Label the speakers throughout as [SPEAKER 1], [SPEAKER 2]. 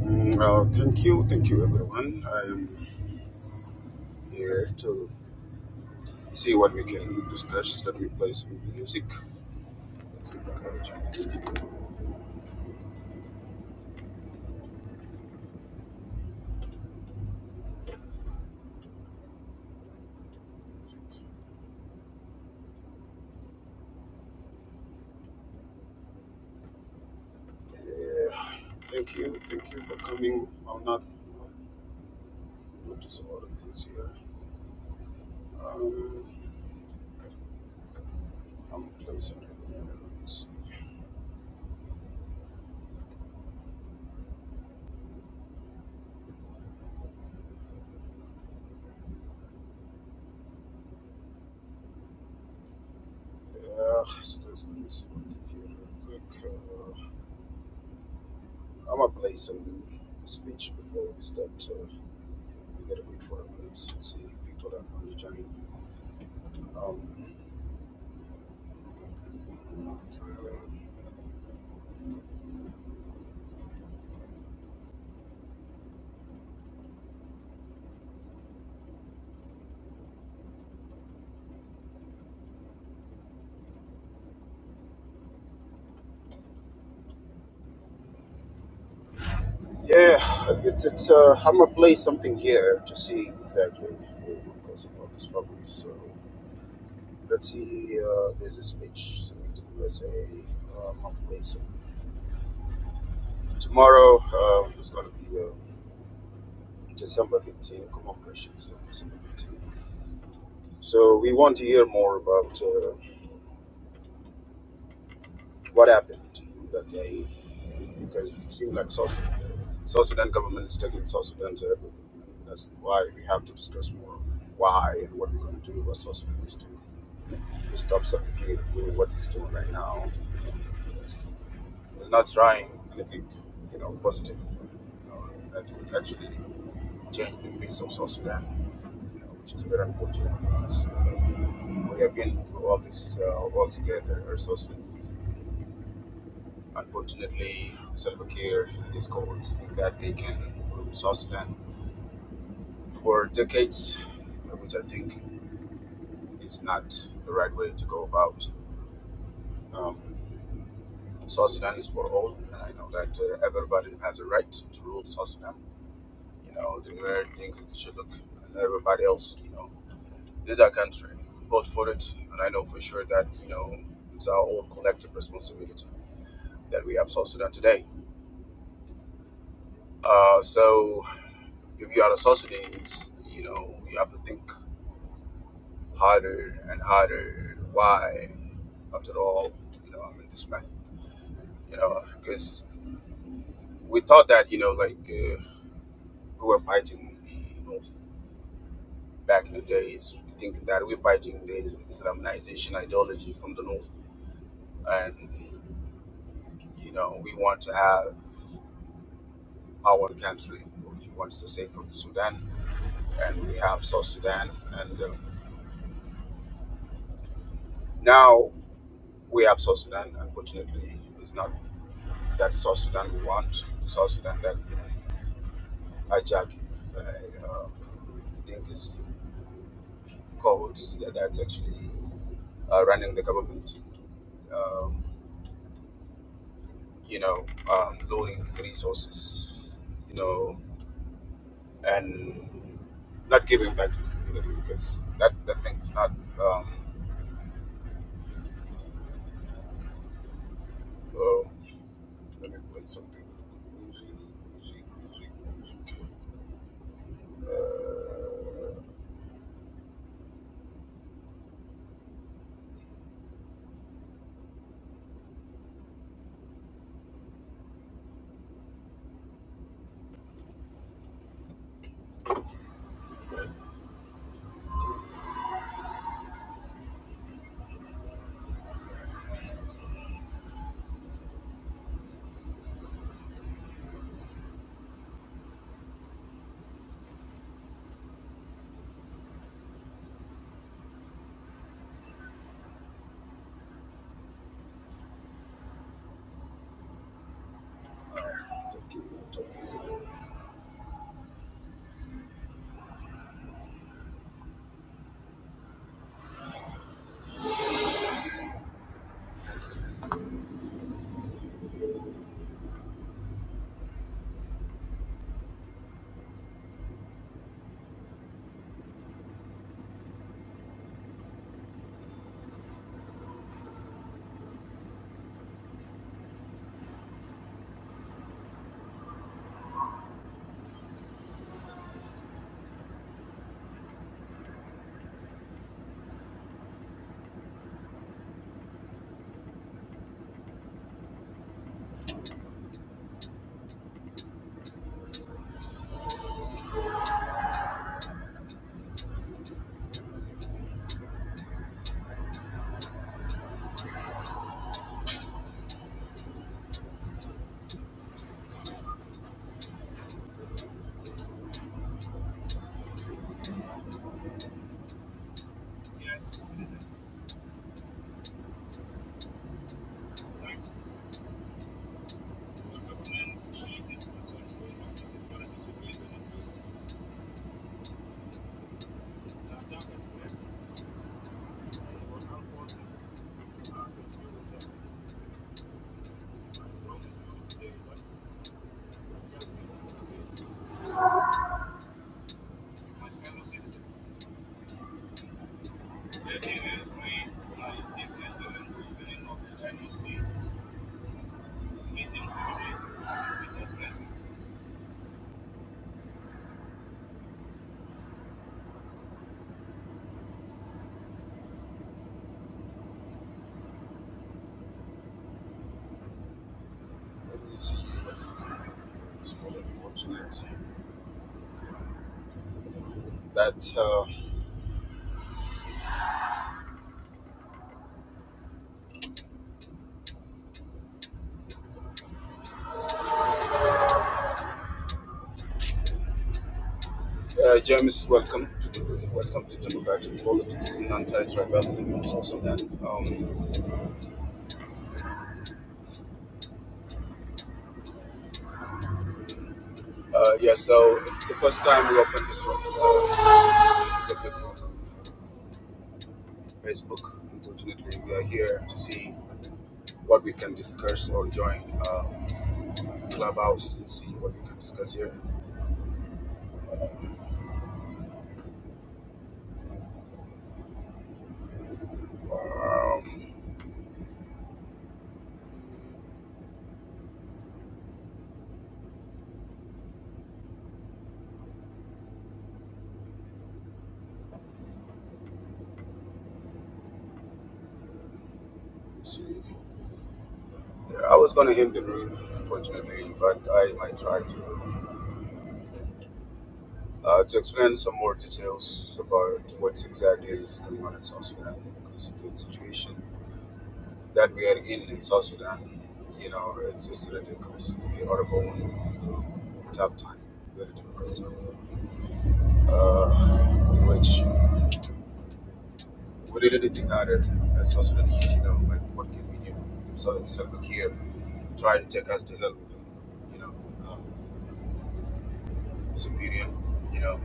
[SPEAKER 1] Mm, Uh, thank you, thank you, everyone. I am here to see what we can discuss. Let me play some music. Yeah. Thank you, thank you for coming. I'm not notice a lot of things here. Um, I'm gonna play something. here. Let me see. Yeah, so let's- let me see one thing here real quick. Uh, I'm gonna play some speech before we start. Uh, we gotta wait for a minute and see if people are gonna join. Um, Yeah, it's, it's uh, I'm gonna play something here to see exactly what goes about this problem. So let's see. Uh, there's a speech summit in USA. Um, I'm gonna play some tomorrow. Um, it's gonna be uh, December 15 commemoration. So December 15. So we want to hear more about uh, what happened that day. because it seems like South, Sudan, South Sudan government is taking South Sudan to everything. And that's why we have to discuss more why and what we're going to do, what South Sudan needs to, do to stop suffocating doing what he's doing right now. It's, it's not trying anything, you know, positive, you know, that would actually change the face of South Sudan, you know, which is very unfortunate because we have been through all this uh, all together, our South Sudanese. Unfortunately, Salva Kiir and his cohorts think that they can rule South Sudan for decades, which I think is not the right way to go about. Um, South Sudan is for all, and I know that uh, everybody has a right to rule South Sudan. You know, the way think it should look, and everybody else, you know, this is our country. We vote for it, and I know for sure that, you know, it's our own collective responsibility that we have South Sudan today. Uh, so, If you are the Socrates, you know, you have to think harder and harder. Why? After all, you know, I'm in this mess, you know, because we thought that, you know, like uh, we were fighting the North back in the days, thinking that we're fighting the Islamization ideology from the North. And, you know, we want to have our country, which we want to say from the Sudan, and we have South Sudan. And um, now we have South Sudan, unfortunately, it's not. that South Sudan we want, South Sudan that Ajak, uh, uh, I think is called that- that's actually uh, running the government, um, you know, um, loaning resources, you know, and not giving back to the community because that, that thing is not, um, uh, let me play something. Music, music, music, music. Uh, Let me see what's That uh, uh, James, welcome to the, welcome to democratic politics and anti-tribalism in South Sudan. Um, uh, yeah, so it's the first time we opened this room. Uh, it's a big room on Facebook. Unfortunately, we are here to see what we can discuss or join um, Clubhouse and see what we can discuss here. Um, let's see. Yeah, I was gonna hit the room, unfortunately, but I might try to. Uh, to explain some more details about what exactly is going on in South Sudan, because the situation that we are in in South Sudan, you know, it's just ridiculous. We are going through a tough time, very difficult time, uh, in which we didn't think harder as South Sudanese, you know, like what can we do? So, so look here, try to take us to hell with them, you know. Um, superior. You know,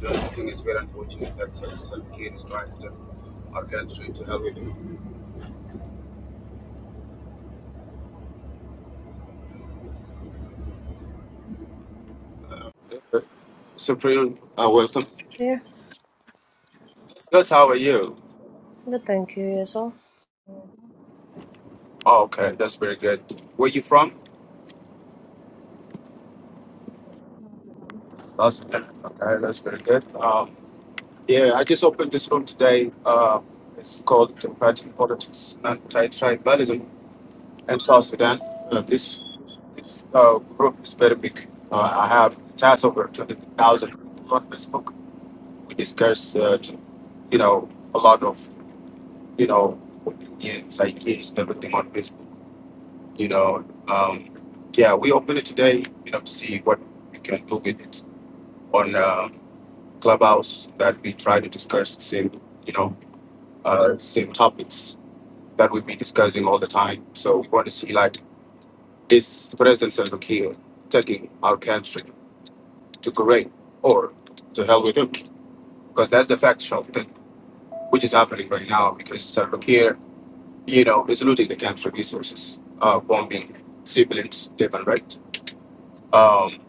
[SPEAKER 1] the thing is very unfortunate that uh, Salva is trying to our country to help with him. Supreme, uh, welcome.
[SPEAKER 2] Yeah,
[SPEAKER 1] Good, how are you?
[SPEAKER 2] good. Thank you, yourself.
[SPEAKER 1] Oh, okay, that's very good. Where you from? South Sudan. Okay, that's very good. Um, yeah, I just opened this room today. Uh, it's called Democratic Politics and Anti-Tribalism in South Sudan. Uh, this this uh, group is very big. Uh, I have chats over 20,000 people on Facebook. We discuss uh, you know, a lot of, you know, Indians, like kids and everything on Facebook, you know. Um, yeah, we open it today, you know, to see what we can do with it on uh, Clubhouse that we try to discuss the same, you know, uh, same topics that we've been discussing all the time. So we want to see, like, is President Salva Kiir taking our country to Kuwait or to hell with him? Because that's the factual thing which is happening right now because Salva Kiir you know, is looting the camp's resources, uh, bombing civilians left and right, um,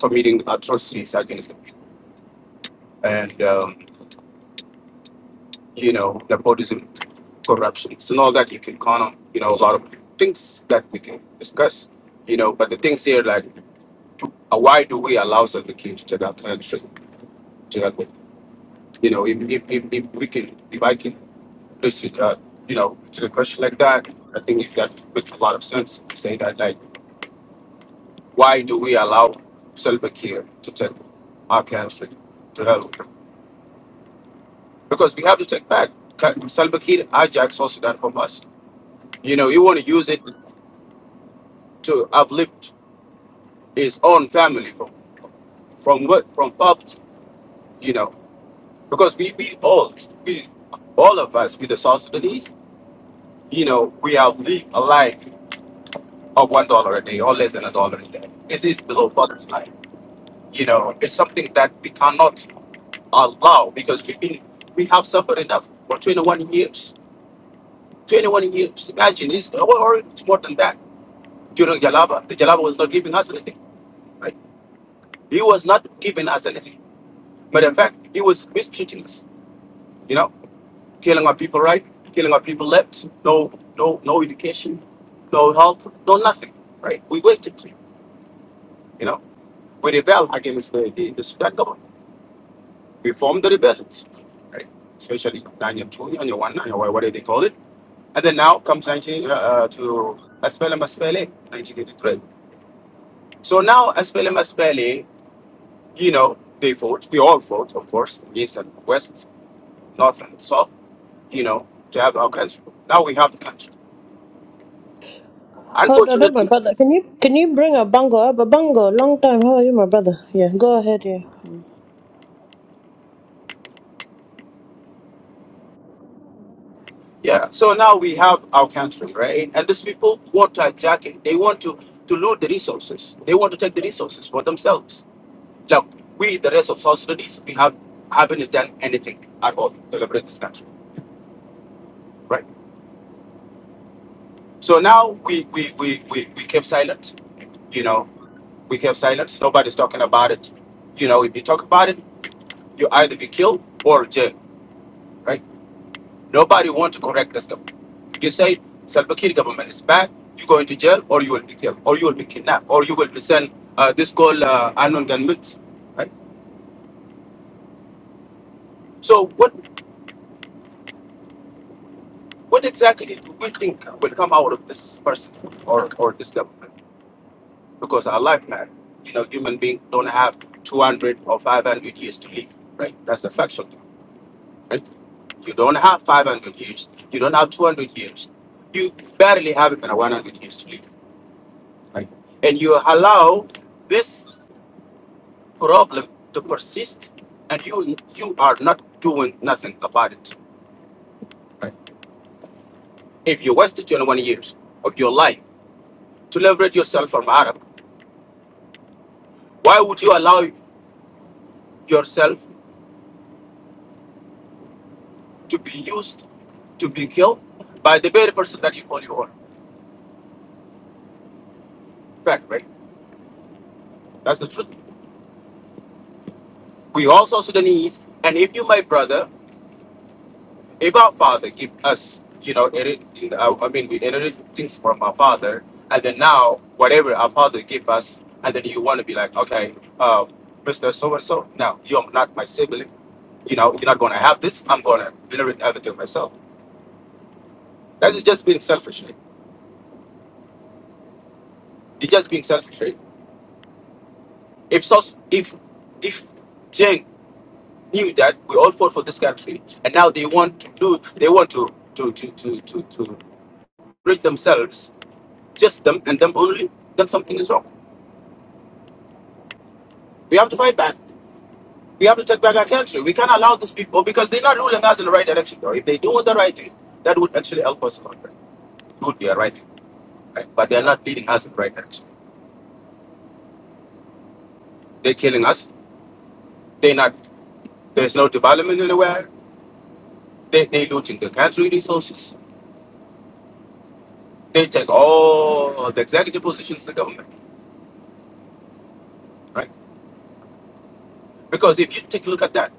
[SPEAKER 1] committing atrocities against them, and um, you know, nepotism, corruption, and all that you can count on. You know, a lot of things that we can discuss. You know, but the things here, like, uh, why do we allow Salva Kiir to take our country to help with? You know, if, if, if, if we can, if I can, listen, uh, you know, to the question like that, I think that makes a lot of sense to say that, like, why do we allow Salva Kiir to take Our country to help him. Because we have to take back. Ka- Salva Kiir hijacked South Sudan from us. You know, he want to use it to uplift his own family from, from what from poverty. You know, because we we all we all of us we the South Sudanese. You know, we have lived a life of one dollar a day or less than a dollar a day. It is below poverty line. You know, it's something that we cannot allow because we've been we have suffered enough for 21 years 21 years. Imagine, it's, well, or it's more than that. During Jalaba, the Jalaba was not giving us anything, right? He was not giving us anything. Matter of fact, he was mistreating us, you know, killing our people right, killing our people left, no, no, no education, no help, no nothing, right? We waited, you know. We rebelled against the, the, the Sudan government. We formed the rebellion, right? Especially 992, 901, 901, whatever they call it. And then now comes 19 uh, uh, to SPLM, 1983. So now as SPLA, you know, they fought. We all fought, of course, east and west, north and south, you know, to have our country. Now we have the country.
[SPEAKER 2] Hold on, my
[SPEAKER 1] Unfortunately,
[SPEAKER 2] brother. Can you can you bring a bongo? up? A bongo. long time. How are you, my brother? Yeah, go ahead. Yeah. Mm.
[SPEAKER 1] yeah. So now we have our country, right? And these people want to hijack it. They want to to loot the resources. They want to take the resources for themselves. Look, we, the rest of South Sudanese, we have haven't done anything at all to liberate this country, right? So now we we we we, we kept silent, you know. We kept silence. Nobody's talking about it. You know, if you talk about it, you either be killed or jail, right? Nobody want to correct this stuff. You say Salva Kiir government is bad, you go into jail or you will be killed or you will be kidnapped or you will be sent uh, this called uh, unknown gunmen, right? So what what exactly do we think will come out of this person or or this government? Because our life matter. You know, human being don't have 200 or 500 years to live, right? That's the factual thing. right? You don't have 500 years. You don't have 200 years. You barely have even 100 years to live. Right? And you allow this problem to persist, and you you are not doing nothing about it. If you wasted 21 years of your life to liberate yourself from Arab, why would you allow yourself to be used, to be killed by the very person that you call your own? Fact, right? That's the truth. We also Sudanese, and if you, my brother, if our father give us you know inherit, I I mean we inherit things from our father and then now whatever our father give us and then you want to be like okay uh, mr so and so now you're not my sibling you know you're not going to have this i'm going to inherit everything myself that is just you're just being selfish right if so if if jane knew that we all fought for this country and now they want to do they want to to to to to, to rid themselves just them and them only then something is wrong we have to fight back We have to take back our country. We can't allow these people because they're not ruling us in the right direction. Though. If they do the right thing, that would actually help us a lot. Right? It would be a right thing, right? But they're not leading us in the right direction. They're killing us. They're not. There's no development anywhere. They they looting the country resources. They take all the executive positions in the government, right? Because if you take a look at that,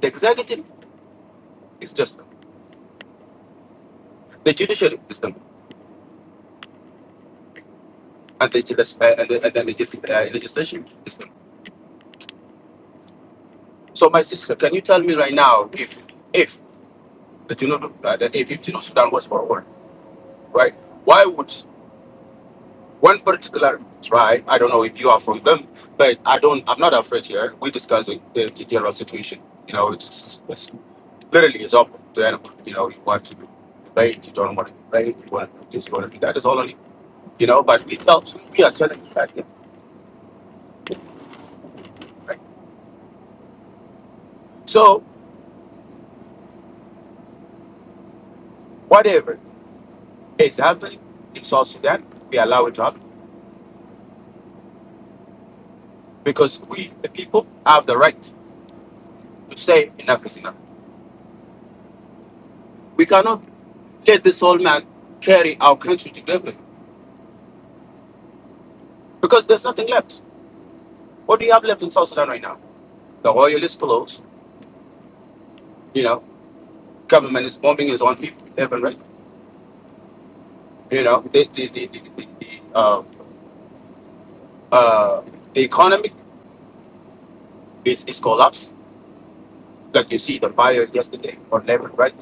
[SPEAKER 1] the executive is just them. the judiciary is them, and the legis- uh, and the, and the legis- uh, legislation is them. So, my sister, can you tell me right now if if The Junub, uh, the, if Junub Sudan was for war, right? Why would one particular tribe? I don't know if you are from them, but I don't. I'm not afraid here. We discuss the, the, the general situation. You know, it's, it's literally it's open to anyone. You know, you want to debate, you don't want to debate, you want to just want to do that. It's all on you. You know, but we tell we are telling you that. yeah, Right? So whatever is happening in South Sudan, we allow it to happen because we, the people, have the right to say enough is enough. We cannot Let this old man carry our country to glory because there's nothing left. What do you have left in South Sudan right now? The oil is closed. You know, government is bombing his own people left and right. You know, the the the, the, the, the, uh, uh, the economy is, is collapsed. Like you see the fire yesterday on left and right,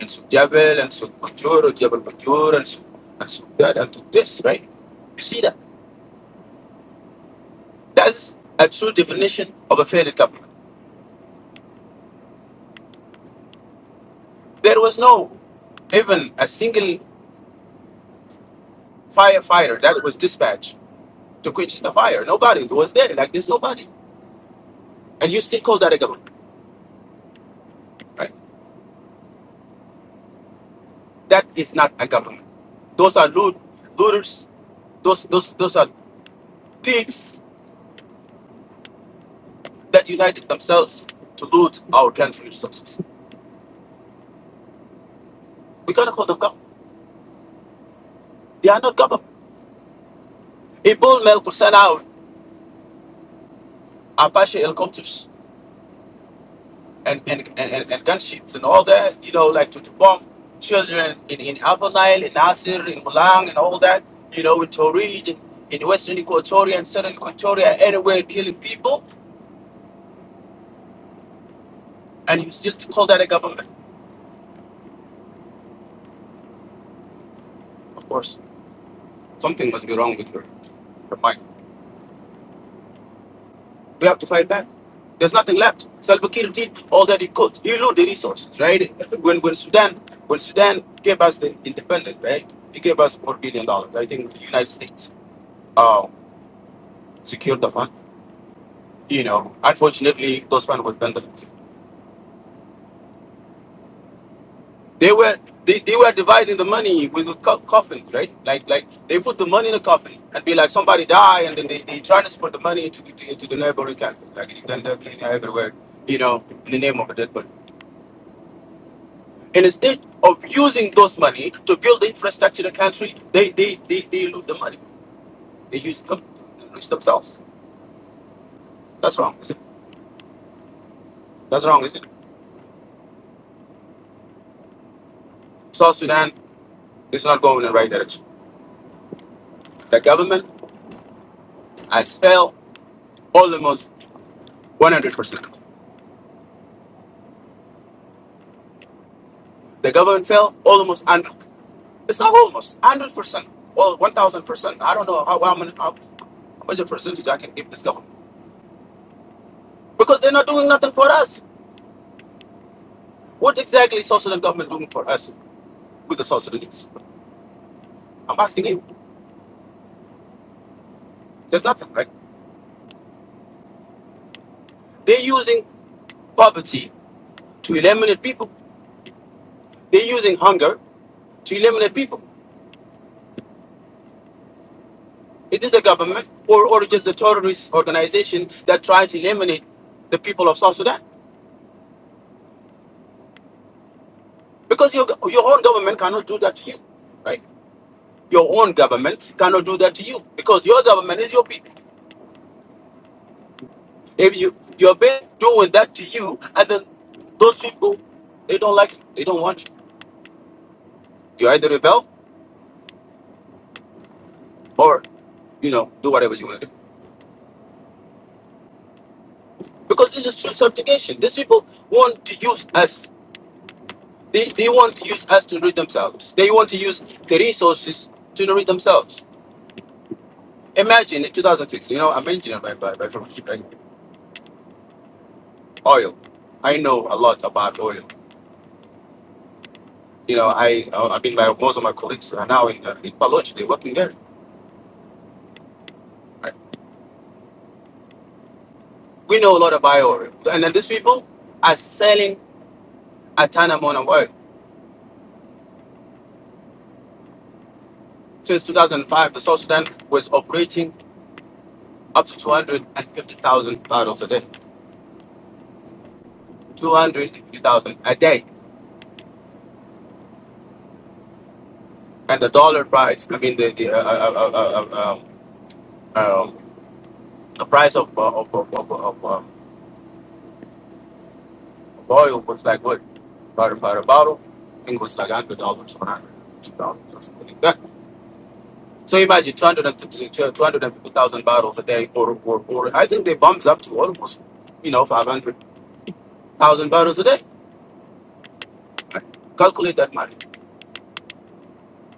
[SPEAKER 1] and so Jebel and so Bujur, Jebel Bujur, and so and so that and to this right. You see that? That's a true definition of a failed government. There was no even a single firefighter that was dispatched to quench the fire. Nobody was there. Like there's nobody, and you still call that a government, right? That is not a government. Those are loot, looters. Those those those are thieves that united themselves to loot our country resources. We cannot call them government. They are not government. Ibn Mel could send out Apache helicopters and and, and, and, and gunships and all that, you know, like to, to bomb children in, in Upper Nile, in Nasir, in Mulang and all that, you know, in Torrid, in, in Western Equatoria and Southern Equatoria, anywhere killing people, and you still call that a government. Of course, something must be wrong with your, your mind. We have to fight back. There's nothing left. Salva Kiir did all that he could. He knew the resources, right? When when Sudan when Sudan gave us the independence, right? He gave us four billion dollars. I think the United States uh, secured the funding You know, unfortunately, those funds were vandalized. They were they, they were dividing the money with the co- coffins, right? Like like they put the money in a coffin and be like somebody die, and then they, they transfer the money to, to, to the neighboring country, like Uganda, Kenya, everywhere. You know, in the name of a dead body. And instead of using those money to build the infrastructure in the country, they they, they, they loot the money. They use them to enrich themselves. That's wrong. Is it? That's wrong, is it? South Sudan is not going in the right direction. The government has failed almost 100%. The government fell almost, and it's not almost 100%, well, 1,000%. I don't know how, how, many, how much a percentage I can give this government. Because they're not doing nothing for us. What exactly is South Sudan government doing for us with the South Sudanese? I'm asking you. There's nothing, right? They're using poverty to eliminate people. They're using hunger to eliminate people. It is this a government or, or just a terrorist organization that try to eliminate the people of South Sudan. Because your, your own government cannot do that to you, right? Your own government cannot do that to you because your government is your people. If you you're been doing that to you, and then those people they don't like you, they don't want you. You either rebel or you know do whatever you want to do because this is true subjugation. These people want to use us. They, they want to use us to enrich themselves. They want to use the resources to enrich themselves. Imagine in 2006, you know, I'm engineer by, by, by profession, right? oil. I know a lot about oil. You know, I uh, I mean, my, most of my colleagues are now in, uh, in Baloch, they're working there. We know a lot about oil. And then these people are selling a ton amount of oil. Since 2005, the South Sudan was operating up to 250,000 barrels a day. 250,000 a day. And the dollar price, I mean, the, the uh, uh, uh, uh, uh, um, um, the price of, uh, of, of, of, of, uh, of oil was like what? About, about a bottle, I think it was like $100 or $102 or something like that So imagine 200 and 250,000 barrels a day, or, or, or I think they bumped up to almost, you know, 500,000 barrels a day. Calculate that money.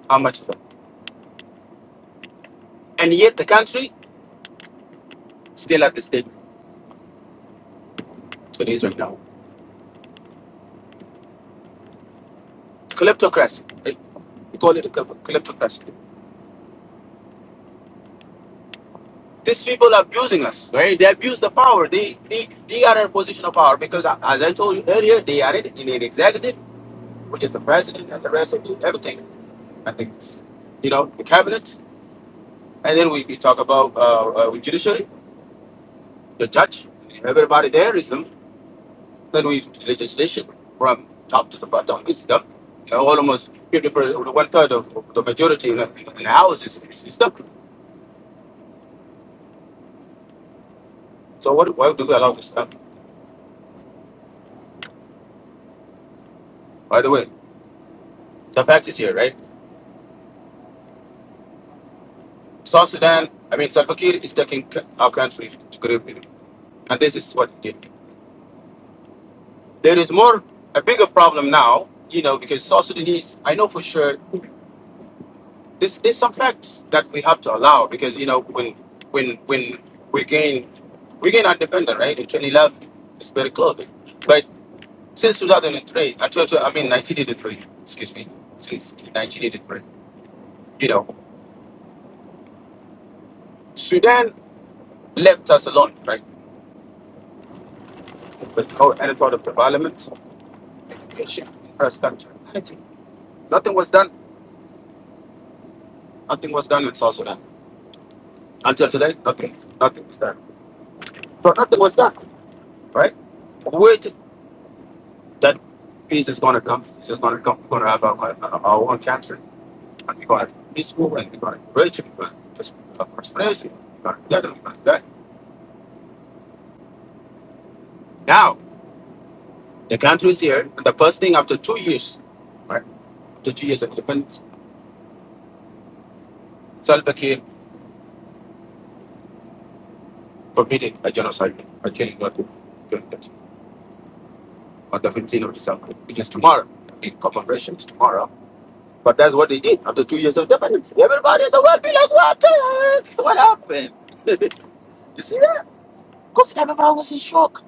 [SPEAKER 1] How much is that? And yet the country still at the state it is right now. Kleptocracy. Right? We call it a klep- kleptocracy. These people are abusing us, right? They abuse the power. They, they, they are in a position of power because, uh, as I told you earlier, they are in in an executive, which is the president and the rest of the, everything. I think, you know, the cabinet. And then we, we talk about uh, uh, judiciary, the judge, everybody there is them. Then we legislation from top to the bottom. It's them. You know, almost 50 percent, one third of, of the majority in the, in the house is, is, is them. So what, why do we allow this stuff? By the way, the fact is here, right? South Sudan, I mean, Salva Kiir is taking c- our country to grave. you know, And this is what he did. There is more, a bigger problem now, you know, because South Sudanese, I know for sure This there's some facts that we have to allow because you know when when when we gain we gain our independence right in 2011 it's very close but since 2003 I told you I mean 1983 excuse me since 1983 you know Sudan left us alone right without any thought of development education infrastructure anything nothing was done nothing was done in South Sudan until today nothing nothing was done so nothing was done right that peace is gonna come. It's just gonna come. We're gonna have our, our, our own country, and we're gonna be peaceful, and we're gonna be rich, and we're gonna just uh, prosperity. We're gonna get them, we're gonna get. Now the country is here, and the first thing after two years, right? After two years of defense, Salva Kiir forbidden a genocide, a killing of people during that on the 15th of December, which is tomorrow. The commemoration is tomorrow. But that's what they did after two years of independence. Everybody in the world be like, what the heck? What happened? you see that? Because everybody was in shock.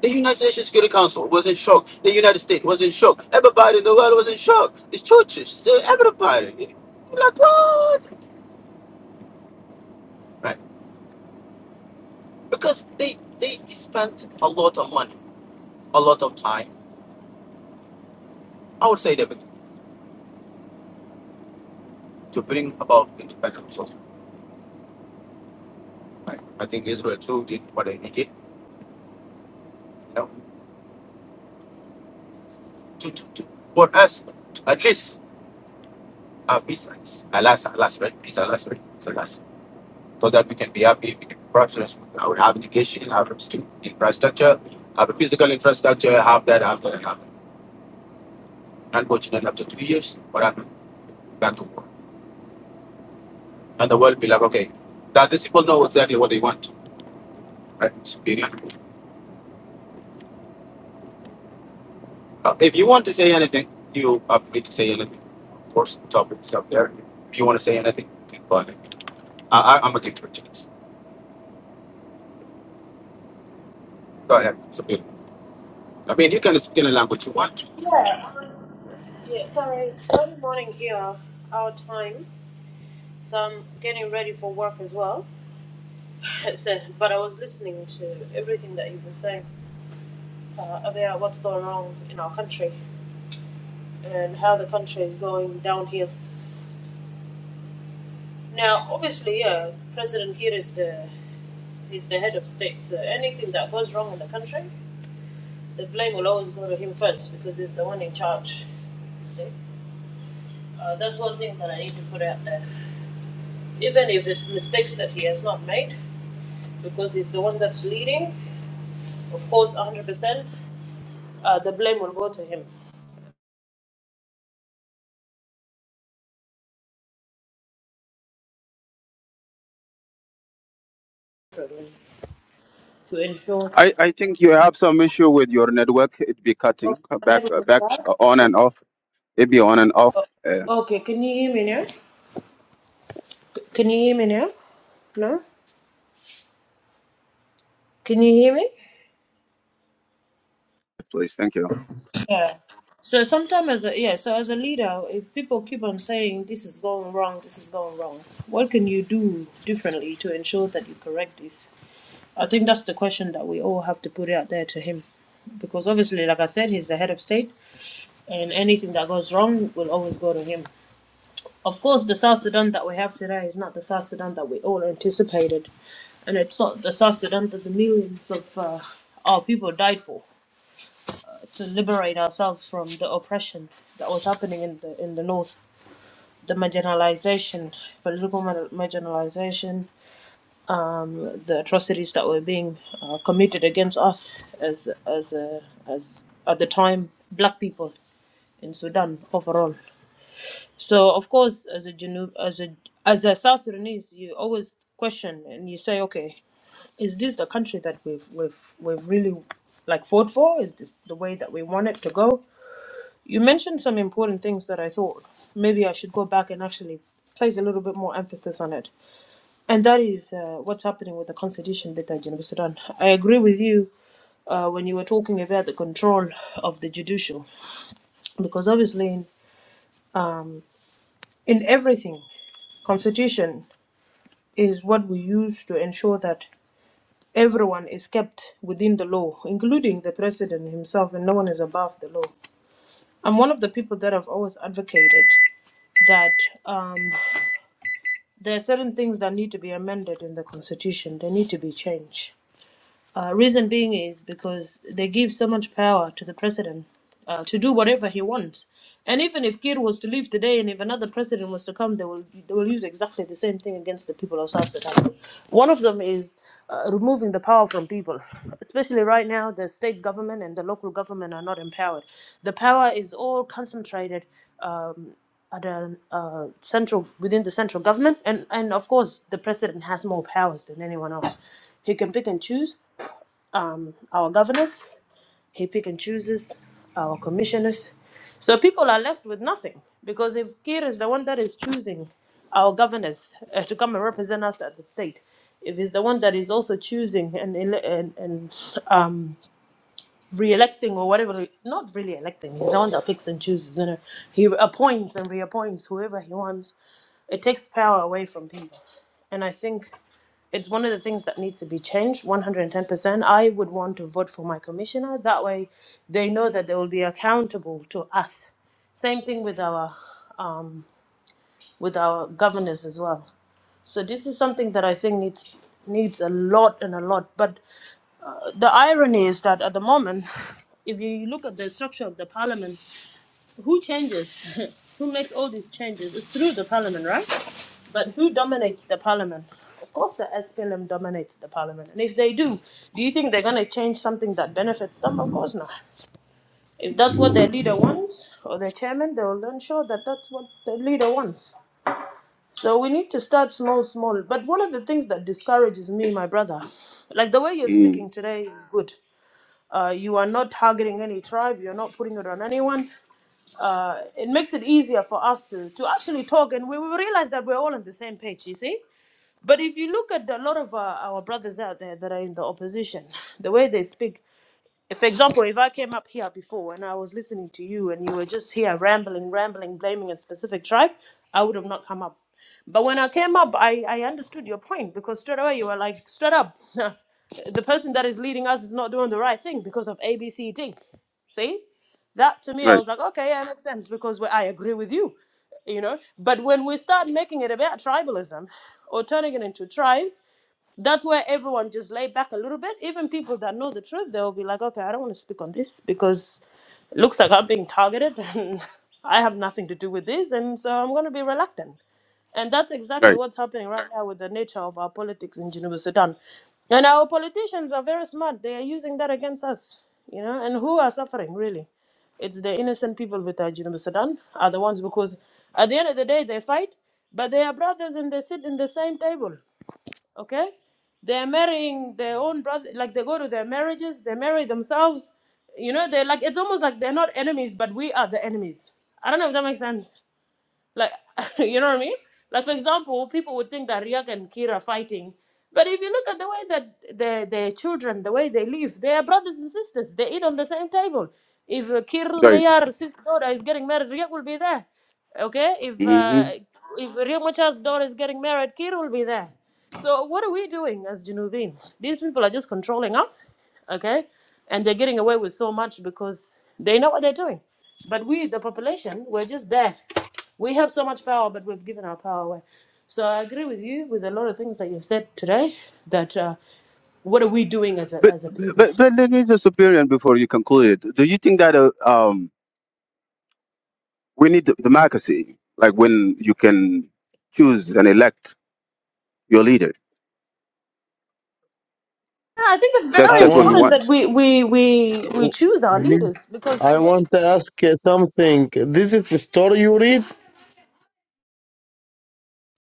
[SPEAKER 1] The United Nations Security Council was in shock. The United States was in shock. Everybody in the world was in shock. The churches, uh, everybody. Like, what? Right. Because they, they spent a lot of money, a lot of time, I would say, David, to bring about independence. Also. Right. I think Israel too did what they did. You know, to, to, to, for us, to at least, uh, peace, alas, alas, right? Peace, alas, right? so that we can be happy, we can progress. I would have education, have student infrastructure, have a physical infrastructure, have that, have that, and have that. Unfortunately, after two years, what happened? Back to war. And the world be like, okay, that these people know exactly what they want. Right? It's period. Uh, if you want to say anything, you are free to say anything. Of course, the topic is up there. If you want to say anything, keep on I, I, I'm a good for chance. Go ahead. It's a bit- I mean, you can speak any language you want
[SPEAKER 2] Yeah, yeah. Sorry, it's early morning here, our time. So I'm getting ready for work as well. So, but I was listening to everything that you were saying uh, about what's going wrong in our country and how the country is going downhill. Now, obviously, yeah, President here is the he's the head of state. So anything that goes wrong in the country the blame will always go to him first because he's the one in charge. see, uh, that's one thing that I need to put out there. Even if it's mistakes that he has not made, because he's the one that's leading, of course, 100%, uh, the blame will go to him to ensure.
[SPEAKER 1] I, I think you have some issue with your network. It be
[SPEAKER 2] Oh,
[SPEAKER 1] cutting uh,
[SPEAKER 2] my
[SPEAKER 1] back
[SPEAKER 2] network
[SPEAKER 1] uh,
[SPEAKER 2] is
[SPEAKER 1] back
[SPEAKER 2] bad.
[SPEAKER 1] uh, on
[SPEAKER 2] Oh,
[SPEAKER 1] and off. It be on and off. Uh,
[SPEAKER 2] oh, okay, can you hear me now? C- Can you hear me now? No? Can you hear me?
[SPEAKER 1] please, thank you.
[SPEAKER 2] Yeah. So sometimes, as a, yeah, so as a leader, if people keep on saying this is going wrong, this is going wrong, what can you do differently to ensure that you correct this? I think that's the question that we all have to put out there to him, because obviously, like I said, he's the head of state, and anything that goes wrong will always go to him. Of course, the South Sudan that we have today is not the South Sudan that we all anticipated, and it's not the South Sudan that the millions of uh, our people died for to liberate ourselves from the oppression that was happening in the in the north, the marginalization, political mar- marginalization, um, the atrocities that were being uh, committed against us as as uh, as at the time black people in Sudan overall. So of course, as a Junu, as a as a South Sudanese, you always question and you say, okay, is this the country that we've we've we've really like fought for? Is this the way that we want it to go? You mentioned some important things that I thought maybe I should go back and actually place a little bit more emphasis on it. And that is uh, what's happening with the constitution bit at Geneva Sudan. I agree with you uh, when you were talking about the control of the judicial, because obviously in, um, in everything, constitution is what we use to ensure that everyone is kept within the law, including the president himself, and no one is above the law. I'm one of the people that have always advocated that um, there are certain things that need to be amended in the constitution. They need to be changed. Uh, reason being is because they give so much power to the president uh, to do whatever he wants. And even if Kir was to leave today and if another president was to come, they will, they will use exactly the same thing against the people of South Sudan. One of them is uh, removing the power from people. Especially right now, the state government and the local government are not empowered. The power is all concentrated um, at a uh, central within the central government, and and of course the president has more powers than anyone else. He can pick and choose, our governors, he pick and chooses our commissioners. So people are left with nothing because if Kir is the one that is choosing our governors uh, to come and represent us at the state, if he's the one that is also choosing and ele- and, and um, re-electing or whatever, not really electing, he's the one that picks and chooses. You know, he appoints and reappoints whoever he wants. It takes power away from people, and I think it's one of the things that needs to be changed 110% i would want to vote for my commissioner that way they know that they will be accountable to us same thing with our um, with our governors as well so this is something that i think needs needs a lot and a lot but the irony is that at the moment if you look at the structure of the parliament who changes? who makes all these changes? It's through the parliament, right? But who dominates the parliament? Of course, the SPLM dominates the parliament. And if they do, do you think they're going to change something that benefits them? Of course not. If that's what their leader wants or their chairman, they will ensure that that's what the leader wants. So we need to start small, small. But one of the things that discourages me, my brother, like the way you're
[SPEAKER 1] Mm,
[SPEAKER 2] speaking today is good. Uh, you are not targeting any tribe. You're not putting it on anyone. Uh, it makes it easier for us to, to actually talk, and we, we realize that we're all on the same page. You see. But if you look at a lot of uh, our brothers out there that are in the opposition, the way they speak, for example, if I came up here before and I was listening to you and you were just here rambling, rambling, blaming a specific tribe, I would have not come up. But when I came up, I, I understood your point because straight away you were like, straight up, the person that is leading us is not doing the right thing because of A, B, C, D. See? That to me, I
[SPEAKER 1] right,
[SPEAKER 2] was like, okay, yeah, makes sense because we- I agree with you, you know? But when we start making it about tribalism or turning it into tribes, that's where everyone just lay back a little bit. Even people that know the truth, they'll be like, okay, I don't want to speak on this because it looks like I'm being targeted and I have nothing to do with this. And so I'm going to be reluctant. And that's exactly
[SPEAKER 1] right,
[SPEAKER 2] what's happening right now with the nature of our politics in Geneva, Sudan. And our politicians are very smart. They are using that against us, you know, and who are suffering really? It's the innocent people with uh, Geneva, Sudan are the ones because at the end of the day, they fight, but they are brothers and they sit in the same table okay they're marrying their own brother like they go to their marriages they marry themselves you know they're like it's almost like they're not enemies but we are the enemies i don't know if that makes sense like you know what i mean like for example people would think that Riyak and kira are fighting but if you look at the way that their their children the way they live they are brothers and sisters they eat on the same table if uh, kir
[SPEAKER 1] right.
[SPEAKER 2] mayar's sister daughter is getting married Riyak will be there okay if
[SPEAKER 1] hmm
[SPEAKER 2] uh, if Riyak Machar's daughter is getting married kir will be there so what are we doing as Junubin? These people are just controlling us, okay? And they're getting away with so much because they know what they're doing. But we, the population, we're just there. We have so much power, but we've given our power away. So I agree with you with a lot of things that you've said today. That uh, what are we doing as a
[SPEAKER 1] But,
[SPEAKER 2] as a people?
[SPEAKER 1] but but let me just opinion before you conclude. Do you think that uh, um we need democracy, like when you can choose and elect your leader?
[SPEAKER 2] Yeah, I think it's
[SPEAKER 1] That's
[SPEAKER 3] I
[SPEAKER 2] very
[SPEAKER 1] that's what we
[SPEAKER 3] want
[SPEAKER 2] important that
[SPEAKER 1] want.
[SPEAKER 2] we we we, we choose our
[SPEAKER 3] please,
[SPEAKER 2] leaders because if
[SPEAKER 3] I want to
[SPEAKER 2] we,
[SPEAKER 3] ask uh, something. This is the story you read.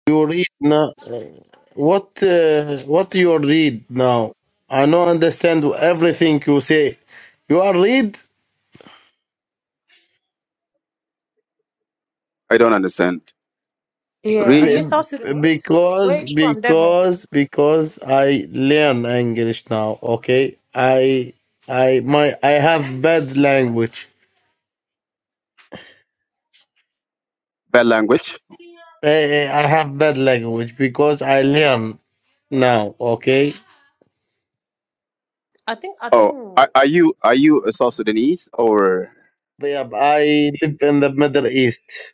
[SPEAKER 3] You read now. What uh, what you read now? I don't understand everything you say. You are read
[SPEAKER 1] I don't understand.
[SPEAKER 2] yeah, are
[SPEAKER 1] Read
[SPEAKER 2] you South
[SPEAKER 3] be-
[SPEAKER 2] Sudanese? Where are
[SPEAKER 3] because
[SPEAKER 2] you from, Devil?
[SPEAKER 3] because because I learn English now. Okay, I I my I have bad language.
[SPEAKER 1] bad language.
[SPEAKER 3] Eh, eh, I have bad language because I learn now. Okay
[SPEAKER 2] I think I
[SPEAKER 1] Oh,
[SPEAKER 2] think.
[SPEAKER 1] are, are you are you a South Sudanese or
[SPEAKER 3] Yep, I live in the Middle East.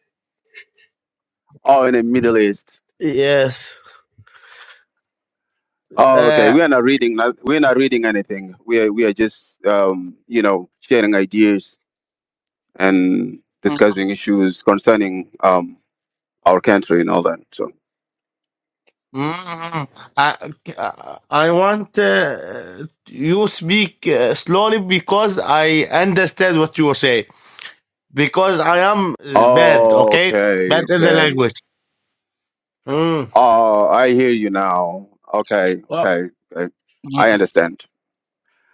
[SPEAKER 1] oh in the Middle East?
[SPEAKER 3] Yes.
[SPEAKER 1] Oh, okay.
[SPEAKER 3] Uh,
[SPEAKER 1] We are not reading. We're not reading anything. We are we are just um, you know sharing ideas and discussing issues concerning um, our country and all that. So,
[SPEAKER 3] mm, I, I want uh, you speak uh, slowly because I understand what you say. Because I am uh, bad,
[SPEAKER 1] oh,
[SPEAKER 3] okay?
[SPEAKER 1] okay,
[SPEAKER 3] Bad in the
[SPEAKER 1] okay.
[SPEAKER 3] language. Mm.
[SPEAKER 1] Oh, I hear you now. Okay,
[SPEAKER 3] Well,
[SPEAKER 1] okay, okay. I
[SPEAKER 3] mm,
[SPEAKER 1] understand.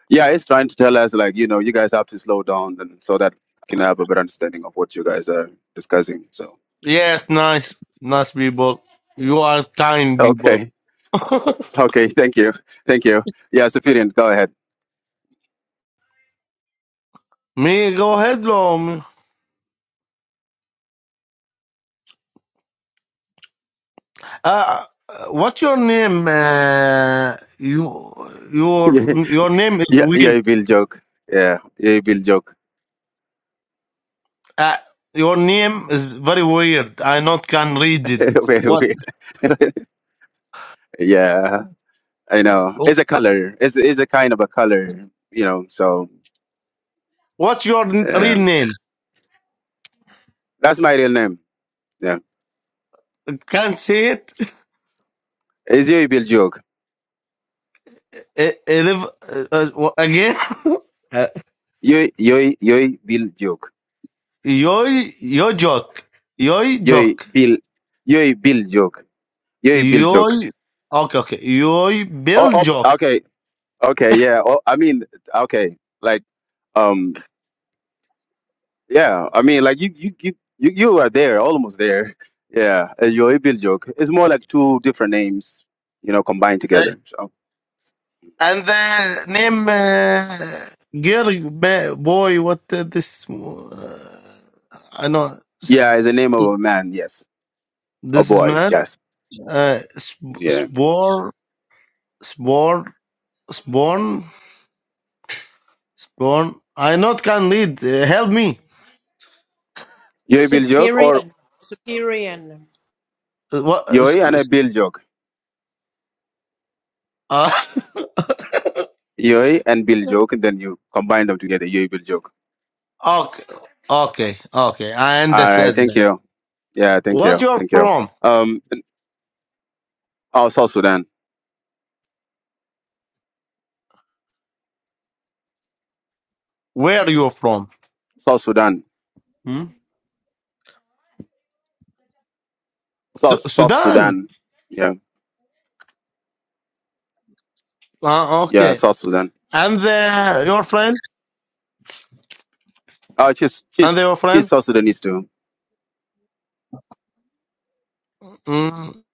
[SPEAKER 1] Yeah, it's trying to tell us like you know you guys have to slow down and so that I can have a better understanding of what you guys are discussing. So,
[SPEAKER 3] yes, nice, nice people. You are kind people.
[SPEAKER 1] okay, okay. Thank you, thank you. Yeah, Sophian, go ahead.
[SPEAKER 3] Me, go ahead, Lom. Uh, what your name? Uh, you your your name is
[SPEAKER 1] Yeah, yeah,
[SPEAKER 3] weird.
[SPEAKER 1] I will joke. Yeah, I will joke.
[SPEAKER 3] Uh, your name is very weird. I not can read it.
[SPEAKER 1] Very
[SPEAKER 3] What
[SPEAKER 1] weird. yeah, I know. It's a color. It's it's a kind of a color, you know. So
[SPEAKER 3] what's your n-
[SPEAKER 1] uh,
[SPEAKER 3] real name?
[SPEAKER 1] that's my real name. Yeah,
[SPEAKER 3] Can't say it.
[SPEAKER 1] it's Yoy Bill joke.
[SPEAKER 3] Uh, uh, live- uh, uh, wha- again. Uh,
[SPEAKER 1] Yoy Yoy Yoy Bill joke.
[SPEAKER 3] Yoy yo joke. Yoy
[SPEAKER 1] Yoy
[SPEAKER 3] joke.
[SPEAKER 1] Bill Yoy Bill joke. Yoy Bill joke.
[SPEAKER 3] Yoy. Okay okay. Yoy
[SPEAKER 1] Oh,
[SPEAKER 3] Bill joke.
[SPEAKER 1] oh, okay, okay, yeah. Oh, I mean, okay, like um. Yeah, I mean, like you, you, you, you, you are there, almost there. Yeah, uh, your Ibil joke. It's more like two different names, you know, combined together. So
[SPEAKER 3] And the name uh, girl ba- boy what uh, this uh, I know
[SPEAKER 1] yeah, it's the
[SPEAKER 3] s-
[SPEAKER 1] name of a man. Yes, a
[SPEAKER 3] this is
[SPEAKER 1] boy.
[SPEAKER 3] man
[SPEAKER 1] Yes,
[SPEAKER 3] uh, sp-
[SPEAKER 1] yeah.
[SPEAKER 3] spore spore spawn spawn I not can read uh, help me
[SPEAKER 1] Your Ibil joke or
[SPEAKER 2] Superior. Superior.
[SPEAKER 3] Uh, what uh,
[SPEAKER 1] Yoi and
[SPEAKER 3] sc-
[SPEAKER 1] a
[SPEAKER 3] s-
[SPEAKER 1] Bill joke.
[SPEAKER 3] uh,
[SPEAKER 1] Yoi and Bill joke, and then you combine them together. Yoi Bill joke.
[SPEAKER 3] okay okay okay I
[SPEAKER 1] All right,
[SPEAKER 3] understand
[SPEAKER 1] thank
[SPEAKER 3] now.
[SPEAKER 1] you. Yeah, thank
[SPEAKER 3] what
[SPEAKER 1] you,
[SPEAKER 3] you are
[SPEAKER 1] thank you.
[SPEAKER 3] from
[SPEAKER 1] Um, oh, South Sudan,
[SPEAKER 3] where you are from
[SPEAKER 1] South Sudan,
[SPEAKER 3] hmm?
[SPEAKER 1] South
[SPEAKER 3] Su-
[SPEAKER 1] South
[SPEAKER 3] Sudan
[SPEAKER 1] Sudan. Yeah,
[SPEAKER 3] Ah,
[SPEAKER 1] yeah,
[SPEAKER 3] okay
[SPEAKER 1] South Sudan.
[SPEAKER 3] and the, your friend
[SPEAKER 1] Uh, she's
[SPEAKER 3] and
[SPEAKER 1] she's
[SPEAKER 3] your friend
[SPEAKER 1] she's South Sudanese too.
[SPEAKER 3] Mm,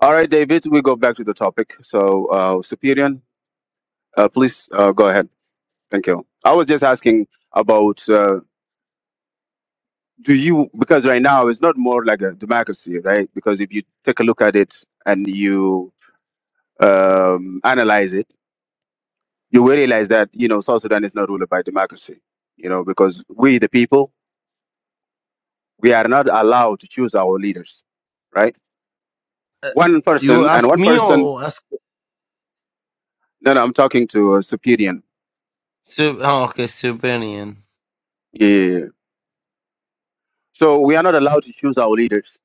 [SPEAKER 1] All right, David, we go back to the topic. So, uh, Superior, uh, please uh, go ahead. Thank you. I was just asking about uh, do you because right now it's not more like a democracy, right? Because if you take a look at it and you um, analyze it, you will realize that you know South Sudan is not ruled by democracy. You know because we the people we are not allowed to choose our leaders, right? One
[SPEAKER 3] you
[SPEAKER 1] person and
[SPEAKER 3] ask
[SPEAKER 1] one
[SPEAKER 3] me
[SPEAKER 1] person.
[SPEAKER 3] or ask?
[SPEAKER 1] No, no, I'm talking to uh, Superior
[SPEAKER 3] Sub- oh, okay, Siberian.
[SPEAKER 1] Yeah. So we are not allowed to choose our leaders.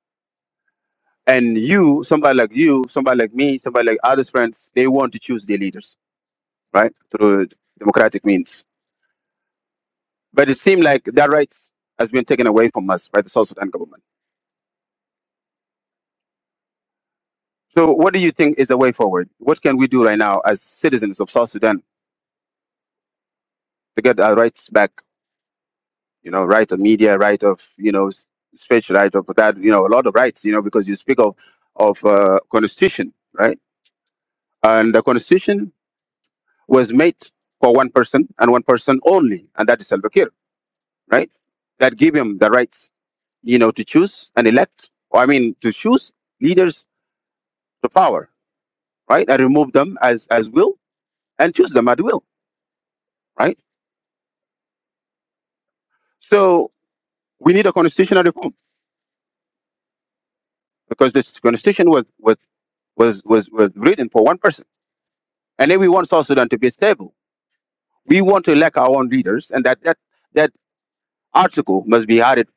[SPEAKER 1] And you, somebody like you, somebody like me, somebody like others friends, they want to choose their leaders, right? Through democratic means. But it seemed like that rights has been taken away from us by the South Sudan government. So what do you think is the way forward? What can we do right now as citizens of South Sudan to get our rights back? You know, right of media, right of, you know, s- speech, right of that, you know, a lot of rights, you know, because you speak of, of uh, constitution, right? And the constitution was made for one person and one person only, and that is Salva Kiir, right? That give him the rights, you know, to choose and elect, or I mean, to choose leaders to power, right? And remove them as as will and choose them at will, right? So we need a constitutional reform because this constitution was was was was, was written for one person, and then we want South Sudan to be stable. We want to elect our own leaders, and that that that article must be added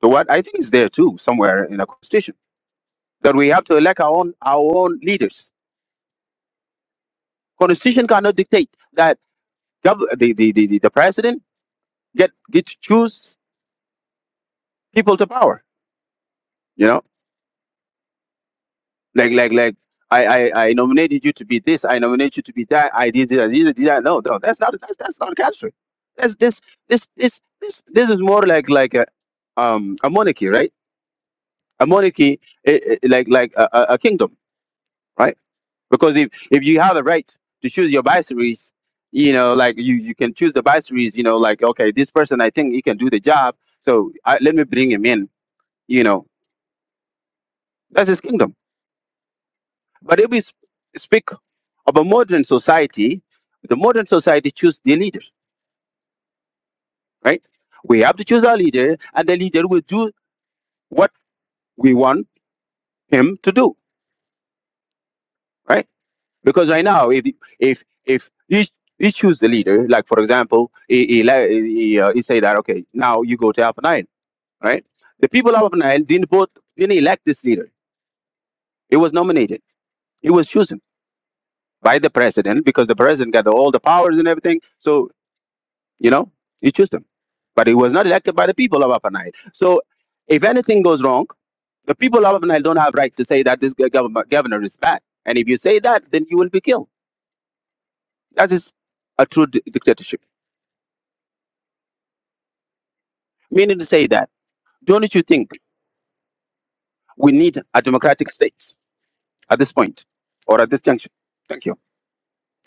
[SPEAKER 1] to what I think is there too somewhere in the constitution that we have to elect our own our own leaders. Constitution cannot dictate that gov- the, the, the, the, the president get get to choose people to power. You know, like like like I, I I nominated you to be this. I nominated you to be that. I did this. I did that. No, no, that's not that's that's not country. That's this this this this this is more like like a um a monarchy, right? A monarchy, eh, eh, like like a, a a kingdom, right? because if if you have the right to choose your viceries you know like you you can choose the viceries you know like okay this person i think he can do the job so I, let me bring him in you know that's his kingdom but if we sp- speak of a modern society the modern society choose the leader right we have to choose our leader and the leader will do what we want him to do right because right now if if if you you choose the leader like for example he, he, le- he, uh, he say that okay now you go to Alpha Nine right the people of Alpha Nine didn't vote didn't elect this leader it was nominated it was chosen by the president because the president got all the powers and everything so you know you choose them but it was not elected by the people of Alpha Nine so if anything goes wrong the people of Alpha Nine don't have right to say that this government governor is bad and if you say that then you will be killed that is a true di- dictatorship Meaning to say that, don't you think we need a democratic state at this point or at this juncture? Thank you.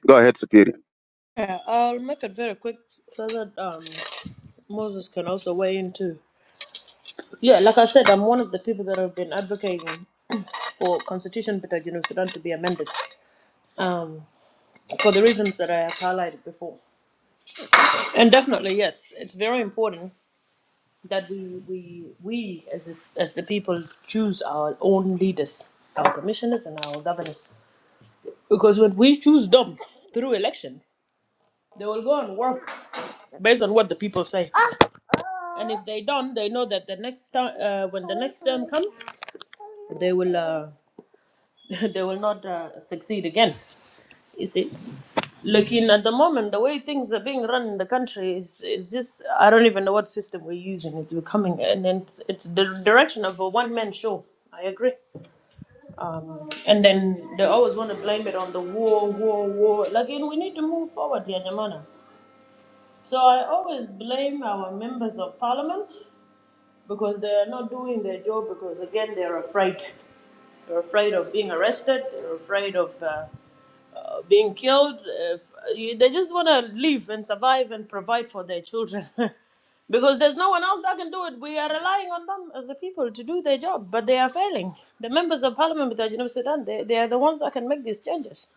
[SPEAKER 1] Go ahead, Superior.
[SPEAKER 2] Yeah, I'll make it very quick so that um, Moses can also weigh in too. Yeah, like I said, I'm one of the people that have been advocating for Constitution Beta Junub Sudan to be amended um, for the reasons that I have highlighted before. And definitely, yes, it's very important that we we we as this, as the people choose our own leaders, our commissioners, and our governors. Because when we choose them through election, they will go and work based on what the people say. and if they don't, they know that the next time, uh, when the next term comes, they will uh, they will not uh, succeed again. You see, looking at the moment, the way things are being run in the country is is just I don't even know what system we're using. It's becoming, and then it's, it's the direction of a one man show. I agree. Um, and then they always want to blame it on the war, war, war. Like, you know, we need to move forward, Yanyamana. So I always blame our members of parliament because they are not doing their job because again they're afraid they're afraid of being arrested they're afraid of uh, uh, being killed if, you- they just want to live and survive and provide for their children because there's no one else that can do it we are relying on them as the people to do their job but they are failing the members of parliament of you know sudan they, they are the ones that can make these changes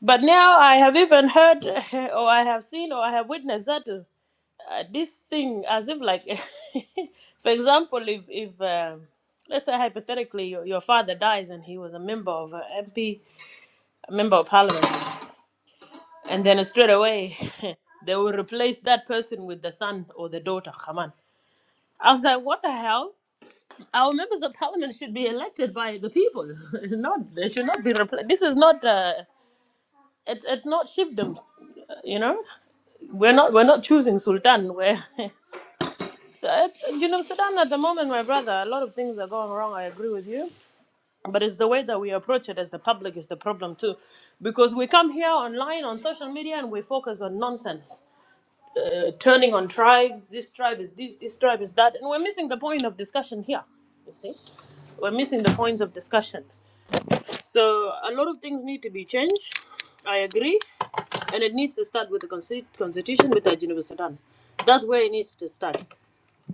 [SPEAKER 2] but now I have even heard, or I have seen, or I have witnessed that uh, uh, this thing, as if like, for example, if if um let's say hypothetically your, your father dies and he was a member of uh, MP, member of parliament, and then straight away they will replace that person with the son or the daughter. Come on, I was like, what the hell? Our members of parliament should be elected by the people, not they should not be replaced. This is not. Uh, it, it's not chiefdom, you know. We're not we're not choosing sultan. We're so it's, you know Sudan at the moment, my brother. A lot of things are going wrong. I agree with you, but it's the way that we approach it as the public is the problem too, because we come here online on social media and we focus on nonsense, uh, turning on tribes. This tribe is this. This tribe is that, and we're missing the point of discussion here. You see, we're missing the points of discussion. So a lot of things need to be changed. I agree and it needs to start with the consti- constitution with the Geneva Sudan. That's where it needs to start.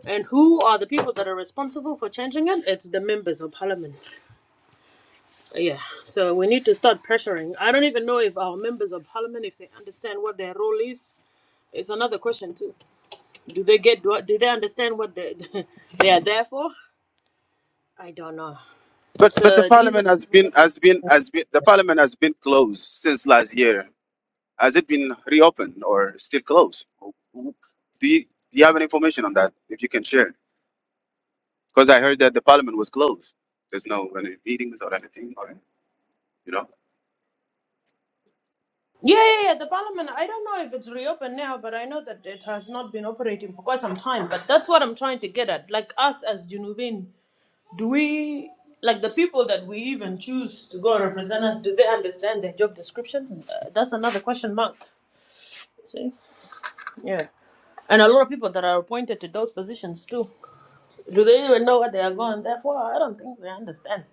[SPEAKER 2] And who are the people that are responsible for changing it? It's the members of parliament. Yeah. So we need to start pressuring. I don't even know if our members of parliament, if they understand what their role is, is another question too. Do they get? Do, do they understand what they they are there for? I don't know.
[SPEAKER 1] But but the
[SPEAKER 2] So these are
[SPEAKER 1] parliament
[SPEAKER 2] the
[SPEAKER 1] has
[SPEAKER 2] people
[SPEAKER 1] been
[SPEAKER 2] that should.
[SPEAKER 1] has been has been the parliament has been closed since last year. Has it been reopened or still closed? Do you, do you have any information on that? If you can share, because I heard that the parliament was closed. There's no any meetings or anything, or you know.
[SPEAKER 2] Yeah, yeah, yeah, the parliament. I don't know if it's reopened now, but I know that it has not been operating for quite some time. But that's what I'm trying to get at. Like us as Junubin, do we like the people that we even choose to go represent us? Do they understand their job description? Uh, that's another question mark. See, yeah, and a lot of people that are appointed to those positions too. Do they even know what they are going there for? I don't think they understand.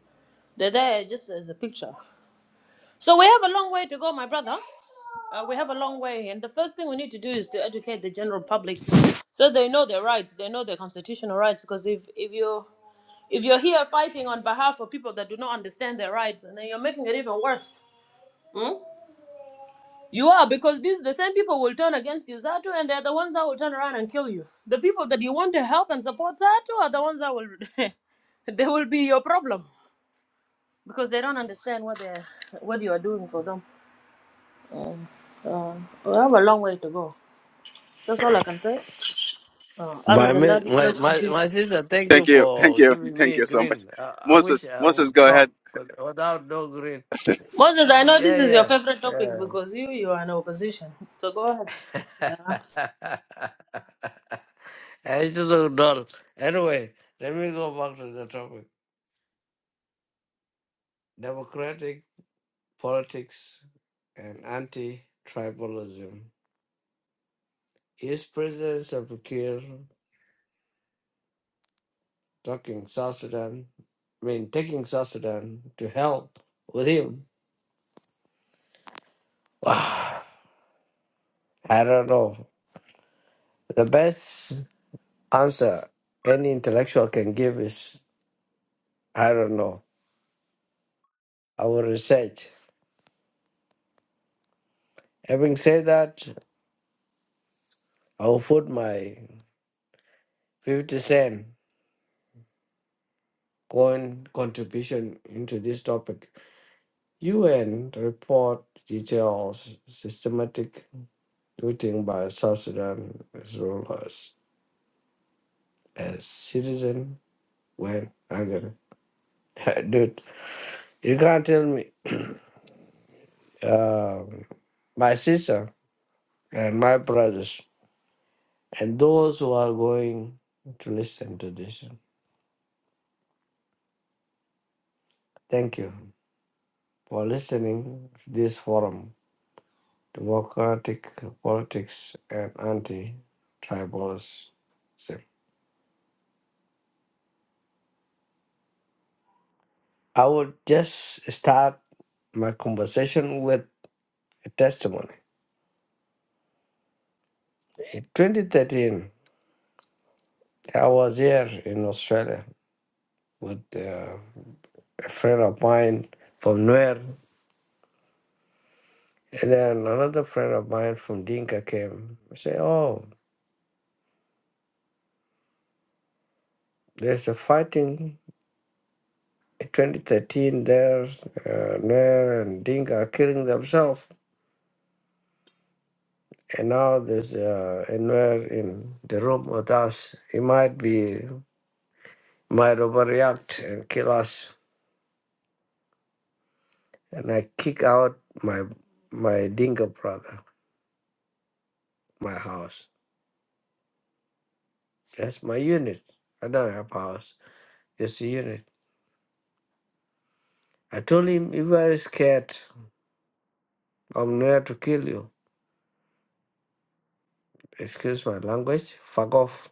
[SPEAKER 2] They're there just as a picture. So we have a long way to go, my brother. Uh, we have a long way, and the first thing we need to do is to educate the general public, so they know their rights, they know their constitutional rights. Because if if you if you're here fighting on behalf of people that do not understand their rights, and then you're making it even worse, hmm? you are because these the same people will turn against you, Zatu, and they're the ones that will turn around and kill you. The people that you want to help and support Zatu are the ones that will they will be your problem because they don't understand what they what you are doing for them. And uh, we have a long way to go. That's all I can say. Uh, other
[SPEAKER 4] My,
[SPEAKER 2] than
[SPEAKER 4] mi-
[SPEAKER 2] that, you
[SPEAKER 4] my
[SPEAKER 2] guys
[SPEAKER 4] my
[SPEAKER 2] continue.
[SPEAKER 4] my sister, thank you
[SPEAKER 1] Thank you, thank
[SPEAKER 4] for
[SPEAKER 1] you,
[SPEAKER 4] giving me
[SPEAKER 1] thank
[SPEAKER 4] a
[SPEAKER 1] you so much,
[SPEAKER 4] green. I, I wish
[SPEAKER 1] Moses.
[SPEAKER 4] I
[SPEAKER 1] Moses,
[SPEAKER 4] would
[SPEAKER 1] go ahead,
[SPEAKER 4] talk with, without no green.
[SPEAKER 2] Moses, I know this is your
[SPEAKER 4] Yeah,
[SPEAKER 2] favorite topic
[SPEAKER 4] yeah.
[SPEAKER 2] because you you are in opposition. So go ahead. Yeah.
[SPEAKER 4] yeah. I just look dull. Anyway, let me go back to the topic: democratic politics and anti-tribalism. Is President Salva Kiir talking South Sudan? I mean, taking South Sudan to help with him? I don't know. The best answer any intellectual can give is I don't know. I will research. Having said that, I will put my 50 cent coin contribution into this topic. UN report details systematic looting by South Sudan as rulers as citizen when angry. Dude, you can't tell me. um, my sister and my brothers. and those who are going to listen to this. Thank you for listening to this forum, Democratic Politics and Anti-Tribalism. I would just start my conversation with a testimony. In 2013, I was here in Australia with uh, a friend of mine from Nuer, and then another friend of mine from Dinka came. I say, "Oh, there's a fighting." 2013 there, uh, Nuer and Dinka are killing themselves. And now there's uh, a Nuer in the room with us. He might be, might overreact and kill us. And I kick out my my Dinka brother, my house. That's my unit. I don't have house. It's a unit. I told him, if you are scared, I'm Nuer to kill you. Excuse my language. Fuck off.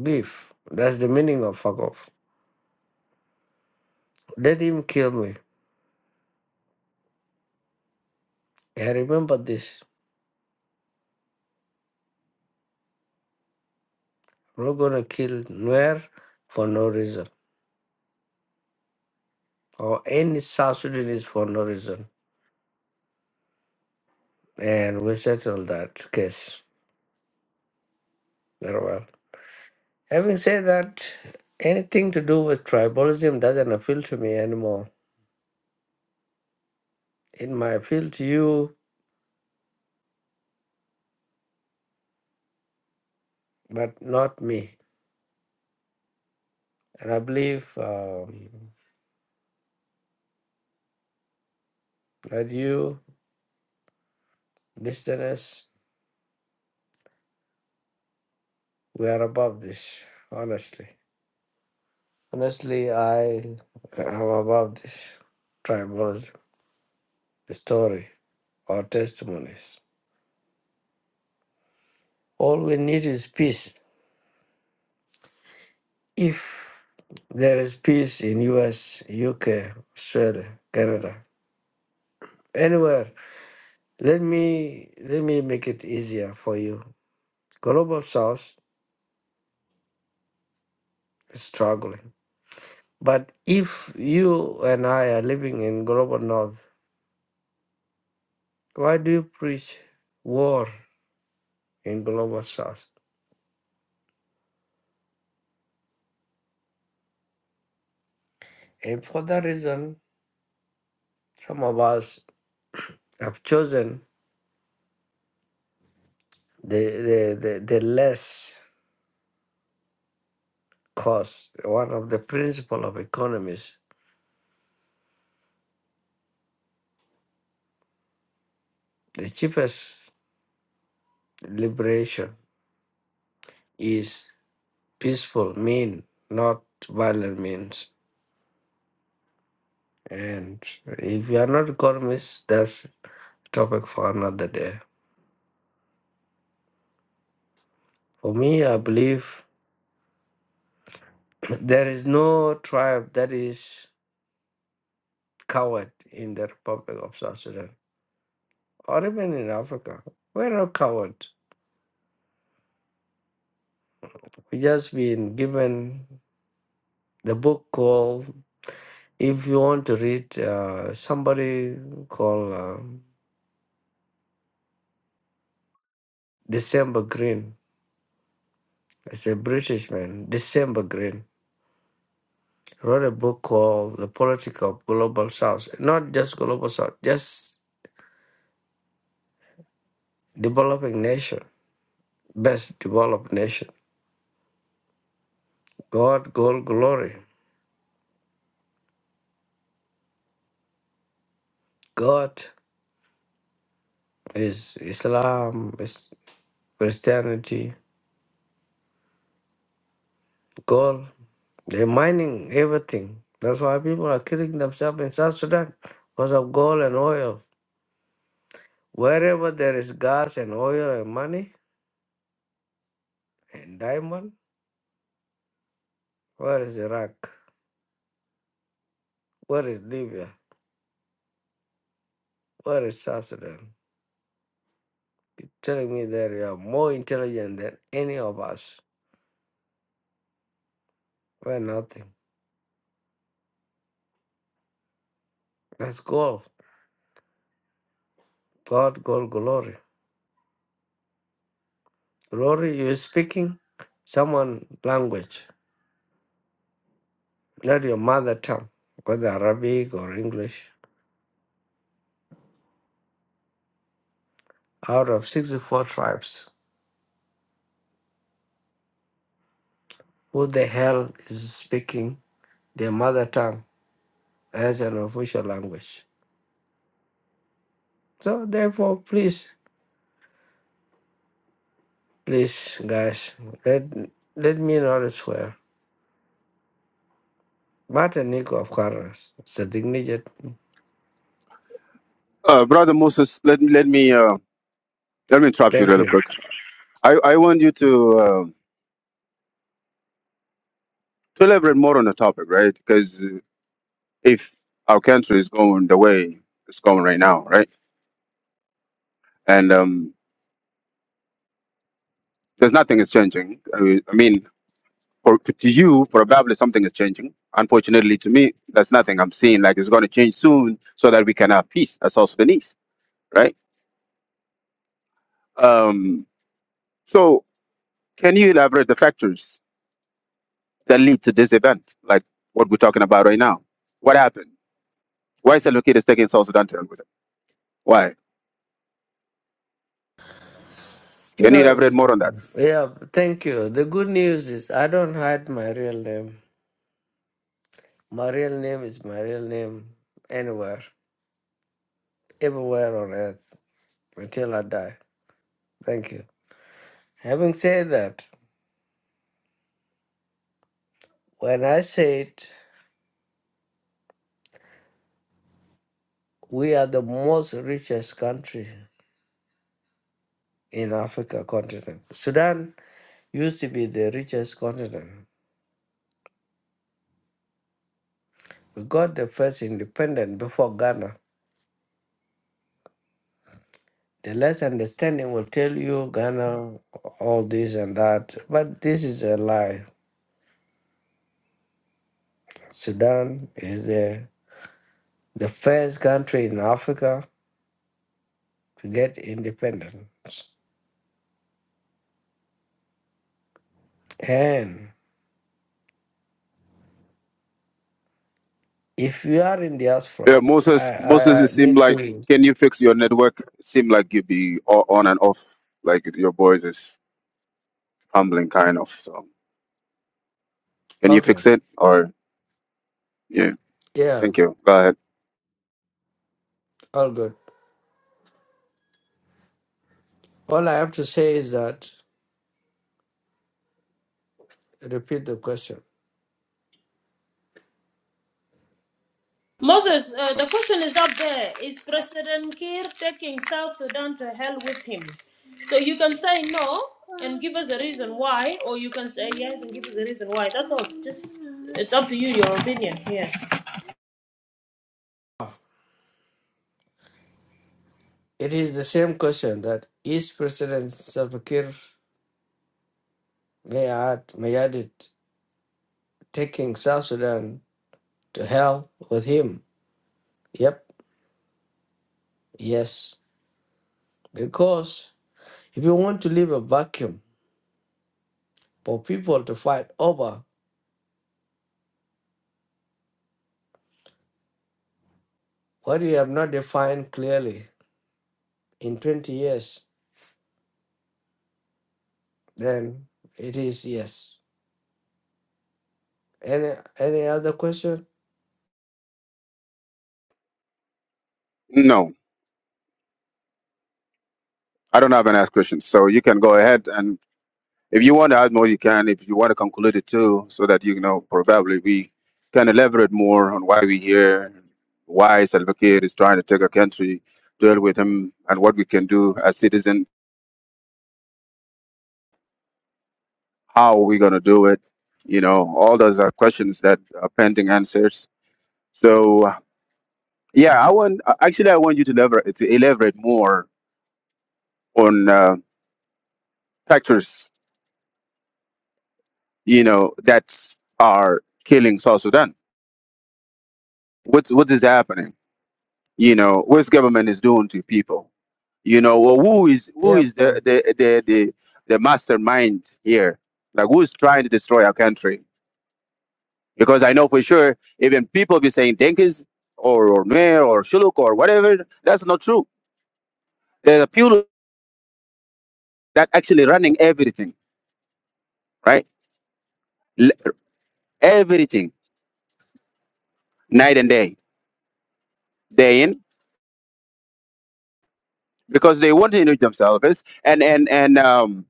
[SPEAKER 4] Beef. That's the meaning of fuck off. Let him kill me. I remember this. We're not gonna kill Nuer for no reason, or any South Sudanese for no reason, and we settled that case very well. Having said that, anything to do with tribalism doesn't appeal to me anymore. It might appeal to you, but not me. And I believe um, that you, listeners, we are above this. Honestly, honestly, I am above this tribalism the story. or testimonies. All we need is peace. If there is peace in US, UK, Australia, Canada, anywhere, let me let me make it easier for you. Global South is struggling. But if you and I are living in global north, why do you preach war in global south? And for that reason, some of us have chosen the the, the, the less. cost, one of the principle of economies, the cheapest liberation is peaceful mean, not violent means. And if you are not economists, that's topic for another day. For me, I believe there is no tribe that is coward in the Republic of South Sudan or even in Africa. We're not coward. We just been given the book called. If you want to read, uh, somebody called um December Green, it's a British man, December Green, wrote a book called The Politics of Global South. Not just Global South, just developing nation, best developed nation. God, gold, glory. God is Islam, is Christianity, gold. They're mining everything. That's why people are killing themselves in South Sudan because of gold and oil. Wherever there is gas and oil and money and diamond, where is Iraq? Where is Libya? Where is South Sudan? You're telling me that you are more intelligent than any of us. We're nothing. That's gold. God, gold, glory. Glory, you're speaking someone language, not your mother tongue, whether Arabic or English. Out of 64 tribes, who the hell is speaking their mother tongue as an official language? So therefore, please, please, guys, let let me not swear. Martin Nico, of course, it's a dignity.
[SPEAKER 1] uh, brother Moses. Let me let me. uh, Let me interrupt you
[SPEAKER 4] Thank
[SPEAKER 1] really
[SPEAKER 4] you.
[SPEAKER 1] quick. I, I want you to uh, to elaborate more on the topic, right? Because if our country is going the way it's going right now, right, and um, there's nothing is changing. I mean, I mean for, to you, probably something is changing. Unfortunately, to me, that's nothing I'm seeing. Like it's going to change soon, so that we can have peace as South Sudanese, right? Um, so, can you elaborate the factors that lead to this event, like what we're talking about right now? What happened? Why is Al-Wakil taking South Sudan to hell with it? Why?
[SPEAKER 4] You
[SPEAKER 1] Can you
[SPEAKER 4] know,
[SPEAKER 1] elaborate more on that?
[SPEAKER 4] yeah, thank you. The good news is I don't hide my real name. My real name is my real name anywhere, everywhere on earth until I die. Thank you. Having said that, when I said we are the most richest country in Africa continent, Sudan used to be the richest continent. We got the first independent before Ghana. The less understanding will tell you Ghana, all this and that. But this is a lie. Sudan is the the first country in Africa to get independence. And if you are in diaspora,
[SPEAKER 1] Yeah,
[SPEAKER 4] I,
[SPEAKER 1] Moses, Moses,
[SPEAKER 4] I,
[SPEAKER 1] it
[SPEAKER 4] I
[SPEAKER 1] seemed
[SPEAKER 4] need
[SPEAKER 1] like,
[SPEAKER 4] to.
[SPEAKER 1] can you fix your network? It seemed like you be o- on and off, like your voice is humbling kind of. So, can you
[SPEAKER 4] Okay.
[SPEAKER 1] fix it? Or, yeah,
[SPEAKER 4] Yeah,
[SPEAKER 1] thank you. Go ahead.
[SPEAKER 4] all good. All I have to say is that, repeat the question.
[SPEAKER 2] Moses, uh, the question is up there. Is President Kiir taking South Sudan to hell with him? So you can say no and give us a reason why, or you can say yes and give us a reason why. That's all. Just it's up to you, your opinion here.
[SPEAKER 4] It is the same question that each President Salva Kiir may add, may add it. taking South Sudan to hell with him. Yep, yes. Because if you want to leave a vacuum for people to fight over what you have not defined clearly in 20 years, then it is yes. Any any other question?
[SPEAKER 1] No, I don't have any ask questions. So, you can go ahead and If you want to add more, you can. If you want to conclude it too, so that you know probably we can elaborate more on why we here, why Salva Kiir is trying to take a country, deal with him, and what we can do as citizens. How are we going to do it? You know, all those are questions that are pending answers. So uh, yeah, I want uh, actually I want you to elaborate to elaborate more on uh, factors you know that are killing South Sudan. What's what is happening? you know what government is doing to people you know well, who is who
[SPEAKER 4] Yeah,
[SPEAKER 1] is the
[SPEAKER 4] um,
[SPEAKER 1] the the the, the mastermind here like who's trying to destroy our country because i know for sure even people be saying denkis or or mayor or shuluk or whatever that's not true there's a people that actually running everything right L- everything night and day day in because they want to enrich themselves and and and um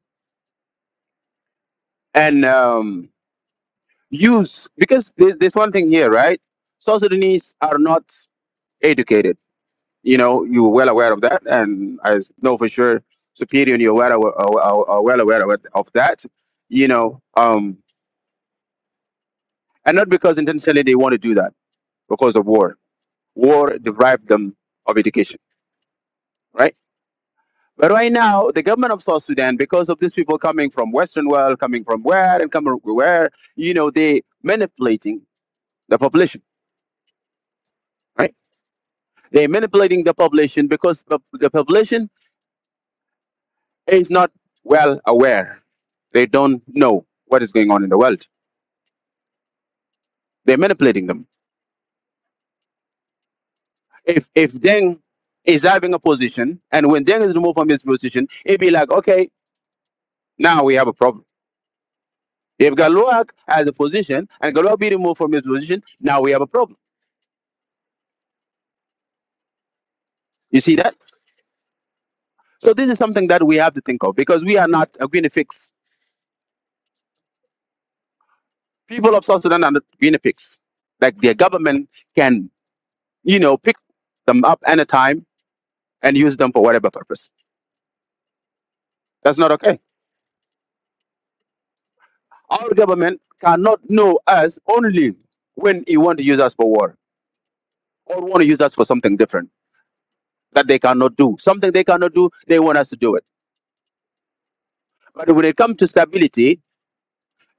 [SPEAKER 1] and um use because there's, there's one thing here, right? South Sudanese are not educated. You know, you're well aware of that, and I know for sure, Superior, and you're well aware, are, are are well aware of, it- of that. You know, um, and not because intentionally they want to do that, because of war. War deprived them of education, right? But right now, the government of South Sudan, because of these people coming from Western world, coming from where and coming from where, you know, they manipulating the population, right? They're manipulating the population because the the population is not well aware. They don't know what is going on in the world. They're manipulating them. If if Deng is having a position, and when Deng is removed from his position, it'd be like, okay, now we have a problem. If Galoak has a position and Galoak be removed from his position, now we have a problem. You see that? So this is something that we have to think of because we are not a guinea pigs. People of South Sudan are not guinea pigs. Like their government can, you know, pick them up anytime and use them for whatever purpose. That's not okay. Our government cannot know us only when he want to use us for war or want to use us for something different that they cannot do. Something they cannot do, they want us to do it. But when it comes to stability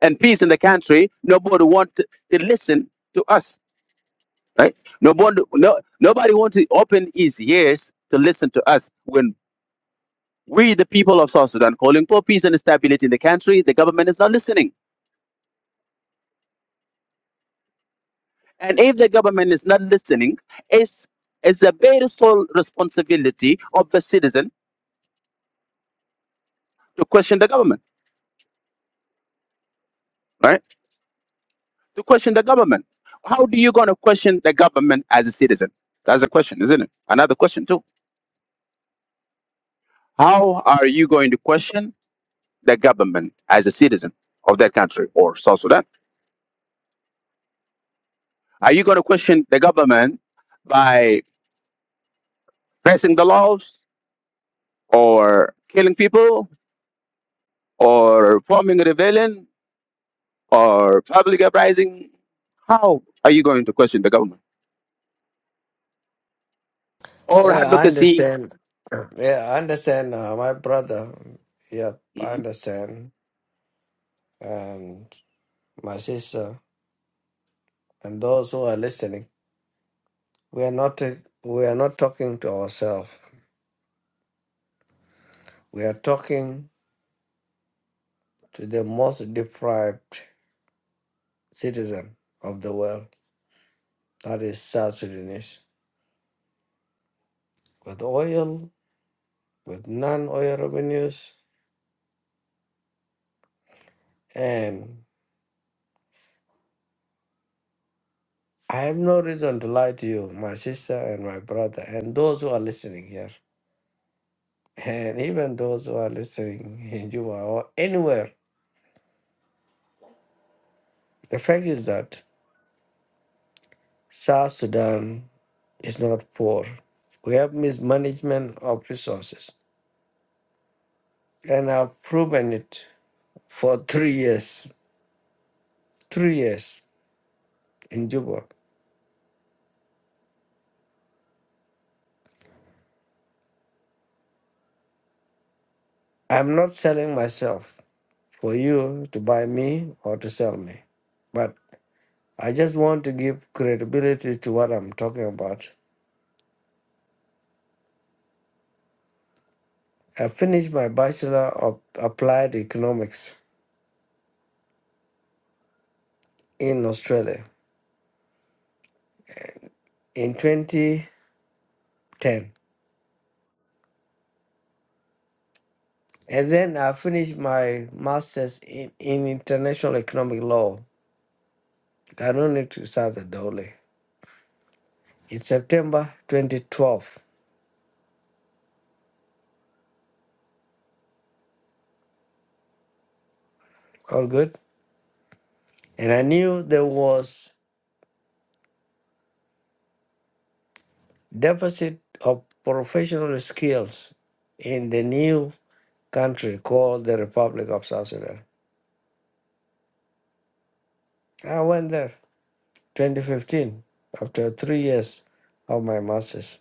[SPEAKER 1] and peace in the country, nobody want to to listen to us, right? Nobody, no, nobody want to open his ears to listen to us when we, the people of South Sudan, calling for peace and stability in the country, the government is not listening And if the government is not listening, it's, it's a very sole responsibility of the citizen to question the government, right? To question the government. How do you going to question the government as a citizen? That's a question, isn't it? Another question, too. How are you going to question the government as a citizen of that country or South Sudan? Are you going to question the government by pressing the laws or killing people or forming a rebellion or public uprising, how are you going to question the government or
[SPEAKER 4] yeah, I
[SPEAKER 1] advocacy?
[SPEAKER 4] understand. Yeah, I understand. Uh, my brother. Yep, I
[SPEAKER 1] Mhm.
[SPEAKER 4] understand, and my sister, and those who are listening. We are not ta- we are not talking to ourselves. We are talking to the most deprived citizen of the world. That is South Sudanese. With oil, with non-oil revenues, and I have no reason to lie to you, my sister and my brother, and those who are listening here, and even those who are listening in Juba or anywhere. The fact is that South Sudan is not poor. We have mismanagement of resources. and I've proven it for three years. Three years in Juba. I'm not selling myself for you to buy me or to sell me, but I just want to give credibility to what I'm talking about. I finished my Bachelor of Applied Economics in Australia in 2010. And then I finished my master's in, in international economic law. I don't need to start the dolly. In September 2012. All good? And I knew there was deficit of professional skills in the new country called the Republic of South Sudan. I went there 2015 after three years of my master's.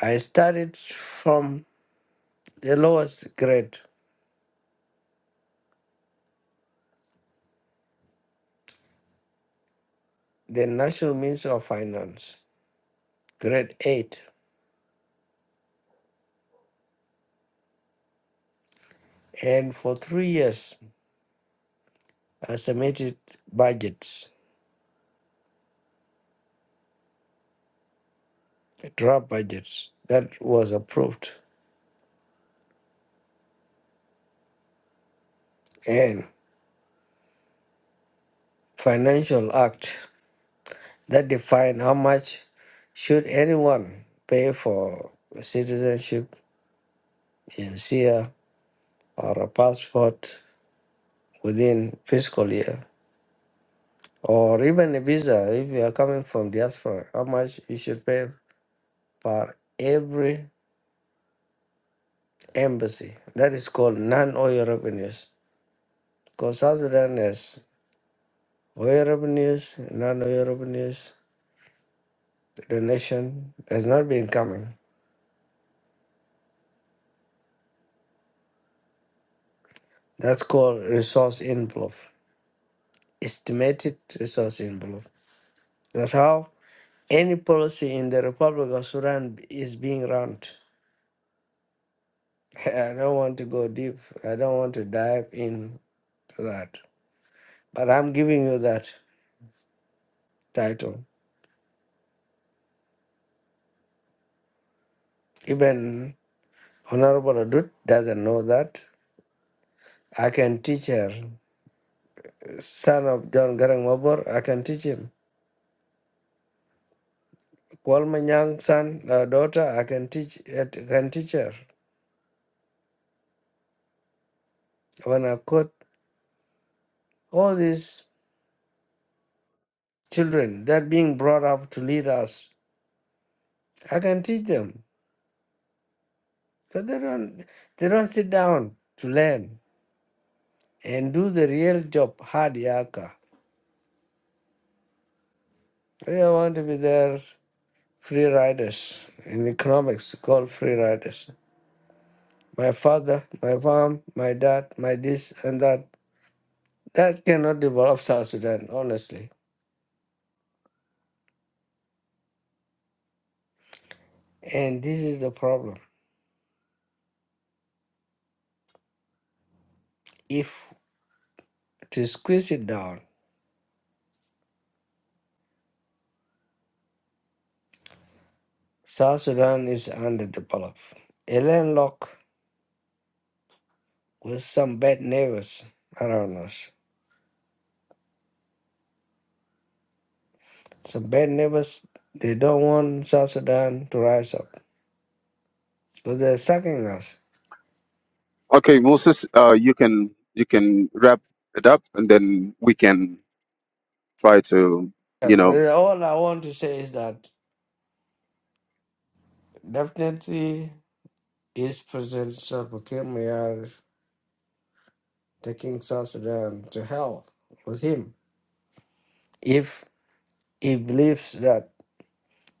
[SPEAKER 4] I started from the lowest grade, the National Minister of Finance, grade 8. And for three years, I submitted budgets, draft budgets that was approved, and financial act that define how much should anyone pay for citizenship in SIA or a passport within fiscal year or even a visa if you are coming from diaspora how much you should pay for every embassy that is called non-oil revenues because south sudan has oil revenues non-oil revenues the nation has not been coming that's called resource envelope estimated resource envelope That's how any policy in the Republic of Sudan is being run. I don't want to go deep. I don't want to dive into that. But I'm giving you that title. Even Honorable Adut doesn't know that. I can teach her. Son of John Garang Mabor, I can teach him. Kwalma Nyang, son, uh, daughter, I can teach. I can teach her. When I quote all these children that being brought up to lead us, I can teach them. So they don't they don't sit down to learn and do the real job hard yaka. They want to be their free riders. In economics called free riders. My father, my mom, my dad, my this and that. That cannot develop South Sudan, honestly. And this is the problem. If to squeeze it down, South Sudan is underdeveloped. A landlocked with some bad neighbors around us. So bad neighbors, they don't want South Sudan to rise up. So they're sucking us.
[SPEAKER 1] Okay, Moses, uh, you can you can wrap it up, and then we can try to,
[SPEAKER 4] Yeah,
[SPEAKER 1] you know.
[SPEAKER 4] well, All I want to say is that definitely is President Salva Kiir Mayar taking South Sudan to hell with him. If he believes that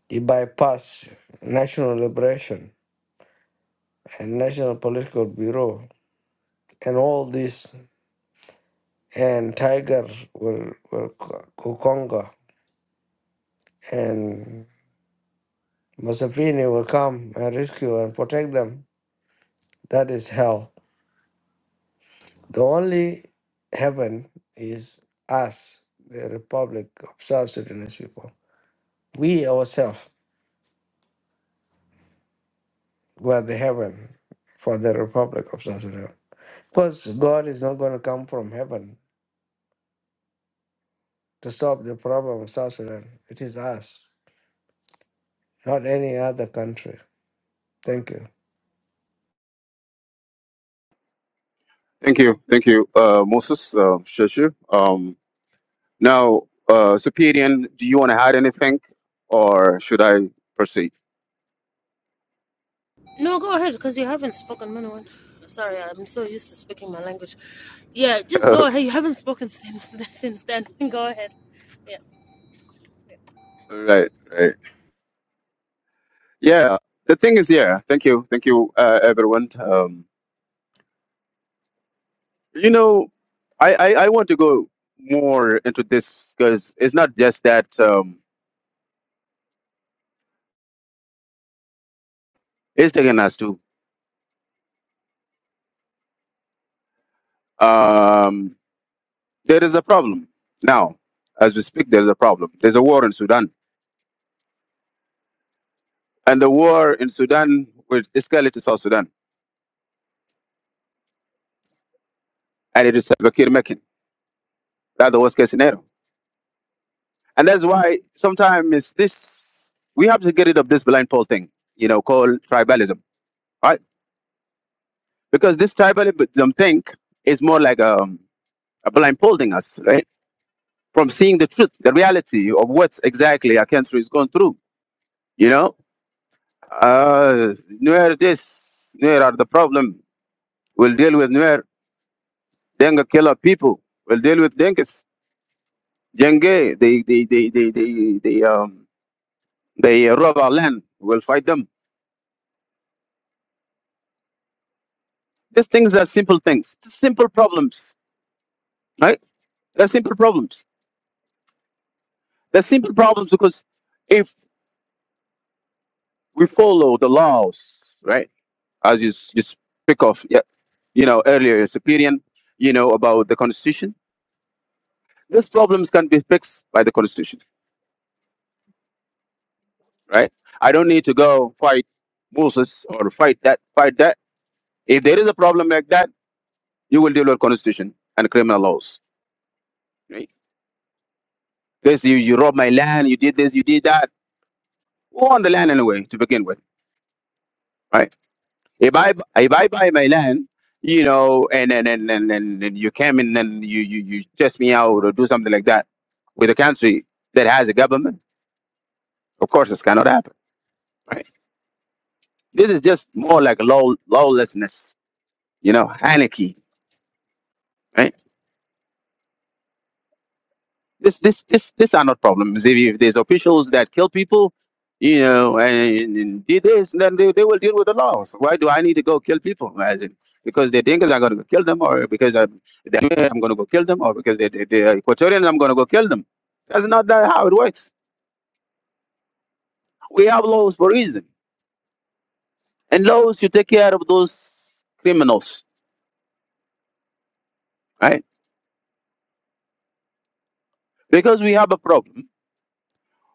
[SPEAKER 4] he bypass national liberation and national political bureau and all this and Tiger will, will co- co- conquer and Masafini will come and rescue and protect them. That is hell. The only heaven is us, the Republic of South Sudanese people. We ourselves were the heaven for the Republic of South Sudan. Because God is not going to come from heaven to solve the problem of South Sudan. It is us, not any other country. Thank you.
[SPEAKER 1] Thank you, thank you, uh, Moses, uh, Shashu. Um, now, uh, Superior, do you want to add anything, or should I proceed?
[SPEAKER 2] No, go ahead, because you haven't spoken Minoan. Sorry, I'm so used to speaking my language. Yeah, just go
[SPEAKER 1] okay,
[SPEAKER 2] ahead. You haven't spoken since since then. go ahead. Yeah.
[SPEAKER 1] right, right. Yeah, the thing is, yeah. Thank you, thank you, uh, everyone. Um, You know, I, I, I want to go more into this because it's not just that um, it's taking us to. Um, there is a problem now. As we speak, there's a problem. There's a war in Sudan. And the war in Sudan will escalate to South Sudan. And it is Salva Kiir making. That's the worst case scenario. And that's why sometimes it's this, we have to get rid of this blind pole thing, you know, called tribalism, right? Because this tribalism thing is more like um, a blind pole thing us. right? from seeing the truth, the reality of what exactly our country is going through. You know, uh, Nuer this, Nuer are the problem. We'll deal with Nuer. Denga kill our people. We'll deal with Dengas. Jenge, they, they, they, they, they, they, um, they rob our land. We'll fight them. These things are simple things, simple problems, right? They're simple problems. They're simple problems because if we follow the laws, right, as you, s- you speak of, yeah, you know, earlier Superior, you know, about the constitution. These problems can be fixed by the constitution, right? I don't need to go fight Moses or fight that, fight that. If there is a problem like that, you will deal with constitution and criminal laws. Right? This you, you robbed my land, you did this, you did that. Who owned the land anyway to begin with, right? If I bu- if I buy my land, you know, and and and and, and, and you came in and you, you you test me out or do something like that with a country that has a government, of course, this cannot happen right? This is just more like law, lawlessness, you know, anarchy, right? This, this, this, this are not problems. If, if there's officials that kill people, you know, and, and did this, then they, they will deal with the laws. Why do I need to go kill people? As in, because they think I'm going to go kill them, or because I'm, they think I'm going to go kill them, or because they, they, they're Equatorian, I'm going to go kill them. That's not that how it works. We have laws for a reason, and laws to take care of those criminals, right? Because we have a problem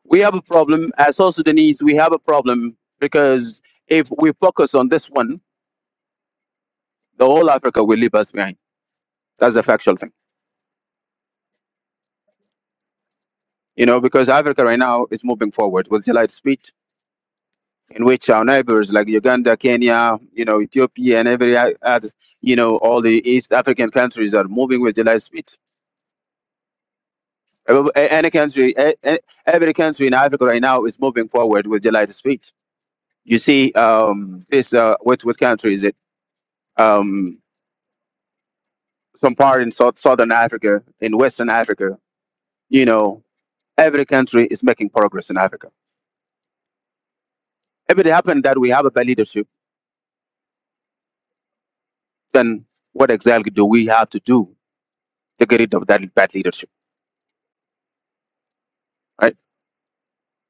[SPEAKER 1] we have a problem as South Sudanese. We have a problem because if we focus on this one, the whole Africa will leave us behind. That's a factual thing, you know. Because Africa right now is moving forward with light speed, in which our neighbors like Uganda, Kenya, you know, Ethiopia, and every o- other, you know, all the East African countries are moving with light speed. Every- a- Any country, a- a- every country in Africa right now is moving forward with light speed. You see, um, this uh, what what country is it? Um, some part in South, southern Africa, in Western Africa, you know, every country is making progress in Africa. If it happened that we have a bad leadership, then what exactly do we have to do to get rid of that bad leadership, right?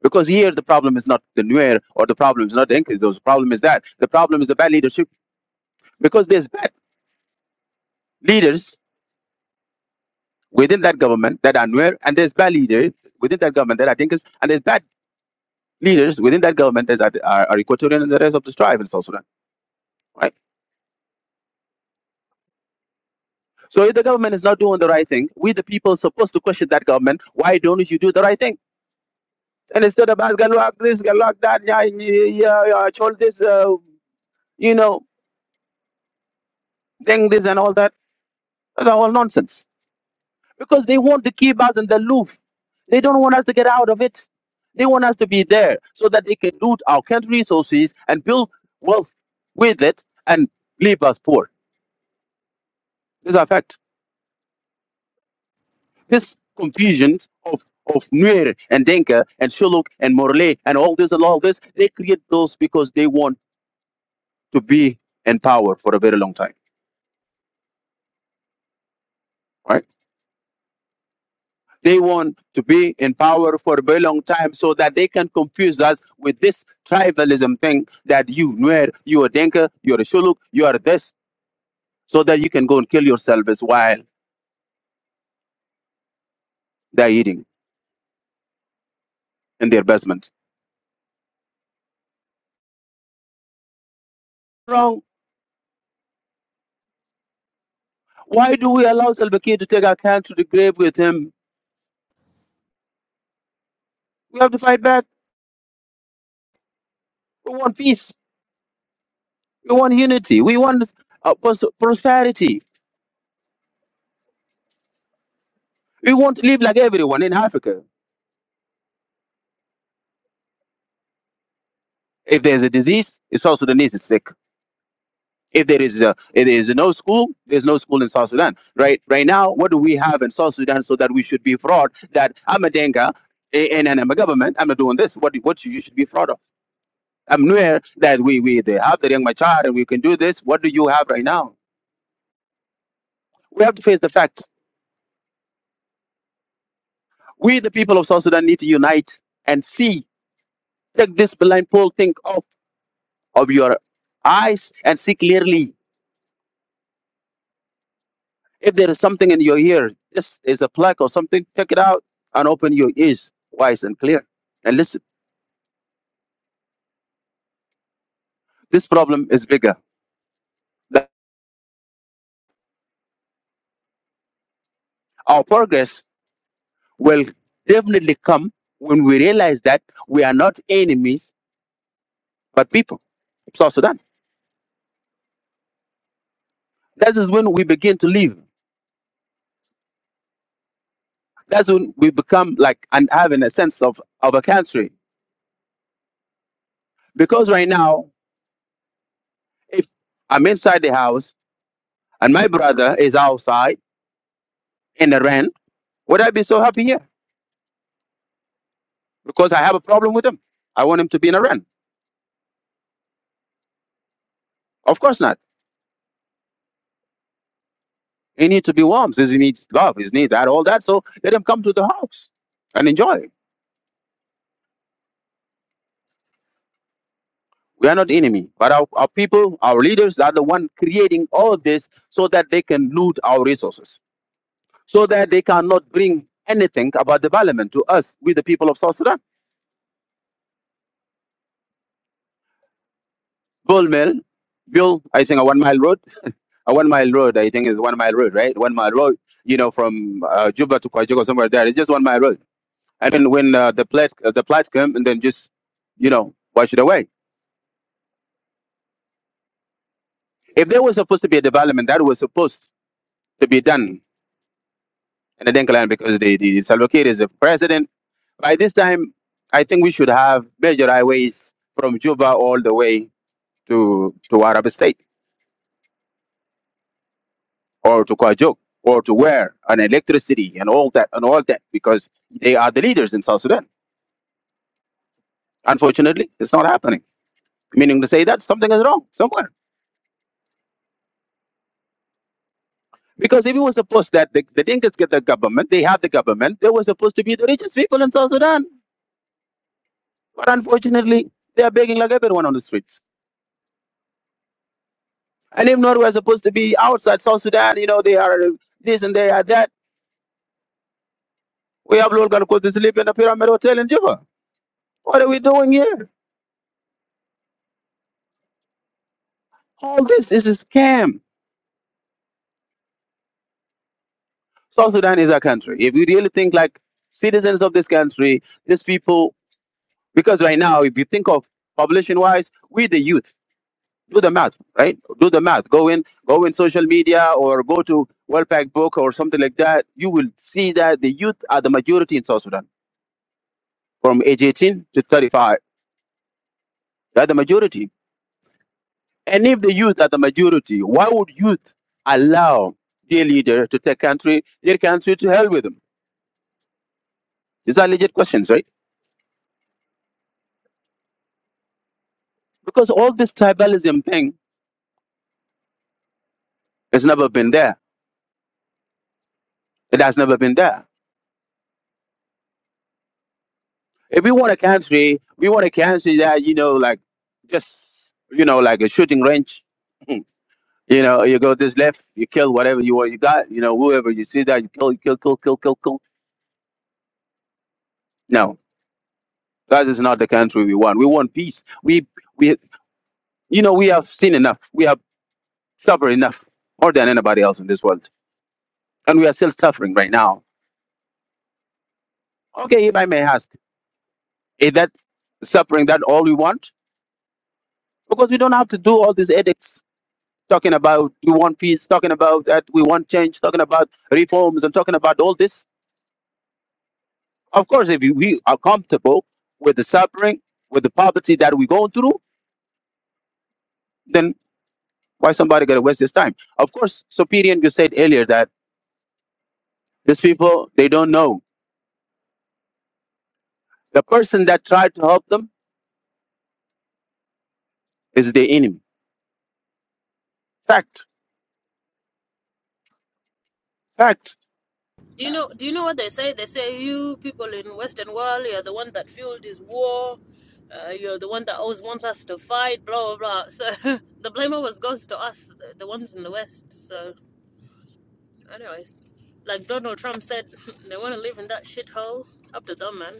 [SPEAKER 1] Because here the problem is not the Nuer or the problem is not the Inquisitors. The problem is that the problem is the bad leadership because there's bad leaders within that government that are Nuer and there's bad leaders within that government that are Dinkas and there's bad leaders within that government that are, are, are Equatorian and the rest of the tribe in South Sudan, right? So if the government is not doing the right thing, we the people are supposed to question that government. Why don't you do the right thing? And instead of us gonna lock this, gonna lock that, yeah, yeah, yeah, yeah, told this, uh, you know, thing this and all that. That's all nonsense. Because they want to keep us in the loop. They don't want us to get out of it. They want us to be there so that they can loot our country resources and build wealth with it and leave us poor. This is a fact. this confusion of of Nuer and Denka and Shuluk and Morley and all this and all this, they create those because they want to be in power for a very long time, right? They want to be in power for a very long time so that they can confuse us with this tribalism thing that you Nuer, you are Denka, you are Shuluk, you are this, so that you can go and kill yourselves while they're eating in their basement. Wrong. Why do we allow Salva Kiir to take our country to the grave with him? We have to fight back. We want peace. We want unity. We want uh, pros- prosperity. We want to live like everyone in Africa. If there's a disease, it's South Sudanese is sick. If there is a, if there is no school, there's no school in South Sudan. Right right now, what do we have in South Sudan so that we should be proud that I'm a Denga a- and, and I'm a government, I'm not doing this. What do- what you should be proud of? I'm aware that we we they have the young Machar and we can do this. What do you have right now? We have to face the fact. We the people of South Sudan need to unite and see take this blind pole thing off of your eyes and see clearly. If there is something in your ear, this is a plaque or something, take it out and open your ears wise and clear and listen. This problem is bigger. That Our progress will definitely come when we realize that we are not enemies but people. South Sudan. That is when we begin to live. That's when we become like and having a sense of, of a country. Because right now, if I'm inside the house and my brother is outside in the rain Would I be so happy here? Because I have a problem with him. I want him to be in Iran. Of course not. He needs to be warm. Says he needs love. He needs that, all that. So let him come to the house and enjoy. We are not enemy, but our, our people, our leaders are the one creating all this so that they can loot our resources, so that they cannot bring anything about development to us, with the people of South Sudan. Bull mill, build, I think a one mile road, a one mile road, I think is one mile road, right? One mile road, you know, from uh, Juba to Kwajok or somewhere there. It's just one mile road And then when uh, the plots uh, the plots come, and then just you know wash it away. If there was supposed to be a development that was supposed to be done in the Denkaland because the the Salva Kiir is the president, by this time I think we should have major highways from Juba all the way to to Arab State or to Kwajuk or to where and electricity and all that and all that because they are the leaders in South Sudan. Unfortunately, it's not happening. Meaning to say that something is wrong somewhere. Because if it was supposed that the, the Dinkas get the government, they have the government, they were supposed to be the richest people in South Sudan. But unfortunately, they are begging like everyone on the streets. And if not, we're supposed to be outside South Sudan, you know, they are this and they are that. We have Lord Galkot to sleep in the Pyramid Hotel in Juba. What are we doing here? All this is a scam. South Sudan is our country. If you really think like citizens of this country, these people, because right now, if you think of population wise, we're the youth do the math, right? Do the math. Go in, go in social media or go to World Pack Book or something like that. You will see that the youth are the majority in South Sudan from age 18 to 35. They're the majority. And if the youth are the majority, why would youth allow their leader to take country, their country to hell with them? These are legit questions, right? Because all this tribalism thing has never been there. It has never been there. if we want a country, we want a country that you know, like just you know, like a shooting range. You know, you go this left, you kill whatever you want, you got. You know, whoever you see that you kill, you kill, kill, kill, kill, kill. No, that is not the country we want. We want peace. We we you know we have seen enough. We have suffered enough more than anybody else in this world, and we are still suffering right now. Okay, if I may ask, is that suffering that all we want? Because we don't have to do all these edicts talking about we want peace, talking about that we want change, talking about reforms, and talking about all this. Of course, if we are comfortable with the suffering, with the poverty that we're going through, then why somebody gonna waste his time? Of course, Superior, you said earlier that these people they don't know the person that tried to help them is the enemy. Fact, fact,
[SPEAKER 2] Do you know? Do you know what they say? They say you people in Western world, you're the one that fueled this war. Uh, you're the one that always wants us to fight. Blah blah blah. So the blame always goes to us, the, the ones in the West. So, anyways, like Donald Trump said, they want to live in that shithole. Up to them, man.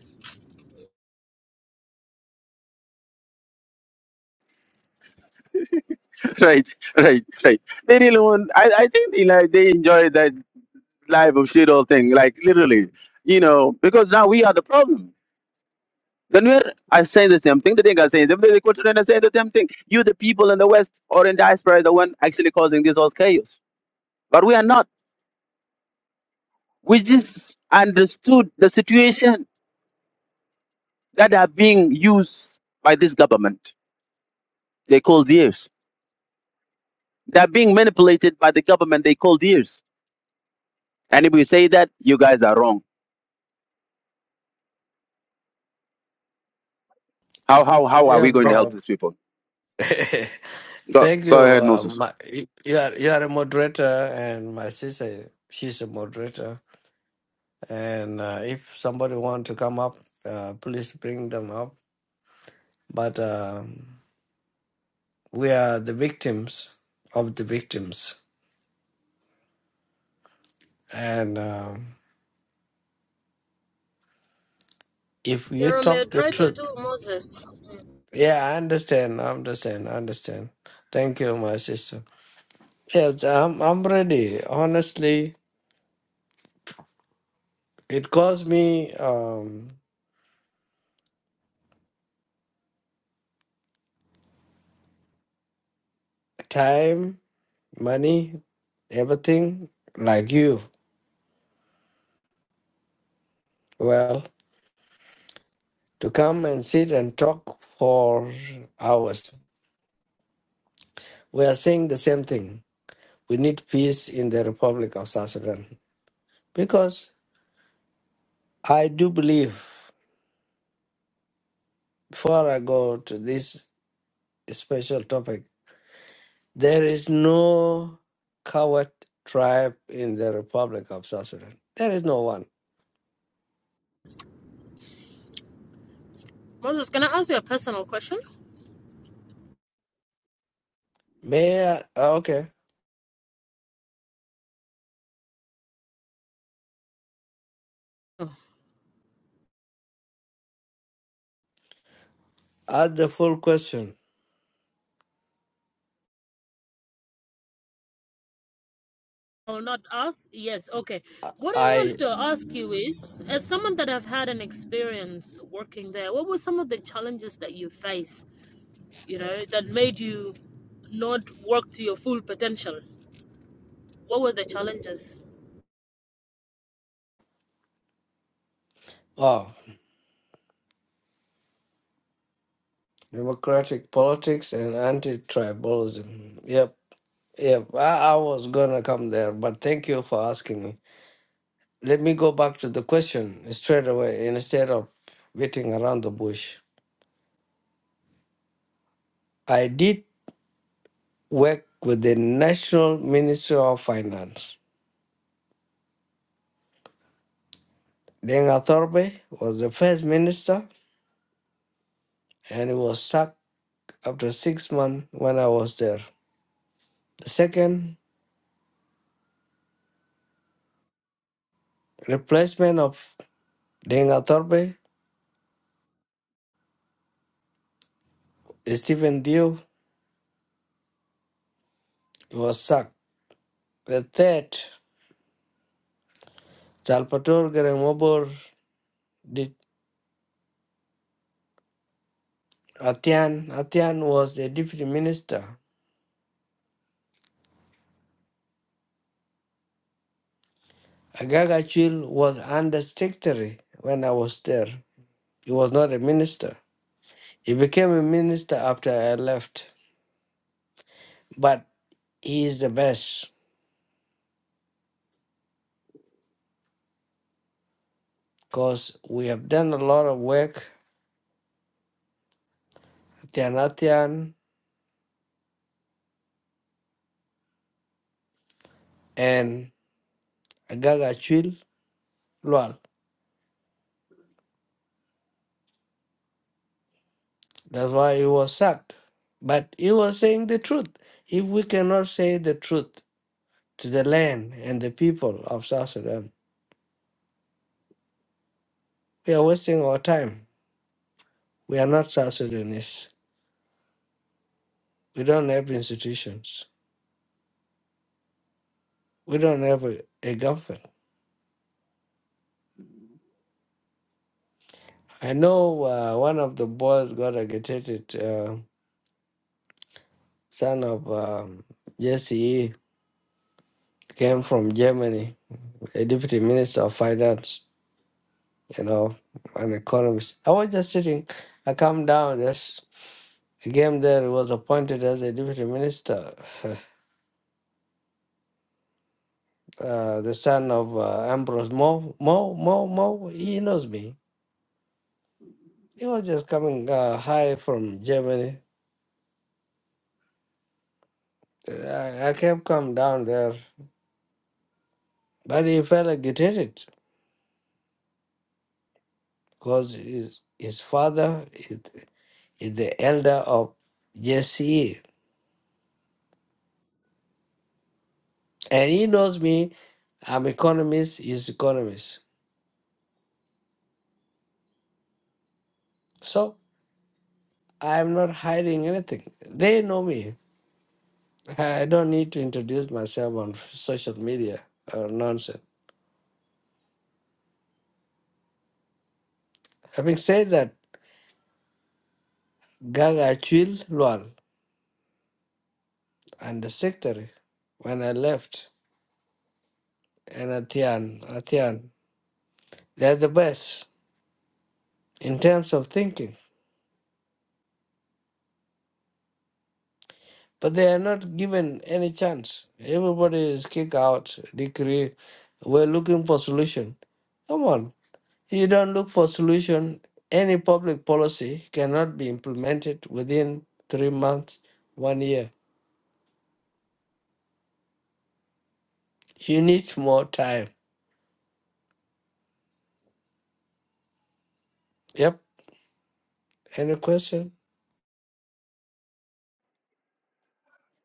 [SPEAKER 1] right, right, right. They really want. I, I think you know, they enjoy that life of shit all thing, like literally, you know, because now we are the problem Ganwer, I say the same thing. The thing I say, them, they continue and say the same thing. You, the people in the West or in diaspora, are the one actually causing this whole chaos. But we are not. We just understood the situation that are being used by this government. They call theirs. They are being manipulated by the government. They call theirs. And if we say that, you guys are wrong. How how how are
[SPEAKER 4] Yeah,
[SPEAKER 1] we going to help
[SPEAKER 4] bro.
[SPEAKER 1] these people? Go
[SPEAKER 4] Thank
[SPEAKER 1] go
[SPEAKER 4] you.
[SPEAKER 1] ahead,
[SPEAKER 4] Um,
[SPEAKER 1] Moses.
[SPEAKER 4] my, you are you are a moderator, and my sister she's a moderator. And uh, if somebody want to come up, uh, please bring them up. But um we are the victims of the victims, and um, if you
[SPEAKER 2] You're a
[SPEAKER 4] talk the
[SPEAKER 2] moderator
[SPEAKER 4] truth,
[SPEAKER 2] too, Moses.
[SPEAKER 4] yeah, I understand. I understand. I understand. Thank you, my sister. Yes, I'm I'm ready. Honestly, it cost me um, time money, everything like you. Well, to come and sit and talk for hours. We are saying the same thing. We need peace in the Republic of South Sudan. Because I do believe, before I go to this special topic, there is no coward tribe in the Republic of South Sudan. There is no one.
[SPEAKER 2] Moses, can I ask you a personal question?
[SPEAKER 4] May I, okay. Ask the full question.
[SPEAKER 2] Oh, not ask? Yes, okay. What I
[SPEAKER 4] I,
[SPEAKER 2] want to ask you is, as someone that have had an experience working there, what were some of the challenges that you faced, you know, that made you not work to your full potential? What were the challenges?
[SPEAKER 4] oh, democratic politics and anti-tribalism. Yep, yep. I, I was gonna come there, but thank you for asking me. Let me go back to the question straight away instead of beating around the bush. I did work with the National Ministry of Finance. Deng Athorbe was the first minister, and he was sacked after six months when I was there. The second replacement of Deng Athorbe, Stephen Dew, was sacked. The third Salvatore Garemobor did Atian. Atian was a deputy minister. Agagachil was undersecretary when I was there. He was not a minister. He became a minister after I left. But he is the best because we have done a lot of work. Atian Atian and Agagachil Lual. That's why he was sacked. But he was saying the truth. If we cannot say the truth, to the land and the people of South Sudan. We are wasting our time. We are not South Sudanese. We don't have institutions. We don't have a, a government. I know uh, one of the boys got agitated, uh, son of um, Jesse, E, came from Germany, a deputy minister of finance, you know, an economist. I was just sitting, I come down, just he came there, he was appointed as a deputy minister. uh, the son of uh, Ambrose Mo, Mo, Mo, Mo, he knows me. He was just coming uh, high from Germany. Uh, I, I kept come down there, but he felt agitated because his, his father is, is the elder of Jesse, And he knows me. I'm economist, he's economist. So I'm not hiding anything. They know me. I don't need to introduce myself on social media or nonsense. Having said that, Gaga Chil Lual and the secretary when I left and Atian Atian. They're the best in terms of thinking. But they are not given any chance. Everybody is kicked out, decree. We're looking for solution. Come on. You don't look for solution. Any public policy cannot be implemented within three months, one year. You need more time. Yep. Any question?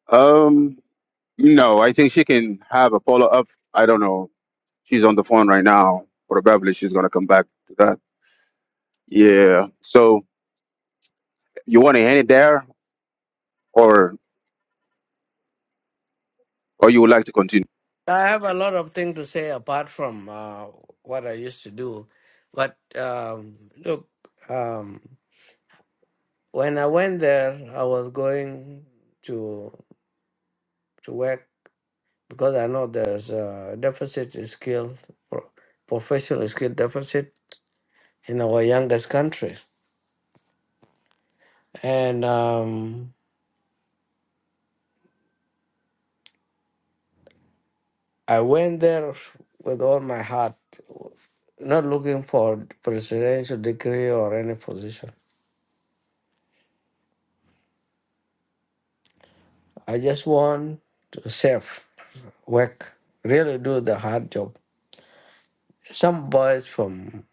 [SPEAKER 1] Um, no, I think she can have a follow up. I don't know. She's on the phone right now. Probably she's gonna come back to that. Yeah. So you want to end it there, or or you would like to continue?
[SPEAKER 4] I have a lot of things to say apart from uh, what I used to do. But um, look, um, when I went there, I was going to to work because I know there's a deficit in skills, pro- professional skill deficit in our youngest country. And um, I went there with all my heart, not looking for presidential degree or any position. I just want to save, work, really do the hard job. Some boys from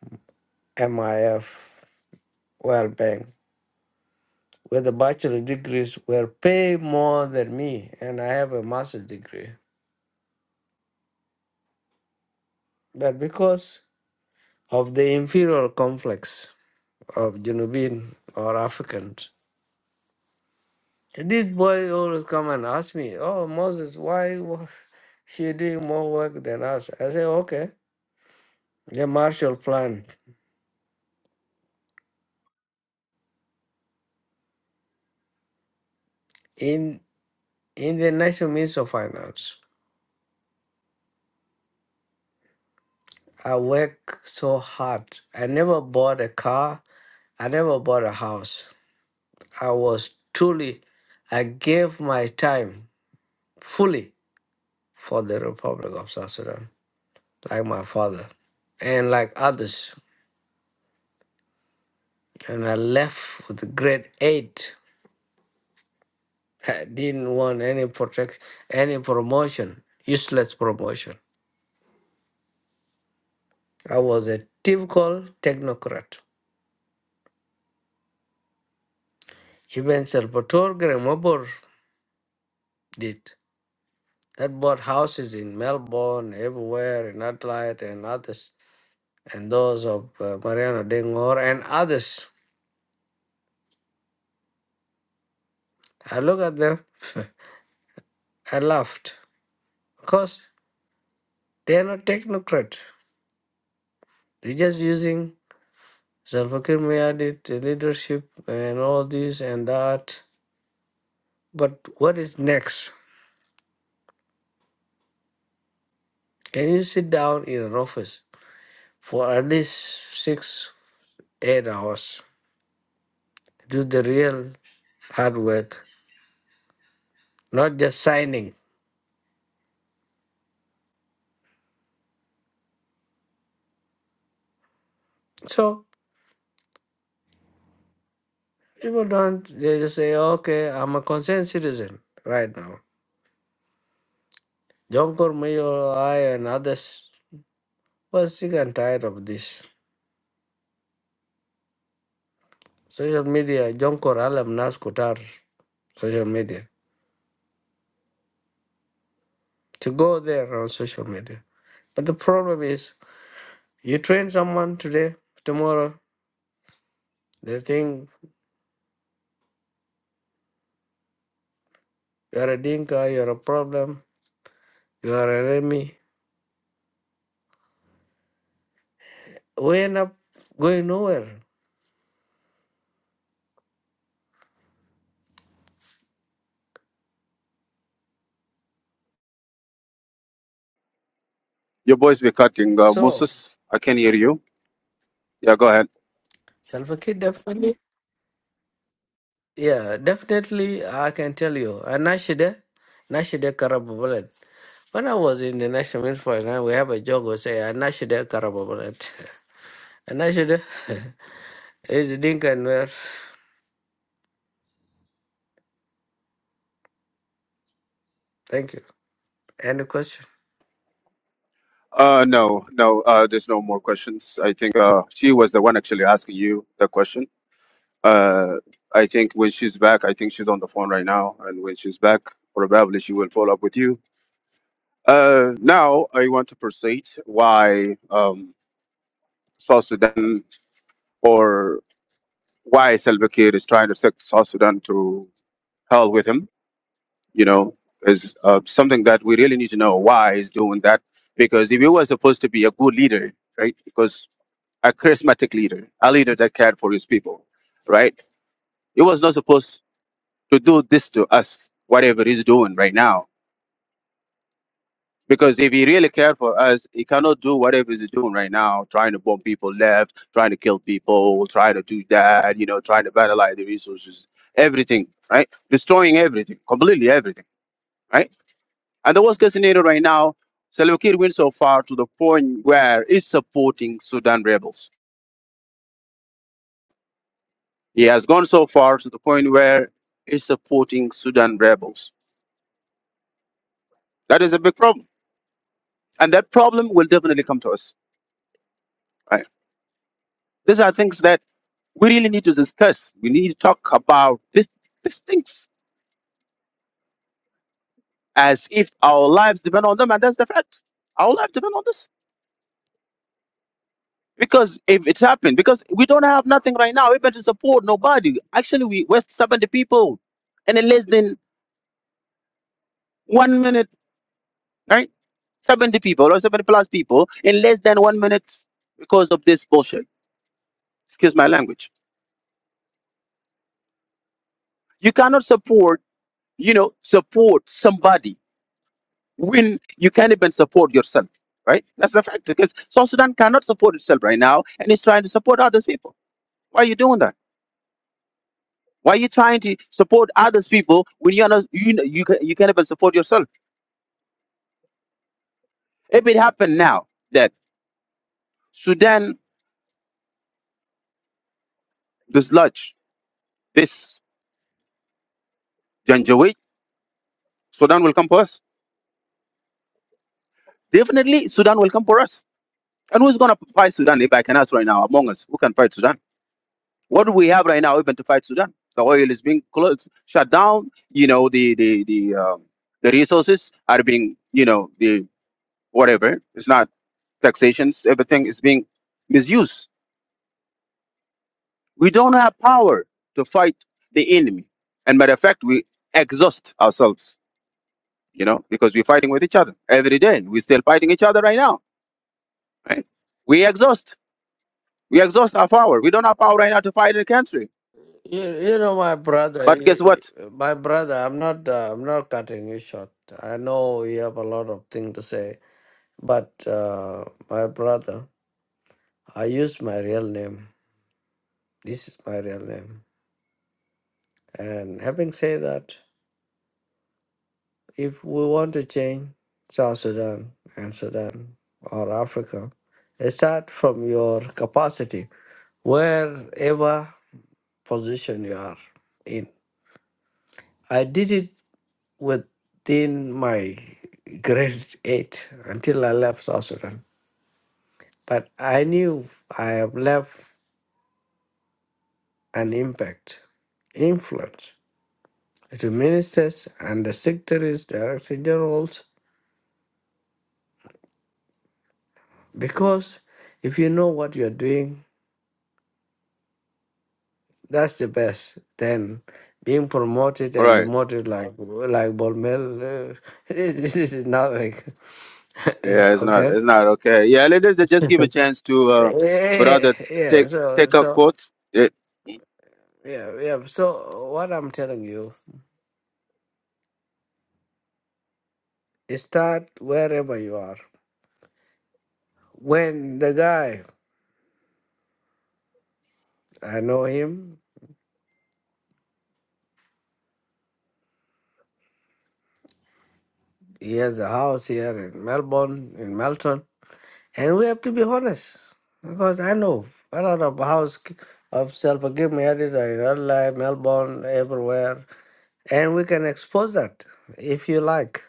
[SPEAKER 4] MIF, World Bank, with a bachelor degrees were paid more than me, and I have a master's degree. But because of the inferior complex of Junubin or Africans, these boys always come and ask me, Oh, Moses, why wa- she doing more work than us? I say, Okay, the Marshall Plan. in." In the National Ministry of Finance, I worked so hard. I never bought a car. I never bought a house. I was truly, I gave my time fully for the Republic of South Sudan, like my father and like others. And I left with grade eight. I didn't want any protect, any promotion, useless promotion. I was a typical technocrat. Even Salvatore Gremobor did. that bought houses in Melbourne, everywhere, in Adelaide, and others, and those of uh, Mariano Dengor and others. I look at them, I laughed because they are not technocrat. They're just using Zalfakir Mayadit leadership and all this and that. But what is next? Can you sit down in an office for at least six, eight hours? Do the real hard work, not just signing. So People don't, they just say, okay, I'm a concerned citizen right now. John Mayor, I, and others were sick and tired of this. Social media, John Alam Nas Kutar, social media, to go there on social media. But the problem is, you train someone today, tomorrow, they think you're a dinka, you're a problem, you're an enemy. We end up going nowhere.
[SPEAKER 1] Your voice be cutting, uh,
[SPEAKER 4] So,
[SPEAKER 1] Moses. I can hear you. Yeah, go ahead.
[SPEAKER 4] self-kid definitely. Yeah, definitely I can tell you. And Nashide, Nashide Karaba Bullet. When I was in the National Military, now we have a joke We say, Nashide Karaba Bullet. Nashide is the Dinka and where. Thank you. Any question?
[SPEAKER 1] Uh, no, no. Uh, there's no more questions. I think uh, she was the one actually asking you the question. Uh, I think when she's back, I think she's on the phone right now, and when she's back, probably she will follow up with you. Uh, now I want to proceed why um, South Sudan or why Salva Kiir is trying to take South Sudan to hell with him, you know, is uh, something that we really need to know why he's doing that. Because if he was supposed to be a good leader, right, because a charismatic leader, a leader that cared for his people, right, he was not supposed to do this to us, whatever he's doing right now Because if he really cared for us, he cannot do whatever he's doing right now, trying to bomb people left, trying to kill people, trying to do that, you know, trying to vandalize the resources, everything, right? Destroying everything, completely everything, right? And the worst case scenario right now, Salva Kiir went so far to the point where he's supporting Sudan rebels. He has gone so far to the point where he's supporting Sudan rebels. That is a big problem. And that problem will definitely come to us. right? These are things that we really need to discuss. We need to talk about this, these things as if our lives depend on them, and that's the fact. Our lives depend on this because if it's happened, because we don't have nothing right now, even to support nobody. Actually, we we're seventy people, and in less than one minute, right? Seventy people or seventy plus people in less than one minute because of this bullshit. Excuse my language. You cannot support, you know, support somebody when you can't even support yourself, right? That's a fact because South Sudan cannot support itself right now and it's trying to support others people. Why are you doing that? Why are you trying to support others people when you're not, you, know- you, can, you can't even support yourself? If it happened now that Sudan dislodge this Janjaweed, Sudan will come for us. Definitely, Sudan will come for us. And who's going to fight Sudan if I can ask right now among us? Who can fight Sudan? What do we have right now even to fight Sudan? The oil is being closed, shut down. You know, the the the um, the resources are being, you know, the whatever. It's not taxations. Everything is being misused. We don't have power to fight the enemy. And matter of fact, we exhaust ourselves. You know, because we're fighting with each other every day. We're still fighting each other right now. Right? We exhaust. We exhaust our power. We don't have power right now to fight the country.
[SPEAKER 4] You, you know, my brother,
[SPEAKER 1] But guess
[SPEAKER 4] you-
[SPEAKER 1] what?
[SPEAKER 4] my brother, I'm not, uh, I'm not cutting you short. I know you have a lot of things to say, but uh, my brother, I use my real name. This is my real name. And having said that, If we want to change South Sudan and Sudan or Africa, start from your capacity, wherever position you are in. I did it within my grade eight until I left South Sudan. But I knew I have left an impact, influence to ministers and the secretaries, director generals, because if you know what you're doing That's the best. Then being promoted and demoted like like Bolmel, uh, this is nothing.
[SPEAKER 1] Yeah, it's not.
[SPEAKER 4] okay.
[SPEAKER 1] It's not okay. Yeah, let us just give a chance to uh,
[SPEAKER 4] Yeah,
[SPEAKER 1] brother t-
[SPEAKER 4] yeah.
[SPEAKER 1] take
[SPEAKER 4] So
[SPEAKER 1] take a
[SPEAKER 4] so
[SPEAKER 1] quote. It,
[SPEAKER 4] yeah yeah. So what I'm telling you start wherever you are. When the guy I know him, he has a house here in Melbourne, in Melton, and we have to be honest because I know a lot of house of self forgive me edit in real life, Melbourne, everywhere And we can expose that if you like,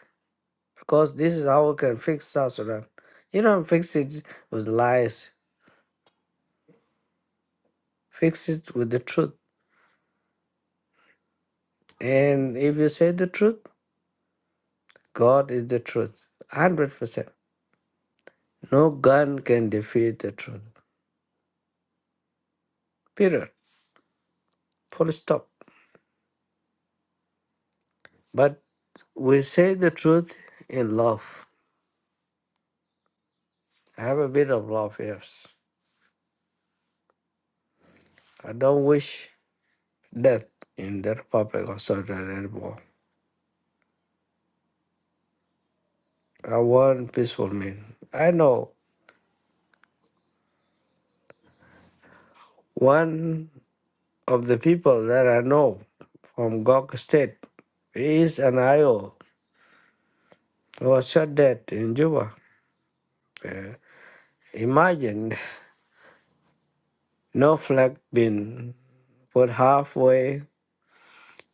[SPEAKER 4] because this is how we can fix South Sudan. You don't fix it with lies, fix it with the truth. And if you say the truth, God is the truth. 100%. No gun can defeat the truth. Period. Full stop. But we say the truth in love. I have a bit of love, yes. I don't wish death in the Republic of South Sudan anymore. I want peaceful men. I know one. of the people that I know from Gok State is an IO who was shot dead in Juba. Uh, imagine no flag being put halfway,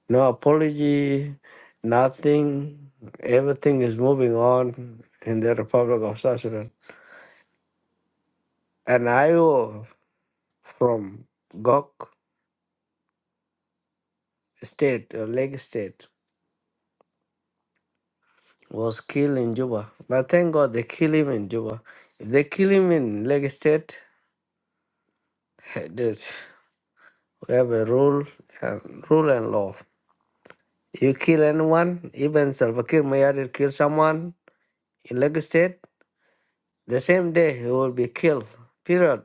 [SPEAKER 4] no apology, nothing. Everything is moving on in the Republic of South Sudan. An IO from Gok State or Lake State was killed in Juba. But thank God they kill him in Juba. If they kill him in Lake State, the We have a rule and rule and law. You kill anyone, even Salva Kiir Mayardit kill someone in Lagos State, the same day he will be killed. Period.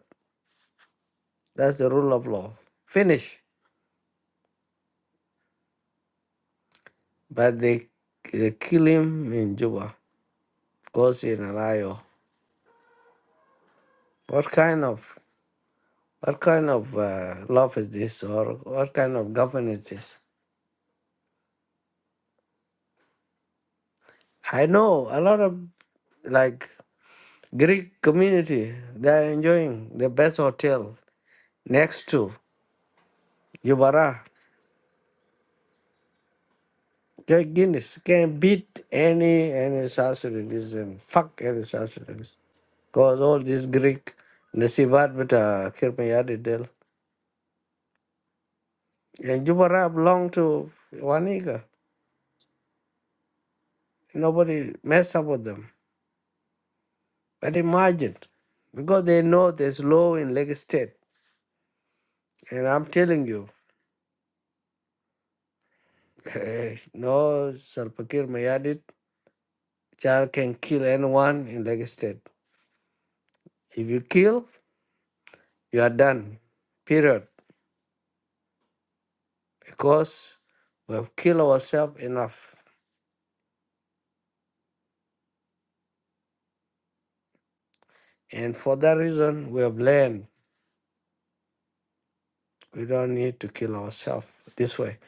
[SPEAKER 4] That's the rule of law. Finish. But they, they kill him in Juba, goes in an IO. What kind of what kind of uh, love is this, or what kind of government is this? I know a lot of like Greek community. They are enjoying the best hotel next to. Guevara. Get Guinness can beat any any Sassanidis and fuck any Sassanidis. Cause all this Greek Nasibat but uh Kirmayadi Del. And Jubara belong to Waniga. Nobody mess up with them. But imagine. Because they know there's law in Lake State. And I'm telling you, eh, no Salpakir Mayadit child can kill anyone in Lake State. If you kill, you are done. Period. because we have killed ourselves enough. And for that reason, we have learned we don't need to kill ourselves this way.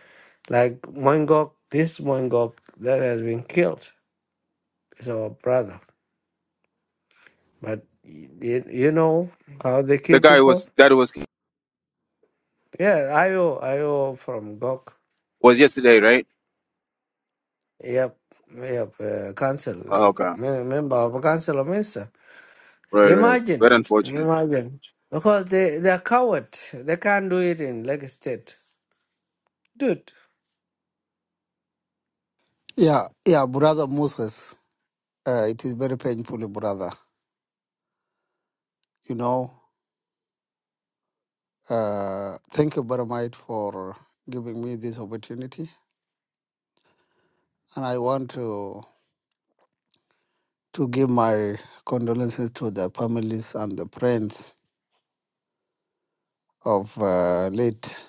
[SPEAKER 4] Like Moingok, this Moingok that has been killed is our brother. But y- you know how they
[SPEAKER 1] the
[SPEAKER 4] kill
[SPEAKER 1] guy
[SPEAKER 4] people?
[SPEAKER 1] was that was
[SPEAKER 4] Yeah, Ayo, Ayo from Gok.
[SPEAKER 1] was yesterday, right?
[SPEAKER 4] Yep, yep, uh, council,
[SPEAKER 1] Oh,
[SPEAKER 4] uh,
[SPEAKER 1] okay,
[SPEAKER 4] me- member of a council of minister.
[SPEAKER 1] right, right. It's very
[SPEAKER 4] Imagine,
[SPEAKER 1] unfortunate.
[SPEAKER 4] imagine. Because they, they're coward. They can't do it in Lagos State. Dude,
[SPEAKER 5] Yeah, yeah, brother Moses. Uh, it is very painful, brother. You know, uh, thank you very much for giving me this opportunity, and I want to to give my condolences to the families and the friends of uh, late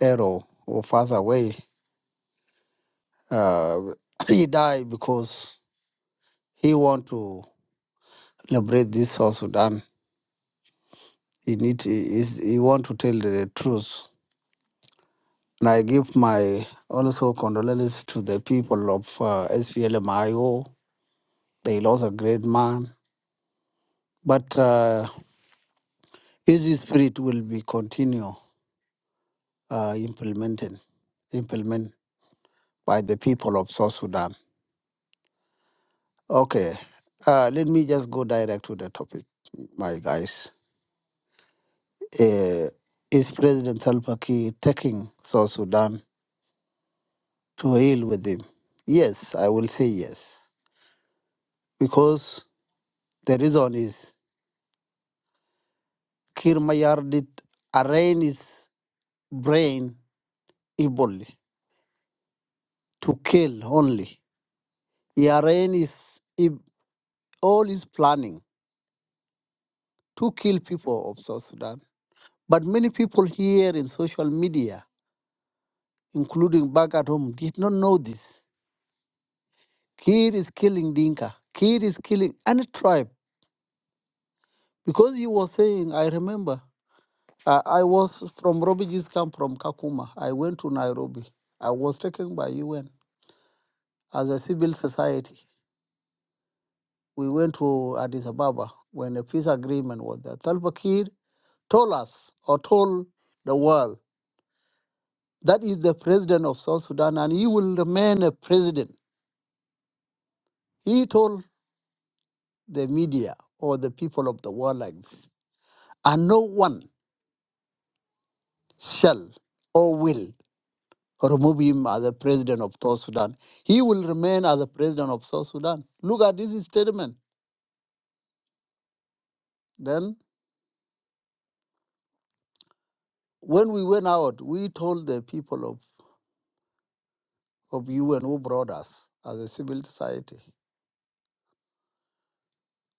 [SPEAKER 5] Arrow who passed away. Uh, he died because he want to liberate this South Sudan. He need he, is- he want to tell the truth And I give my also condolences to the people of uh, SPLMIO. They lost a great man. But uh, his spirit will be continue uh, implementing, implement by the people of South Sudan. Okay, uh, let me just go direct to the topic, my guys. Uh, is President Salva Kiir taking South Sudan to heal with him? Yes, I will say yes. Because the reason is Kirmayar did arraign his brain evilly to kill only. He arraigned his, ev- all his planning to kill people of South Sudan. But many people here in social media, including back at home, did not know this. Kid is killing Dinka. Kid is killing any tribe. Because he was saying, I remember, uh, I was from refugees camp from Kakuma. I went to Nairobi. I was taken by UN as a civil society. we went to Addis Ababa when a peace agreement was there. Salva Kiir told us or told the world that is the president of South Sudan and he will remain a president. He told the media or the people of the world like this, and no one shall or will remove him as the president of South Sudan. He will remain as the president of South Sudan. Look at this statement. Then, when we went out, we told the people of of you and who brought us as a civil society.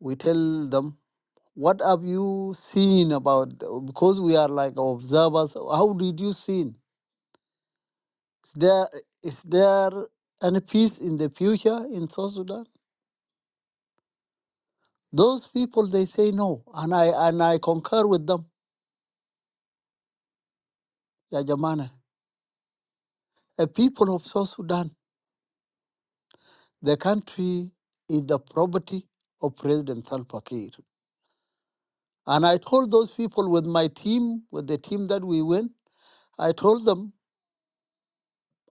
[SPEAKER 5] We tell them, what have you seen about, because we are like observers, how did you see? Is there, is there any peace in the future in South Sudan? Those people, they say no, and I, and I concur with them, Ya Jamana. The people of South Sudan, the country is the property of President Salva Kiir. And I told those people with my team, with the team that we went, I told them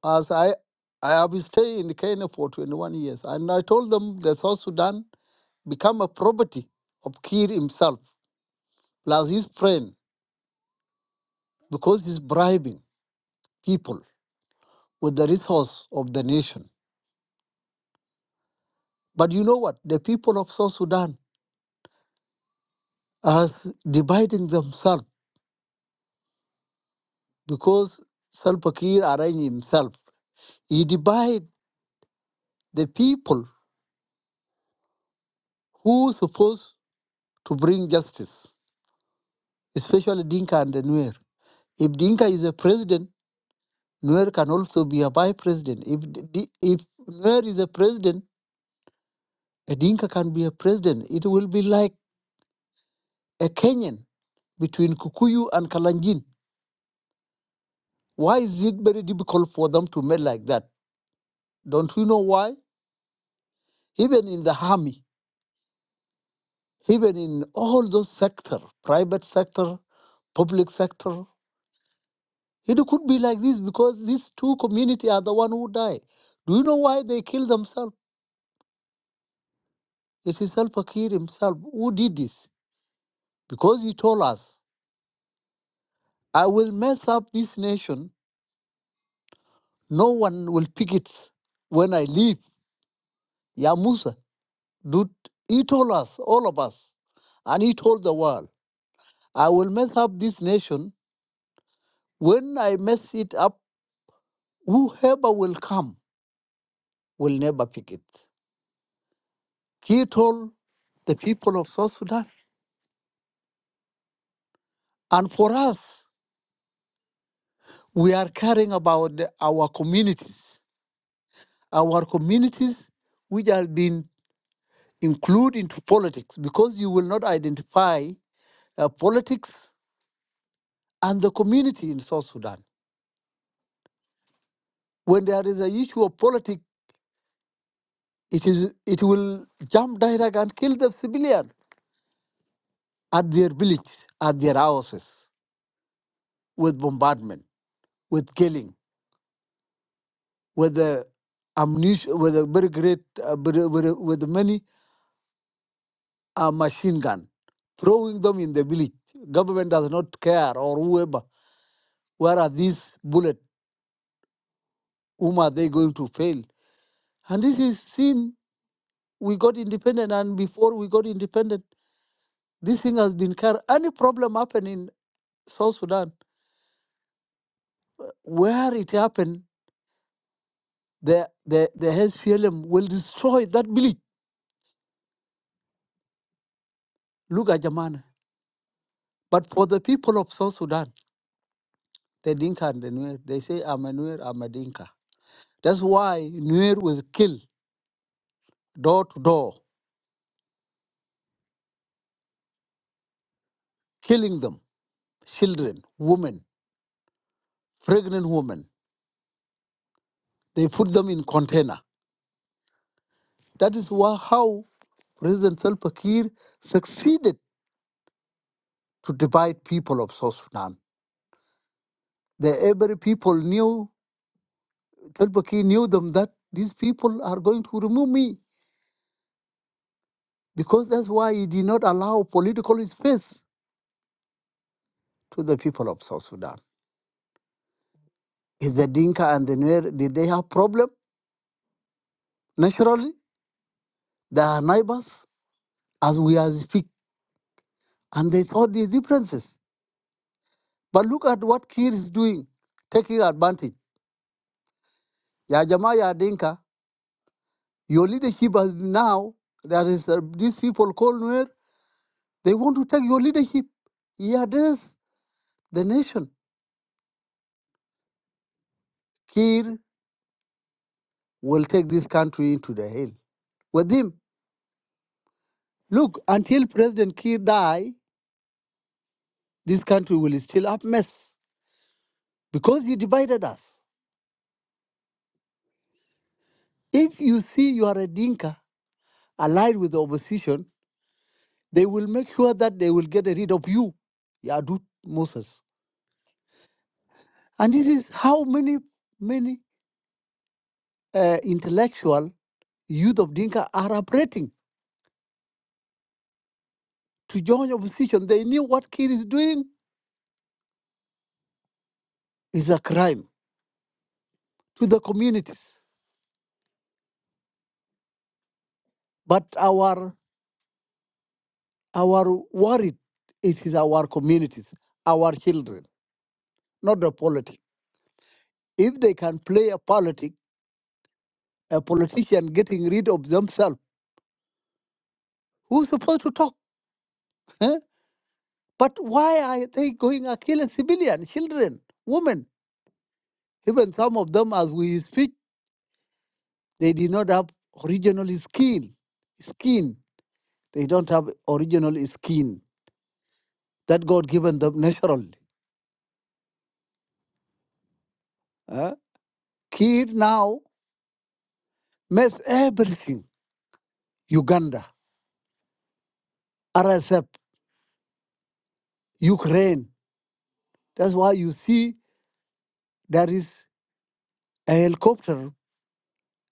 [SPEAKER 5] As I, I have stayed in Kenya for 21 years, and I told them that South Sudan become a property of Kiir himself, plus his friend, because he's bribing people with the resource of the nation. But you know what? The people of South Sudan are dividing themselves because Salva Kiir arranged himself. He divide the people who supposed to bring justice, especially Dinka and the Nuer. If Dinka is a president, Nuer can also be a vice president. If d- if Nuer is a president, a Dinka can be a president. It will be like a Kenyan between Kikuyu and Kalenjin. Why is it very difficult for them to make like that? Don't you know why? Even in the army, even in all those sectors, private sector, public sector, it could be like this because these two communities are the one who die. Do you know why they kill themselves? It is Al Fakir himself who did this because he told us. I will mess up this nation. No one will pick it when I leave. Ya Musa, dude, he told us, all of us, and he told the world, I will mess up this nation. When I mess it up, whoever will come will never pick it. He told the people of South Sudan. And for us, we are caring about the- our communities, our communities which have been included into politics because you will not identify uh, politics and the community in South Sudan. When there is an issue of politics, it is it will jump direct and kill the civilian at their villages, at their houses, with bombardment, with killing, with the ammunition, with a very great, uh, very- very- with many uh, machine gun, throwing them in the village. Government does not care or whoever. Where are these bullets? Whom are they going to fail? And this is seen. We got independent, and before we got independent. This thing has been carried. Any problem happen in South Sudan, where it happened, the, the, the SPLM will destroy that village. Look at Jamana. But for the people of South Sudan, the Dinka and the Nuer, they say, I'm a Nuer, I'm a Dinka. That's why Nuer will kill door to door, killing them, children, women, pregnant women. They put them in container. That is why, how President Salva Kiir succeeded to divide people of South Sudan. The every people knew Tolbaki knew them that these people are going to remove me because that's why he did not allow political space to the people of South Sudan. Is the Dinka and the Nuer, did they have problem? Naturally, they are neighbors as we are speak, and they saw the differences. But look at what Kir is doing, taking advantage. Ya Jama, Ya Dinka, your leadership has now, there is uh, these people called Nuer, they want to take your leadership. Yeah, there's the nation. Kir will take this country into the hill. With him, look, until President Kiir die, this country will still up mess because he divided us. If you see you are a Dinka allied with the opposition, they will make sure that they will get rid of you, Yadut Moses. And this is how many, many uh, intellectual youth of Dinka are operating to join opposition. They knew what Kiir is doing is a crime to the communities. But our Our worry it is our communities, our children, not the politics. If they can play a politic, a politician getting rid of themselves, who's supposed to talk? eh? But why are they going and killing civilian children, women? Even some of them, as we speak, they did not have original skin. Skin. They don't have original skin that God given them naturally. eh? Kid now mess everything. Uganda, RSF. Ukraine. That's why you see there is a helicopter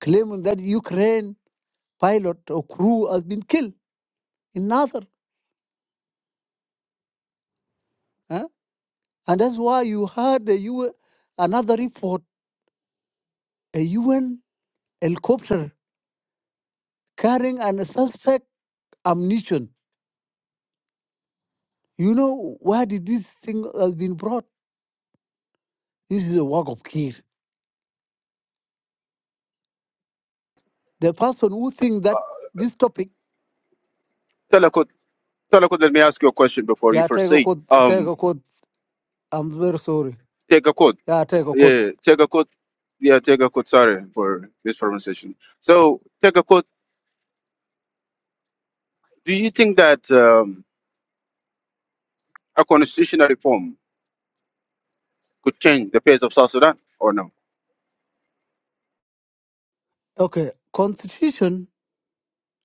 [SPEAKER 5] claiming that Ukraine pilot or crew has been killed in Nazar. huh? And that's why you heard the U- another report, a UN helicopter carrying an suspect ammunition. You know, why did this thing has been brought? This is a work of care. The person who think that this topic,
[SPEAKER 1] Tell a quote. Talakut, let me ask you a question before you
[SPEAKER 5] yeah, take a
[SPEAKER 1] proceed.
[SPEAKER 5] quote, take
[SPEAKER 1] Um,
[SPEAKER 5] a quote. I'm very sorry.
[SPEAKER 1] take a quote.
[SPEAKER 5] Yeah, take a quote.
[SPEAKER 1] Yeah, take a quote. Yeah, take a quote. Sorry for this pronunciation. So, take a quote. Do you think that um, a constitutional reform could change the pace of South Sudan or no?
[SPEAKER 5] Okay, constitution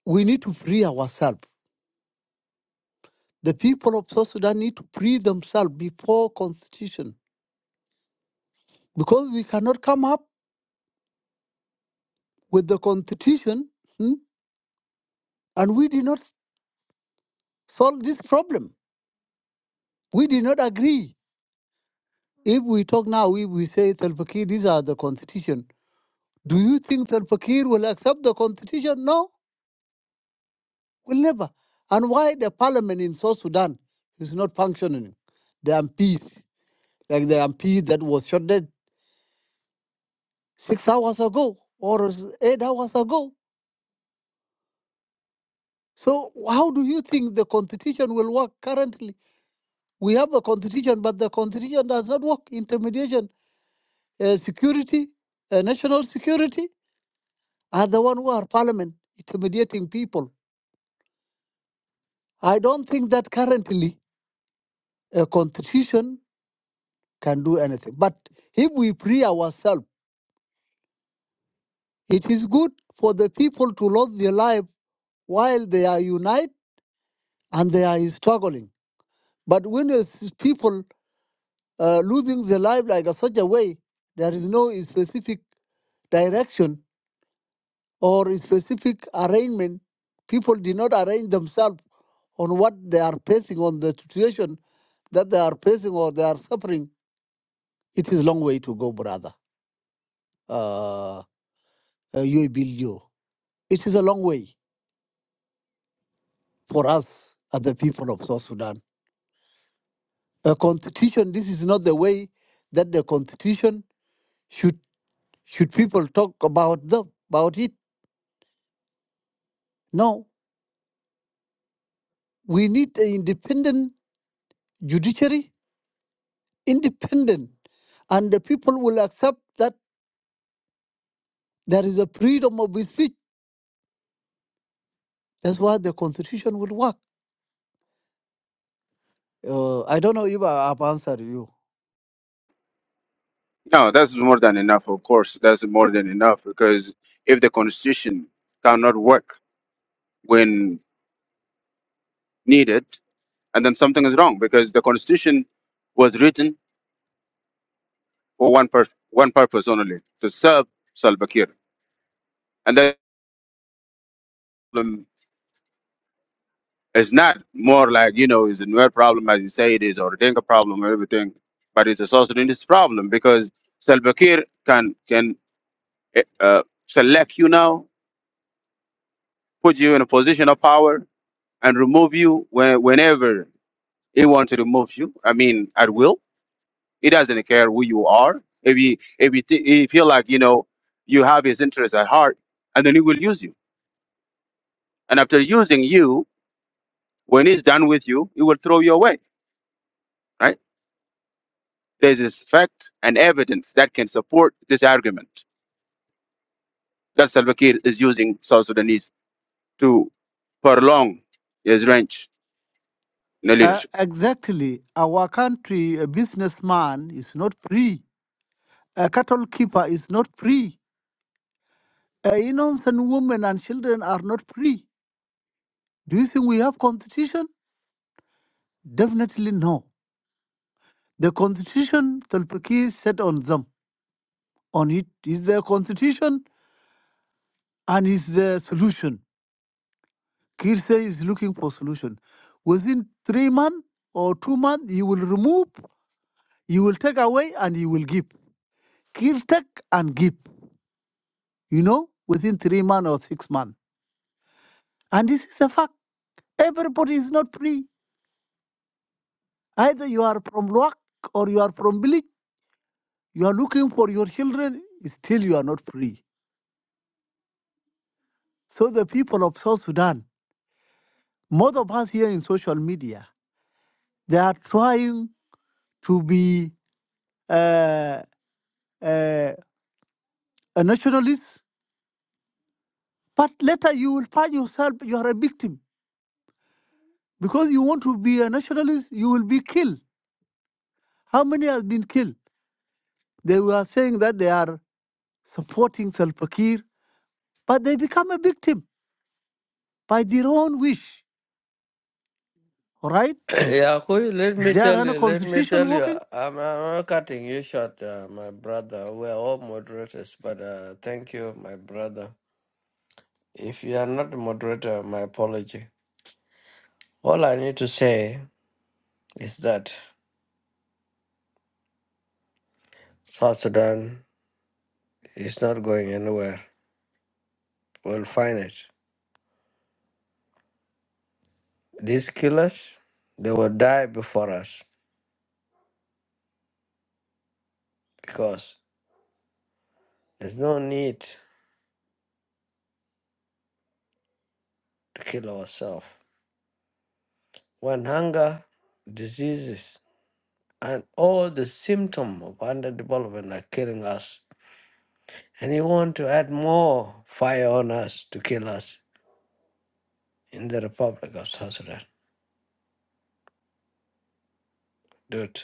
[SPEAKER 5] we need to free ourselves. The people of South Sudan need to free themselves before constitution because we cannot come up with the constitution hmm, and we did not solve this problem. We did not agree. If we talk now, if we say Salpakir, these are the constitution. Do you think Salpakir will accept the constitution? No, will never. And why the parliament in South Sudan is not functioning? The MPs, like the MP that was shot dead six hours ago or eight hours ago So how do you think the constitution will work currently? We have a constitution, but the constitution does not work. Intermediation, uh, security, uh, national security are the one who are parliament intermediating people. I don't think that currently a constitution can do anything. But if we free ourselves, it is good for the people to lose their life while they are united and they are struggling. But when it's people uh, losing their life like a such a way. There is no specific direction or specific arrangement. People did not arrange themselves on what they are facing, on the situation that they are facing or they are suffering. It is a long way to go, brother. Uh, uh, you build you. It is a long way for us as the people of South Sudan. A constitution, this is not the way that the constitution should should people talk about them about it. No, We need an independent judiciary, independent, and the people will accept that there is a freedom of speech. That's why the constitution will work. Uh, I don't know if I have answered you.
[SPEAKER 1] No, that's more than enough, of course. That's more than enough because if the constitution cannot work when needed, and then something is wrong because the constitution was written for one, pur- one purpose only to serve Salva Kiir. And that It's not more like, you know, it's a Nuer problem as you say it is, or a Dinka problem or everything, but it's a South Sudanese problem because Salva Kiir can, can eh, uh, select you now, put you in a position of power, and remove you when, whenever he wants to remove you. I mean, at will. He doesn't care who you are. If he, if he, thi- he feel like, you know, you have his interest at heart, and then he will use you. And after using you, when he's done with you, he will throw you away, right? There is fact and evidence that can support this argument that Salva Kiir is using South Sudanese to prolong his range in the
[SPEAKER 5] Uh,
[SPEAKER 1] leadership.
[SPEAKER 5] exactly. Our country, a businessman is not free. A cattle keeper is not free. A innocent women and children are not free. Do you think we have constitution? Definitely no. The constitution Tulpaki set on them. On it is the constitution and is the solution. Kirse is looking for solution. Within three months or two months, you will remove, you will take away, and you will give. Kir take and give, you know, within three months or six months. And this is a fact. Everybody is not free. Either you are from Luak or you are from village. You are looking for your children, still you are not free. So the people of South Sudan, most of us here in social media, they are trying to be uh, uh, a nationalist, but later you will find yourself you are a victim because you want to be a nationalist. You will be killed. How many has been killed? They were saying that they are supporting Salva Kiir, but they become a victim by their own wish. All right?
[SPEAKER 4] Yeah, Koyi, let
[SPEAKER 5] Is
[SPEAKER 4] me
[SPEAKER 5] there
[SPEAKER 4] tell
[SPEAKER 5] any
[SPEAKER 4] you, let me
[SPEAKER 5] constitution
[SPEAKER 4] tell you,
[SPEAKER 5] working?
[SPEAKER 4] I'm, I'm not cutting you short, uh, my brother. We're all moderators, but uh, thank you, my brother. If you are not a moderator, my apology. All I need to say is that South Sudan is not going anywhere. We'll find it. These killers, they will die before us because there's no need to kill ourselves. When hunger, diseases. and all the symptoms of underdevelopment are killing us. And he want to add more fire on us to kill us in the Republic of South Sudan. Dude,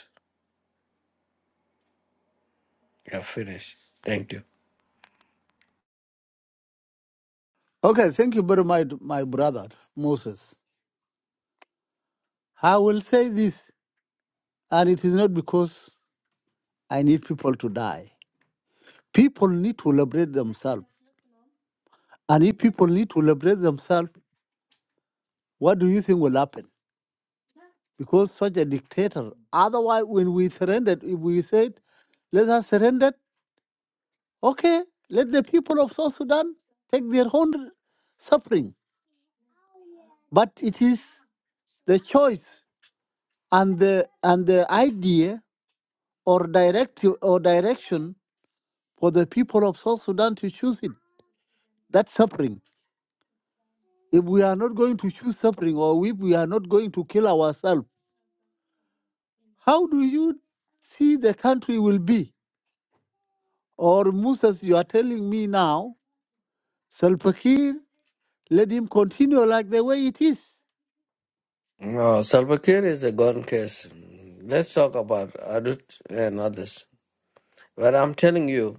[SPEAKER 4] you're finished. Thank you.
[SPEAKER 5] Okay, thank you very much, my brother Moses. I will say this, and it is not because I need people to die. People need to liberate themselves. And if people need to liberate themselves, What do you think will happen? Because such a dictator, otherwise, when we surrendered, if we said, let us surrender, okay, let the people of South Sudan take their own suffering. But it is the choice and the, and the idea or directive or direction for the people of South Sudan to choose it, that suffering. If we are not going to choose suffering or if we are not going to kill ourselves, how do you see the country will be? Or Musas, you are telling me now, Salva Kiir, let him continue like the way it is.
[SPEAKER 4] No, Salva Kiir is a gone case. Let's talk about Adut and others. But I'm telling you,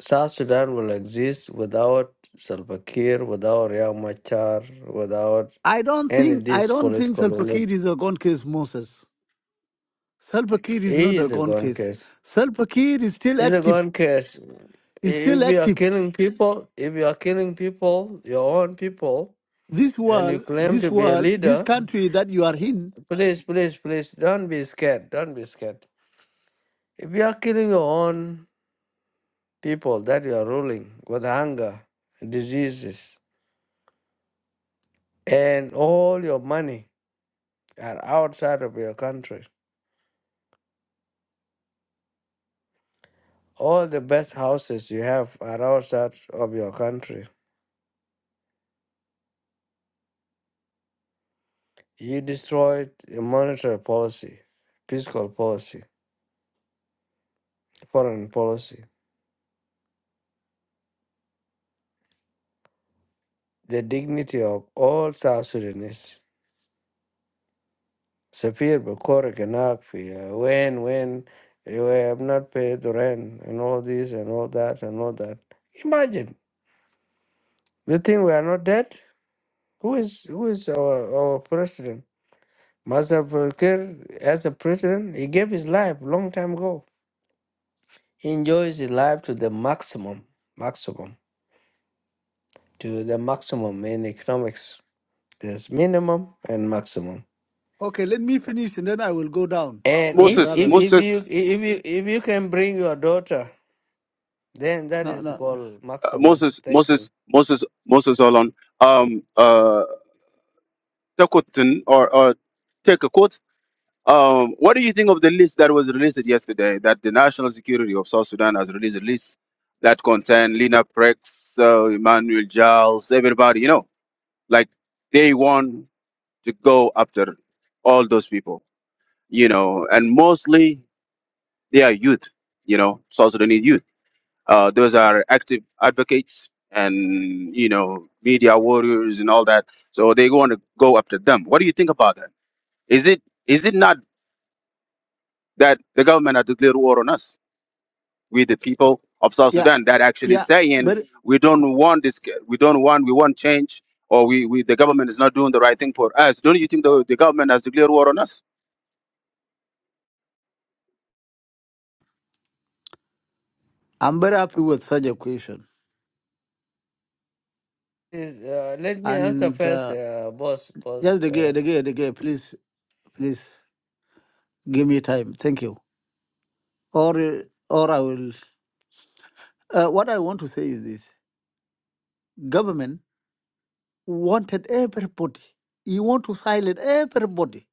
[SPEAKER 4] South Sudan will exist without Salva Kiir, without Riek Machar, without
[SPEAKER 5] I don't
[SPEAKER 4] any
[SPEAKER 5] think
[SPEAKER 4] of
[SPEAKER 5] I
[SPEAKER 4] this
[SPEAKER 5] don't think
[SPEAKER 4] political
[SPEAKER 5] Salva Kiir
[SPEAKER 4] elite.
[SPEAKER 5] is a gone case, Moses. Salva Kiir is
[SPEAKER 4] He
[SPEAKER 5] not a
[SPEAKER 4] is a
[SPEAKER 5] gone
[SPEAKER 4] gone
[SPEAKER 5] case.
[SPEAKER 4] case.
[SPEAKER 5] Salva Kiir is still
[SPEAKER 4] In the
[SPEAKER 5] active.
[SPEAKER 4] gun case,
[SPEAKER 5] Is still
[SPEAKER 4] if you are
[SPEAKER 5] active.
[SPEAKER 4] killing people, if you are killing people, your own people,
[SPEAKER 5] This
[SPEAKER 4] and you
[SPEAKER 5] world,
[SPEAKER 4] claim
[SPEAKER 5] this
[SPEAKER 4] to be a
[SPEAKER 5] world, this
[SPEAKER 4] leader,
[SPEAKER 5] country that you are in.
[SPEAKER 4] please, please, please, don't be scared. Don't be scared. If you are killing your own people that you are ruling with hunger, diseases, and all your money are outside of your country, all the best houses you have are outside of your country. You destroyed a monetary policy, fiscal policy, foreign policy. the dignity of all South Sudanese. Sapir Bakor Ganakfi, when, when you have not paid the rent and all this and all that and all that. Imagine, you think we are not dead? Who is who is our, our president? Master Bakir, as a president, he gave his life long time ago. He enjoys his life to the maximum, maximum, to the maximum in economics. There's minimum and maximum.
[SPEAKER 5] Okay, let me finish and then I will go down,
[SPEAKER 1] Uh,
[SPEAKER 4] And
[SPEAKER 5] uh,
[SPEAKER 4] if
[SPEAKER 1] Moses,
[SPEAKER 4] if
[SPEAKER 5] brothers.
[SPEAKER 4] if
[SPEAKER 1] Moses,
[SPEAKER 4] you if you if you can bring your daughter, then that
[SPEAKER 5] No,
[SPEAKER 4] is
[SPEAKER 5] no.
[SPEAKER 4] called
[SPEAKER 1] uh,
[SPEAKER 4] maximum.
[SPEAKER 1] Moses,
[SPEAKER 4] Thank you.
[SPEAKER 1] Moses, Moses, Moses, Olon, um, uh, Takutin, or, or take a quote. Um, what do you think of the list that was released yesterday that the National Security of South Sudan has released a list that contain Lena Prex, uh, Emmanuel Giles, everybody, you know, like they won. to go after all those people, you know, and mostly they are youth, you know, South Sudanese youth. Uh, those are active advocates and, you know, media warriors and all that. So they want to go after them. What do you think about that? Is it is it not that the government has declared war on us, we the people of South
[SPEAKER 5] Yeah,
[SPEAKER 1] Sudan, that actually
[SPEAKER 5] yeah.
[SPEAKER 1] saying
[SPEAKER 5] But
[SPEAKER 1] we don't want this, we don't want, we want change, or we, we the government is not doing the right thing for us. Don't you think the, the government has declared war on us?
[SPEAKER 5] I'm very happy with such a question.
[SPEAKER 4] Is, uh, let me answer
[SPEAKER 5] And
[SPEAKER 4] first,
[SPEAKER 5] uh,
[SPEAKER 4] uh, boss. Boss.
[SPEAKER 5] just
[SPEAKER 4] Uh,
[SPEAKER 5] again, the again, please, please. Give me time. Thank you. Or uh, or I will. Uh, what I want to say is this: government wanted everybody. You want to silence everybody.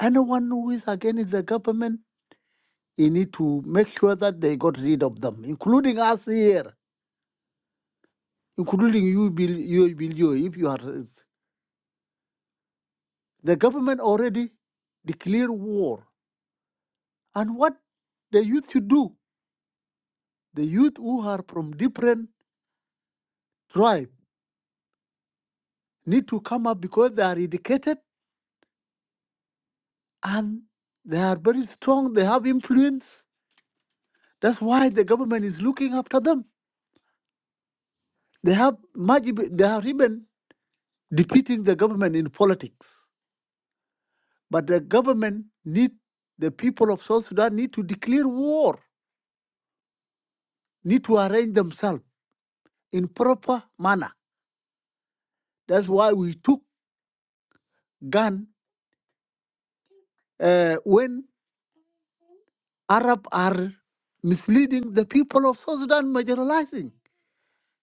[SPEAKER 5] Anyone who is against the government, you need to make sure that they got rid of them, including us here, including you, Bill, you, Bill, you. If you are the government already declared war, and what the youth should do, the youth who are from different tribe need to come up because they are educated and they are very strong. They have influence. That's why the government is looking after them. They have much, they are even defeating the government in politics. But the government need the people of South Sudan need to declare war, need to arrange themselves in proper manner. That's why we took gun uh, when Arab are misleading the people of South Sudan, marginalizing.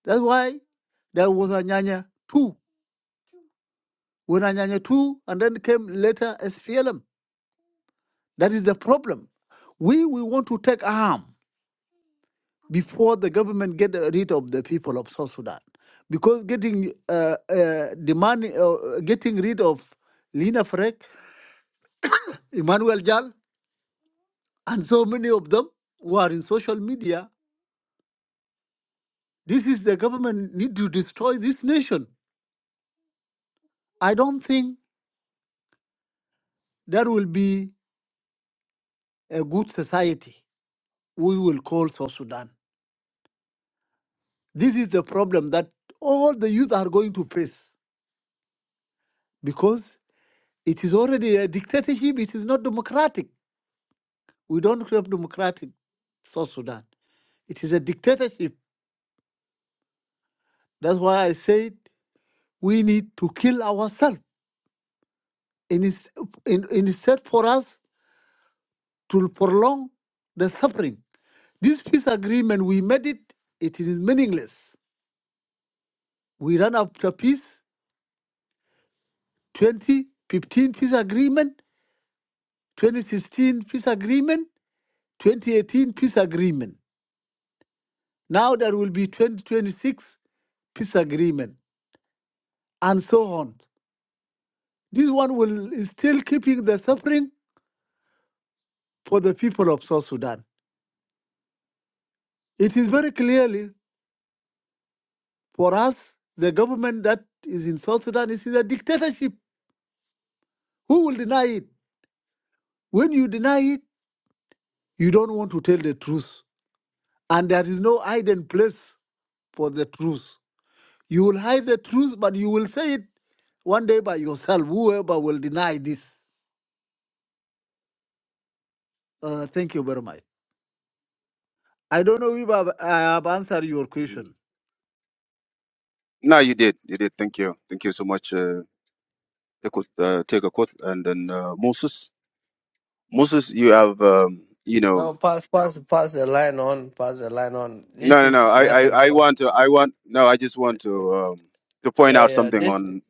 [SPEAKER 5] That's why there was a Nyanya too when Anyanya 2 and then came later SPLM. That is the problem. We, we want to take arm before the government get rid of the people of South Sudan. Because getting uh, uh, the money, uh, getting rid of Lina Frek, Emmanuel Jal, and so many of them who are in social media, this is the government need to destroy this nation. I don't think that will be a good society we will call South Sudan. This is the problem that all the youth are going to face because it is already a dictatorship. It is not democratic. We don't have democratic South Sudan. It is a dictatorship. That's why I said we need to kill ourselves in, is- in, in instead for us to prolong the suffering. This peace agreement, we made it, it is meaningless. We ran after peace, 2015 peace agreement, 2016 peace agreement. 2018 peace agreement. Now there will be 2026 peace agreement, and so on. This one will is still keeping the suffering for the people of South Sudan. It is very clearly for us, the government that is in South Sudan is a dictatorship. Who will deny it? When you deny it, you don't want to tell the truth. And there is no hiding place for the truth. You will hide the truth, but you will say it one day by yourself, whoever will deny this. Uh, thank you very much. I don't know if I've, I have answered your question.
[SPEAKER 1] No, you did. You did. Thank you. Thank you so much. Uh, take a- uh, take a quote, and then uh, Moses. Moses, you have um, you know.
[SPEAKER 4] no, pass pass pass the line on. Pass the line on.
[SPEAKER 1] No,
[SPEAKER 4] This
[SPEAKER 1] no, no.
[SPEAKER 4] is
[SPEAKER 1] I,
[SPEAKER 4] nothing.
[SPEAKER 1] I, I want to. I want. No, I just want
[SPEAKER 4] Yeah,
[SPEAKER 1] to um, to point out
[SPEAKER 4] yeah.
[SPEAKER 1] something
[SPEAKER 4] This.
[SPEAKER 1] on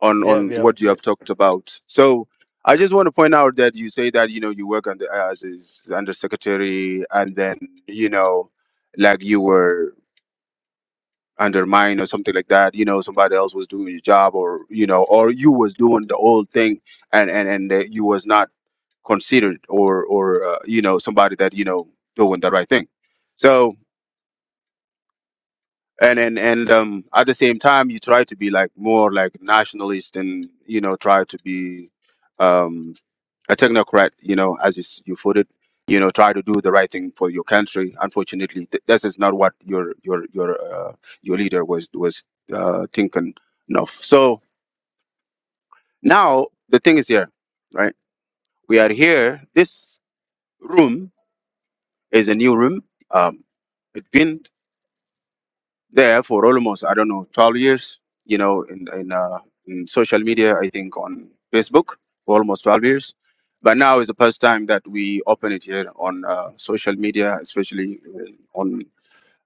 [SPEAKER 1] on
[SPEAKER 4] Yeah,
[SPEAKER 1] on
[SPEAKER 4] yeah.
[SPEAKER 1] what you have talked about. So I just want to point out that you say that you know you work under as is under secretary, and then you know, like you were. undermine or something like that you know somebody else was doing your job or you know or you was doing the old thing and and and uh, you was not considered or or uh, you know somebody that you know doing the right thing so and and and um at the same time you try to be like more like nationalist and you know try to be um a technocrat, you know, as you, s- you put it, you know, try to do the right thing for your country. Unfortunately, th- this is not what your your your uh, your leader was was uh, thinking of. So now the thing is here, right? We are here. This room is a new room. Um, it's been. there for almost I don't know 12 years. You know, in in, uh, in social media, I think on Facebook for almost 12 years. But now is the first time that we open it here on uh, social media, especially uh, on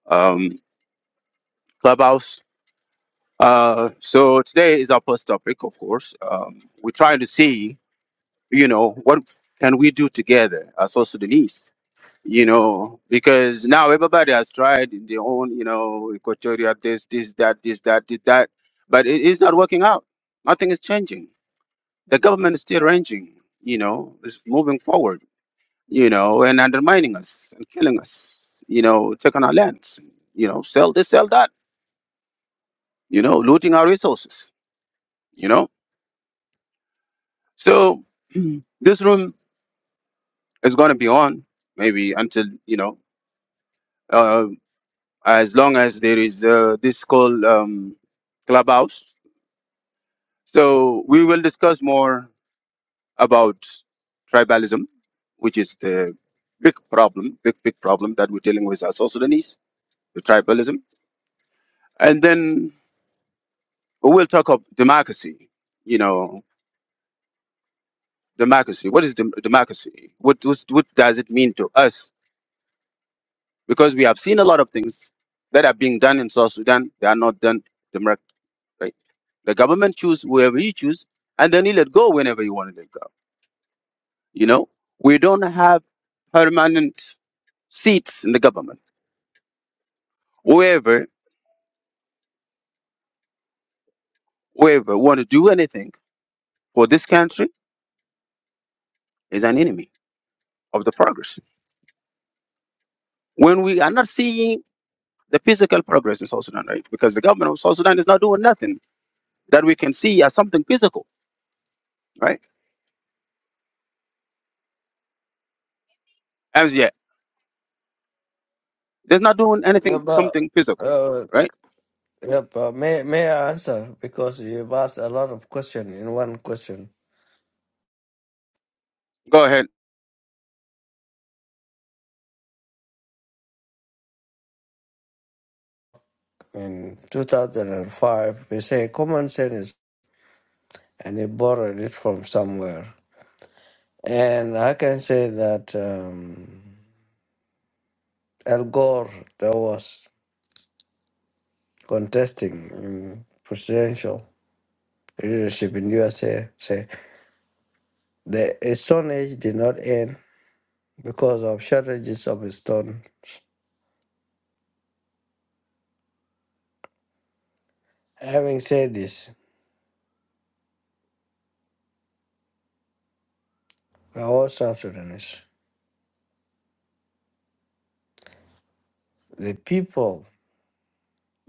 [SPEAKER 1] um, Clubhouse. Uh, so today is our first topic, of course. Um, we're trying to see, you know, what can we do together as South Sudanese you know, because now everybody has tried their own, you know, equatorial this, this, that, this, that, this, that, but it's not working out. Nothing is changing. The government is still ranging, you know, is moving forward, you know, and undermining us and killing us, you know, taking our lands, you know, sell this, sell that, you know, looting our resources, you know. So this room is going to be on maybe until, you know, uh, as long as there is uh, this called um, clubhouse. So we will discuss more about tribalism, which is the big problem, big big problem that we're dealing with as South Sudanese, the tribalism, and then we'll talk of democracy. You know, democracy. What is dem- democracy? What, what what does it mean to us? Because we have seen a lot of things that are being done in South Sudan. They are not done right? The government choose whoever you choose, and then you let go whenever you want to let go. You know, we don't have permanent seats in the government. Whoever, whoever want to do anything for this country is an enemy of the progress. When we are not seeing the physical progress in South Sudan, right? Because the government of South Sudan is not doing nothing that we can see as something physical, right? As yet, they're not doing
[SPEAKER 4] yeah
[SPEAKER 1] anything,
[SPEAKER 4] but,
[SPEAKER 1] something physical,
[SPEAKER 4] uh,
[SPEAKER 1] right?
[SPEAKER 4] yeah, but may may I answer because you've asked a lot of question in one question.
[SPEAKER 1] Go ahead.
[SPEAKER 4] In 2005, we say common sense, and he borrowed it from somewhere. And I can say that um, Al Gore, that was contesting in presidential leadership in USA, say the Stone Age did not end because of shortages of stone. Having said this, we are all South Sudanese. The people,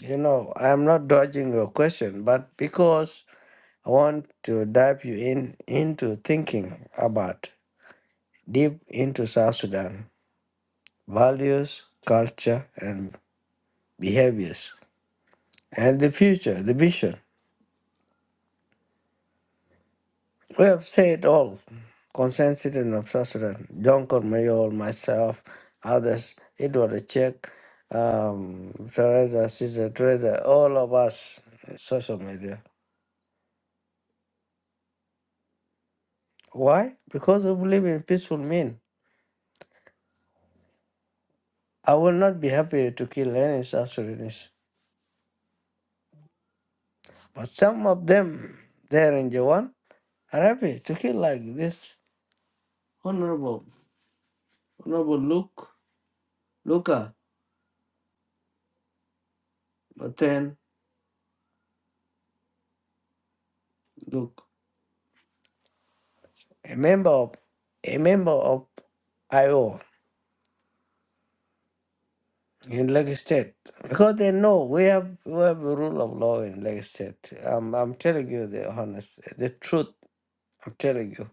[SPEAKER 4] you know, I'm not dodging your question, but because I want to dive you in into thinking about deep into South Sudan values, culture, and behaviors, and the future, the vision. We have said all, concerned citizen of South Sudan, John Cormayor, myself, others, Edward Achek, um, Teresa, Sister Teresa, all of us, uh, social media. Why? Because we believe in peaceful mean. I will not be happy to kill any South Sudanese. But some of them there in Jawan are happy to kill like this. Honorable, Honorable Luke, Luca, but then Luke. a member of a member of IO in Lagos State because they know we have we have a rule of law in Lagos State. Um, I'm telling you the honest, the truth. I'm telling you,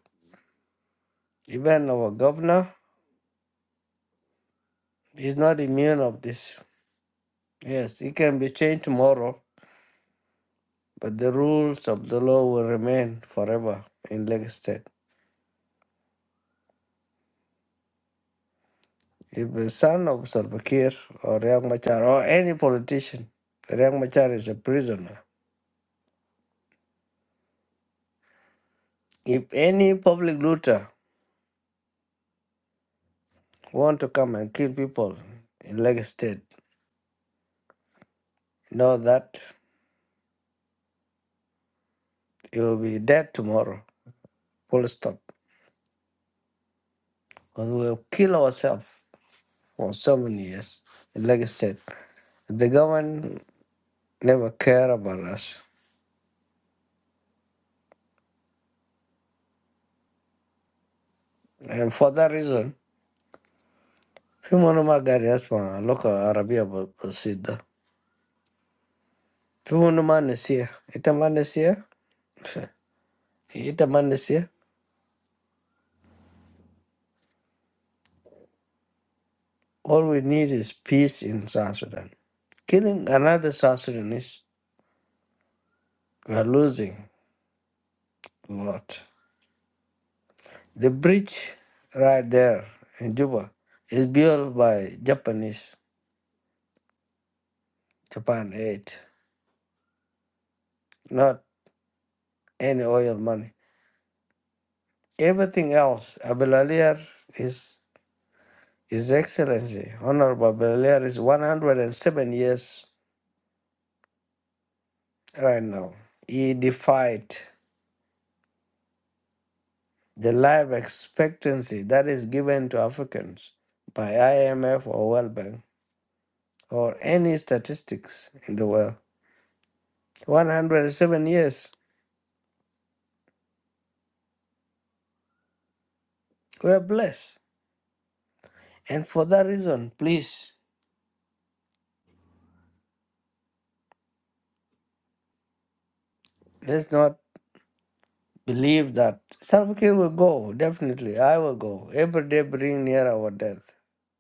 [SPEAKER 4] even our governor is not immune of this. Yes, it can be changed tomorrow, but the rules of the law will remain forever in Lagos State. If the son of Salva Kiir or Riek Machar or any politician, Riek Machar is a prisoner. If any public looter want to come and kill people in Lagos State, know that you will be dead tomorrow. Full stop. Because we'll kill ourselves for so many years in Lagos State. The government never care about us. And for that reason, في منو ما قاعد يسمع لغة عربية ب- بسيطة في منو ما نسيه إنت ما نسيه إنت ما نسيه All we need is peace in South Sudan. Killing another South Sudanese, we are losing a lot. The bridge right there in Juba is built by Japanese, Japan aid, not any oil money. Everything else, Abelalier is His Excellency, Honorable Abelalier is 107 years right now. He defied the life expectancy that is given to Africans by IMF or World Bank or any statistics in the world. 107 years. We are blessed. And for that reason, please, let's not believe that Salva Kiir will go. Definitely, I will go. Every day bring near our death.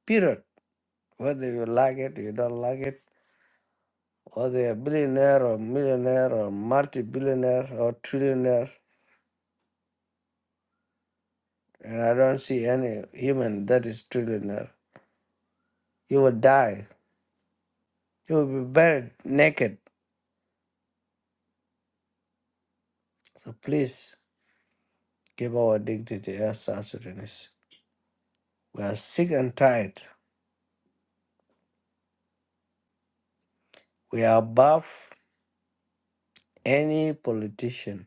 [SPEAKER 4] Period. Whether you like it, you don't like it, whether a billionaire or millionaire or multi-billionaire or trillionaire, and I don't see any human that is trillionaire, you will die. You will be buried naked. So please, give our dignity as South Sudanese. We are sick and tired. We are above any politician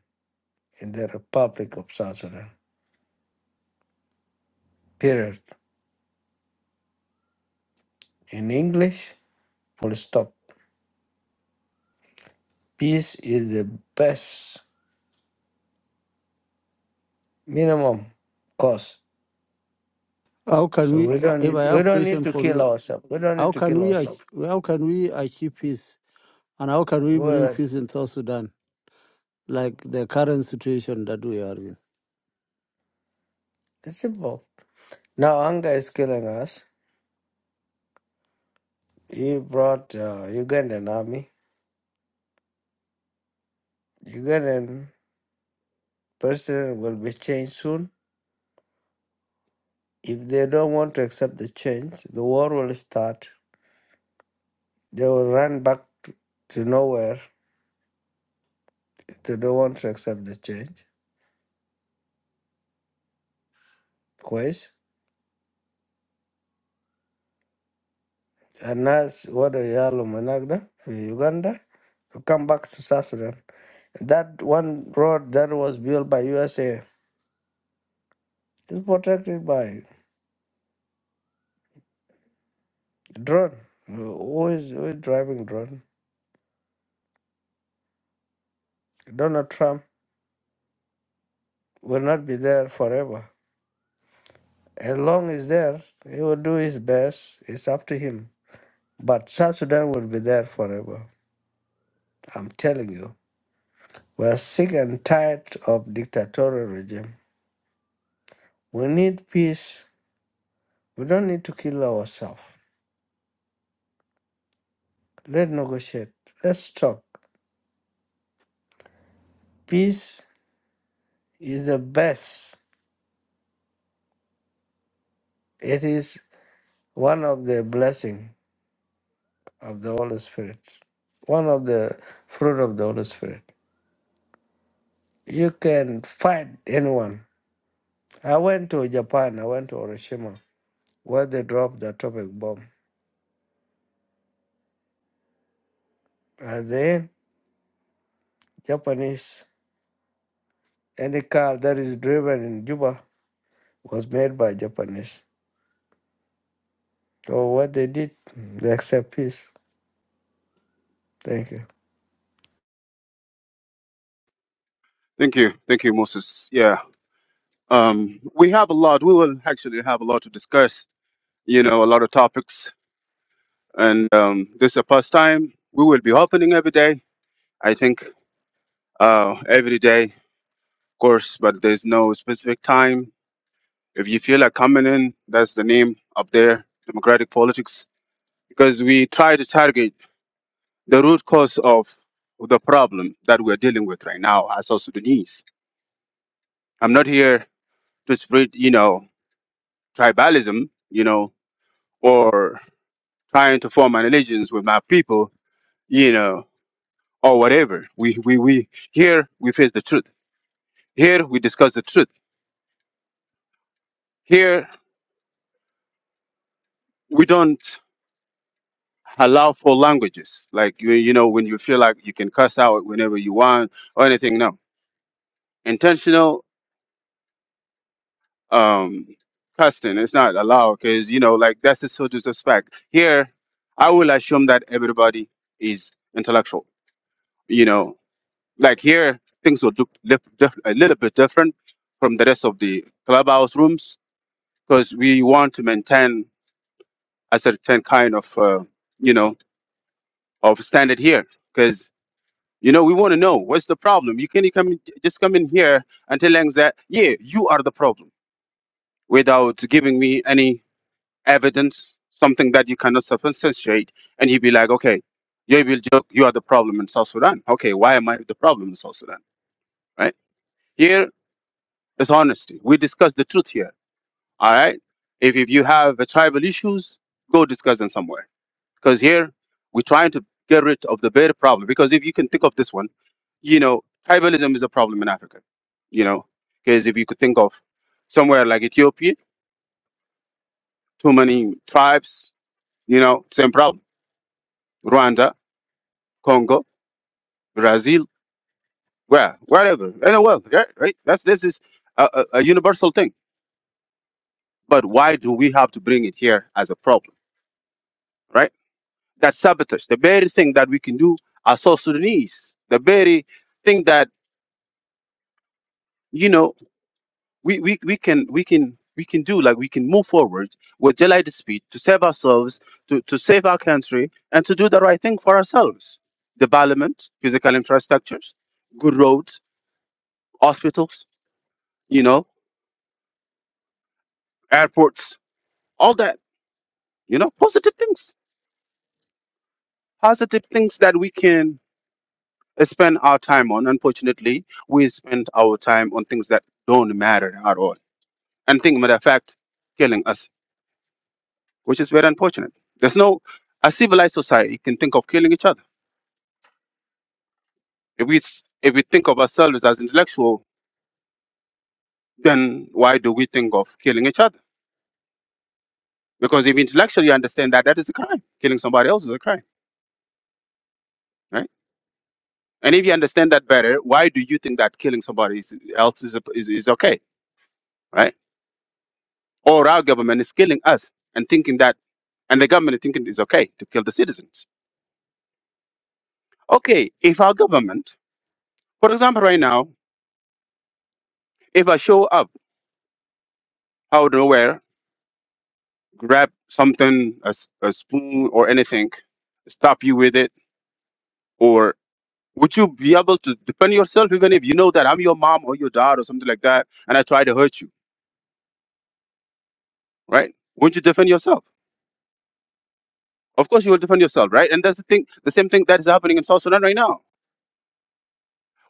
[SPEAKER 4] in the Republic of South Sudan. Period. In English, full stop. Peace is the best minimum cost.
[SPEAKER 5] How can
[SPEAKER 4] So
[SPEAKER 5] we,
[SPEAKER 4] we
[SPEAKER 5] uh, if
[SPEAKER 4] don't
[SPEAKER 5] I
[SPEAKER 4] we
[SPEAKER 5] have
[SPEAKER 4] don't need
[SPEAKER 5] question
[SPEAKER 4] to
[SPEAKER 5] for
[SPEAKER 4] kill
[SPEAKER 5] you,
[SPEAKER 4] ourselves. We don't
[SPEAKER 5] how
[SPEAKER 4] need to
[SPEAKER 5] can
[SPEAKER 4] kill
[SPEAKER 5] we, ach-
[SPEAKER 4] ourselves.
[SPEAKER 5] how can we achieve peace and how can we bring
[SPEAKER 4] Whereas
[SPEAKER 5] peace in South Sudan, like the current situation that we are in?
[SPEAKER 4] it's simple. Now anger is killing us. He brought uh, Ugandan army. Ugandan president will be changed soon. If they don't want to accept the change, the war will start. They will run back to to nowhere if they don't want to accept the change. كويس الناس ودوا عيالهم هناك ده في يوغندا to come back to South Sudan. That one road that was built by USA is protected by drone. Who is, who is driving drone? Donald Trump will not be there forever. As long as there, he will do his best. It's up to him. But South Sudan will be there forever. I'm telling you. We're sick and tired of dictatorial regime. We need peace. We don't need to kill ourselves. Let's negotiate. Let's talk. Peace is the best. It is one of the blessing of the Holy Spirit. One of the fruit of the Holy Spirit. You can fight anyone. I went to Japan. I went to Hiroshima, where they dropped the atomic bomb. At the Japanese any car that is driven in Juba was made by Japanese. So what they did, they accept peace. Thank you.
[SPEAKER 1] Thank you. Thank you, Moses. Yeah. Um, we have a lot. We will actually have a lot to discuss. You know, a lot of topics, and um, this is the first time we will be opening every day. I think uh, every day, of course, but there's no specific time. If you feel like coming in, that's the name up there, democratic politics, because we try to target the root cause of the problem that we're dealing with right now as also Sudanese. I'm not here to spread, you know, tribalism, you know, or trying to form an allegiance with my people, you know, or whatever. We, we, we, here we face the truth. Here we discuss the truth. Here we don't allow for languages. Like, you, you know, when you feel like you can cuss out whenever you want or anything. No, intentional um, cussing is not allowed because, you know, like that's a so disrespect. Here, I will assume that everybody is intellectual, you know, Like here, things will look dif- dif- a little bit different from the rest of the clubhouse rooms because we want to maintain a certain kind of, uh, you know, of standard here. Because you know, we want to know what's the problem. You can't come in- just come in here and telling that yeah, you are the problem without giving me any evidence, something that you cannot substantiate, and you'd be like, okay, you will joke, you are the problem in South Sudan. Okay, why am I the problem in South Sudan? Right? here. It's honesty. We discuss the truth here. All right. If, if you have uh, tribal issues, go discuss them somewhere. Because here we're trying to get rid of the bigger problem. Because if you can think of this one, you know, tribalism is a problem in Africa. You know, because if you could think of somewhere like Ethiopia, too many tribes. You know, same problem. Rwanda, Congo, Brazil, where, wherever in the world. Right. right? That's this is a, a, a universal thing. But why do we have to bring it here as a problem? Right that sabotage, the very thing that we can do as South Sudanese, the very thing that you know we, we, we can we can we can do, like we can move forward with daylight speed to save ourselves, to, to save our country, and to do the right thing for ourselves. Development, physical infrastructures, good roads, hospitals, you know, airports, all that, you know, positive things, positive things that we can spend our time on. Unfortunately, we spend our time on things that don't matter at all and think matter of fact killing us, which is very unfortunate. There's no a civilized society can think of killing each other. If we if we think of ourselves as intellectual, then why do we think of killing each other? Because if intellectually you understand that that is a crime, killing somebody else is a crime, right? And if you understand that better, why do you think that killing somebody is, else is, is is okay, right? Or our government is killing us and thinking that, and the government is thinking it's okay to kill the citizens. Okay, if our government, for example, right now, if I show up out of nowhere, grab something, a, s- a spoon or anything, stop you with it? Or would you be able to defend yourself even if you know that I'm your mom or your dad or something like that and I try to hurt you, right? Wouldn't you defend yourself? Of course you will defend yourself, right? And that's the thing, the same thing that is happening in South Sudan right now.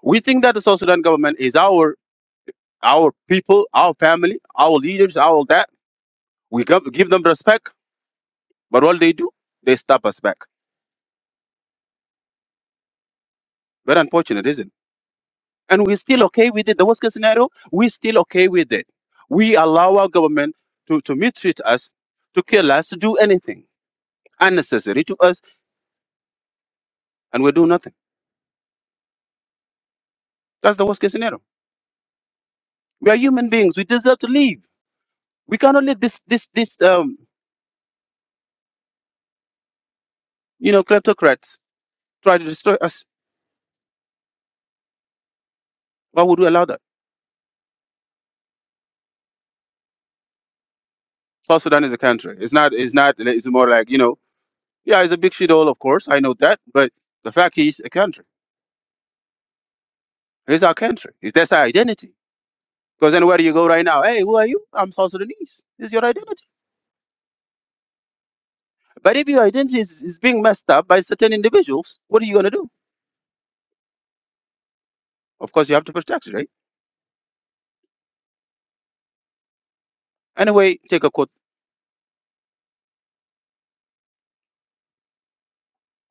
[SPEAKER 1] We think that the South Sudan government is our our people, our family, our leaders, our that. We give, give them respect, but all they do, they stab us back. Very unfortunate, isn't it? and we're still okay with it. The worst case scenario, we're still okay with it. We allow our government to, to mistreat us, to kill us, to do anything unnecessary to us, and we do nothing. That's the worst case scenario. We are human beings. We deserve to live. We cannot let this this this um you know kleptocrats try to destroy us. Why would we allow that? South Sudan is a country. It's not. It's not. It's more like you know. Yeah, it's a big shithole, of course. I know that. But the fact is, a country. It's our country. It's that's our identity. Because anywhere you go right now, hey, who are you? I'm South Sudanese. This is your identity. But if your identity is, is being messed up by certain individuals, what are you going to do? Of course, you have to protect it, right? Anyway, take a quote.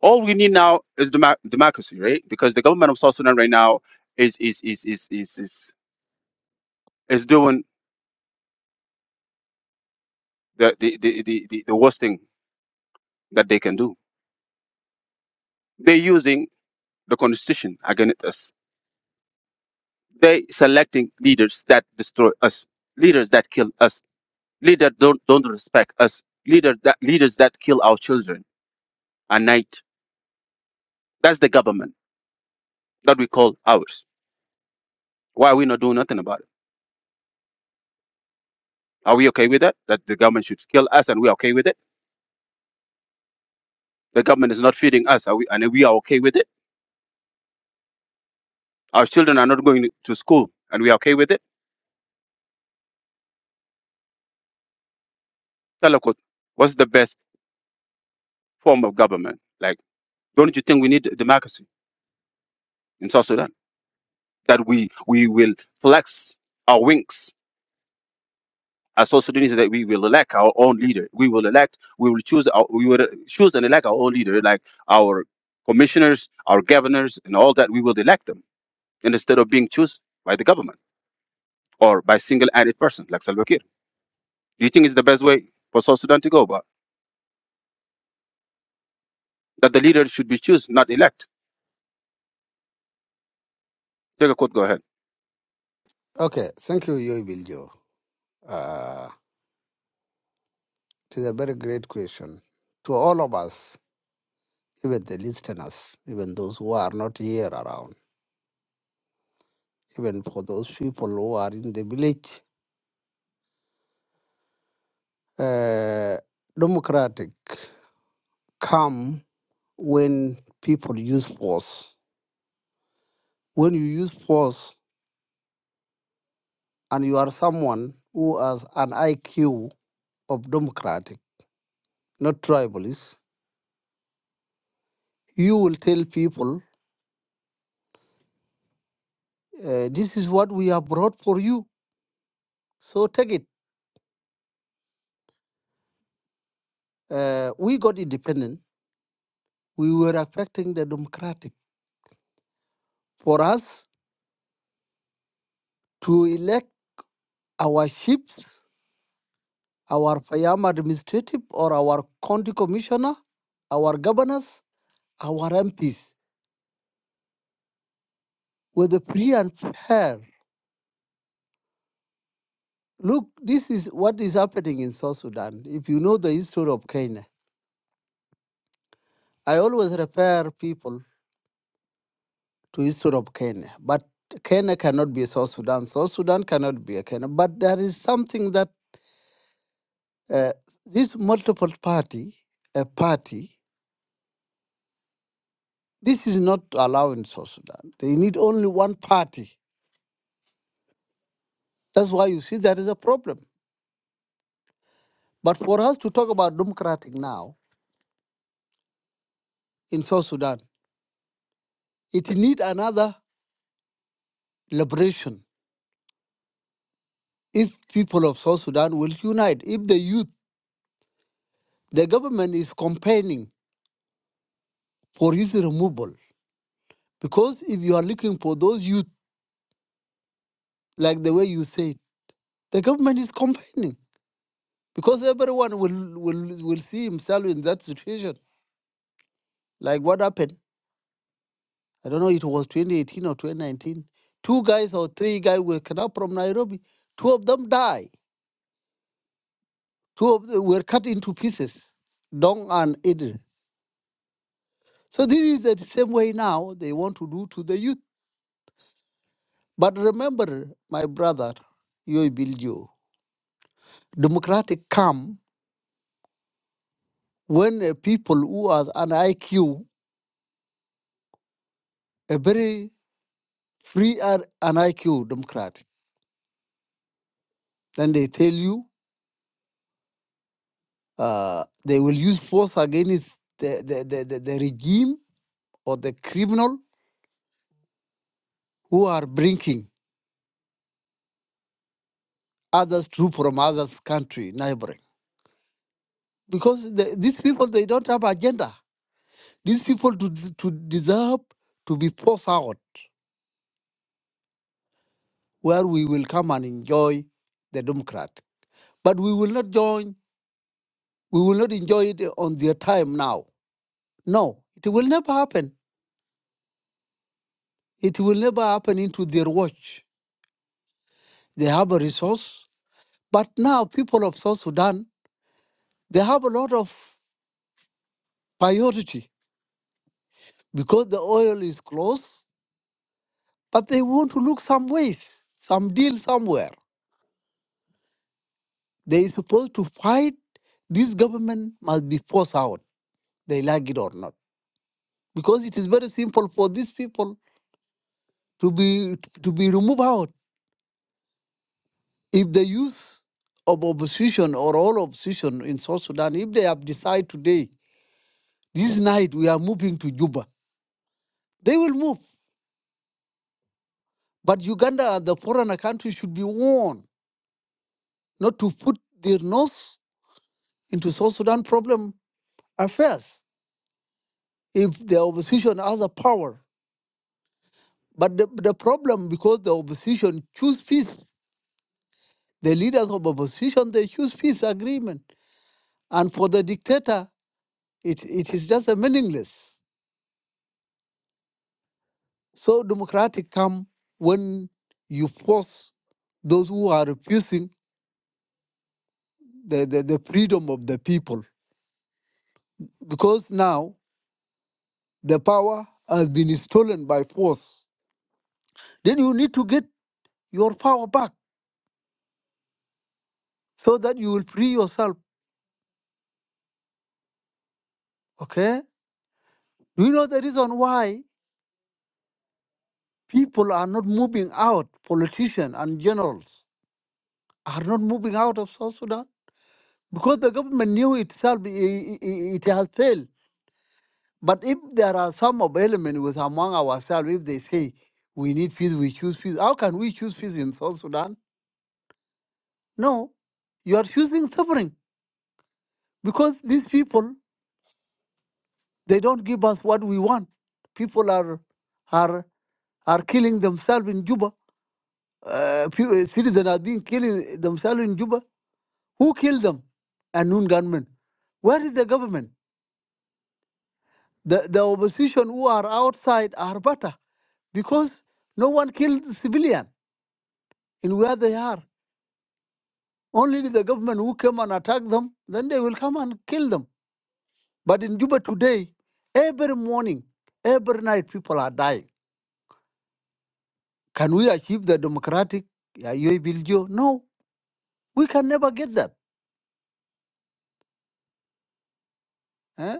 [SPEAKER 1] All we need now is demo- democracy, right? Because the government of South Sudan right now is is is is is is, is doing the the, the, the the the worst thing that they can do. They're using the constitution against us. They selecting leaders that destroy us, leaders that kill us Leaders don't don't respect us. Leader that leaders that kill our children at night. That's the government that we call ours. Why are we not doing nothing about it? Are we okay with that? That the government should kill us and we're okay with it? The government is not feeding us. Are we and we are okay with it? Our children are not going to school and we are okay with it? Talakot, what's the best form of government? Like, don't you think we need democracy in South Sudan? That we we will flex our wings as South Sudanese that we will elect our own leader. We will elect, we will choose, our, we will choose and elect our own leader, like our commissioners, our governors, and all that. We will elect them and instead of being chosen by the government or by single-handed person like Salva Kiir. Do you think it's the best way for South Sudan to go about that the leader should be chosen, not elect? Take a quote. Go ahead.
[SPEAKER 5] Okay, thank you, Yoy Biljo. Uh, it is a very great question to all of us, even the listeners, even those who are not here around, even for those people who are in the village. Uh, democratic, calm. when people use force. When you use force and you are someone who has an IQ of democratic, not tribalist, you will tell people, uh, this is what we have brought for you. So take it. Uh, we got independent. We were affecting the democratic. For us to elect our chiefs, our Fayam administrative or our county commissioner, our governors, our MPs, with a free and fair Look, this is what is happening in South Sudan. If you know the history of Kenya, I always refer people to history of Kenya, but Kenya cannot be South Sudan. South Sudan cannot be a Kenya. But there is something that uh, this multiple party, a party, this is not allowed in South Sudan. They need only one party. That's why you see there is a problem. But for us to talk about democratic now in South Sudan, it need another liberation if people of South Sudan will unite, if the youth, the government is campaigning for his removal. Because if you are looking for those youth, like the way you said, the government is campaigning. Because everyone will, will, will see himself in that situation. Like what happened, I don't know, it was 2018 or 2019. Two guys or three guys were cut up from Nairobi. Two of them died. Two of them were cut into pieces, Dong and Eden. So this is the same way now they want to do to the youth But remember, my brother, you build you. Democratic come when uh, people who are an IQ, a very free are an IQ democratic. Then they tell you uh, they will use force against the, the, the, the, the regime or the criminal who are bringing others through from others country, neighboring. Because the, these people, they don't have agenda. These people to, to deserve to be forced out. where we will come and enjoy the Democrat. But we will not join, we will not enjoy it on their time now. No, it will never happen. It will never happen into their watch. They have a resource. But now people of South Sudan, they have a lot of priority because the oil is close, but they want to look some ways, some deal somewhere. They are supposed to fight this government must be forced out, they like it or not. Because it is very simple for these people to be to be removed out. If the youth of opposition or all opposition in South Sudan, if they have decided today, this night we are moving to Juba, they will move. But Uganda and the foreigner country should be warned not to put their nose into South Sudan problem affairs if the opposition has a power. But the, the problem because the opposition choose peace. The leaders of opposition they choose peace agreement. And for the dictator, it, it is just a meaningless. So democratic come when you force those who are refusing the, the, the freedom of the people. Because now the power has been stolen by force. Then you need to get your power back so that you will free yourself. Okay? Do you know the reason why people are not moving out, politicians and generals are not moving out of South Sudan? Because the government knew itself i- i- i- it has failed But if there are some of element with among ourselves, if they say we need peace, we choose peace. How can we choose peace in South Sudan? No, you are choosing suffering because these people they don't give us what we want. People are are are killing themselves in Juba. Uh, few, uh, citizens are being killing themselves in Juba. Who killed them? A noon gunmen. Where is the government? The the opposition who are outside are better because no one killed civilian in where they are. Only the government who come and attack them, then they will come and kill them. But in Juba today, every morning, every night, people are dying. Can we achieve the democratic uh, UABLGO? No, we can never get that. eh?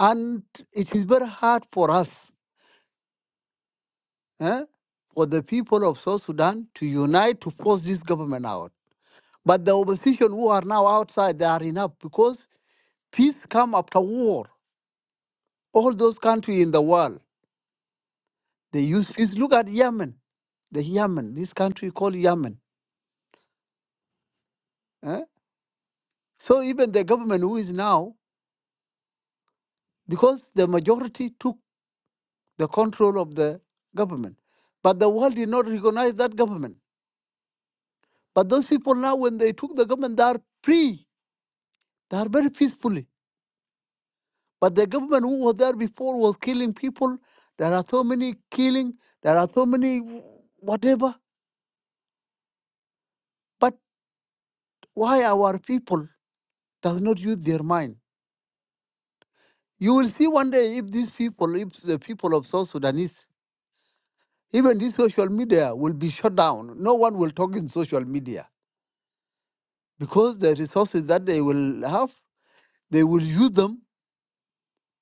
[SPEAKER 5] And it is very hard for us, eh, for the people of South Sudan to unite to force this government out. But the opposition who are now outside, they are enough because peace comes after war. All those countries in the world, They use fees. Look at Yemen, the Yemen, this country called Yemen. eh? So even the government who is now, because the majority took the control of the government, but the world did not recognize that government. But those people now, when they took the government, they are free. They are very peacefully. But the government who was there before was killing people. There are so many killing. There are so many whatever. But why our people does not use their mind? You will see one day if these people, if the people of South Sudanese, even this social media will be shut down. No one will talk in social media because the resources that they will have, they will use them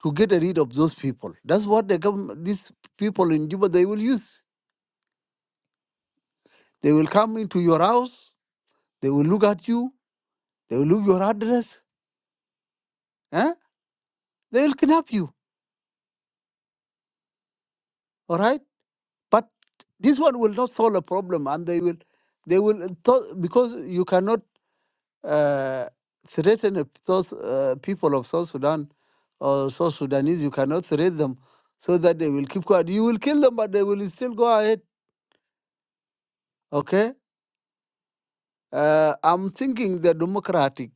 [SPEAKER 5] to get rid of those people. That's what they come, these people in Juba, they will use. They will come into your house, they will look at you, they will look your address, eh? they will kidnap you, all right? But this one will not solve a problem and they will, they will, because you cannot uh, threaten if those uh, people of South Sudan or South Sudanese. You cannot threaten them so that they will keep quiet. You will kill them, but they will still go ahead. Okay? Uh, I'm thinking the democratic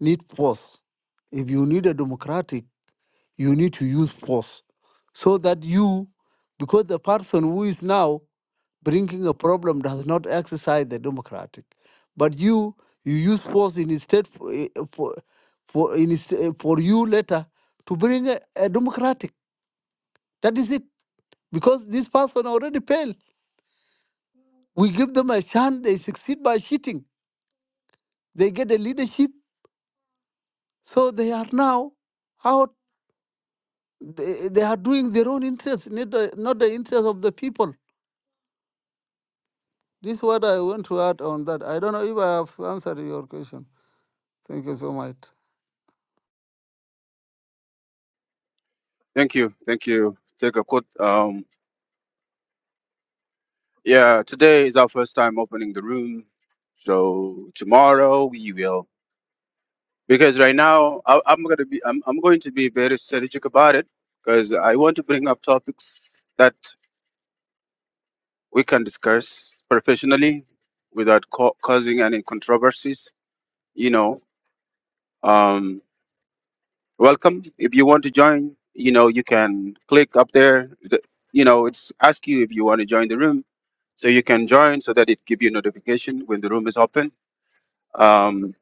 [SPEAKER 5] need force. If you need a democratic, you need to use force so that you, because the person who is now bringing a problem does not exercise the democratic. But you you use force in instead for eh, eh, for for, in his- eh, for you later to bring a, a democratic. That is it. Because this person already failed. We give them a chance. They succeed by cheating. They get a leadership. So they are now out. They, they are doing their own interests, not the, not the interest of the people. This is what I want to add on that. I don't know if I have answered your question. Thank you so much.
[SPEAKER 1] Thank you. Thank you. Take a quote. Um, yeah, today is our first time opening the room. So tomorrow we will because right now I, I'm going to be I'm, I'm going to be very strategic about it because I want to bring up topics that we can discuss professionally without co- causing any controversies. You know, um, welcome. If you want to join, you know, you can click up there. The, you know, it's ask you if you want to join the room, so you can join so that it give you notification when the room is open. Um,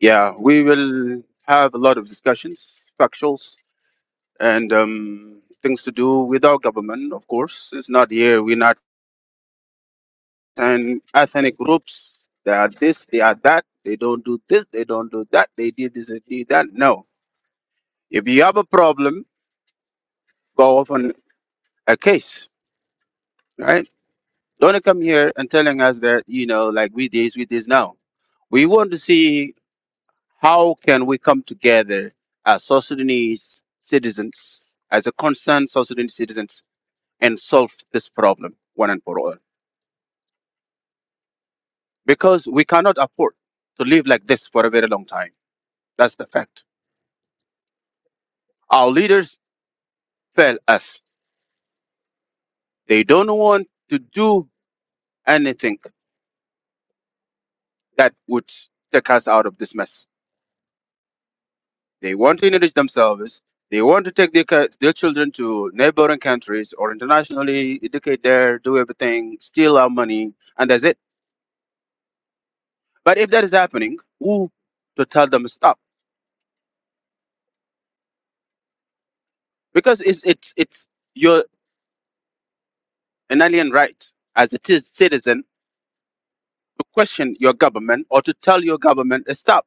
[SPEAKER 1] yeah, we will have a lot of discussions, factuals, and um, things to do with our government, of course. It's not here. We're not an ethnic groups. They are this, they are that. They don't do this, they don't do that. They did this, they did that. No. If you have a problem, go off on a case, right? Don't come here and telling us that, you know, like we this, we this now. We want to see how can we come together as South Sudanese citizens, as a concerned South Sudanese citizens, and solve this problem one and for all. because we cannot afford to live like this for a very long time. That's the fact. Our leaders fail us. They don't want to do anything that would take us out of this mess. They want to enrich themselves. They want to take their, ca- their children to neighboring countries or internationally, educate there, do everything, steal our money, and that's it. But if that is happening, who to tell them stop? Because it's it's it's your an alien right as a t- citizen to question your government or to tell your government to stop,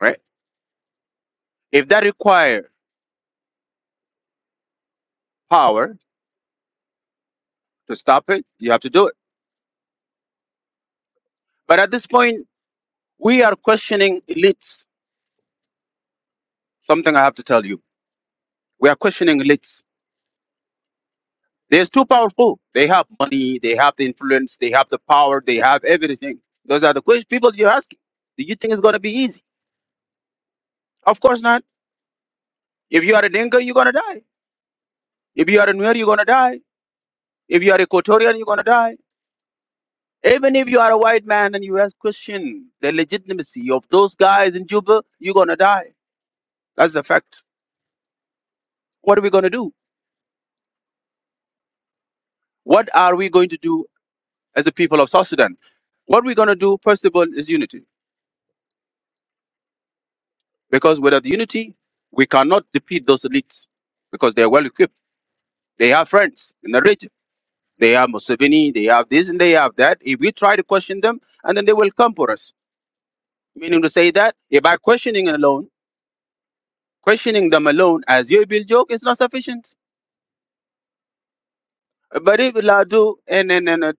[SPEAKER 1] right? If that require power to stop it, you have to do it. But at this point, we are questioning elites. Something I have to tell you. We are questioning elites. They're too powerful. They have money, they have the influence, they have the power, they have everything. Those are the questions people you're asking. Do you think it's going to be easy? Of course not. If you are a Dinka, you're going to die. If you are a Nuer, you're going to die. If you are a Equatorian, you're going to die. Even if you are a white man and you ask question the legitimacy of those guys in Juba, you're gonna die. That's the fact. What are we gonna do? What are we going to do as a people of South Sudan? What we're gonna do, first of all, is unity. Because without unity, we cannot defeat those elites because they are well equipped. They have friends in the region. They have Museveni, they have this and they have that. If we try to question them, and then they will come for us. Meaning to say that if by questioning alone, questioning them alone as you build joke is not sufficient But if Ladu and, and, and uh,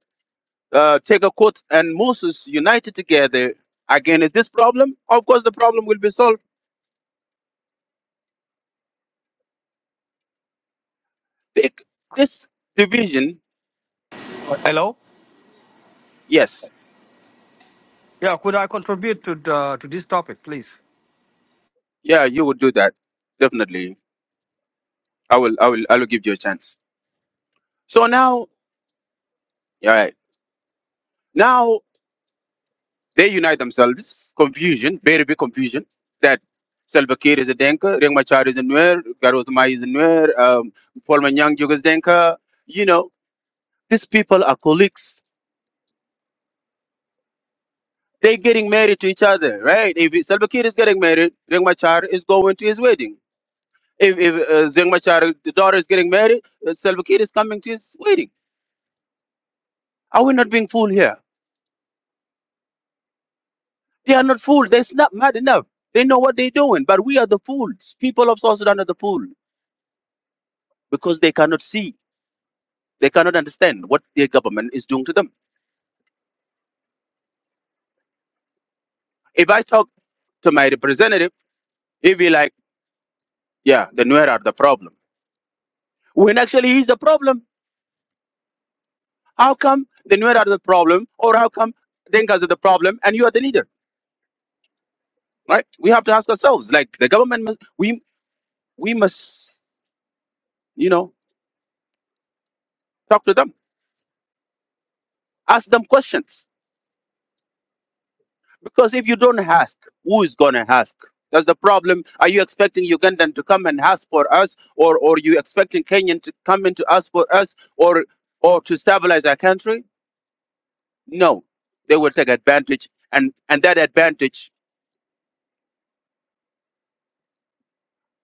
[SPEAKER 1] uh, take a quote and Moses united together again, is this problem, of course the problem will be solved. Pick this division.
[SPEAKER 6] Hello?
[SPEAKER 1] Yes,
[SPEAKER 6] Yeah, could I contribute to the, to this topic, please?
[SPEAKER 1] yeah, you would do that definitely. I will, I will, I will give you a chance. So now, all right, now they unite themselves. Confusion, very big confusion. That Salva Kiir is a Denka, Riek Machar is a Nuer, Gareth Mai is a Nuer, um, former Nyang is Denka. You know, these people are colleagues They're getting married to each other, right? If it- Salva Kiir is getting married, Riek Machar is going to his wedding. If, if uh, Riek Machar, the daughter is getting married, uh, Salva Kiir is coming to his wedding. Are we not being fooled here? They are not fooled. They're not mad enough. They know what they're doing, but we are the fools. People of South Sudan are the fool because they cannot see, they cannot understand what their government is doing to them. If I talk to my representative, he'll be like, yeah, the Nuer are the problem. When actually he's the problem How come the Nuer are the problem, or how come Dengas are the problem, and you are the leader, right? We have to ask ourselves. Like the government, must, we we must, you know, talk to them, ask them questions. Because if you don't ask, who is gonna ask? That's the problem. Are you expecting Ugandan to come and ask for us, or or you expecting Kenyan to come in to ask for us, or or to stabilize our country? No, they will take advantage, and and that advantage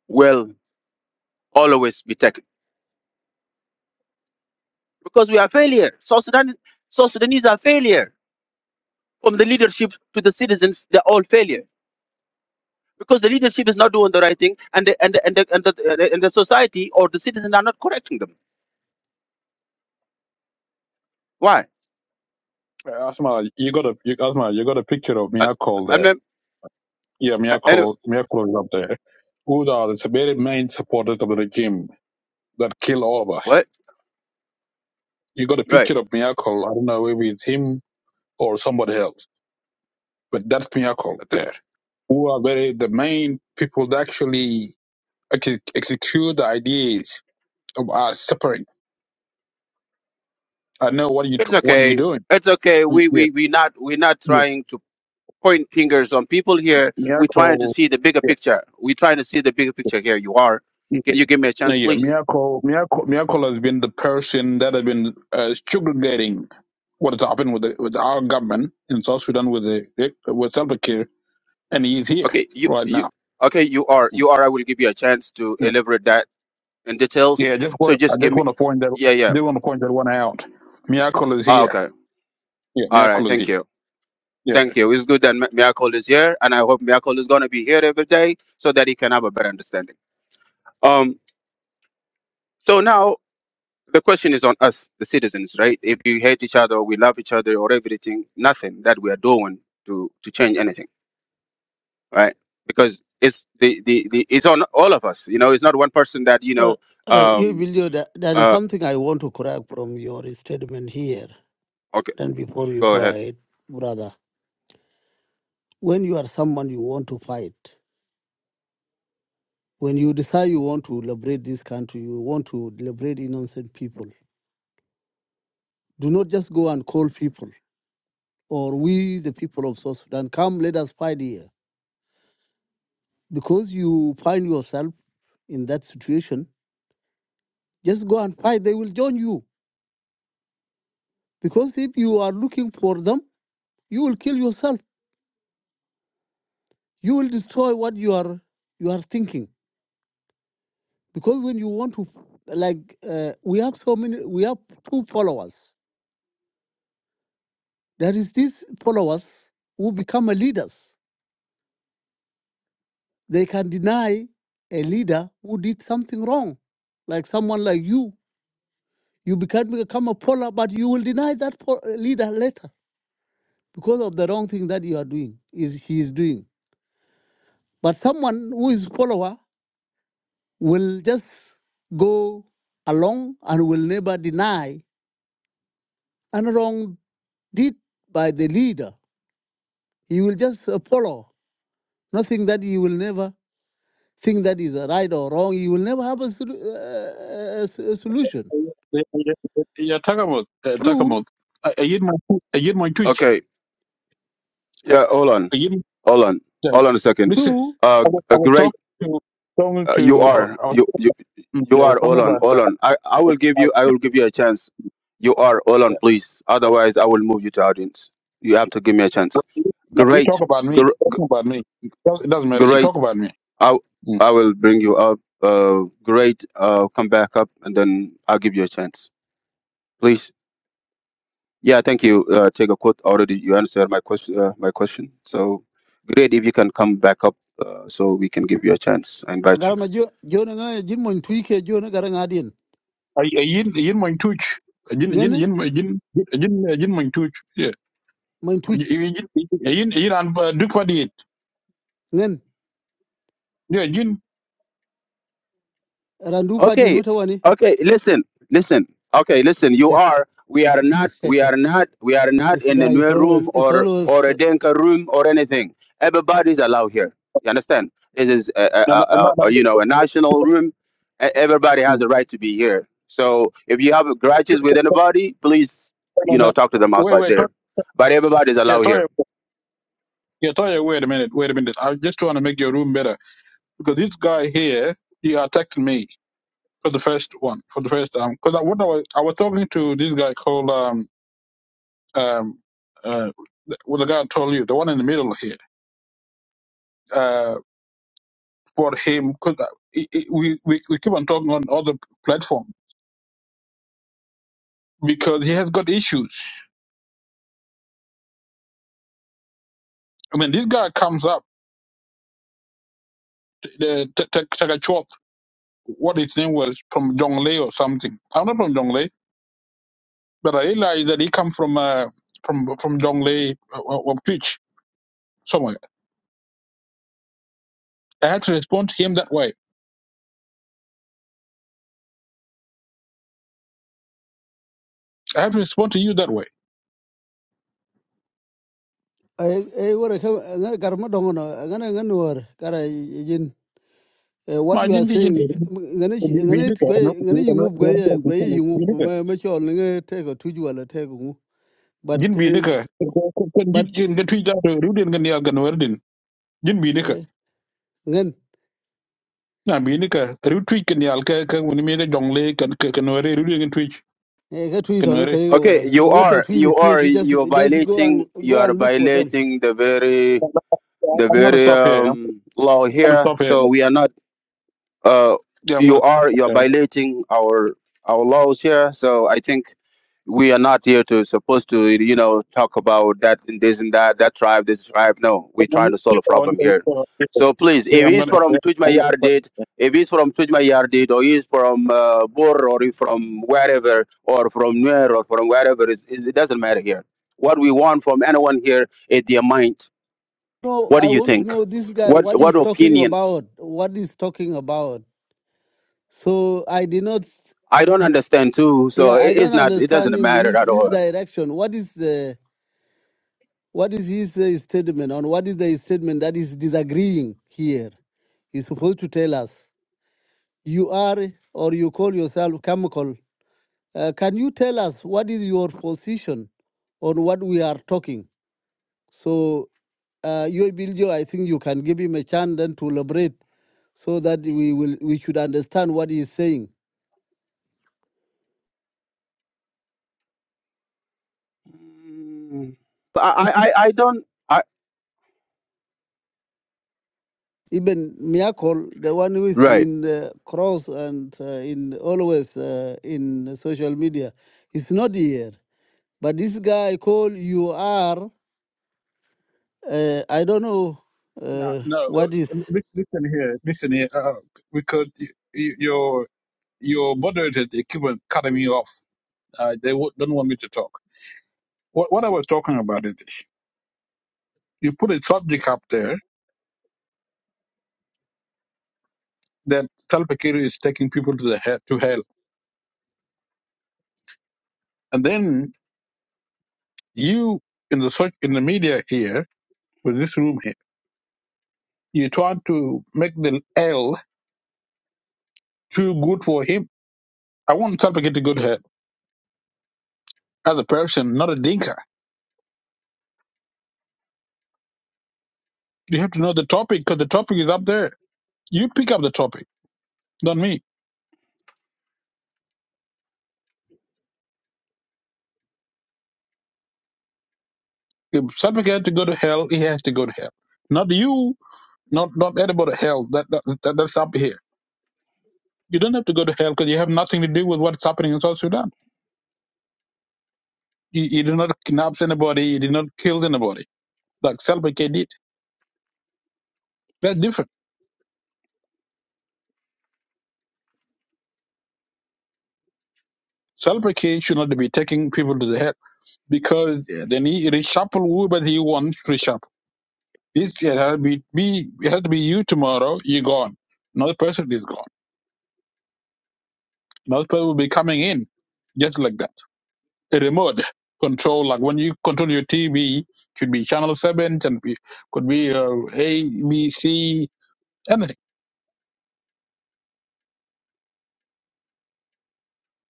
[SPEAKER 1] will always be taken. because we are failure. South, Sudan, South Sudanese are failure. From the leadership to the citizens, they're all failure because the leadership is not doing the right thing, and the and the, and the, and the, and the society or the citizens are not correcting them. Why?
[SPEAKER 7] Uh, Asma, you got a you, Asma, you got a picture of
[SPEAKER 1] I,
[SPEAKER 7] Miracle
[SPEAKER 1] I'm
[SPEAKER 7] there.
[SPEAKER 1] not.
[SPEAKER 7] Yeah,
[SPEAKER 1] I, anyway,
[SPEAKER 7] Miracle, Miracle is up there. Who are the very main supporters of the regime that kill all of us?
[SPEAKER 1] what?
[SPEAKER 7] You got a
[SPEAKER 1] Right.
[SPEAKER 7] picture of Miracle. I don't know if it's him or somebody else, but that's Miracle there. Who are very the main people that actually ex- execute the ideas of us separate? I know what you
[SPEAKER 1] It's
[SPEAKER 7] what you
[SPEAKER 1] okay.
[SPEAKER 7] doing.
[SPEAKER 1] It's okay.
[SPEAKER 7] Mm,
[SPEAKER 1] We
[SPEAKER 7] Yeah,
[SPEAKER 1] we we not we're not
[SPEAKER 7] yeah.
[SPEAKER 1] trying to point fingers on people here. We're trying to
[SPEAKER 7] Miracle.
[SPEAKER 1] see the bigger
[SPEAKER 7] Yeah.
[SPEAKER 1] picture. We're trying to see the bigger picture here. You are. Can you give me a
[SPEAKER 7] Now,
[SPEAKER 1] chance,
[SPEAKER 7] yeah,
[SPEAKER 1] please?
[SPEAKER 7] Miracle, Miracle, Miracle has been the person that has been uh, sugarcoating what has happened with the, with our government in South Sudan with the with Salva Kiir, and he is here
[SPEAKER 1] Okay, you
[SPEAKER 7] right
[SPEAKER 1] you
[SPEAKER 7] now.
[SPEAKER 1] okay, you are you are I will give you a chance to
[SPEAKER 7] Yeah,
[SPEAKER 1] elaborate that in details.
[SPEAKER 7] yeah. I just
[SPEAKER 1] So
[SPEAKER 7] want I
[SPEAKER 1] just give
[SPEAKER 7] just
[SPEAKER 1] me
[SPEAKER 7] want to point that
[SPEAKER 1] yeah,
[SPEAKER 7] I
[SPEAKER 1] yeah.
[SPEAKER 7] just want to point that one out. Miracle is
[SPEAKER 1] Ah,
[SPEAKER 7] here.
[SPEAKER 1] okay.
[SPEAKER 7] Yeah,
[SPEAKER 1] All right,
[SPEAKER 7] Miracle is
[SPEAKER 1] thank
[SPEAKER 7] here.
[SPEAKER 1] you.
[SPEAKER 7] Yeah.
[SPEAKER 1] Thank you. It's good that Mi- Miracle is here and I hope Miracle is going to be here every day so that he can have a better understanding. Um so now the question is on us the citizens, right? If we hate each other, we love each other or everything, nothing that we are doing to to change anything, right? Because it's the, the, the it's on all of us. You know, it's not one person that, you
[SPEAKER 5] Uh,
[SPEAKER 1] know,
[SPEAKER 5] uh, you
[SPEAKER 1] um
[SPEAKER 5] believe that there is
[SPEAKER 1] uh,
[SPEAKER 5] something I want to correct from your statement here.
[SPEAKER 1] okay
[SPEAKER 5] Then before you
[SPEAKER 1] Go
[SPEAKER 5] go
[SPEAKER 1] ahead.
[SPEAKER 5] ahead, brother, when you are someone you want to fight, when you decide you want to liberate this country, you want to liberate innocent people, do not just go and call people or we, the people of South Sudan, come, let us fight here. Because you find yourself in that situation, just go and fight. They will join you. Because if you are looking for them, you will kill yourself you will destroy what you are you are thinking because when you want to like uh, we have so many we have two followers there is these followers who become a leaders they can deny a leader who did something wrong like someone like you you become become a follower but you will deny that fo- leader later because of the wrong thing that you are doing is he is doing but someone who is follower will just go along and will never deny and wrong did by the leader. You will just uh, follow. Nothing that you will never think that is a right or wrong. You will never have a, sol- uh, a s- a solution.
[SPEAKER 7] Yeah, yeah, yeah, Takamot, uh,
[SPEAKER 5] Two,
[SPEAKER 7] Takamot. I, I hit my, I hit my twitch.
[SPEAKER 1] Okay.
[SPEAKER 7] I,
[SPEAKER 1] Yeah. Hold on.
[SPEAKER 7] I hit,
[SPEAKER 1] Hold on.
[SPEAKER 7] uh,
[SPEAKER 1] Hold on a second.
[SPEAKER 7] listen,
[SPEAKER 5] two.
[SPEAKER 1] Uh,
[SPEAKER 7] I was, I
[SPEAKER 1] a
[SPEAKER 7] was talking
[SPEAKER 1] great.
[SPEAKER 7] to, talking
[SPEAKER 1] Uh, you
[SPEAKER 7] to, I,
[SPEAKER 1] are.
[SPEAKER 7] I was,
[SPEAKER 1] You you you
[SPEAKER 7] yeah, I was
[SPEAKER 1] are.
[SPEAKER 7] talking
[SPEAKER 1] Hold on.
[SPEAKER 7] about
[SPEAKER 1] Hold on. I I will give you. I will give you a chance. You are. Hold
[SPEAKER 7] Yeah.
[SPEAKER 1] on, please. Otherwise, I will move you to audience. You have to give me a chance.
[SPEAKER 7] No, you talk
[SPEAKER 1] Great.
[SPEAKER 7] about me.
[SPEAKER 1] Gr-
[SPEAKER 7] Talking about me. Does- It doesn't matter. You talk
[SPEAKER 1] great.
[SPEAKER 7] about me.
[SPEAKER 1] I
[SPEAKER 7] Mm.
[SPEAKER 1] I will bring you up. Uh, great. Uh, come back up, and then I'll give you a chance. Please. Yeah, thank you. Uh, take a quote already. You answered my question. Uh, my question. So great if you can come back up, uh, so we can give you a chance. I invite you.
[SPEAKER 5] Agara ma jo jo na nga jin mo tui ke jo na gara nga din.
[SPEAKER 7] I I yin yin my touch. Yin yin
[SPEAKER 5] Ngen
[SPEAKER 7] yin my- yin yin yin my touch. Yeah.
[SPEAKER 5] mo tui
[SPEAKER 7] Yin yin yin uh, yin and Duke what did.
[SPEAKER 5] ngen
[SPEAKER 7] Yeah. Yin.
[SPEAKER 5] randu pa din
[SPEAKER 1] Okay,
[SPEAKER 5] wata wani.
[SPEAKER 1] okay. Listen, listen. Okay, listen. You are. We are not. We are not. We are not
[SPEAKER 5] This
[SPEAKER 1] in a
[SPEAKER 5] guy is
[SPEAKER 1] new
[SPEAKER 5] always
[SPEAKER 1] room
[SPEAKER 5] is
[SPEAKER 1] or
[SPEAKER 5] always.
[SPEAKER 1] or a denka room or anything. Everybody's allowed here. You understand? This is a, a,
[SPEAKER 7] No no no
[SPEAKER 1] a, a
[SPEAKER 7] no.
[SPEAKER 1] you know a national room. E- Everybody has
[SPEAKER 7] Mm.
[SPEAKER 1] a right to be here. So if you have grudges
[SPEAKER 7] Ch-
[SPEAKER 1] with
[SPEAKER 7] ch-
[SPEAKER 1] anybody, please
[SPEAKER 7] no,
[SPEAKER 1] you
[SPEAKER 7] no.
[SPEAKER 1] know talk to them
[SPEAKER 7] Wait
[SPEAKER 1] outside
[SPEAKER 7] wait. Talk,
[SPEAKER 1] there But everybody's
[SPEAKER 7] yeah.
[SPEAKER 1] allowed
[SPEAKER 7] Talk,
[SPEAKER 1] here.
[SPEAKER 7] yeah. Talk, yeah, wait a minute. Wait a minute. I just trying to make your room better because this guy here he attacked me for the first one for the first time because I, what I was I was talking to this guy called um um, uh, well, the guy told you, the one in the middle here, uh, for him, cause uh, it, it, we, we, we keep on talking on other platform because he has got issues. I mean, this guy comes up, the t- t- t- Chop, what his name was, from Jonglei or something. I'm not from Jonglei, but I realized that he come from, uh, from, from Jonglei uh, or, or Twitch somewhere. I had to respond to him that way. I have to respond to you that way.
[SPEAKER 5] Ay ay wara ka nga garma dongo na nga na nga nuwar Eh, what you are
[SPEAKER 7] Imagine, you know,
[SPEAKER 5] saying ngane shi-
[SPEAKER 7] we- we
[SPEAKER 5] ngane
[SPEAKER 7] need
[SPEAKER 5] ti
[SPEAKER 7] to- we need
[SPEAKER 5] gwe
[SPEAKER 7] to- we
[SPEAKER 5] ngane yingu gwe
[SPEAKER 7] need
[SPEAKER 5] gwe
[SPEAKER 7] to- we
[SPEAKER 5] yingu
[SPEAKER 7] need to-
[SPEAKER 5] ma ma chol ni nge te tuju wala te ngu but
[SPEAKER 7] jin bi
[SPEAKER 5] eh,
[SPEAKER 7] ne ka kan
[SPEAKER 5] but
[SPEAKER 7] jit gen ga twi da to ru den gan yal gan wer din jin bi ne ka
[SPEAKER 5] eh, ngan
[SPEAKER 7] na bi ne ka ru twi kan yal ka ka woni me ga jongle kan ka kan wer ru den gan twi
[SPEAKER 5] eh, ka tuju
[SPEAKER 7] kan
[SPEAKER 5] to no ko
[SPEAKER 7] wer
[SPEAKER 5] yego wala
[SPEAKER 1] Okay, you
[SPEAKER 5] te
[SPEAKER 1] are
[SPEAKER 5] tuju
[SPEAKER 1] you
[SPEAKER 5] the
[SPEAKER 1] are
[SPEAKER 5] ji just
[SPEAKER 1] you are
[SPEAKER 5] just go
[SPEAKER 1] violating
[SPEAKER 5] and
[SPEAKER 1] you
[SPEAKER 5] go
[SPEAKER 1] are
[SPEAKER 5] and look for them
[SPEAKER 1] violating the very the
[SPEAKER 7] I'm gonna
[SPEAKER 1] very
[SPEAKER 7] stop here. I'm
[SPEAKER 1] um, law
[SPEAKER 7] gonna
[SPEAKER 1] here.
[SPEAKER 7] stop here.
[SPEAKER 1] So we are not. uh,
[SPEAKER 7] Yeah, I'm gonna
[SPEAKER 1] you are
[SPEAKER 7] stop
[SPEAKER 1] you are
[SPEAKER 7] here.
[SPEAKER 1] violating our our laws here. So I think we are not here to supposed to you know talk about that and this and that that tribe this tribe. No, we're
[SPEAKER 7] But my
[SPEAKER 1] trying to solve a
[SPEAKER 7] YouTube on
[SPEAKER 1] problem
[SPEAKER 7] the
[SPEAKER 1] here.
[SPEAKER 7] YouTube-
[SPEAKER 1] So please,
[SPEAKER 7] Yeah,
[SPEAKER 1] if
[SPEAKER 7] I'm
[SPEAKER 1] he's
[SPEAKER 7] gonna. Yeah,
[SPEAKER 1] from
[SPEAKER 7] I'm gonna
[SPEAKER 1] Tujmayar
[SPEAKER 7] stop.
[SPEAKER 1] date, if he's from Tujmayar date, or he's from uh, Bor, or he's from wherever, or from Nuer, or from wherever, is is- it doesn't matter here. What we want from anyone here is their mind.
[SPEAKER 5] no
[SPEAKER 1] What
[SPEAKER 5] i
[SPEAKER 1] do you
[SPEAKER 5] want to
[SPEAKER 1] think?
[SPEAKER 5] know this guy
[SPEAKER 1] What
[SPEAKER 5] what
[SPEAKER 1] what
[SPEAKER 5] he's talking
[SPEAKER 1] opinions?
[SPEAKER 5] about what he's talking about so i did not
[SPEAKER 1] I don't understand too, so
[SPEAKER 5] yeah i
[SPEAKER 1] it, it's
[SPEAKER 5] don't
[SPEAKER 1] not. It
[SPEAKER 5] understand
[SPEAKER 1] doesn't
[SPEAKER 5] him
[SPEAKER 1] matter
[SPEAKER 5] his,
[SPEAKER 1] at
[SPEAKER 5] his
[SPEAKER 1] all.
[SPEAKER 5] direction what is the What is his uh, statement on what is the statement that is disagreeing here? He's supposed to tell us. You are, or you call yourself chemical. Uh, can you tell us what is your position on what we are talking? So, uh, you, Biljo, I think you can give him a chance then to elaborate so that we will we should understand what he is saying.
[SPEAKER 1] Mm, I, I, I I don't. I
[SPEAKER 5] Even Miracle, the one who is
[SPEAKER 1] right.
[SPEAKER 5] in the cross and uh, in always uh, in social media, is not here. But this guy called you are, uh, I don't know
[SPEAKER 7] No,
[SPEAKER 5] uh,
[SPEAKER 7] no.
[SPEAKER 5] what is.
[SPEAKER 7] uh, Listen, listen here. Listen here. Uh, because y- y- your your moderator they keep on cutting me off. Uh, they w- don't want me to talk. What what I was talking about it. you put a subject up there that Salva Kiir is taking people to the hell, to hell, and then you in the search in the media here with this room here, you try to make the L too good for him. I want Salva Kiir to go to hell as a person, not a dinker. You have to know the topic because the topic is up there. You pick up the topic, not me. If Salva Kiir had to go to hell, he has to go to hell. Not you, not not anybody hell. That, that, that that's up here. You don't have to go to hell because you have nothing to do with what's happening in South Sudan. He, he did not kidnap anybody. He did not kill anybody like Salva Kiir did. That's different. Salva Kiir should not be taking people to the head because then he reshuffle whoever he wants to reshuffle. This it has to be, be it has to be you tomorrow. You're gone. Another person is gone. Another person will be coming in just like that. A remote control, like when you control your TV, should be channel seven, can be could be uh, A, B, C, anything.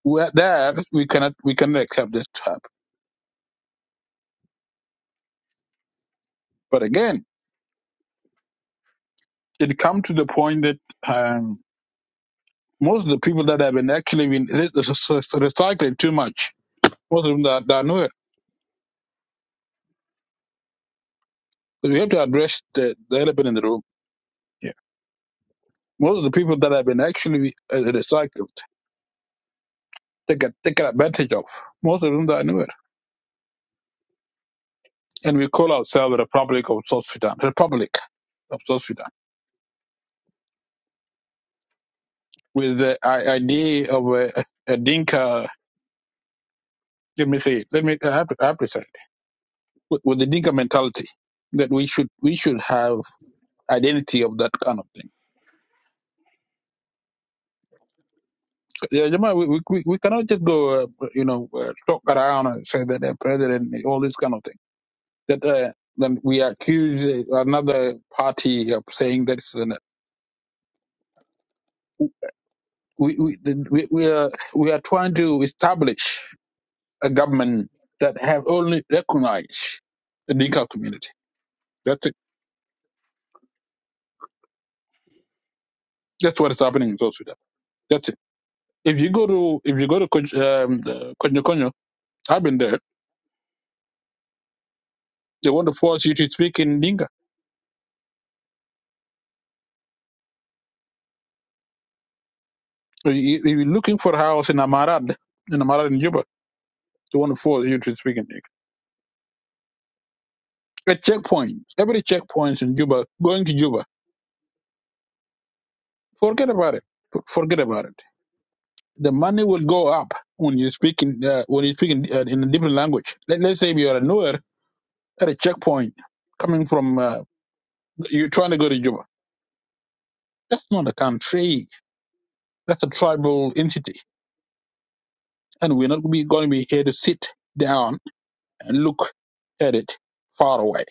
[SPEAKER 7] we there we cannot we cannot accept this type. But again. it come to the point that um, most of the people that have been actually been re- re- recycling too much, most of them that, that know it. So we have to address the, the elephant in the room. Yeah. Most of the people that have been actually uh, recycled, they get taken advantage of. Most of them that know it. And we call ourselves the Republic of South Sudan, Republic of South Sudan, with the i- idea of a, a Dinka, let me say, it, let me, I have to, I have to say, it, with, with the Dinka mentality that we should, we should have identity of that kind of thing Yeah, Jamal, we, we, we we cannot just go, uh, you know, uh, talk around and say that the president, all this kind of thing. That uh, then we accuse uh, another party of saying that it's an, we, we, we, we, are, we are trying to establish a government that have only recognized the Dinka community. That's it. That's what is happening in South Sudan. That's it. If you go to if you go to Kon- um, the Konyo Konyo, I've been there. They want to force you to speak in Dinka So you- you're looking for a house in Amarat, in Amarat in Juba, they want to force you to speak in English. A checkpoint, every checkpoint in Juba, going to Juba, forget about it. For- Forget about it. The money will go up when you speak in uh, when you speak in, uh, in a different language. Let, let's say you are a newer at a checkpoint coming from uh, you're trying to go to Juba. That's not a country. That's a tribal entity, and we're not be going to be here to sit down and look at it far away.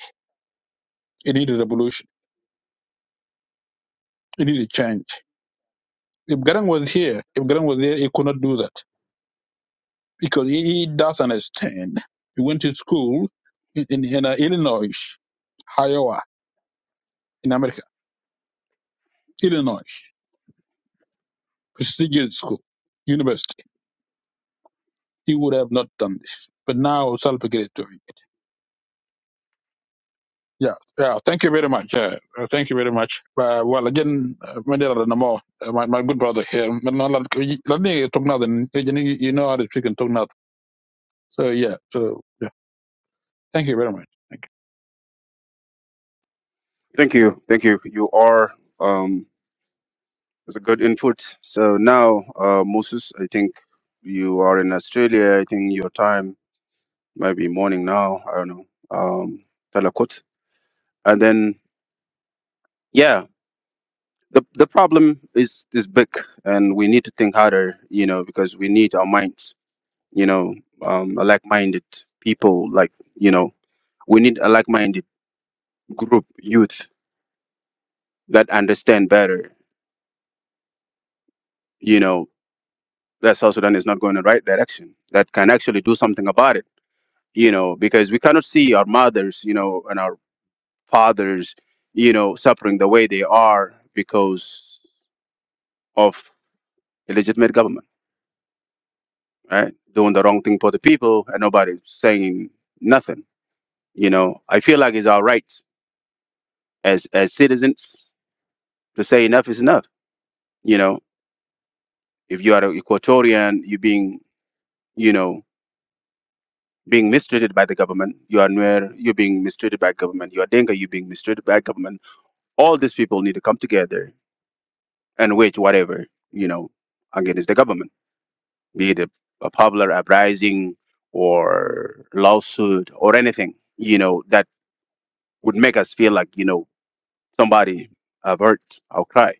[SPEAKER 7] It needs a revolution. It needs a change If Garang was here, if Garang was there, he could not do that because he, he does understand. He went to school in, in, in uh, Illinois, Iowa, in America, Illinois, prestigious school, university. He would have not done this. But now Salva Kiir is doing it. Yeah, yeah. Thank you very much. Yeah, uh, thank you very much. Uh, well, again, uh, Mandela Namo, uh, my, my good brother here. But no, Let me talk nothing. Then you know you know how to speak and talk nothing. So yeah. So yeah. Thank you very much. Thank
[SPEAKER 1] Thank you. Thank you. You are, um, it's a good input. So now, uh, Moses, I think you are in Australia. I think your time might be morning now. I don't know. Um, Talakot. and then yeah the, the problem is is big and we need to think harder you know because we need our minds you know um like-minded people like you know we need a like-minded group youth that understand better you know that south sudan is not going in the right direction that can actually do something about it you know because we cannot see our mothers you know and our fathers you know suffering the way they are because of illegitimate government right? Doing the wrong thing for the people and nobody's saying nothing. You know, I feel like it's our rights as as citizens to say enough is enough. You know, if you are an Equatorian, you're being, you know, being mistreated by the government. You are Nuer, you're being mistreated by government. You are Denga, you're being mistreated by government. All these people need to come together and wage whatever, you know, against the government, be it a, a popular uprising or lawsuit or anything, you know, that would make us feel like, you know, somebody averts I'll cry.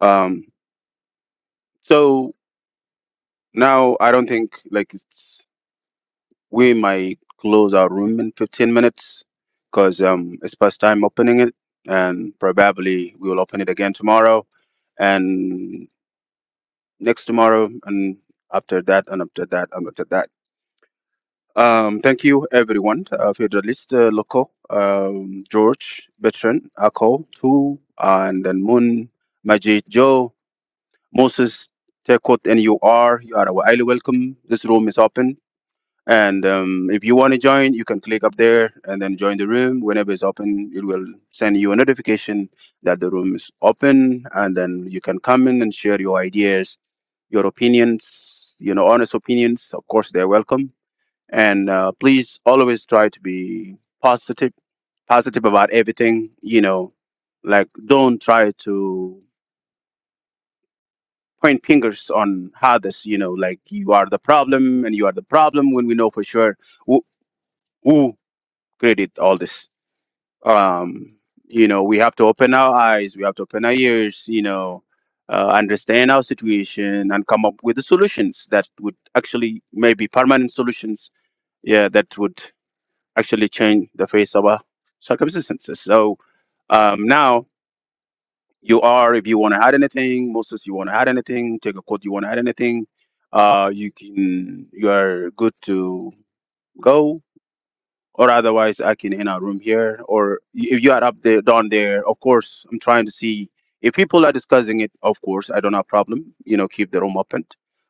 [SPEAKER 1] Um, so now I don't think like it's we might close our room in 15 minutes because um, it's past time opening it, and probably we will open it again tomorrow and next tomorrow and after that and after that and after that. Um, thank you everyone, uh, Federalist uh, Loco, um, George, Veteran, Ako, Tu, and then Moon, Majid, Joe. Moses, Tekot, and you are, you are highly welcome. This room is open. And um, if you want to join, you can click up there and then join the room. Whenever it's open, it will send you a notification that the room is open. And then you can come in and share your ideas, your opinions, you know, honest opinions. Of course, they're welcome. And uh, please always try to be positive, positive about everything, you know, like don't try to point fingers on others, you know, like you are the problem and you are the problem when we know for sure who, who created all this. Um, you know, we have to open our eyes, we have to open our ears, you know, uh, understand our situation and come up with the solutions that would actually maybe permanent solutions, yeah, that would actually change the face of our circumstances. So um, now You are, if you want to add anything, Moses, you want to add anything, take a quote, you want to add anything, uh, you can, you are good to go. Or otherwise, I can end our room here. Or y- if you are up there, down there, of course, I'm trying to see if people are discussing it. Of course, I don't have problem. You know, keep the room open.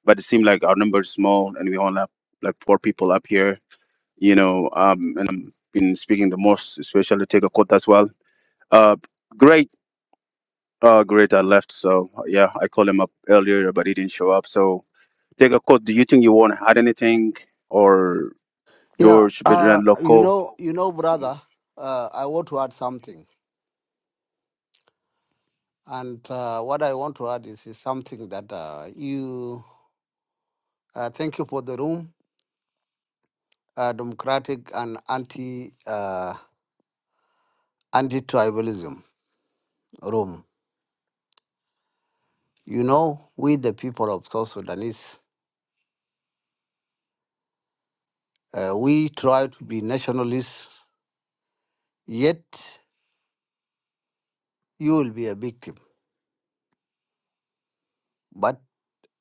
[SPEAKER 1] But it seems like our number is small, and we only have like four people up here. You know, um, and i am been speaking the most, especially take a quote as well. Uh, great uh, great. I left. So yeah, I called him up earlier, but he didn't show up. So take a quote. Do you think you want to add anything or
[SPEAKER 5] Yeah,
[SPEAKER 1] George
[SPEAKER 5] uh,
[SPEAKER 1] Bedran
[SPEAKER 5] you
[SPEAKER 1] Loco?
[SPEAKER 5] know, you know, brother, uh, I want to add something, and uh, what I want to add is, is something that uh, you uh, thank you for the room, uh, democratic and anti uh, anti tribalism room. You know, we the people of South Sudanese, uh, we try to be nationalists, yet you will be a victim. But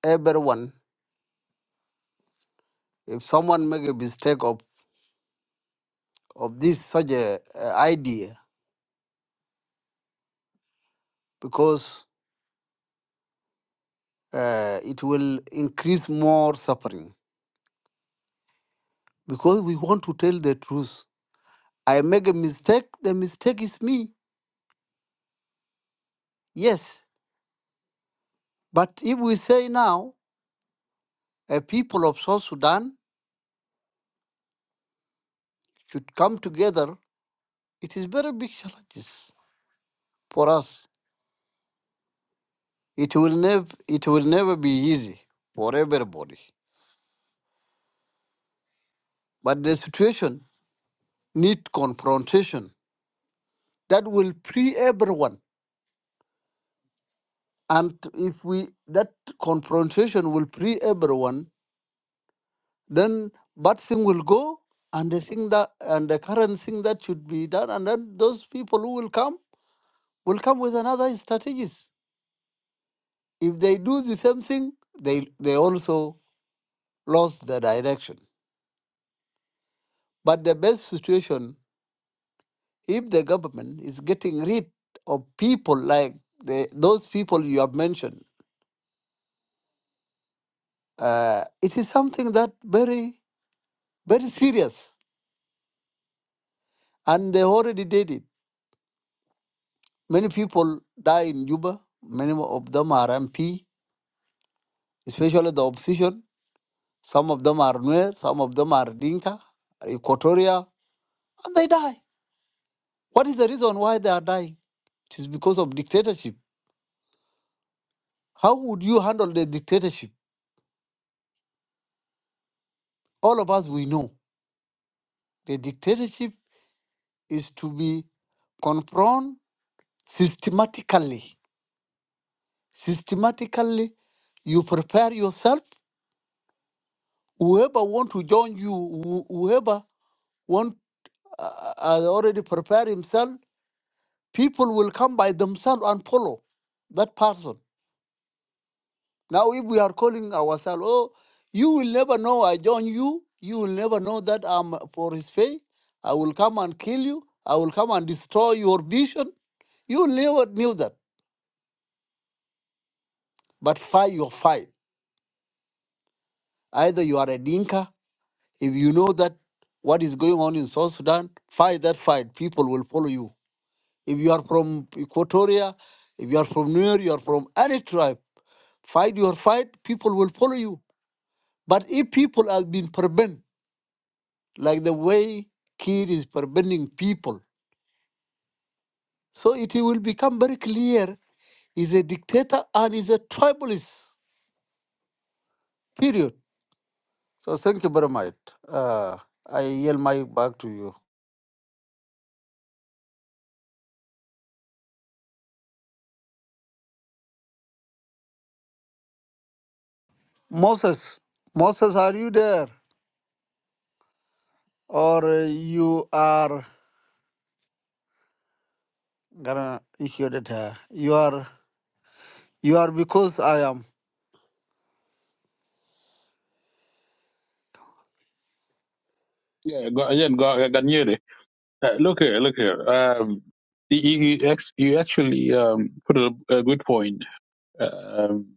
[SPEAKER 5] everyone if someone make a mistake of, of this such a uh, idea because uh, it will increase more suffering because we want to tell the truth i make a mistake the mistake is me yes but if we say now a people of south sudan should come together it is very big challenges for us it will never it will never be easy for everybody but the situation need confrontation that will free everyone And if we that confrontation will free everyone, then bad thing will go, and the thing that and the current thing that should be done, and then those people who will come will come with another strategies. If they do the same thing, they they also lost the direction. But the best situation, if the government is getting rid of people like the, those people you have mentioned, uh, it is something that very very serious, and they already did it Many people die in Juba. Many of them are MP, especially the opposition. Some of them are Nuer, some of them are Dinka, Equatoria, and they die. What is the reason why they are dying? It is because of dictatorship. How would you handle the dictatorship? All of us, we know the dictatorship is to be confront systematically. Systematically, you prepare yourself. Whoever want to join you, who- whoever want uh, has already prepared himself, people will come by themselves and follow that person. Now, if we are calling ourselves, oh, you will never know I join you, you will never know that I'm for his faith, I will come and kill you, I will come and destroy your vision, you will never knew that. But fight your fight. Either you are a dinka, if you know that what is going on in South Sudan, fight that fight, people will follow you If you are from Equatoria, if you are from Nuer, you are from any tribe, fight your fight, people will follow you. But if people have been forbidden, like the way Kir is forbidding people, so it will become very clear he's a dictator and he's a tribalist, period. So thank you very much. Uh, I yield my back to you. Moses, Moses, are you there? Or uh, you are gonna issue that? uh, You are. You are because I am.
[SPEAKER 7] you. Yeah. Go, again, go. Ganyer. Uh, look here, look here. Um, you, you, ex- you actually um, put a, a good point. Um,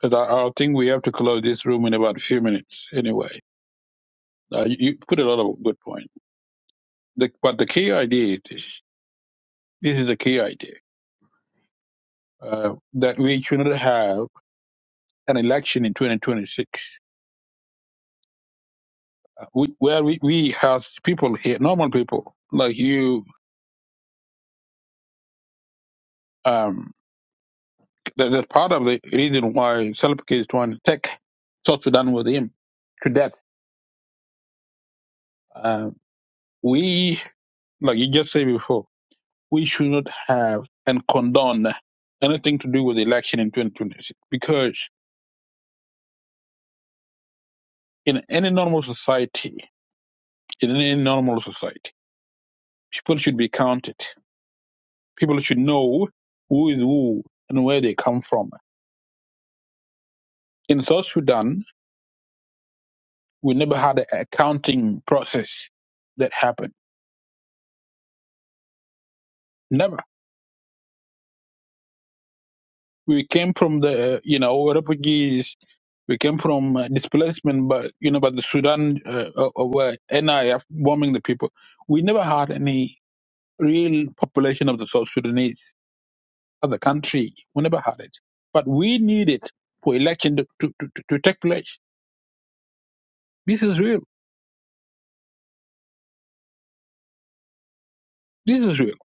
[SPEAKER 7] 'cause I, I think we have to close this room in about a few minutes anyway. Uh, you, you put a lot of good points. The, but the key idea is this This is the key idea uh, that we should not have an election in 2026 uh, we, where we, we have people here, normal people like you. Um, that, that's part of the reason why Salpik is trying to take South Sudan with him to death Uh, we, like you just said before, we should not have and condone anything to do with the election in 2026 because in any normal society, in any normal society, people should be counted. People should know who is who and where they come from. In South Sudan, we never had a a counting process that happened. Never. we came from the you know refugees we came from uh, displacement but you know but the sudan uh, uh, uh, were nif bombing the people we never had any real population of the south sudanese as a country we never had it but we need it for election to, to, to, to take place this is real this is real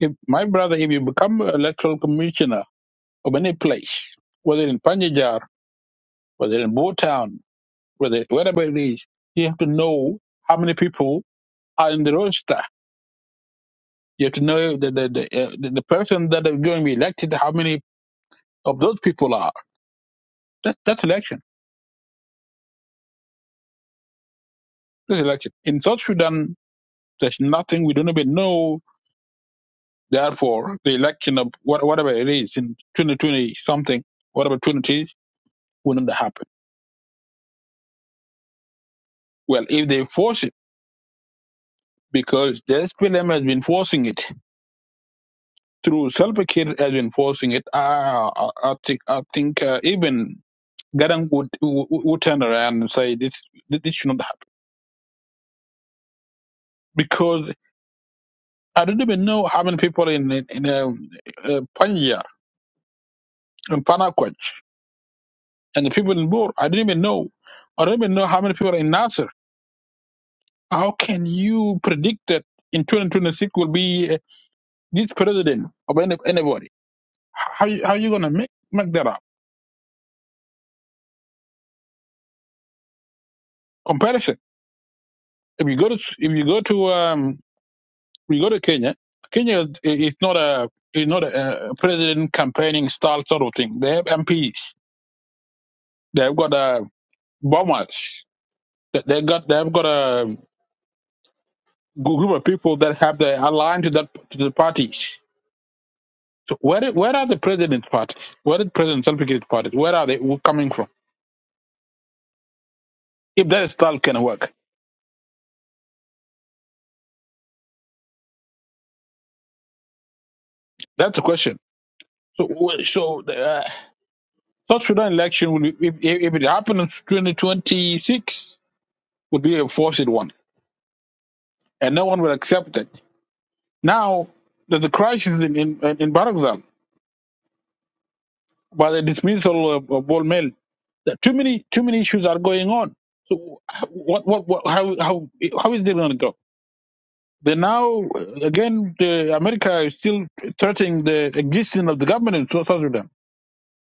[SPEAKER 7] if my brother if you become an electoral commissioner of any place whether in panjajar whether in Botown, whether wherever it is you have to know how many people on the roster. You have to know the the the, uh, the the person that is going to be elected. How many of those people are? That, that's election. That's election. In South Sudan, there's nothing we don't even know. Therefore, the election of what, whatever it is in 2020 something, whatever 20 will not happen. Well, if they force it, because the SPLM has been forcing it through Salpakir has been forcing it. I, I, I think I think uh, even Garang would, would would turn around and say this this should not happen because I don't even know how many people in in, in uh, uh, Panya and Panakoch and the people in Bor. I don't even know. I don't even know how many people are in Nasser. How can you predict that in 2026 will be uh, this president of any, anybody? How you- how you gonna make make that up comparison? If you go to if you go to um you go to Kenya, Kenya is is not a is not a, uh president campaigning style sort of thing. They have MPs. They've got uh, bombers. They they got they've got a group of people that have the aligned to that to the party. So where i- where are the president's party? Where is President Salvator's party? Where are they w- coming from? If that style can work, that's the question. So w- so uh, South Sudan election will be, if if if it happens in twenty twenty six would be a forced one, and no one will accept it. Now there's a crisis in in in Barakzal by the dismissal of, of Bol Mel. There are Too many too many issues are going on. So what what, what how how how is it going to go? They now again the America is still threatening the existence of the government in South Sudan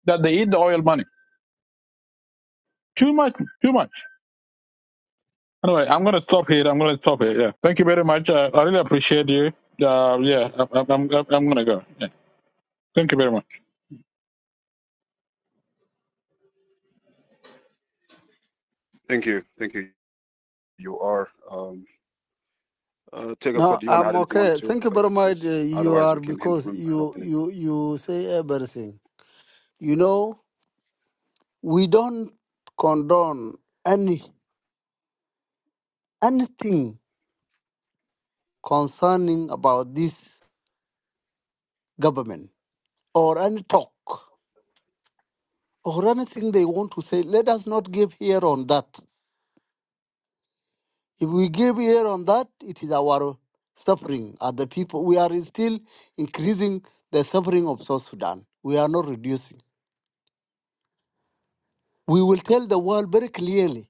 [SPEAKER 7] that they eat the oil money. Too much, too much. Anyway, I'm gonna stop here. I'm gonna stop here. Yeah. Thank you very much. Uh, I really appreciate you. Uh, yeah, I'm, I'm, I'm I'm gonna go. Yeah. Thank you very much.
[SPEAKER 1] Thank you. Thank you. You are. Um, uh, take a quote.
[SPEAKER 5] No,
[SPEAKER 1] Do you want to
[SPEAKER 5] I'm
[SPEAKER 1] add anything on
[SPEAKER 5] okay.
[SPEAKER 1] too?
[SPEAKER 5] Thank you
[SPEAKER 1] Like,
[SPEAKER 5] very much. Uh,
[SPEAKER 1] yes.
[SPEAKER 5] You
[SPEAKER 1] Otherwise,
[SPEAKER 5] are
[SPEAKER 1] we can hand the
[SPEAKER 5] because
[SPEAKER 1] room and
[SPEAKER 5] you
[SPEAKER 1] open it.
[SPEAKER 5] you you say everything. You know, we don't condone any anything concerning about this government or any talk or anything they want to say. Let us not give ear on that. If we give ear on that, it is our suffering are the people. We are still increasing the suffering of South Sudan. We are not reducing. We will tell the world very clearly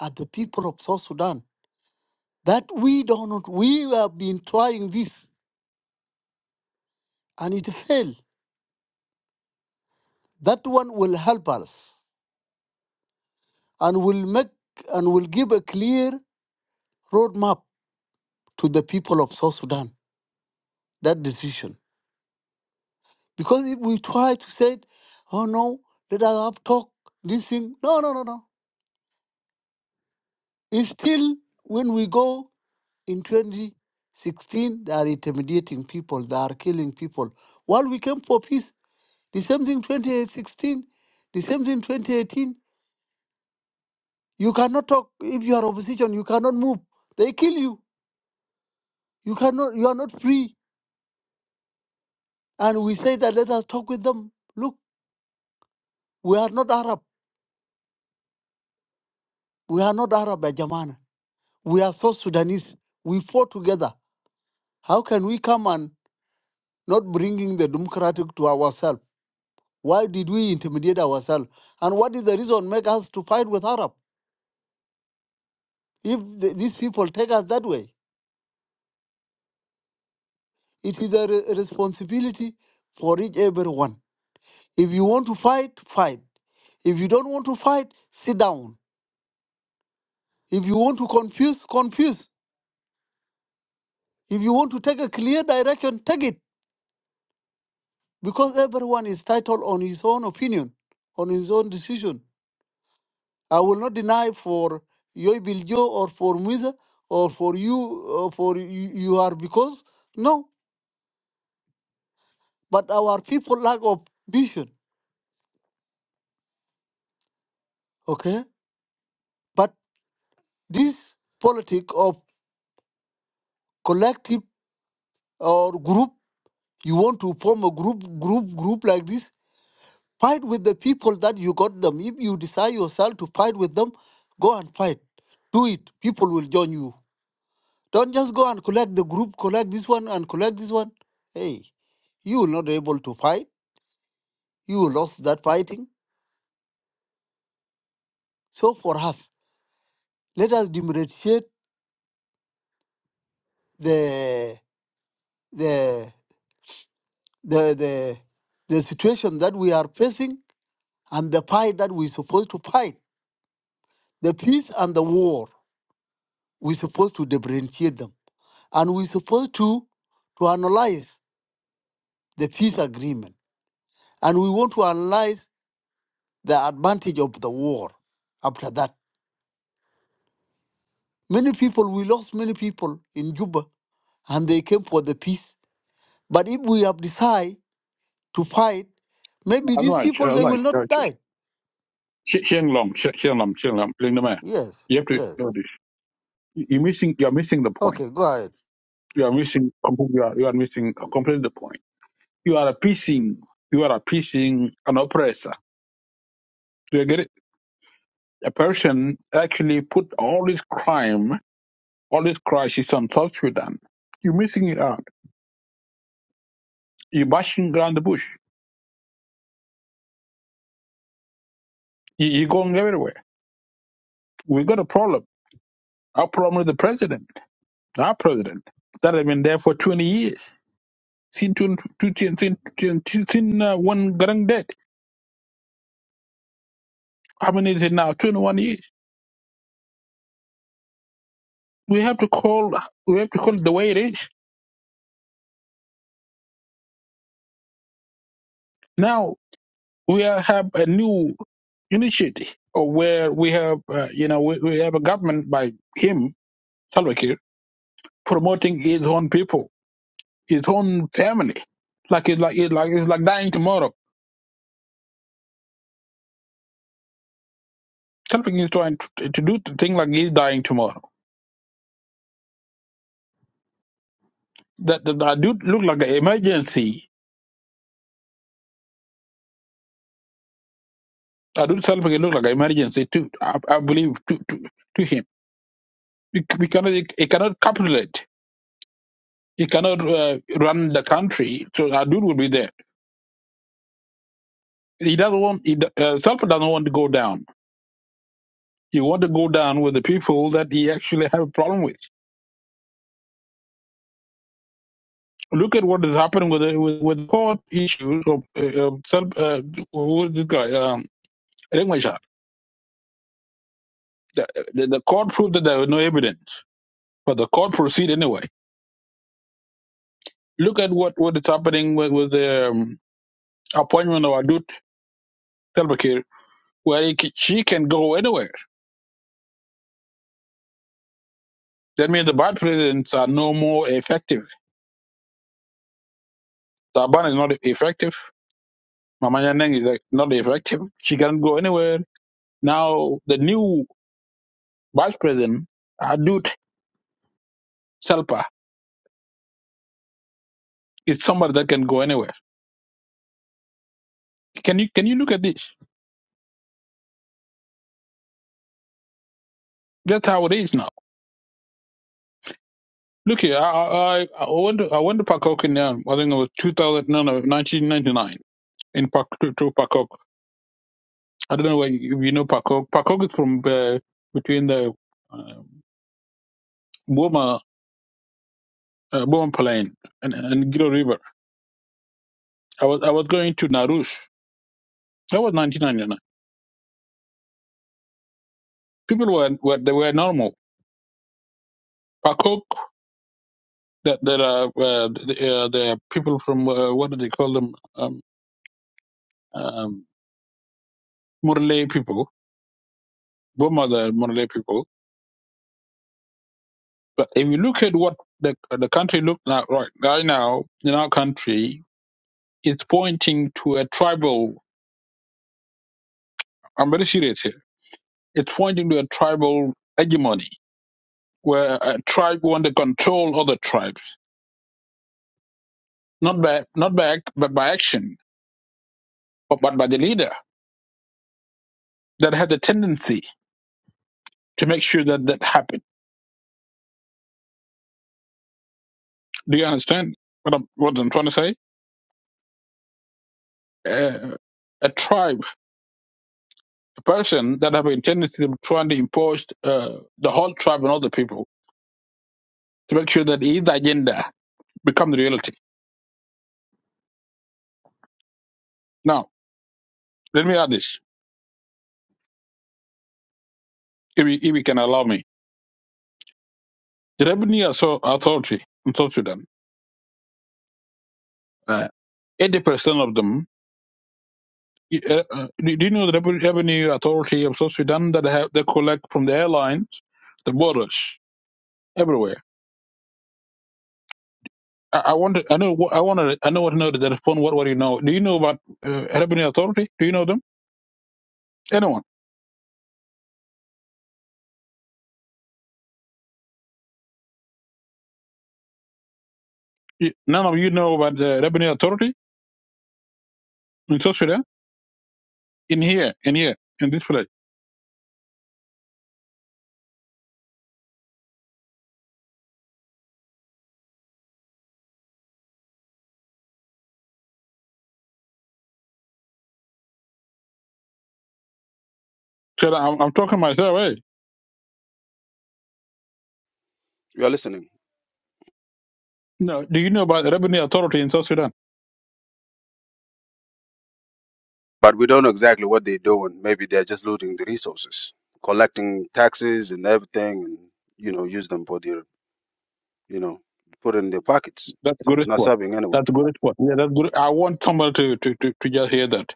[SPEAKER 5] at the people of South Sudan that we do not, we have been trying this and it failed. That one will help us and will make and will give a clear roadmap to the people of South Sudan, that decision. Because if we try to say, oh no, let us have talk, this thing, no, no, no, no. It's still when we go in 2016, they are intimidating people, they are killing people. While we came for peace, The same thing 2016, the same thing 2018. You cannot talk if you are opposition, you cannot move. They kill you. You cannot you are not free. And we say that let us talk with them. Look, we are not Arab. We are not Arab ya Jamana. We are South Sudanese. We fought together. How can we come and not bringing the democratic to ourselves? Why did we intimidate ourselves? And what is the reason make us to fight with Arab if th- these people take us that way? It is a re- responsibility for each everyone. If you want to fight, fight. If you don't want to fight, sit down. If you want to confuse, confuse. If you want to take a clear direction, take it. Because everyone is titled on his own opinion, on his own decision. I will not deny for Yoy Biljo or for Muiza or for you or for you, you are because no. But our people lack of vision. Okay? But this politic of collective or group you want to form a group group group like this fight with the people that you got them if you decide yourself to fight with them go and fight do it people will join you don't just go and collect the group collect this one and collect this one hey you will not able to fight you will lost that fighting so for us let us differentiate the the the the the situation that we are facing and the fight that we're supposed to fight the peace and the war We're supposed to differentiate them. And we're supposed to, to analyze the peace agreement. And we want to analyze the advantage of the war after that. Many people, we lost many people in Juba and they came for the peace. But if we have decided to fight, maybe
[SPEAKER 7] As
[SPEAKER 5] these
[SPEAKER 7] much,
[SPEAKER 5] people,
[SPEAKER 7] as
[SPEAKER 5] they
[SPEAKER 7] much.
[SPEAKER 5] will not die.
[SPEAKER 7] Xiang Long, Xiang Long, Xiang Long, Ling Lemay.
[SPEAKER 5] Yes,
[SPEAKER 7] You have to
[SPEAKER 5] yes.
[SPEAKER 7] know this. You- You're missing. You're missing the point.
[SPEAKER 5] Okay, go ahead.
[SPEAKER 7] You are missing. You are, you are missing completely the point. You are appeasing. You are appeasing an oppressor. Do you get it? a person actually put all his crime, all his crisis on South Sudan. You're missing it out. You're bashing around the bush. You- You're going everywhere. we got a problem. Our problem is the president, our president, that has been there for 20 years. Since, since, since, since, since uh, one grand dead. How many is it now? 21 years. We have to call, we have to call it the way it is. Now we are, have a new initiative uh, where we have, uh, you know, we, we have a government by him Salva Kiir promoting his own people, his own family, like it's like it's like it's like dying tomorrow. Salva Kiir is trying to, to do the thing like he's dying tomorrow. That that, that dude look like an emergency. That dude Salva Kiir look like an emergency too. I, I believe to to to him. We, we cannot he cannot capitulate. He cannot uh, run the country. So that will be there. He doesn't want. He, do- uh, Salva doesn't want to go down. He want to go down with the people that he actually have a problem with Look at what is happening with the, with, with court issues of uh, uh, self. Uh, who is this guy? Um, Riek Machar. The, the, the court proved that there was no evidence, but the court proceed anyway. Look at what what is happening with, with the um, appointment of Adut Selbakir, where he, ca- she can go anywhere. That means the bad presidents are no more effective. Taban is not effective. Mama Nyandeng is like, not effective. She cannot go anywhere. Now the new vice president, Adut Selpa, is somebody that can go anywhere Can you can you look at this? That's how it is now. Look here, I I, I went to, I went to Pakok in um, I think it was 2000 no no 1999 in Pak to, to Pakok. I don't know where you, if you know Pakok. Pakok is from uh, between the uh, Boma uh, Boma Plain and and Giro River. I was I was going to Narush. That was 1999. People were were they were normal. Pakok that there are uh, the, uh, the people from uh, what do they call them um, um, Murle people. Boma the Murle people But if you look at what the the country look like right, right now in our country, it's pointing to a tribal. I'm very serious here. It's pointing to a tribal hegemony where a tribe want to control other tribes, not by not by ac- but by action, but, but by the leader that has a tendency to make sure that that happens. Do you understand what I'm what I'm trying to say? Uh, a tribe, a person that have a tendency to trying to impose uh, the whole tribe on other people to make sure that his agenda becomes reality. Now, let me add this, if you, if you can allow me. The revenue Author- authority in South Sudan, uh, 80% of them, uh, uh, do do you know the revenue revenue authority of South Sudan that have, they collect from the airlines, the borders, everywhere? I, I want to, I know, what- I want to, I know what to know the phone. What, what do you know? Do you know about uh, revenue authority? Do you know them? Anyone? You- None of you know about the revenue authority in South Sudan? In here, in here, in this place. So I'm, I'm talking myself, eh?
[SPEAKER 1] We are listening.
[SPEAKER 7] No, do you know about the revenue authority in South Sudan?
[SPEAKER 1] But we don't know exactly what they're doing. Maybe they're just looting the resources, collecting taxes and everything, and you know, use them for their, you know, put in their pockets.
[SPEAKER 7] That's a
[SPEAKER 1] So
[SPEAKER 7] good
[SPEAKER 1] it's not
[SPEAKER 7] one.
[SPEAKER 1] serving anyone.
[SPEAKER 7] That's a good one. Yeah, that's good. I want someone to, to, to, to just hear that.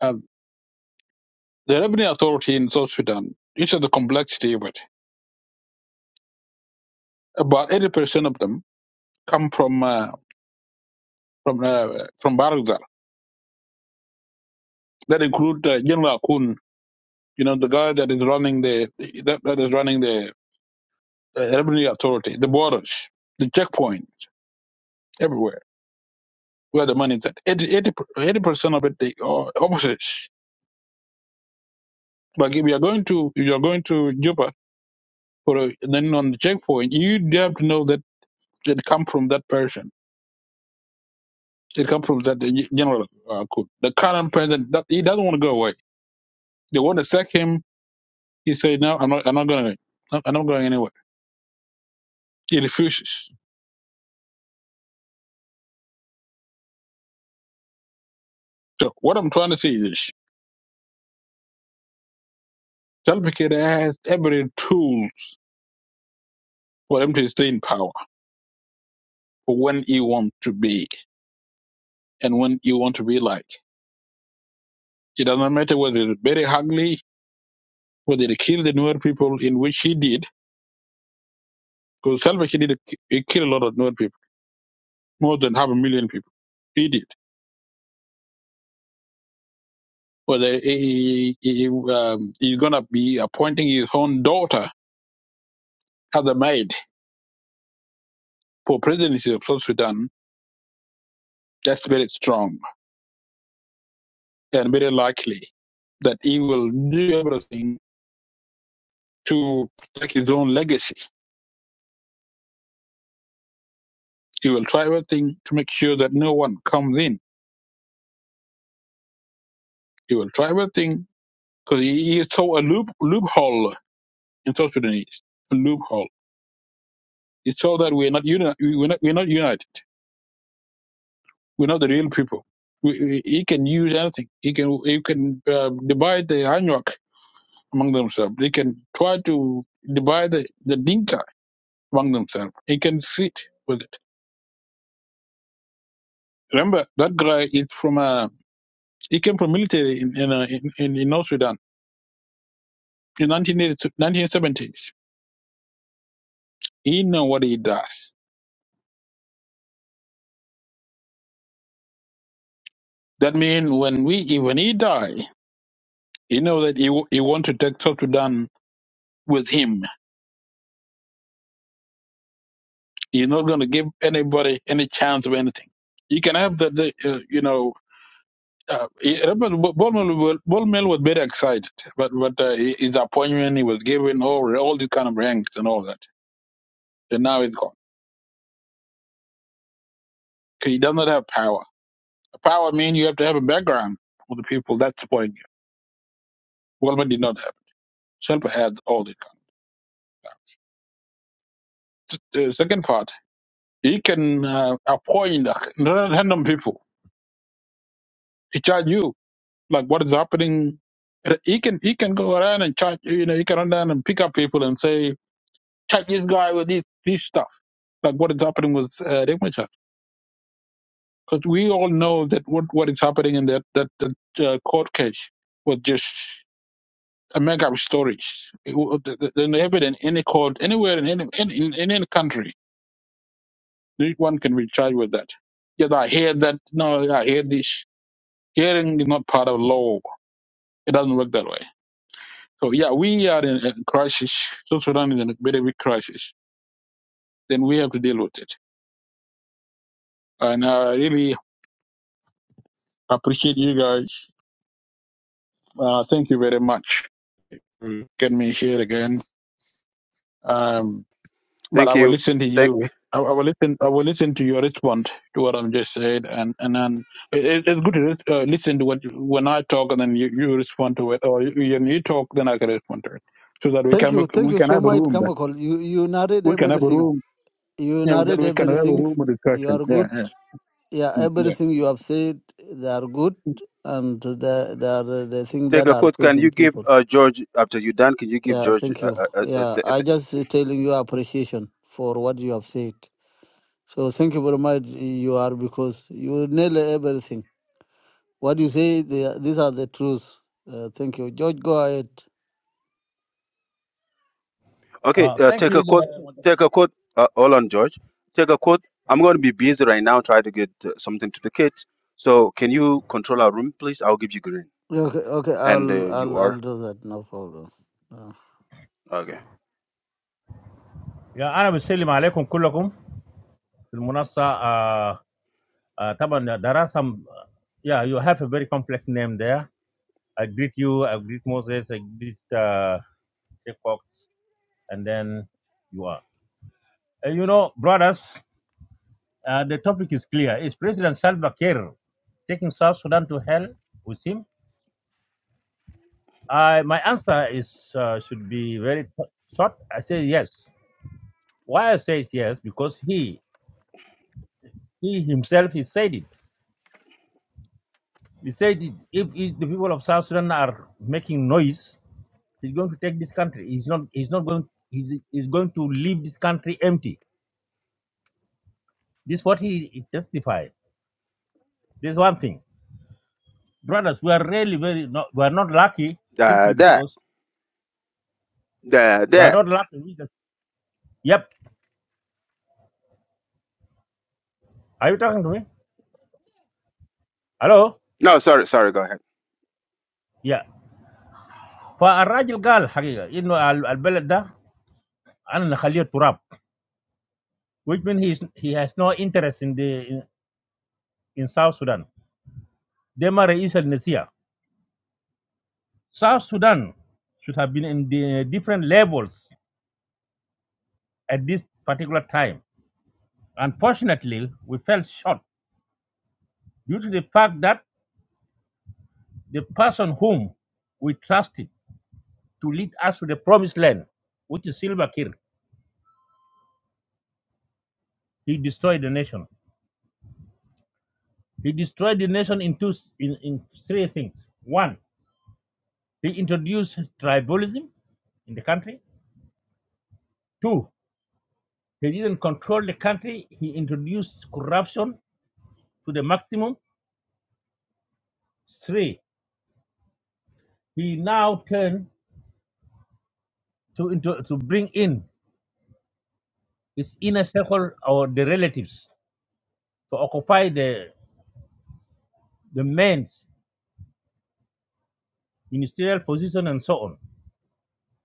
[SPEAKER 7] Um, the revenue authority in South Sudan, this is the complexity of it. About 80% of them come from uh, from uh, from Baragzal. That include uh, General Akun, you know, the guy that is running the that, that is running the uh, revenue authority, the borders, the checkpoint, everywhere where the money is at. 80, 80% of it, the uh, officers. But if you are going to if you are going to Juba or uh, then on the checkpoint, you have to know that it come from that person. It come from that the general uh, cook. The current president that he doesn't want to go away. They want to sack him. He said, "No, I'm not. I'm not going. I'm not going anywhere." He refuses. So what I'm trying to say is, this. Salva Kiir has every tool for him to stay in power for when he wants to be and when he want to be like. It doesn't matter whether it's very ugly, whether they kill the newer people in which he did Because Salva Kiir did a- he killed a lot of Nuer people, more than half a million people. He did. Whether he, he, he, um, he's gonna be appointing his own daughter as a maid for presidency of South Sudan, that's very strong and very likely that he will do everything to protect his own legacy. He will try everything to make sure that no one comes in. He will try everything because he, he saw a loop loophole in South Sudanese, a loophole. He saw that we're not uni- we're not we're not united. We're not the real people. We, we- he can use anything. He can he can uh, divide the Anuak among themselves. They can try to divide the, the Dinka among themselves. He can fit with it. Remember that guy is from a. he came from military in in, uh, in, in in North Sudan in 1970s. He know what he does. That means when we when he die, he know that he wa- he want to take South Sudan with him You're not going to give anybody any chance of anything. You can have the, the uh, you know, uh, he- remember Bo- Bowman wa- was very excited, but but uh, his appointment he was given all all these kind of ranks and all that, and now it's gone. He does not have power. Power means you have to have a background for the people that supporting you. Bowman did not have. Shelper had all this. The second part, he can uh, appoint random people to charge you like what is happening. He can he can go around and charge you know he can run down and pick up people and say charge this guy with this this stuff like what is happening with uh, Ringmacher because we all know that what what is happening in that that, that uh, court case was just a make up stories. It wa- the- the- There's no evidence in any court anywhere in any in, in, in any country no one can be charged with that. Yes, I hear that. No, I hear this. Hearing is not part of law. It doesn't work that way. So yeah, we are in a crisis. South Sudan is in a very big crisis. Then we have to deal with it. And I really appreciate you guys. Uh, thank you very much. Mm. Get me here again. Um, but I
[SPEAKER 1] Thank
[SPEAKER 7] will
[SPEAKER 1] you.
[SPEAKER 7] listen to
[SPEAKER 1] Thank.
[SPEAKER 7] you. I, I will listen. I will listen to your response to what I'm just said, and and then it- it's good to lis- uh, listen to what you, when I talk, and then you, you respond to it, or you, when you talk, then I can respond to it, so that we
[SPEAKER 5] Thank
[SPEAKER 7] can
[SPEAKER 5] you. Thank
[SPEAKER 7] we
[SPEAKER 5] you
[SPEAKER 7] can
[SPEAKER 5] so
[SPEAKER 7] have a
[SPEAKER 5] much,
[SPEAKER 7] room.
[SPEAKER 5] Kamakol. You, you narrate
[SPEAKER 7] We can have a
[SPEAKER 5] everything.
[SPEAKER 7] room.
[SPEAKER 5] You
[SPEAKER 7] Yeah, that
[SPEAKER 5] narrate
[SPEAKER 7] we can have a
[SPEAKER 5] everything.
[SPEAKER 7] room of
[SPEAKER 5] You
[SPEAKER 7] discussion.
[SPEAKER 5] are
[SPEAKER 7] Yeah,
[SPEAKER 5] good.
[SPEAKER 7] yeah,
[SPEAKER 5] Yeah,
[SPEAKER 7] Mm, yeah.
[SPEAKER 5] everything you have said, they are good, and they, they are the things
[SPEAKER 1] Take
[SPEAKER 5] that
[SPEAKER 1] a
[SPEAKER 5] are
[SPEAKER 1] quote. Can
[SPEAKER 5] pleasing
[SPEAKER 1] you give
[SPEAKER 5] people.
[SPEAKER 1] uh, George after you done? Can you give
[SPEAKER 5] Yeah,
[SPEAKER 1] George?
[SPEAKER 5] thank
[SPEAKER 1] Uh,
[SPEAKER 5] you.
[SPEAKER 1] uh, uh, uh,
[SPEAKER 5] Yeah,
[SPEAKER 1] th-
[SPEAKER 5] I
[SPEAKER 1] th-
[SPEAKER 5] just telling you appreciation for what you have said. So thank you very much. You are because you nail everything. What you say, they, these are the truths. Uh, thank you, George. Go ahead.
[SPEAKER 1] okay.
[SPEAKER 8] آه
[SPEAKER 1] Uh,
[SPEAKER 8] ثانك
[SPEAKER 1] take
[SPEAKER 8] يو
[SPEAKER 1] a quote. Take a quote. Uh, hold on, George. Take a quote. I'm going to be busy right now. Try to get uh, something to the kids. So can you control our room, please? I'll give you green.
[SPEAKER 5] Okay, okay,
[SPEAKER 1] And
[SPEAKER 5] I'll,
[SPEAKER 1] uh, you
[SPEAKER 5] I'll,
[SPEAKER 1] are
[SPEAKER 5] I'll do that. No problem. Uh,
[SPEAKER 1] okay.
[SPEAKER 8] يا انا بسلم عليكم كلكم في المنصه آه آه طبعا there are some yeah you have a very complex name there I greet you I greet Moses I greet uh, Fox and then you are Uh, you know brothers uh, the topic is clear is President Salva Kiir taking South Sudan to hell with him I my answer is uh, should be very short I say yes why I say yes because he he himself he said it He said if, if the people of South Sudan are making noise, he's going to take this country. He's not. He's not going. He's, he's going to leave this country empty. This is what he, he testified. There's one thing, brothers. We are really very. Not, we are not lucky simply
[SPEAKER 1] Da da
[SPEAKER 8] because
[SPEAKER 1] da
[SPEAKER 8] we
[SPEAKER 1] da.
[SPEAKER 8] are not lucky. We just- Yep. Are you talking to me? Hello.
[SPEAKER 1] No, sorry, sorry. Go ahead.
[SPEAKER 8] Yeah. فالراجل قال حقيقة إنه ال- البلد ده أنا اللي أخليه تراب which means he, is, he has no interest in the in, in South Sudan. ده ما رئيس النسيج South Sudan should have been in the different levels at this particular time. Unfortunately, we fell short due to the fact that the person whom we trusted to lead us to the promised land, which is Silva Kir, he destroyed the nation. He destroyed the nation in two in, in three things. One, he introduced tribalism in the country. Two, he didn't control the country. He introduced corruption to the maximum. Three, he now turned to into, to bring in his inner circle or the relatives to occupy the the men's ministerial position and so on.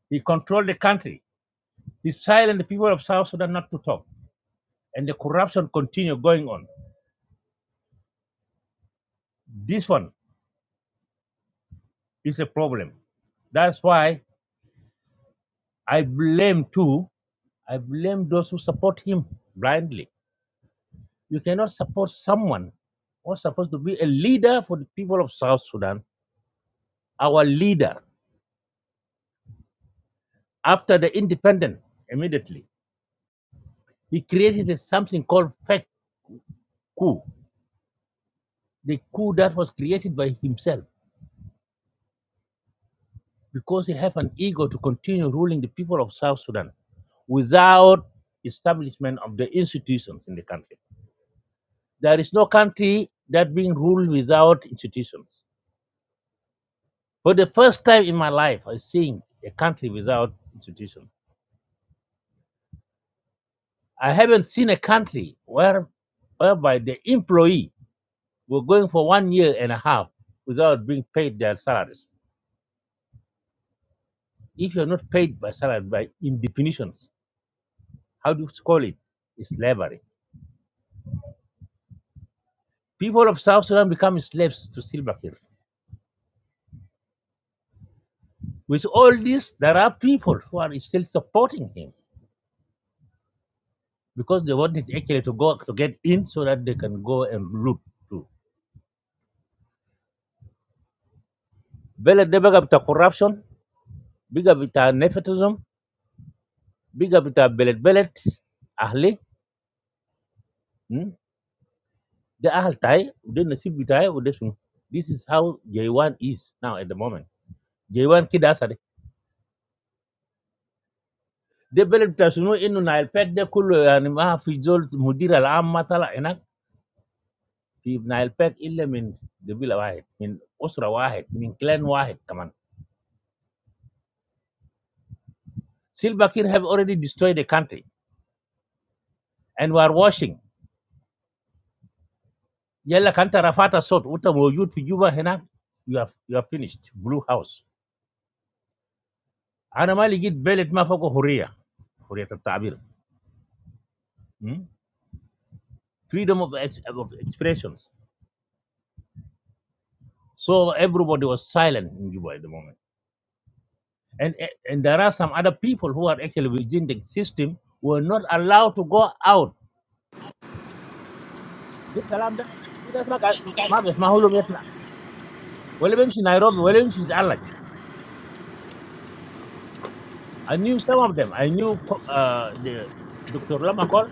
[SPEAKER 8] He controlled the country. He silenced the people of South Sudan not to talk, and the corruption continued going on. This one is a problem. That's why I blame too. I blame those who support him blindly. You cannot support someone who is supposed to be a leader for the people of South Sudan, our leader after the independence immediately He created something called fake coup, the coup that was created by himself because he had an ego to continue ruling the people of South Sudan without establishment of the institutions in the country. There is no country that being ruled without institutions. For the first time in my life, I'm seeing a country without institutions. I haven't seen a country where, whereby the employee were going for one year and a half without being paid their salaries. If you're not paid by salary, by in definitions, how do you call it? It's slavery. People of South Sudan become slaves to Silva Kiir. With all this, there are people who are still supporting him because they wanted actually to go to get in so that they can go and loot too. Belet de bigger with corruption, bigger with nepotism, bigger with belet belet, ahli, hmm? the ahl tai, then the nasib tai, this is how J1 is now at the moment. J1 kidasari. Development, you know, in the Alpak, they call the animal a frozen mudira. The army, they say, that the Alpak is the only thing that will save us. It's a single one, it's a clan one, command. The Bakir have already destroyed the country, and we are watching. If the counteroffensive sort of what is going on in Libya, you have you have finished. Blue House. Normally, it's about freedom of expression. So everybody was silent in Libya at the moment. and and there are some other people who are actually within the system who are not allowed to go out ده الكلام ده في ناس ما قاعد ما بيسمعوا لهم يطلع ولا بيمشي نيروبي ولا بيمشي يتعالج I knew some of them I knew uh, the Dr. Lama Call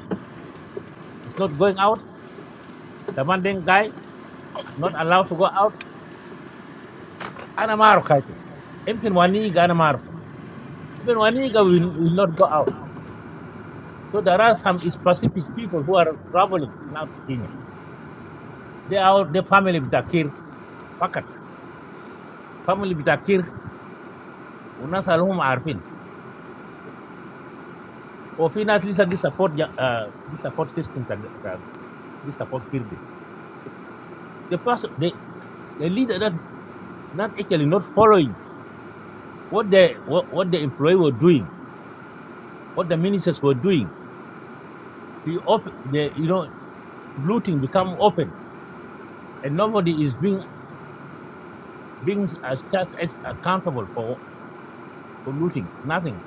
[SPEAKER 8] is not going out The commanding guy not allowed to go out أنا ما أعرف حياته يمكن ونيجا أنا even ونيجا will, will not go out so there are some specific people who are traveling now to Kenya they are the family بتاع كير فقط family بتاع كير والناس اللي هم عارفين وفي ناس لسه دي سبورت دي سبورت سيستم دي سبورت كيردي the person the, the leader that not actually not following what the what, what the employee were doing what the ministers were doing the off the you know looting become open and nobody is being being as just as accountable for for looting nothing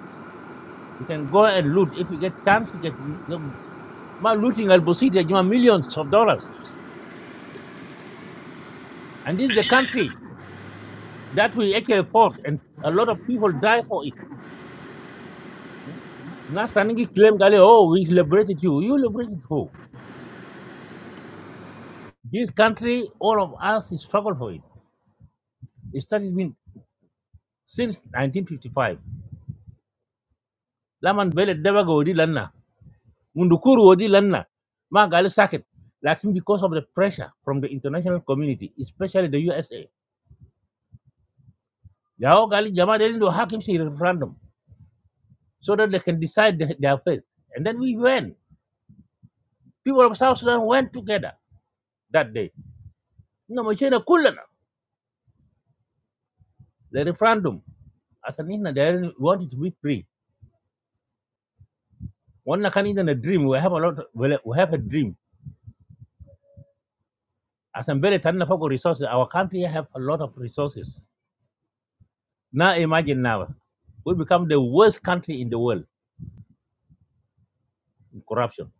[SPEAKER 8] you can go and loot if you get chance you get ما looting البسيط يا get millions of dollars and this is the country that we actually fought, and a lot of people die for it. Now Sanigi claimed, that, oh, we liberated you. You liberated who? This country, all of us struggled for it. It started been since 1955. Laman Bele Debaga Odi Lanna, Mundukuru Odi Lanna, Magali Saket. Lakin because of the pressure from the international community, especially the USA, Yao Gali Jama they didn't do Hakimsi referendum so that they can decide their their fate. And then we went. People of South Sudan went together that day. No, Machina kulana. the referendum. As an Indian, they want it to be free. One can in a dream. We have a lot. We have a dream. As a very for resources, our country have a lot of resources. Now imagine now, we become the worst country in the world in corruption.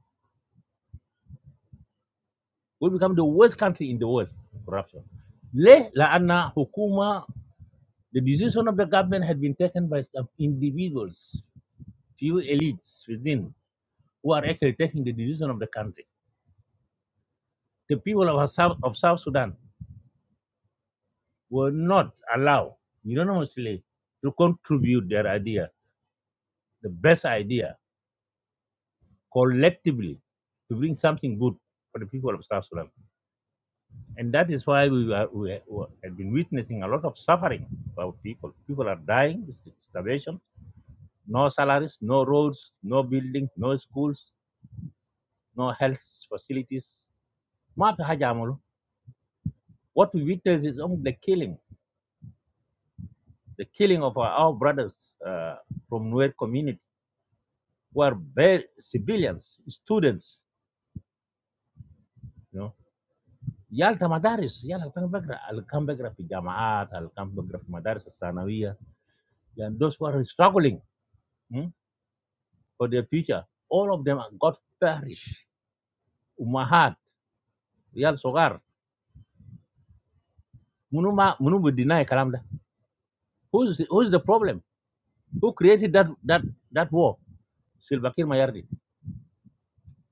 [SPEAKER 8] We become the worst country in the world in corruption. Le la anna hukuma. The decision of the government had been taken by some individuals, few elites within, who are actually taking the decision of the country. The people of South, of South Sudan were not allowed unanimously to contribute their idea, the best idea, collectively to bring something good for the people of South Sudan. And that is why we, are, we, have been witnessing a lot of suffering for our people. People are dying with starvation, no salaries, no roads, no buildings, no schools, no health facilities. What we witness is only the killing, the killing of our, our brothers uh, from Nuer community were very civilians, students, you know. Y'all tamadaris, y'all al-kambegraphi Jamaat, al-kambegraphi madaris sa Sanaa. Yeah, those were struggling hmm, for their future. All of them got perished. Umarat, y'all so far, manum manum we deny kalamda. Who's the, who's the problem? Who created that that that war? Silvakin mayardi.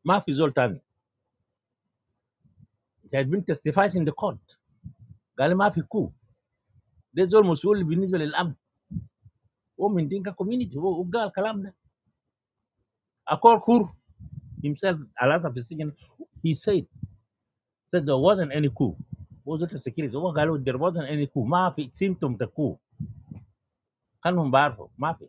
[SPEAKER 8] Maaf isul tan. They have been testifying in the court. Galle maafiku. They's almost only biniso lel am. Oo min tinka community. Oo ugall kalamda. Akol Kur himself, a lot Alasa Fisijan, he said that there wasn't any coup. Was it a security? هو قالوا there wasn't any coup. ما في symptom the coup. كانهم بعرفوا ما في.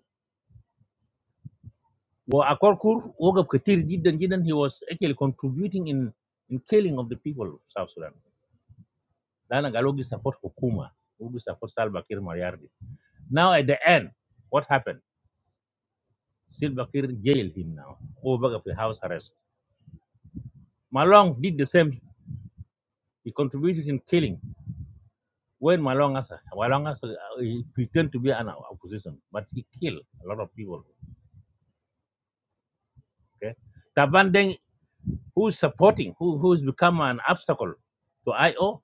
[SPEAKER 8] وأكول كور وقف كتير جدا جدا he was actually contributing in in killing of the people of South Sudan. لأن قالوا he support حكومة. وقف support Salva Kiir Mayardit. Now at the end, what happened? Salva Kiir jailed him now. هو بقى في house arrest. Malong did the same. He contributed in killing. When Malonga, Malonga, Malong uh, pretend to be an opposition, but he killed a lot of people. Okay, Tabandeng, who's supporting, who who's become an obstacle to IO,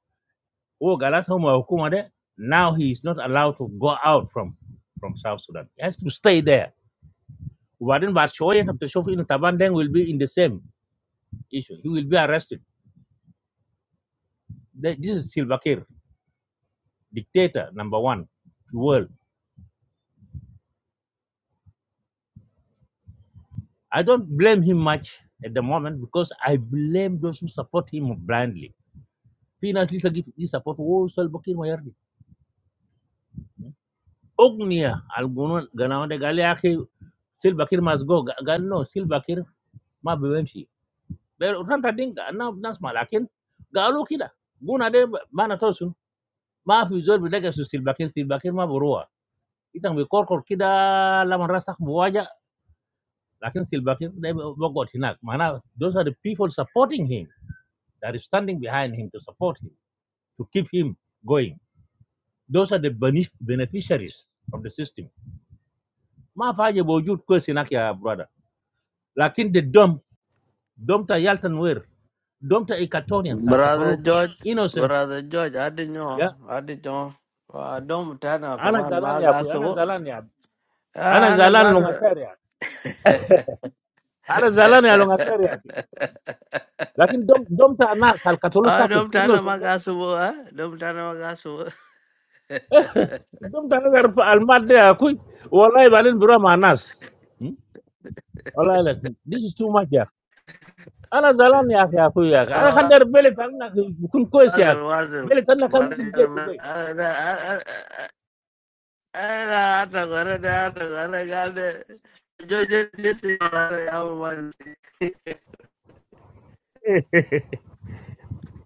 [SPEAKER 8] oh Galas Homo Hukuma de, now he is not allowed to go out from from South Sudan. He has to stay there. Warden Barshoyan of the in Tabandeng will be in the same issue. He will be arrested. This is Silva Kiir, dictator number one, in the world I don't blame him much at the moment because I blame those who support him blindly. Finance leader give this support. Oh, Sil Bakir, my army. Oh, niya. Alguno ganawde galleaki. Sil Bakir must go. Gan no. Sil Bakir ma bimansi. Beru kan tadi nga na nas malakin. Gan alu kita. Gunade mana trosun. Ma fi jo bi dagasu Sil Bakir. Sil Bakir ma borua. Itang bi korkor kita lamang rasak borua. Lakin Sil Bakir they bago tinak. Mana those are the people supporting him. that is standing behind him to support him, to keep him going. Those are the benef- beneficiaries of the system. Ma faje bojut kwesi nak ya brother. Lakin the dumb, dumb ta yaltan wer, dumb ta ikatonian
[SPEAKER 4] Brother
[SPEAKER 8] salkatolo,
[SPEAKER 4] George,
[SPEAKER 8] innocent.
[SPEAKER 4] brother George, I didn't know,
[SPEAKER 8] Yeah.
[SPEAKER 4] I didn't know. Uh, don't tell no, come
[SPEAKER 8] Ana
[SPEAKER 4] on,
[SPEAKER 8] zalan
[SPEAKER 4] my
[SPEAKER 8] ya
[SPEAKER 4] guys.
[SPEAKER 8] kuy, ana
[SPEAKER 4] So,
[SPEAKER 8] zalan ya. Ana
[SPEAKER 4] ah,
[SPEAKER 8] zalan
[SPEAKER 4] another.
[SPEAKER 8] lungasari ya. Ana zalan ya lungasari ya. Lakin dom dom ta na sal salkatolo
[SPEAKER 4] ah,
[SPEAKER 8] sakit,
[SPEAKER 4] don't tell no,
[SPEAKER 8] innocent.
[SPEAKER 4] my
[SPEAKER 8] de.
[SPEAKER 4] guys. So, ah, don't tell no, my guys. So,
[SPEAKER 8] Dom ta nagar almad ya kuy. Wallahi balin bura ma anas. Hmm? Wallahi lakin. This is too much Ana zalan niya siya kuya. Ana kan
[SPEAKER 4] ah,
[SPEAKER 8] der beli tanla kung koy
[SPEAKER 4] was
[SPEAKER 8] siya.
[SPEAKER 4] it, was it?
[SPEAKER 8] Beli tanla kung
[SPEAKER 4] But I
[SPEAKER 8] kung jet
[SPEAKER 4] don't know,
[SPEAKER 8] ubay.
[SPEAKER 4] I don't know, I don't know, I don't know. George, this is what I want.
[SPEAKER 8] Eh,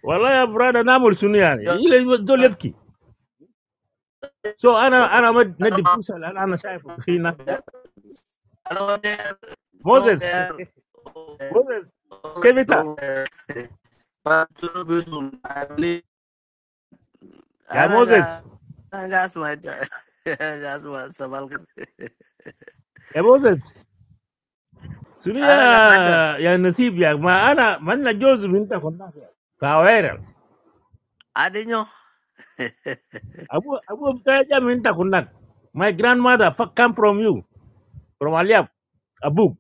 [SPEAKER 8] walla ya brada namul suni yani. Ile do lepki. So ana ana mag neti pusho. Ana na shaifo kina. Moses. Moses. Kevita. Ya Moses.
[SPEAKER 4] Anak semata, anak semata sabal kan.
[SPEAKER 8] Ya Moses. Sunya
[SPEAKER 4] Anak semata,
[SPEAKER 8] ya nasib ya. Ma ana man nga Joseph minta kunak. Kawera.
[SPEAKER 4] adinyo.
[SPEAKER 8] Abu Abu mtaja minta kunak. My grandmother fuck come from you. From Aliab. Abu.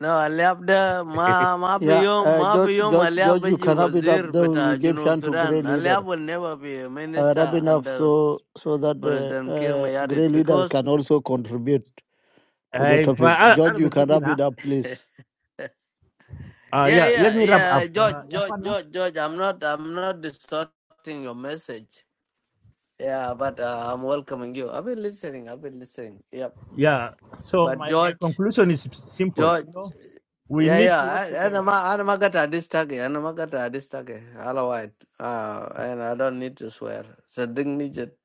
[SPEAKER 4] No, aliab da ma ma fi
[SPEAKER 5] yeah,
[SPEAKER 4] yom
[SPEAKER 5] uh,
[SPEAKER 4] ma fi
[SPEAKER 5] George,
[SPEAKER 4] yom
[SPEAKER 5] George,
[SPEAKER 4] aliab
[SPEAKER 5] George, you
[SPEAKER 4] beji
[SPEAKER 5] cannot beat up.
[SPEAKER 4] wazir
[SPEAKER 5] Though we
[SPEAKER 4] beta
[SPEAKER 5] gave
[SPEAKER 4] Junub
[SPEAKER 5] chance to
[SPEAKER 4] Sudan.
[SPEAKER 5] great leader.
[SPEAKER 4] Aliab will never be a
[SPEAKER 5] uh,
[SPEAKER 4] minister
[SPEAKER 5] rubbing off
[SPEAKER 4] under
[SPEAKER 5] so so that uh,
[SPEAKER 4] President Kir
[SPEAKER 5] uh,
[SPEAKER 4] Mayadit
[SPEAKER 5] grey leaders
[SPEAKER 4] because
[SPEAKER 5] can also contribute to the
[SPEAKER 8] Uh, if
[SPEAKER 5] topic.
[SPEAKER 8] I, I,
[SPEAKER 5] George,
[SPEAKER 8] I'll
[SPEAKER 5] you
[SPEAKER 8] be
[SPEAKER 5] can
[SPEAKER 8] giving
[SPEAKER 5] wrap
[SPEAKER 8] her,
[SPEAKER 5] it up, please.
[SPEAKER 8] uh,
[SPEAKER 4] Yeah,
[SPEAKER 8] yeah,
[SPEAKER 4] yeah,
[SPEAKER 8] let me wrap
[SPEAKER 4] yeah,
[SPEAKER 8] up.
[SPEAKER 4] George,
[SPEAKER 8] Uh, yeah,
[SPEAKER 4] George,
[SPEAKER 8] Kwana?
[SPEAKER 4] George, George. I'm not, I'm not distorting your message. Yeah, but uh, I'm welcoming you. I've been listening. I've been listening. Yep.
[SPEAKER 8] Yeah, so
[SPEAKER 4] But
[SPEAKER 8] my, my
[SPEAKER 4] George,
[SPEAKER 8] conclusion is simple.
[SPEAKER 4] George,
[SPEAKER 8] You know, we
[SPEAKER 4] yeah,
[SPEAKER 8] need to work
[SPEAKER 4] yeah. And
[SPEAKER 8] together.
[SPEAKER 4] I'm, I'm not gonna disturb you. I'm not gonna disturb you. Otherwise, uh, and I don't need to swear. So don't need it.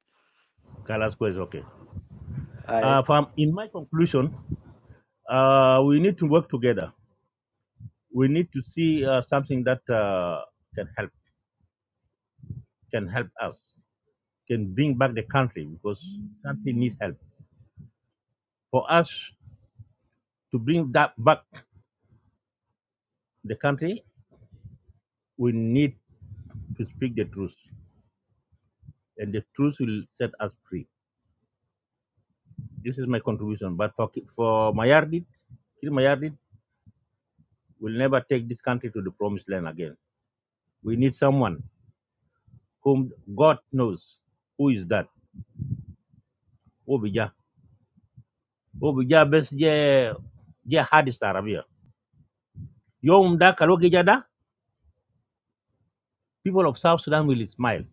[SPEAKER 8] Kalasco is okay.
[SPEAKER 4] I.
[SPEAKER 8] Uh, from, in my conclusion, uh, we need to work together. We need to see uh, something that uh, can help, can help us, can bring back the country because country needs help. For us to bring that back the country, we need to speak the truth, and the truth will set us free This is my contribution. But for Ki- for Mayardit, Kir Mayardit will never take this country to the promised land again. We need someone whom God knows who is that. Obija, Obija best je je hardest Arabia. Yom da kalogija da. People of South Sudan will smile.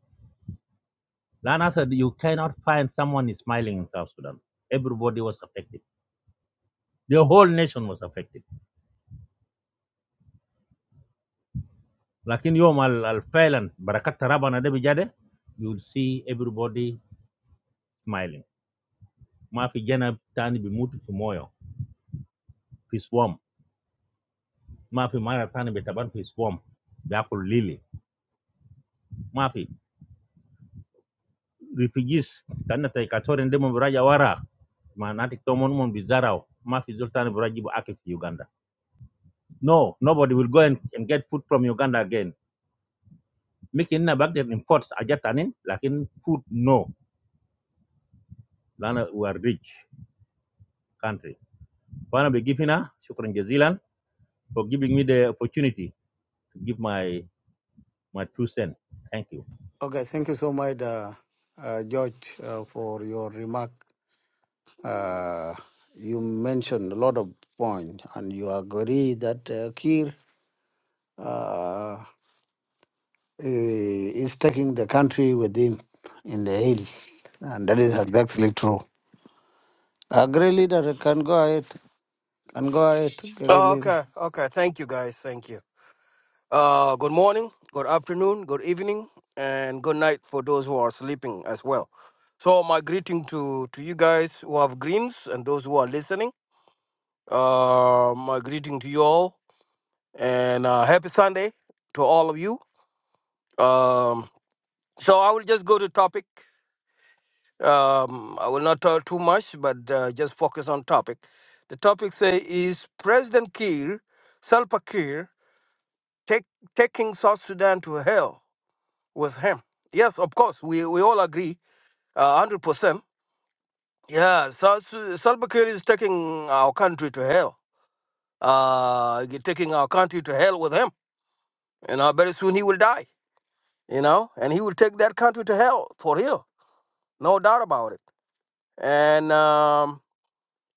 [SPEAKER 8] Lana said you cannot find someone smiling in South Sudan. Everybody was affected. The whole nation was affected. Lakin yom al al failan barakat taraba na de bijade, you will see everybody smiling. ma vijana tani bimutu fi moyo fi swam mafi mara tani betaban fi swam biakul lili mafi refugees tanna tay katoren ndemo biraja wara ma nati tomon mon bizarao mafi zoltani biraji bu akif fi uganda no nobody will go and, and get food from uganda again making na back then imports ajatanin lakin food no lana we are rich country wana begifina, shukran jazilan for giving me the opportunity to give my my two cents thank you
[SPEAKER 5] Okay, thank you so much, uh, uh, George, uh, for your remark. Uh, you mentioned a lot of points, and you agree that uh, Kiir uh, i- is taking the country with him in the hills, and that is exactly true. Uh, great leader, can go ahead, can go ahead, great leader.
[SPEAKER 6] Okay, okay. Thank you, guys. Thank you. Uh, good morning, good afternoon, good evening, and good night for those who are sleeping as well. So, my greeting to, to you guys who have greens and those who are listening. Uh, my greeting to you all, and uh, happy Sunday to all of you. Um, so, I will just go to topic. Um, I will not talk too much, but uh, just focus on topic. The topic say is President Kiir, Salva Kiir, take, taking South Sudan to hell with him. Yes, of course, we, we all agree, uh, hundred percent. Yeah, South, Su- Salva Kiir is taking our country to hell. Uh, he taking our country to hell with him. You know, very soon he will die. You know, and he will take that country to hell for real, no doubt about it. And um,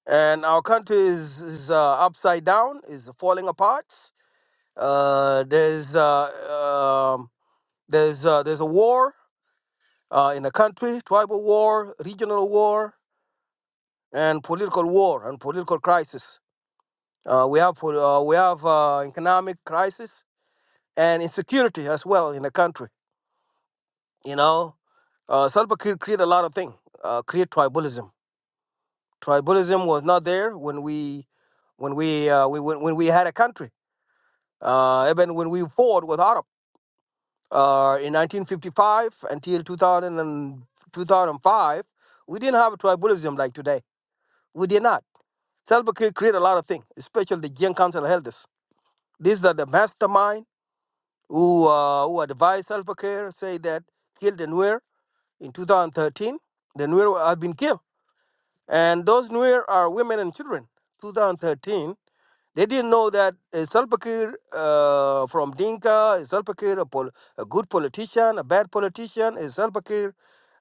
[SPEAKER 6] and our country is, is uh, upside down, is falling apart. Uh, there's uh, um, there's uh, there's a war uh, in the country, tribal war, regional war, and political war and political crisis. Uh, we have pol- uh, we have uh, economic crisis and insecurity as well in the country. You know, uh, Salva Kiir created a lot of things, uh, create tribalism. Tribalism was not there when we when we uh, we when, when we had a country Uh, even when we fought with Arab uh, in 1955 until 2000 and 2005, we didn't have tribalism like today. We did not. Selva Kiir created a lot of things, especially the Gen Council elders. These are the mastermind who uh, who advised Selva Kiir, say that killed the Nuer in 2013. The Nuer have been killed, and those Nuer are women and children. 2013 They didn't know that a Salva Kiir uh, from Dinka, is Salva Kiir, a, pol- a good politician, a bad politician, a Salva Kiir,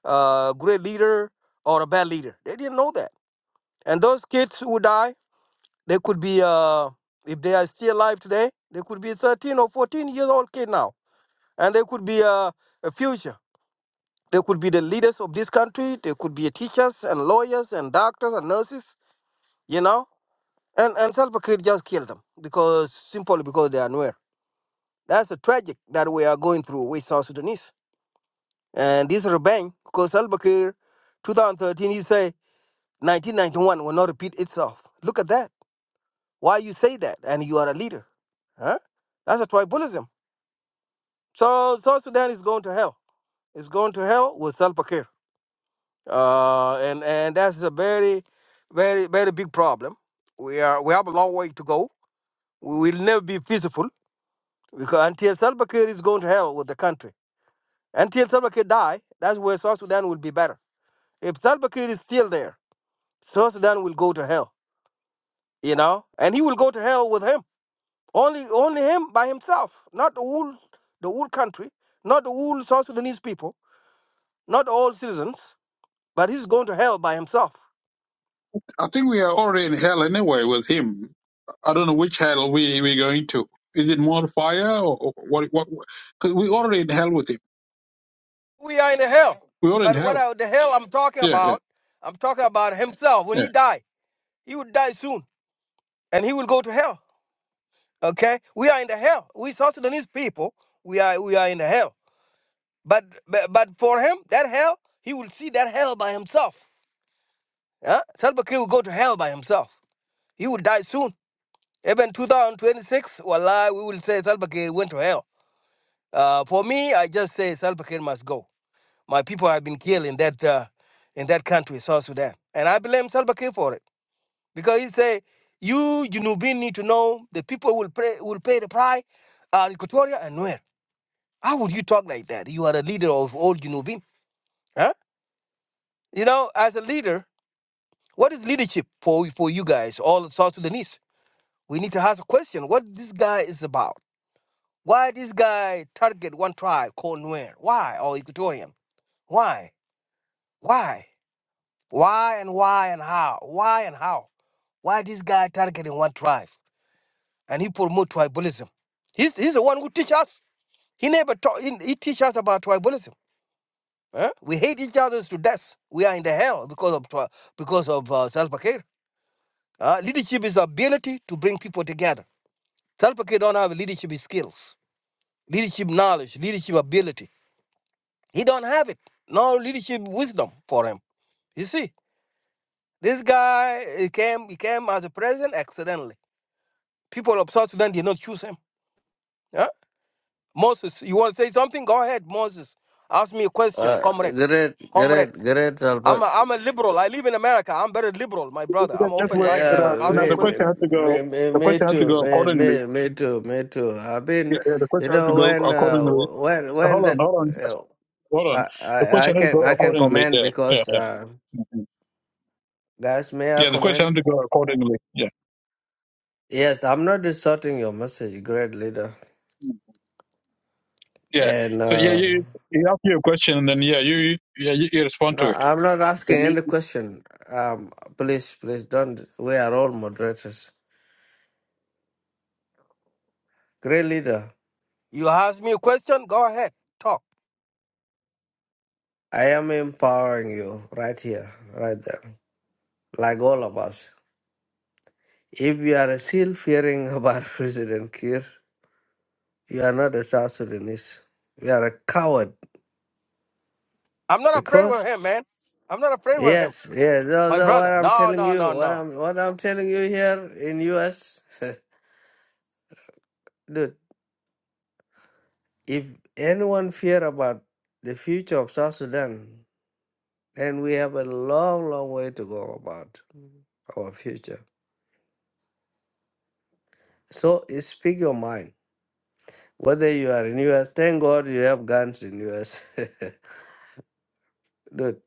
[SPEAKER 6] uh, great leader or a bad leader. They didn't know that. And those kids who die, they could be, uh, if they are still alive today, they could be 13 or 14 years old kid now, and they could be uh, a future. They could be the leaders of this country. They could be teachers and lawyers and doctors and nurses. You know, and and Salva Kiir just killed them because simply because they are Nuer. That's a tragic that we are going through with South Sudanese. And this revenge, because Al Bakir, 2013, he say 1991 will not repeat itself. Look at that. Why you say that? And you are a leader. Huh? That's a tribalism. So South Sudan is going to hell. It's going to hell with Salva Kiir. Uh, and, and that's a very, very, very big problem. We are we have a long way to go. We will never be peaceful because until Salva Kiir is going to hell with the country. Until Salva Kiir die, that's where South Sudan will be better. If Salva Kiir is still there, South Sudan will go to hell, you know, and he will go to hell with him. Only, only him by himself, not the whole, the whole country, not the whole South Sudanese people, not all citizens, but he's going to hell by himself.
[SPEAKER 7] I think we are already in hell anyway with him. I don't know which hell we we going to. Is it more fire or or what? What? Because we already in hell with him.
[SPEAKER 6] We are in the hell.
[SPEAKER 7] We already
[SPEAKER 6] But
[SPEAKER 7] in
[SPEAKER 6] what
[SPEAKER 7] hell.
[SPEAKER 6] I, the hell I'm talking
[SPEAKER 7] Yeah, yeah,
[SPEAKER 6] about? I'm talking about himself. When
[SPEAKER 7] yeah.
[SPEAKER 6] he die, he will die soon, and he will go to hell. Okay, we are in the hell. We South Sudanese people, we are, we are in the hell But, but but for him, that hell, he will see that hell by himself. Huh? Salva Kiir will go to hell by himself. He will die soon. Even 2026, Wallah, we will say Salva Kiir went to hell. Uh, for me, I just say Salva Kiir must go. My people have been killed in that uh, in that country, South Sudan, and I blame Salva Kiir for it because he say you Junubin need to know the people will pay will pay the price. Uh, Equatoria and where? How would you talk like that? You are a leader of all Junubin, huh? You know, as a leader. What is leadership for for you guys, all South Sudanese? We need to ask a question: What this guy is about? Why this guy target one tribe called Nuer? Why or Equatorian? Why? Why? Why and why and how? Why and how? Why this guy targeting one tribe and he promote tribalism? He's he's the one who teach us. He never taught. He, he teach us about tribalism. Huh? We hate each other to death. We are in the hell because of tri- because of uh, self-care. Uh, leadership is ability to bring people together Self Kid don't have leadership skills, leadership knowledge, leadership ability. He don't have it. No leadership wisdom for him. You see, this guy he came he came as a president accidentally. People of South Sudan did not choose him. Yeah? Moses, you want to say something? Go ahead, Moses. Ask me a question,
[SPEAKER 4] Uh,
[SPEAKER 6] comrade.
[SPEAKER 4] great,
[SPEAKER 6] Comrade.
[SPEAKER 4] great, great.
[SPEAKER 6] I'm a, I'm a liberal. I live in America. I'm very liberal, my
[SPEAKER 7] Just,
[SPEAKER 6] brother. I'm
[SPEAKER 7] just waiting
[SPEAKER 6] open-minded.
[SPEAKER 7] for
[SPEAKER 4] Yeah,
[SPEAKER 7] that. You
[SPEAKER 6] Ask
[SPEAKER 7] know,
[SPEAKER 6] me a
[SPEAKER 7] the
[SPEAKER 4] me,
[SPEAKER 6] question.
[SPEAKER 7] question has to go.
[SPEAKER 4] me, me,
[SPEAKER 7] The
[SPEAKER 4] me
[SPEAKER 7] question has to
[SPEAKER 4] too,
[SPEAKER 7] go
[SPEAKER 4] me,
[SPEAKER 7] accordingly.
[SPEAKER 4] me, me too, me too. I've
[SPEAKER 7] Yeah,
[SPEAKER 4] been,
[SPEAKER 7] yeah. The
[SPEAKER 4] you
[SPEAKER 7] question has to
[SPEAKER 4] know,
[SPEAKER 7] go
[SPEAKER 4] when, uh,
[SPEAKER 7] accordingly.
[SPEAKER 4] when,
[SPEAKER 7] Uh,
[SPEAKER 4] when
[SPEAKER 7] Hold on,
[SPEAKER 4] that,
[SPEAKER 7] hold on,
[SPEAKER 4] uh,
[SPEAKER 7] hold on.
[SPEAKER 4] I,
[SPEAKER 7] The
[SPEAKER 4] I, I
[SPEAKER 7] question has to
[SPEAKER 4] can,
[SPEAKER 7] go
[SPEAKER 4] I can
[SPEAKER 7] accordingly.
[SPEAKER 4] comment
[SPEAKER 7] Yeah, yeah,
[SPEAKER 4] because,
[SPEAKER 7] yeah.
[SPEAKER 4] uh,
[SPEAKER 7] Mhm.
[SPEAKER 4] guys, may I
[SPEAKER 7] Yeah, the question
[SPEAKER 4] comment?
[SPEAKER 7] has to go accordingly. Yeah,
[SPEAKER 4] Yes, I'm not distorting your message, great leader,
[SPEAKER 7] Mm. yeah.
[SPEAKER 4] and
[SPEAKER 7] So yeah,
[SPEAKER 4] uh,
[SPEAKER 7] you you ask your question and then yeah, you you- yeah you, you respond
[SPEAKER 4] no,
[SPEAKER 7] to it.
[SPEAKER 4] I'm not asking
[SPEAKER 7] Then we-
[SPEAKER 4] any question. Um, please, please don't. We are all moderators. Great leader,
[SPEAKER 6] You ask me a question? Go ahead. Talk.
[SPEAKER 4] I am empowering you right here, right there, like all of us. If you are still fearing about President Kiir, you are not a South Sudanese. You are a coward
[SPEAKER 6] I'm not afraid with
[SPEAKER 4] because
[SPEAKER 6] him, man. I'm not afraid with him,
[SPEAKER 4] yes, yes. No,
[SPEAKER 6] my
[SPEAKER 4] no. What
[SPEAKER 6] brother.
[SPEAKER 4] I'm
[SPEAKER 6] No,
[SPEAKER 4] telling
[SPEAKER 6] no,
[SPEAKER 4] you,
[SPEAKER 6] no,
[SPEAKER 4] what
[SPEAKER 6] no.
[SPEAKER 4] I'm what I'm telling you here in U.S. Dude, if anyone fear about the future of South Sudan, then we have a long, long way to go about our future. So eh, speak your mind. Whether you are in U.S., thank God you have guns in U.S. Dude,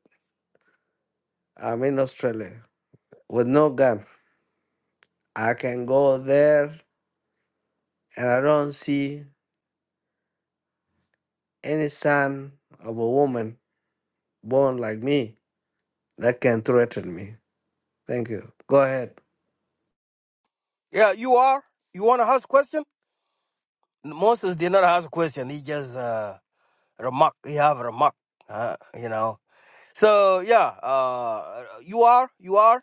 [SPEAKER 4] I'm in Australia. with no gun. I can go there and I don't see any son of a woman born like me that can threaten me. Thank you. Go ahead.
[SPEAKER 6] Yeah, you are. You want to ask question? Moses did not ask question. He just uh, remark. He have a remark. Uh, you know. So yeah, uh, you are. You are.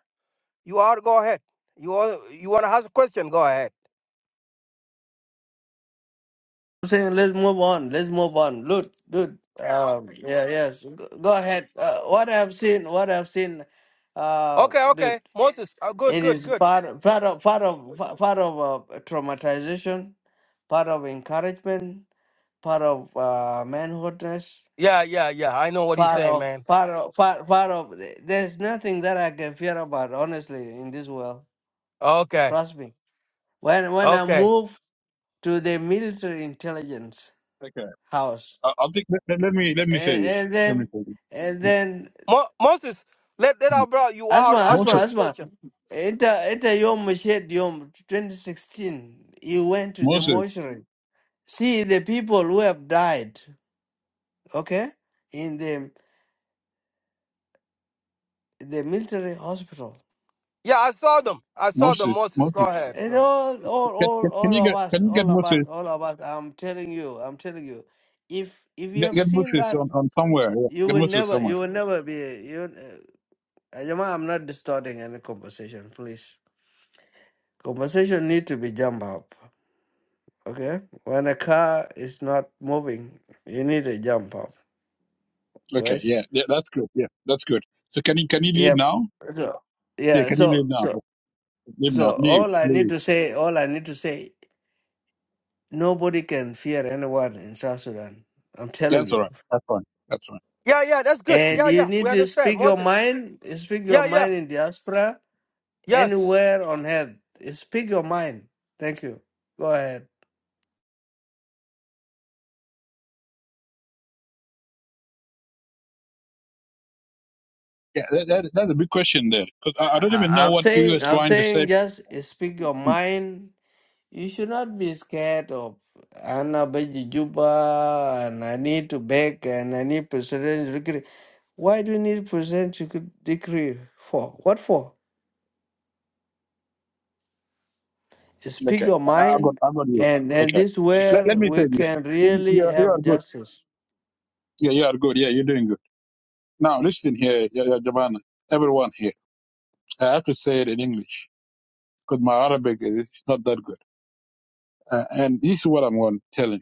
[SPEAKER 6] You are. Go ahead. You are, you want to ask a question? Go ahead.
[SPEAKER 4] I'm saying let's move on. Let's move on. Look, dude. Um, yeah, yes. Go go ahead. Uh, what I've seen, what I've seen, uh,
[SPEAKER 6] Okay.
[SPEAKER 4] dude,
[SPEAKER 6] Okay. Moses. Uh, good.
[SPEAKER 4] it
[SPEAKER 6] Good.
[SPEAKER 4] is
[SPEAKER 6] Good.
[SPEAKER 4] part, part of, part of, part of uh, traumatization, part of encouragement, part of uh, manhoodness
[SPEAKER 6] Yeah. Yeah. Yeah. I know what you're
[SPEAKER 4] far
[SPEAKER 6] saying,
[SPEAKER 4] off,
[SPEAKER 6] man.
[SPEAKER 4] far off, far, far off. Th- There's nothing that I can fear about, honestly, in this world.
[SPEAKER 6] Okay.
[SPEAKER 4] Trust me. When when I
[SPEAKER 6] Okay.
[SPEAKER 4] move to the military intelligence
[SPEAKER 7] okay.
[SPEAKER 4] house,
[SPEAKER 7] I, I think let, let let me let me say
[SPEAKER 4] and,
[SPEAKER 7] this.
[SPEAKER 4] and
[SPEAKER 7] Let me
[SPEAKER 4] then
[SPEAKER 7] say this.
[SPEAKER 4] and then
[SPEAKER 6] Mo- Moses, let let
[SPEAKER 7] Mhm.
[SPEAKER 6] our brother. You are
[SPEAKER 4] asma,
[SPEAKER 6] ask
[SPEAKER 4] asma,
[SPEAKER 7] Moses,
[SPEAKER 6] first
[SPEAKER 4] asma.
[SPEAKER 6] question.
[SPEAKER 4] Enter, enter Yom Mashed Yom 2016. You went to the
[SPEAKER 7] Moses,
[SPEAKER 4] mortuary. See the people who have died, okay, in the the military hospital.
[SPEAKER 6] Yeah, I saw them. I saw them.
[SPEAKER 7] Moses,
[SPEAKER 6] Moses, go
[SPEAKER 7] Moses.
[SPEAKER 6] ahead. Go
[SPEAKER 4] It's
[SPEAKER 6] ahead.
[SPEAKER 4] all, all,
[SPEAKER 7] Can,
[SPEAKER 4] all,
[SPEAKER 7] can, can
[SPEAKER 4] all
[SPEAKER 7] you
[SPEAKER 4] of
[SPEAKER 7] get
[SPEAKER 4] us,
[SPEAKER 7] can you get
[SPEAKER 4] all of us,
[SPEAKER 7] Moses
[SPEAKER 4] all of us. I'm telling you, I'm telling you. If if you
[SPEAKER 7] get,
[SPEAKER 4] have
[SPEAKER 7] get
[SPEAKER 4] seen
[SPEAKER 7] Moses
[SPEAKER 4] that,
[SPEAKER 7] on, on somewhere? Yeah.
[SPEAKER 4] you
[SPEAKER 7] Get
[SPEAKER 4] will
[SPEAKER 7] Moses
[SPEAKER 4] never,
[SPEAKER 7] somewhere.
[SPEAKER 4] you will never be. You, uh, Ajama, I'm not distorting any conversation. Please, conversation need to be jump up. Okay, when a car is not moving, you need a jump up,
[SPEAKER 7] Okay,
[SPEAKER 4] guys.
[SPEAKER 7] yeah, yeah, that's good. Yeah, that's good. So can you can you leave
[SPEAKER 4] Yep.
[SPEAKER 7] now?
[SPEAKER 4] So
[SPEAKER 7] Yeah,
[SPEAKER 4] yeah,
[SPEAKER 7] can you
[SPEAKER 4] so
[SPEAKER 7] leave now?
[SPEAKER 4] so
[SPEAKER 7] Leave now.
[SPEAKER 4] so
[SPEAKER 7] Leave.
[SPEAKER 4] all I need
[SPEAKER 7] Leave.
[SPEAKER 4] to say, all I need to say, nobody can fear anyone in South Sudan. I'm telling
[SPEAKER 7] That's all
[SPEAKER 4] you.
[SPEAKER 7] right. That's fine. That's fine.
[SPEAKER 6] Yeah. Yeah. That's good.
[SPEAKER 4] And
[SPEAKER 6] Yeah.
[SPEAKER 4] you
[SPEAKER 6] Yeah.
[SPEAKER 4] need
[SPEAKER 6] We
[SPEAKER 4] to
[SPEAKER 6] understand,
[SPEAKER 4] speak your
[SPEAKER 6] Moses.
[SPEAKER 4] mind, speak
[SPEAKER 6] Yeah,
[SPEAKER 4] your
[SPEAKER 6] yeah.
[SPEAKER 4] mind in diaspora,
[SPEAKER 6] Yes,
[SPEAKER 4] anywhere on earth. Speak your mind. Thank you. Go ahead.
[SPEAKER 7] Yeah, that, that, that's a big question there because I, I don't
[SPEAKER 4] I,
[SPEAKER 7] even
[SPEAKER 4] I-
[SPEAKER 7] know
[SPEAKER 4] am
[SPEAKER 7] what you is
[SPEAKER 4] saying, I'm
[SPEAKER 7] trying to say.
[SPEAKER 4] saying, just speak your mind. You should not be scared of Anna Beji Juba and I need to beg and I need presidential decree. Why do you need presidential dec- decree for? What for? Speak
[SPEAKER 7] Okay,
[SPEAKER 4] your
[SPEAKER 7] I, I got
[SPEAKER 4] mind,
[SPEAKER 7] I got you.
[SPEAKER 4] and and
[SPEAKER 7] Okay,
[SPEAKER 4] this
[SPEAKER 7] let,
[SPEAKER 4] where
[SPEAKER 7] let me say
[SPEAKER 4] we
[SPEAKER 7] this.
[SPEAKER 4] can
[SPEAKER 7] You, you
[SPEAKER 4] really
[SPEAKER 7] are you
[SPEAKER 4] have
[SPEAKER 7] are good.
[SPEAKER 4] justice.
[SPEAKER 7] Yeah, you are good. Yeah, you're doing good. Now listen here, ya ya Jabana, everyone here. I have to say it in English because my Arabic is not that good. Uh, and this is what I'm going to tell you.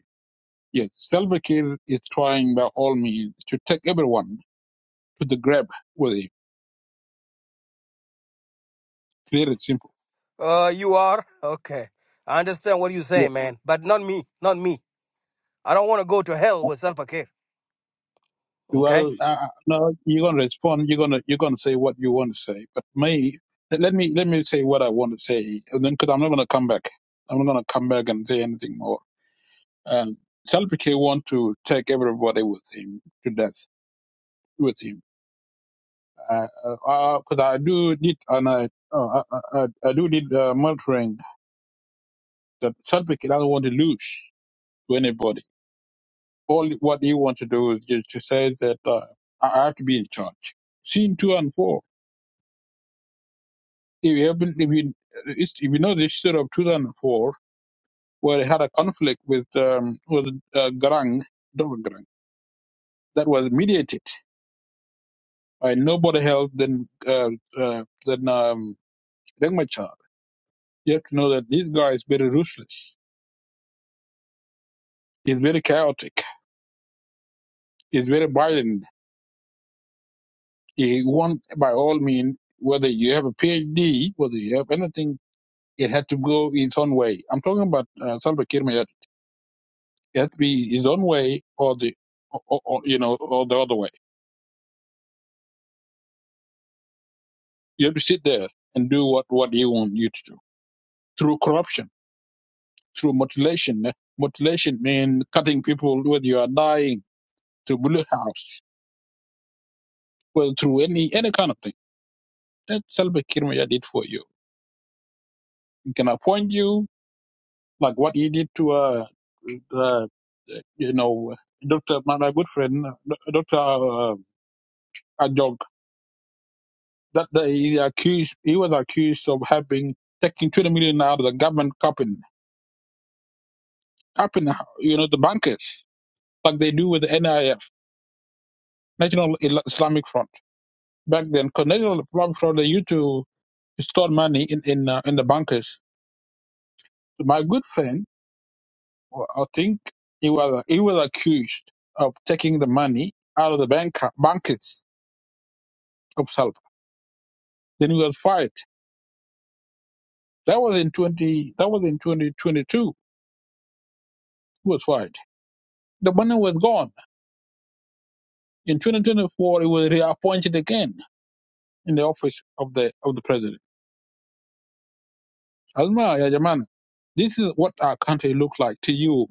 [SPEAKER 7] Yes, Salva Kiir is trying by all means to take everyone to the grab with him. Clear it simple.
[SPEAKER 6] uh, you are. Okay. I understand what you're
[SPEAKER 7] Yeah.
[SPEAKER 6] saying, man. But not me. Not me. I don't want to go to hell with self care. Okay?
[SPEAKER 7] Well, uh, uh, no, you're gonna respond. You're gonna you're gonna say what you want to say. But me, let let me let me say what I want to say, and then because I'm not gonna come back. I'm not gonna come back and say anything more. Um, Salva Kiir want to take everybody with him to death with him because I, uh, uh, uh, 'cause I do need and I, uh, I, I, I do need uh, mentoring. That Sadvik doesn't want to lose to anybody. All what he wants to do is just to say that uh, I I have to be in charge. Scene two and four. If you haven't, if you, it's- if you know the history of two thousand four, where he had a conflict with um, with uh, Garang, Dr. Garang, that was mediated by nobody else than uh, uh, than um, Deng Machar. You have to know that this guy is very ruthless It's very chaotic. It's very violent. You want, by all means, whether you have a PhD, whether you have anything, it had to go its own way. I'm talking about uh, Salva Kiir Mayardit. It had to be his own way, or the, or, or, or, you know, or the other way. You have to sit there and do what what he wants you to do through corruption, through mutilation. Mutilation means cutting people when you are dying, through blue house, well, through any any kind of thing. That's Salva Kiir Mayardit did for you. He can appoint you like what he did to her. uh, you know, Dr. my a good friend, Dr. Uh, Ajok, that day he accused, he was accused of having taking 20 million out of the government copping, copping, you know, the bankers, like they do with the NIF, National Isla- Islamic Front. Back then, 'cause National Islamic Front, they used to store money in, in, uh, in the bankers. My good friend, well, I think he was, he was accused of taking the money out of the bank, bankers of Salva. Then he was fired That was in twenty. That was in twenty twenty two. He was fired. The money was gone. In twenty twenty four, he was reappointed again in the office of the of the president. Asma ya Jamana, this is what our country looks like to you.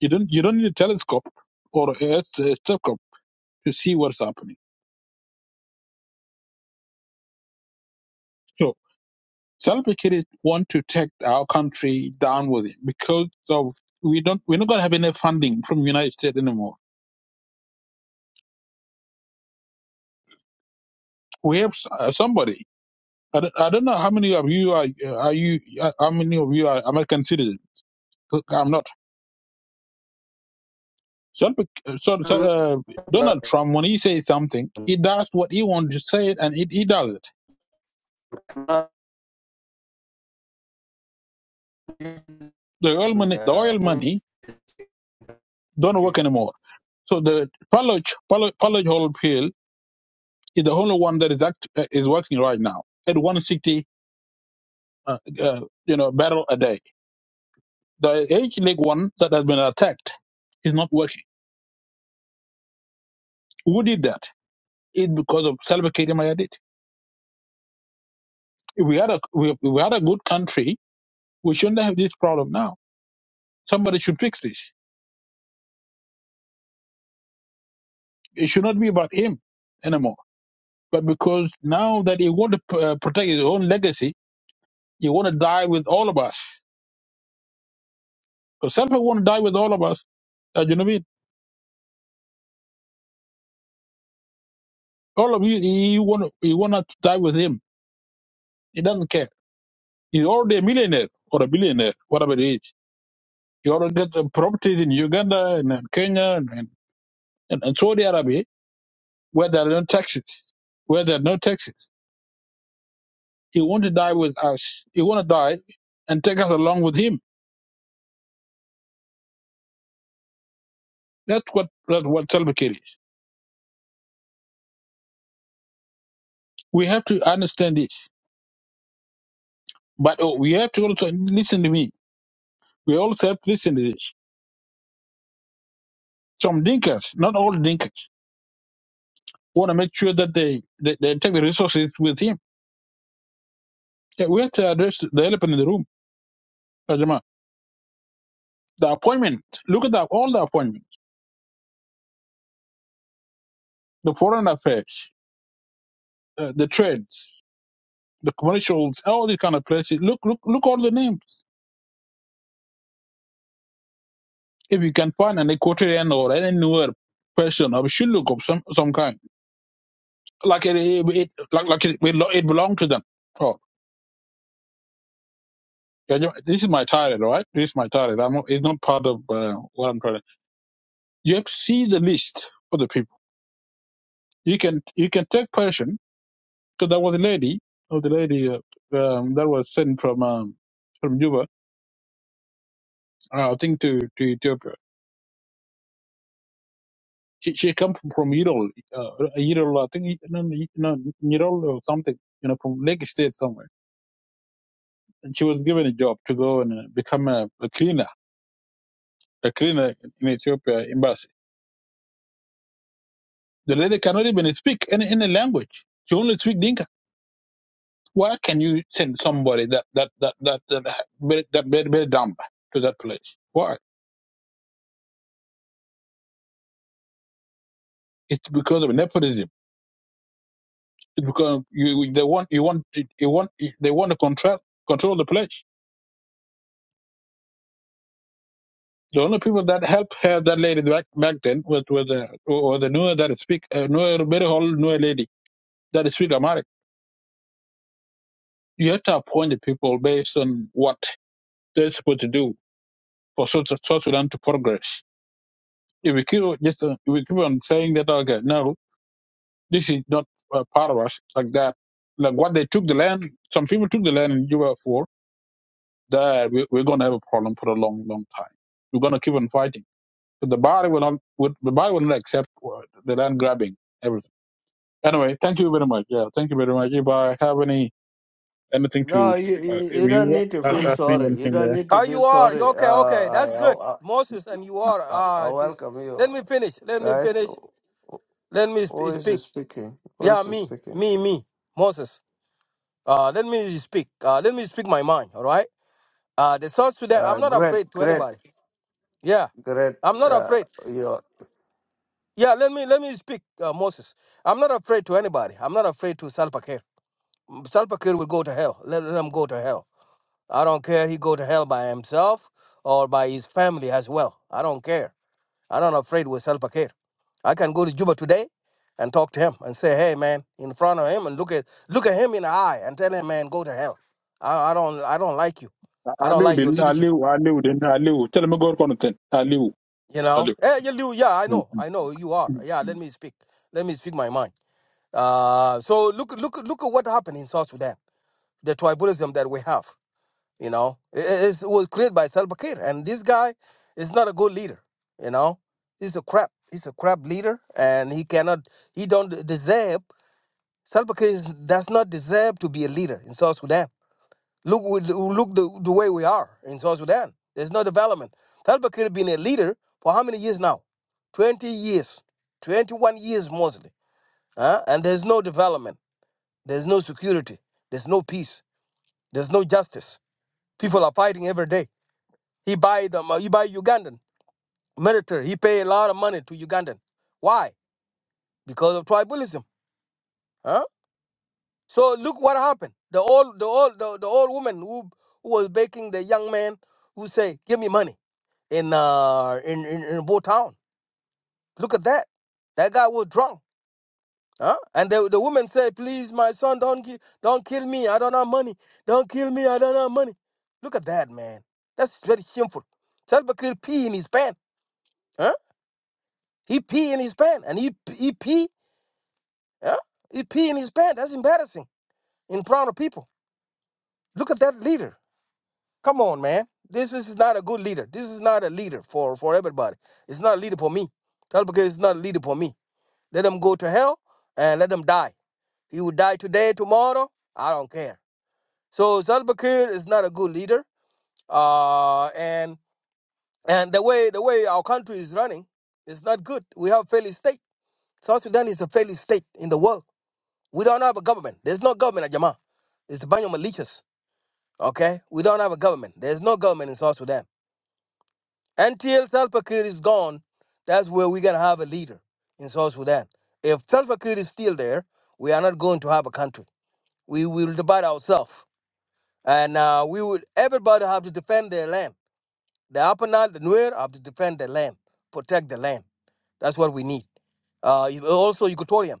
[SPEAKER 7] You don't you don't need a telescope or a, a telescope to see what's happening. So Salva Kiir want to take our country down with it because of we don't we're not going to have any funding from the United States anymore. We have uh, somebody I, don't- I don't know how many of you are are you how many of you are American citizens. I'm not. So, so uh, Donald Trump, when he says something, he does what he wants to say it, and he, he does it.
[SPEAKER 4] No,
[SPEAKER 7] The oil money, the oil money, don't work anymore. So the Palage Palage Palage oil pill is the only one that is act, uh, is working right now at 160, uh, uh, you know, barrel a day. The H leg one that has been attacked is not working. Who did that? It's because of Salva Kiir Mayardit. If we had a we, we had a good country, we shouldn't have this problem now. Somebody should fix this. It should not be about him anymore. But because now that he want to uh, protect his own legacy, he want to die with all of us. Because some people want to die with all of us. Uh, you know what I mean? All of you, you want to, you want to die with him. He doesn't care. He's already a millionaire or a billionaire, whatever it is. He already got the properties in Uganda and, and Kenya and, and, and Saudi Arabia where there are no taxes. Where there are no taxes. He want to die with us. He want to die and take us along with him. That's what that's what Salva Kiir is. We have to understand this, but oh, we have to also listen to me. We also have to listen to this. Some dinkers, not all dinkers, want to make sure that they, they, they take the resources with him. Yeah, we have to address the elephant in the room, Ajama. The appointment. Look at the, all the appointments. The foreign affairs, uh, the trades, the commercials, all these kind of places. Look, look, look all the names. if you can find an equatorian or any newer person of shilluk of some some kind, like it, it, it like like it, belo- it belonged to them. Oh, yeah, you- this is my title, right? This is my title. I'm not- it's not part of uh, what I'm trying. To, you have to see the list of the people. You can you can take person. So there was a lady, oh, the lady uh, um, that was sent from um, from Juba, uh, I think to to Ethiopia. She she come from, from Irol, uh, Irol, I think no, no, Irol or something, you know, from Lake State somewhere she was given a job to go and uh, become a, a cleaner, a cleaner in Ethiopia embassy. The lady cannot even speak any, any language. She only speaks Dinka. Why can you send somebody that that that that that very, that very, very dumb to that place? Why? It's because of nepotism. It's because you they want you want you want they want to control control the place. The only people that helped her, that lady back back then was was the was the Nuer that speak uh, Nuer very old Nuer lady that speak Amharic you have to appoint the people based on what they're supposed to do for South South Sudan to progress. If we keep on- just uh, if we keep on saying that, okay, no, this is not uh, part of us like that. Like what they took the land, some people took the land in Juba for that. We, we're going to have a problem for a long, long time. We're going to keep on fighting. But the body will not. Would, the body will not accept uh, the land grabbing everything. Anyway, thank you very much. Yeah, thank you very much. If I have any anything to,
[SPEAKER 4] you,
[SPEAKER 7] uh,
[SPEAKER 4] you
[SPEAKER 7] if
[SPEAKER 4] you
[SPEAKER 7] you
[SPEAKER 4] don't
[SPEAKER 7] want
[SPEAKER 4] need to
[SPEAKER 7] to
[SPEAKER 4] feel
[SPEAKER 7] ask me
[SPEAKER 4] sorry. You
[SPEAKER 7] anything,
[SPEAKER 4] don't need to
[SPEAKER 6] Oh,
[SPEAKER 4] feel
[SPEAKER 6] you are.
[SPEAKER 4] sorry. Uh,
[SPEAKER 6] Okay, okay. That's
[SPEAKER 4] I,
[SPEAKER 6] good.
[SPEAKER 4] I,
[SPEAKER 6] Moses and you
[SPEAKER 4] I,
[SPEAKER 6] are.
[SPEAKER 4] I
[SPEAKER 6] Ah,
[SPEAKER 4] I
[SPEAKER 6] it is.
[SPEAKER 4] welcome you
[SPEAKER 6] Let me finish. Let me
[SPEAKER 4] guys.
[SPEAKER 6] finish.
[SPEAKER 4] Who
[SPEAKER 6] Let me sp-
[SPEAKER 4] who is
[SPEAKER 6] speak.
[SPEAKER 4] speaking? Who
[SPEAKER 6] Yeah,
[SPEAKER 4] is
[SPEAKER 6] me.
[SPEAKER 4] speaking?
[SPEAKER 6] Me, me. Moses. Uh, let me speak. Uh, let me speak my mind, all right? Uh, the source to that, I'm
[SPEAKER 4] Uh,
[SPEAKER 6] not
[SPEAKER 4] great,
[SPEAKER 6] afraid to
[SPEAKER 4] great,
[SPEAKER 6] anybody. Yeah,
[SPEAKER 4] great.
[SPEAKER 6] I'm not
[SPEAKER 4] Uh,
[SPEAKER 6] afraid.
[SPEAKER 4] you.
[SPEAKER 6] Yeah, let me let me speak, uh, Moses. I'm not afraid to anybody. I'm not afraid to self Salva Kiir will go to hell. Let, let him go to hell. I don't care. He go to hell by himself or by his family as well. I don't care. I'm not afraid with Salva Kiir. I can go to Juba today and talk to him and say, hey man, in front of him and look at look at him in the eye and tell him, man, go to hell. I, I don't I don't like you. I don't
[SPEAKER 7] Aliu
[SPEAKER 6] like your
[SPEAKER 7] din,
[SPEAKER 6] leadership.
[SPEAKER 7] Aliu, Aliu din, Aliu. Tell me go on ten. Aliu,
[SPEAKER 6] You know?
[SPEAKER 7] Aliu.
[SPEAKER 6] Eh, you, you- yeah, I know. I know you are. Yeah, let me speak. Let me speak my mind. Uh, so look look look at what happened in South Sudan. The tribalism that we have. You know, it, it it was created by Salva Kiir, and this guy is not a good leader. You know, he's a crap. He's a crap leader, and he cannot. He don't deserve. Salva Kiir is- does not deserve to be a leader in South Sudan. Look, with- look the, the way we are in South Sudan. There's no development. Salva Kiir been a leader for how many years now? Twenty years, twenty-one years mostly. Huh? And there's no development. There's no security. There's no peace. There's no justice. People are fighting every day He buy them. uh, He buy Ugandan military. He pay a lot of money to Ugandan. Why? Because of tribalism. Huh? So look what happened. The old, the old, the, the old woman who, who was baking the young man who say, "Give me money" in uh in in, in Bo Town. Look at that. That guy was drunk. Huh? And the, the woman said, "Please, my son, don't ki- don't kill me. I don't have money. Don't kill me. I don't have money." Look at that, man. That's very shameful. Salva Kiir pee in his pants. huh? He pee in his pants and he he pee, yeah, He pee in his pants. That's embarrassing in front of people. Look at that leader. Come on, man. This is not a good leader. This is not a leader for for everybody. It's not a leader for me. That's because it's not a leader for me. Let them go to hell and let them die. He will die today, tomorrow. I don't care. So Zalbakir is not a good leader. Uh, and and the way the way our country is running is not good. We have failed state. South Sudan is a failed state in the world. We don't have a government. There's no government, at Ajama. It's the bunch of militias. Okay? We don't have a government. There's no government in South Sudan. Until Salva Kiir is gone, that's where we're gonna have a leader in South Sudan. If Salva Kiir is still there, we are not going to have a country. We will divide ourselves, and uh, we will. Everybody have to defend their land. The Upper Nile, the Nuer have to defend their land, protect the land. That's what we need. Uh, you- also Equatorium.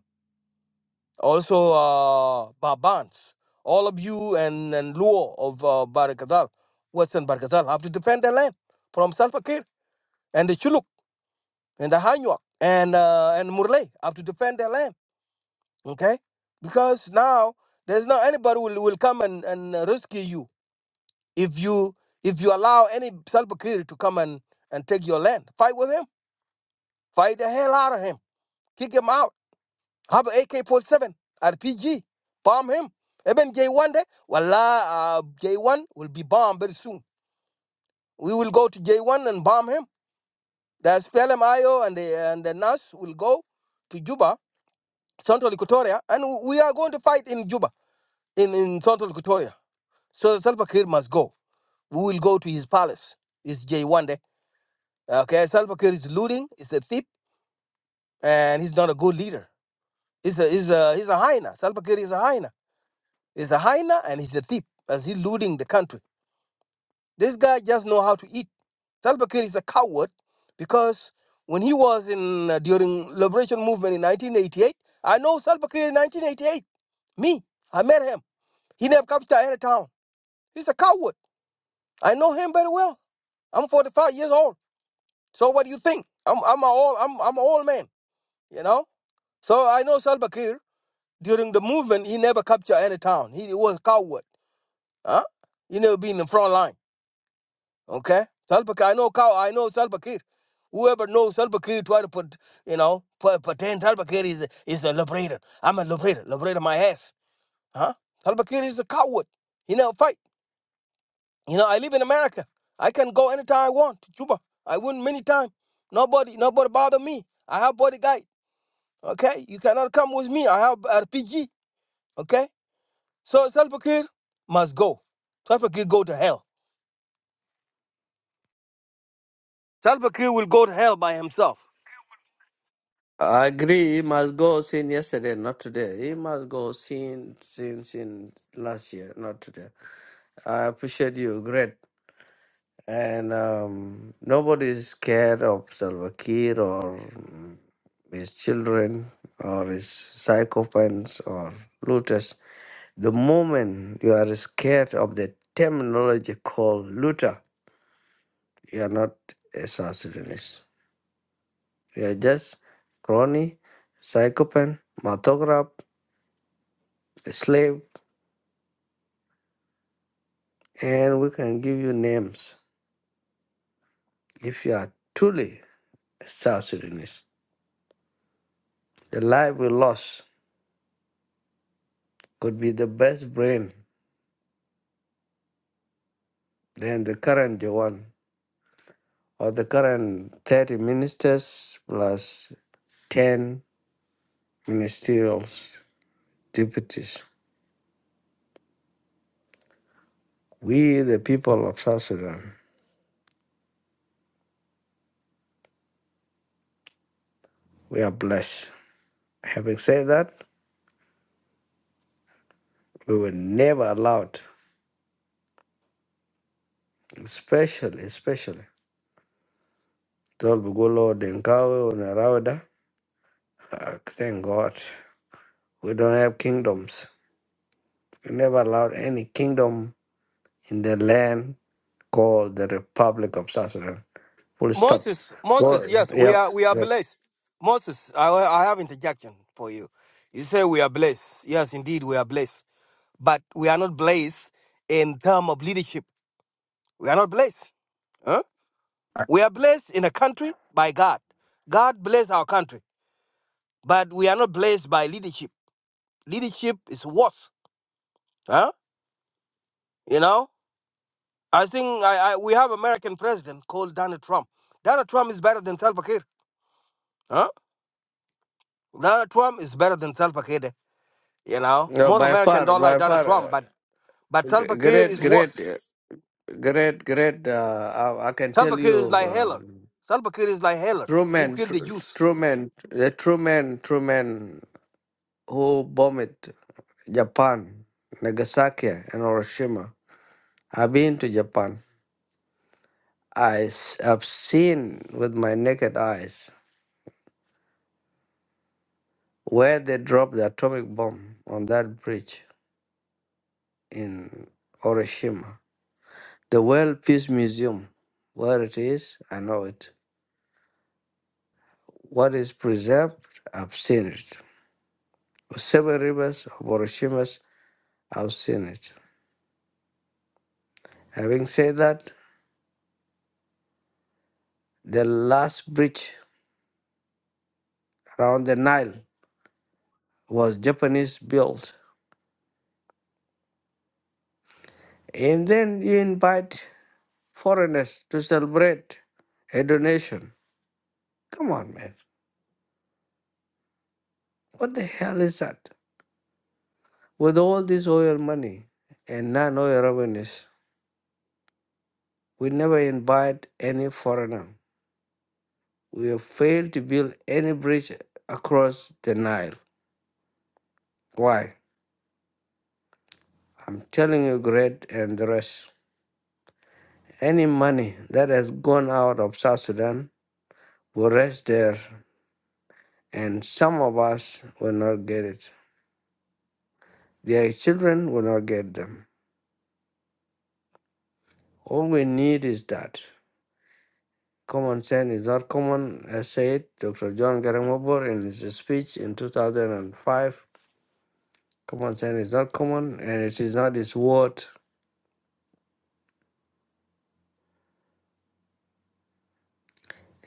[SPEAKER 6] also uh, Babans, all of you and, and Luo of uh, Barakatal, Western Barakatal, have to defend their land from Salva Kiir and the Chuluk and the Hanyuak and uh, and Murle have to defend their land, okay? Because now there's not anybody will, will come and, and uh, rescue you if you if you allow any Salva Kiir to come and, and take your land. Fight with him, fight the hell out of him, kick him out have a AK-47 RPG. Bomb him. Even J1 there, Wallah, uh, J1 will be bombed very soon. We will go to J1 and bomb him. The SPLM IO and the, and the NAS will go to Juba, Central Equatoria, and we are going to fight in Juba, in, in Central Equatoria. So Salva Kiir must go. We will go to his palace. It's J1 there. Okay, Salva Kiir is looting, he's a thief, and he's not a good leader. He's a, he's a, he's a hyena. Salva Kiir is a hyena. He's a hyena and he's a thief as he's looting the country. This guy just know how to eat. Salva Kiir is a coward because when he was in uh, during liberation movement in 1988, I know Salva Kiir in 1988. Me, I met him. He never captured any town. He's a coward. I know him very well. I'm 45 years old. So what do you think? I'm I'm a old I'm I'm an old man. You know. So I know Salva Kiir during the movement. He never captured any town. He, was a coward. Huh? He never been in the front line. Okay? Salva Kiir, I know cow, I know Salva Kiir. Whoever knows Salva Kiir try to put, you know, put, pretend Salva Kiir is, is the liberator. I'm a liberator, liberator my ass. Huh? Salva Kiir is a coward. He never fight. You know, I live in America. I can go anytime I want to Cuba. I win many times. Nobody, nobody bother me. I have bodyguard. Okay? You cannot come with me. I have RPG. Okay? So Salva Kiir must go. Salva Kiir go to hell. Salva Kiir will go to hell by himself.
[SPEAKER 4] I agree. He must go since yesterday, not today. He must go since since in last year, not today. I appreciate you. Great. and um, nobody is scared of Salva Kiir or mm, his children or his psychopaths or looters. The moment you are scared of the terminology called looter, you are not a South Sudanese. You are just crony, psychopath, matograph, a slave, and we can give you names if you are truly a South Sudanese. The life we lost could be the best brain Then the current one or the current 30 ministers plus 10 ministerial deputies. We, the people of South Sudan, we are blessed. Having said that, we were never allowed, especially, especially, Tol Bugolo, Denkawe, Narawda. Thank God. We don't have kingdoms. We never allowed any kingdom in the land called the Republic of South Sudan. Full stop.
[SPEAKER 6] Moses, Moses,
[SPEAKER 4] Well,
[SPEAKER 6] yes, we
[SPEAKER 4] yep,
[SPEAKER 6] are we are
[SPEAKER 4] yep.
[SPEAKER 6] blessed. Moses, I, I have interjection for you. You say we are blessed. Yes, indeed, we are blessed. But we are not blessed in term of leadership. We are not blessed. Huh? We are blessed in a country by God. God bless our country, but we are not blessed by leadership. Leadership is worse. Huh? You know, I think I, I we have American president called Donald Trump. Donald Trump is better than Salva Kiir. Huh? Donald Trump is better than Salva Kiir. You know,
[SPEAKER 4] No,
[SPEAKER 6] most
[SPEAKER 4] by
[SPEAKER 6] Americans
[SPEAKER 4] far,
[SPEAKER 6] don't like
[SPEAKER 4] by
[SPEAKER 6] Donald
[SPEAKER 4] far,
[SPEAKER 6] Trump,
[SPEAKER 4] uh,
[SPEAKER 6] but but
[SPEAKER 4] g-
[SPEAKER 6] Salva Kiir is
[SPEAKER 4] great, great,
[SPEAKER 6] worse.
[SPEAKER 4] uh, great, great. Uh, I, I can
[SPEAKER 6] Salva
[SPEAKER 4] tell
[SPEAKER 6] Kiir is
[SPEAKER 4] you,
[SPEAKER 6] like Hitler.
[SPEAKER 4] um,
[SPEAKER 6] Salva Kiir is like Hitler
[SPEAKER 4] true
[SPEAKER 6] who
[SPEAKER 4] men,
[SPEAKER 6] killed
[SPEAKER 4] tr-
[SPEAKER 6] the youth.
[SPEAKER 4] true men, the true men, true men who bombed Japan, Nagasaki and Hiroshima. I've been to Japan. I s- have seen with my naked eyes where they dropped the atomic bomb on that bridge in Hiroshima. The World Peace Museum, where it is, I know it What is preserved, I've seen it. Seven rivers of Oroshimas, I've seen it. Having said that, the last bridge around the Nile was Japanese built. And then you invite foreigners to celebrate a donation. Come on, man. What the hell is that? With all this oil money and non oil revenues, we never invite any foreigner. We have failed to build any bridge across the Nile. Why? I'm telling you, great and the rest. Any money that has gone out of South Sudan will rest there, and some of us will not get it. Their children will not get them. All we need is that. Common sense is not common, as said Dr. John Garang Mabor in his speech in 2005. Common sense is not common, and it is not his word.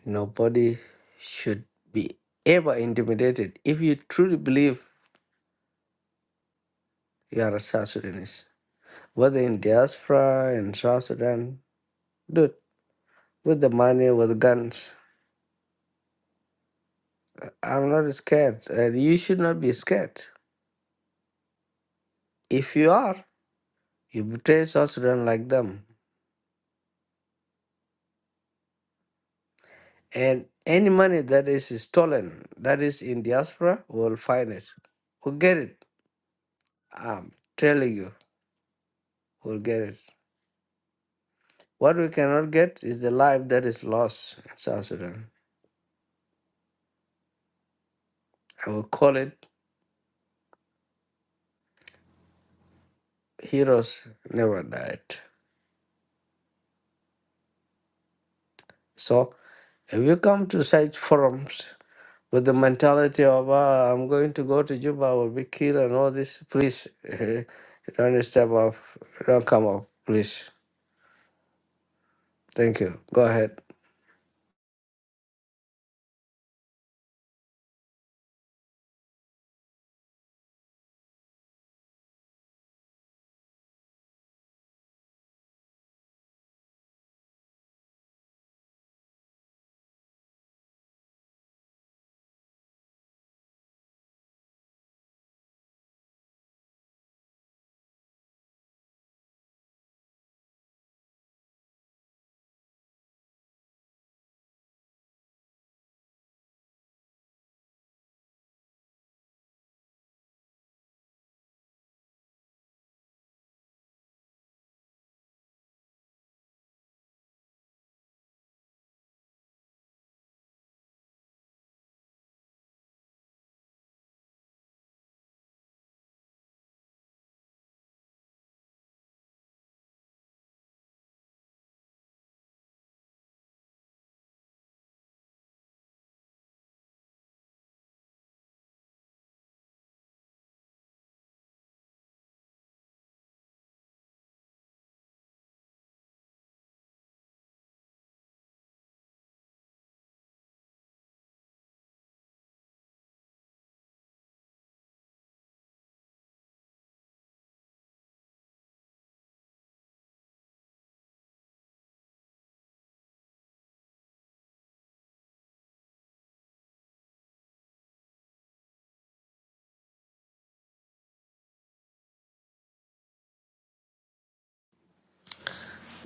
[SPEAKER 4] Nobody should be ever intimidated if you truly believe you are a South Sudanese whether in diaspora, in South Sudan, dude, with the money, with the guns. I'm not scared, and you should not be scared. If you are, you betray South Sudan like them. And any money that is stolen, that is in diaspora, we'll find it. We'll get it. I'm telling you, we'll get it. What we cannot get is the life that is lost in South Sudan. I will call it heroes never died. So if you come to such forums, with the mentality of ah, I'm going to go to Juba, I will be killed and all this. Please eh, don't step off, don't come off, please. Thank you. Go ahead.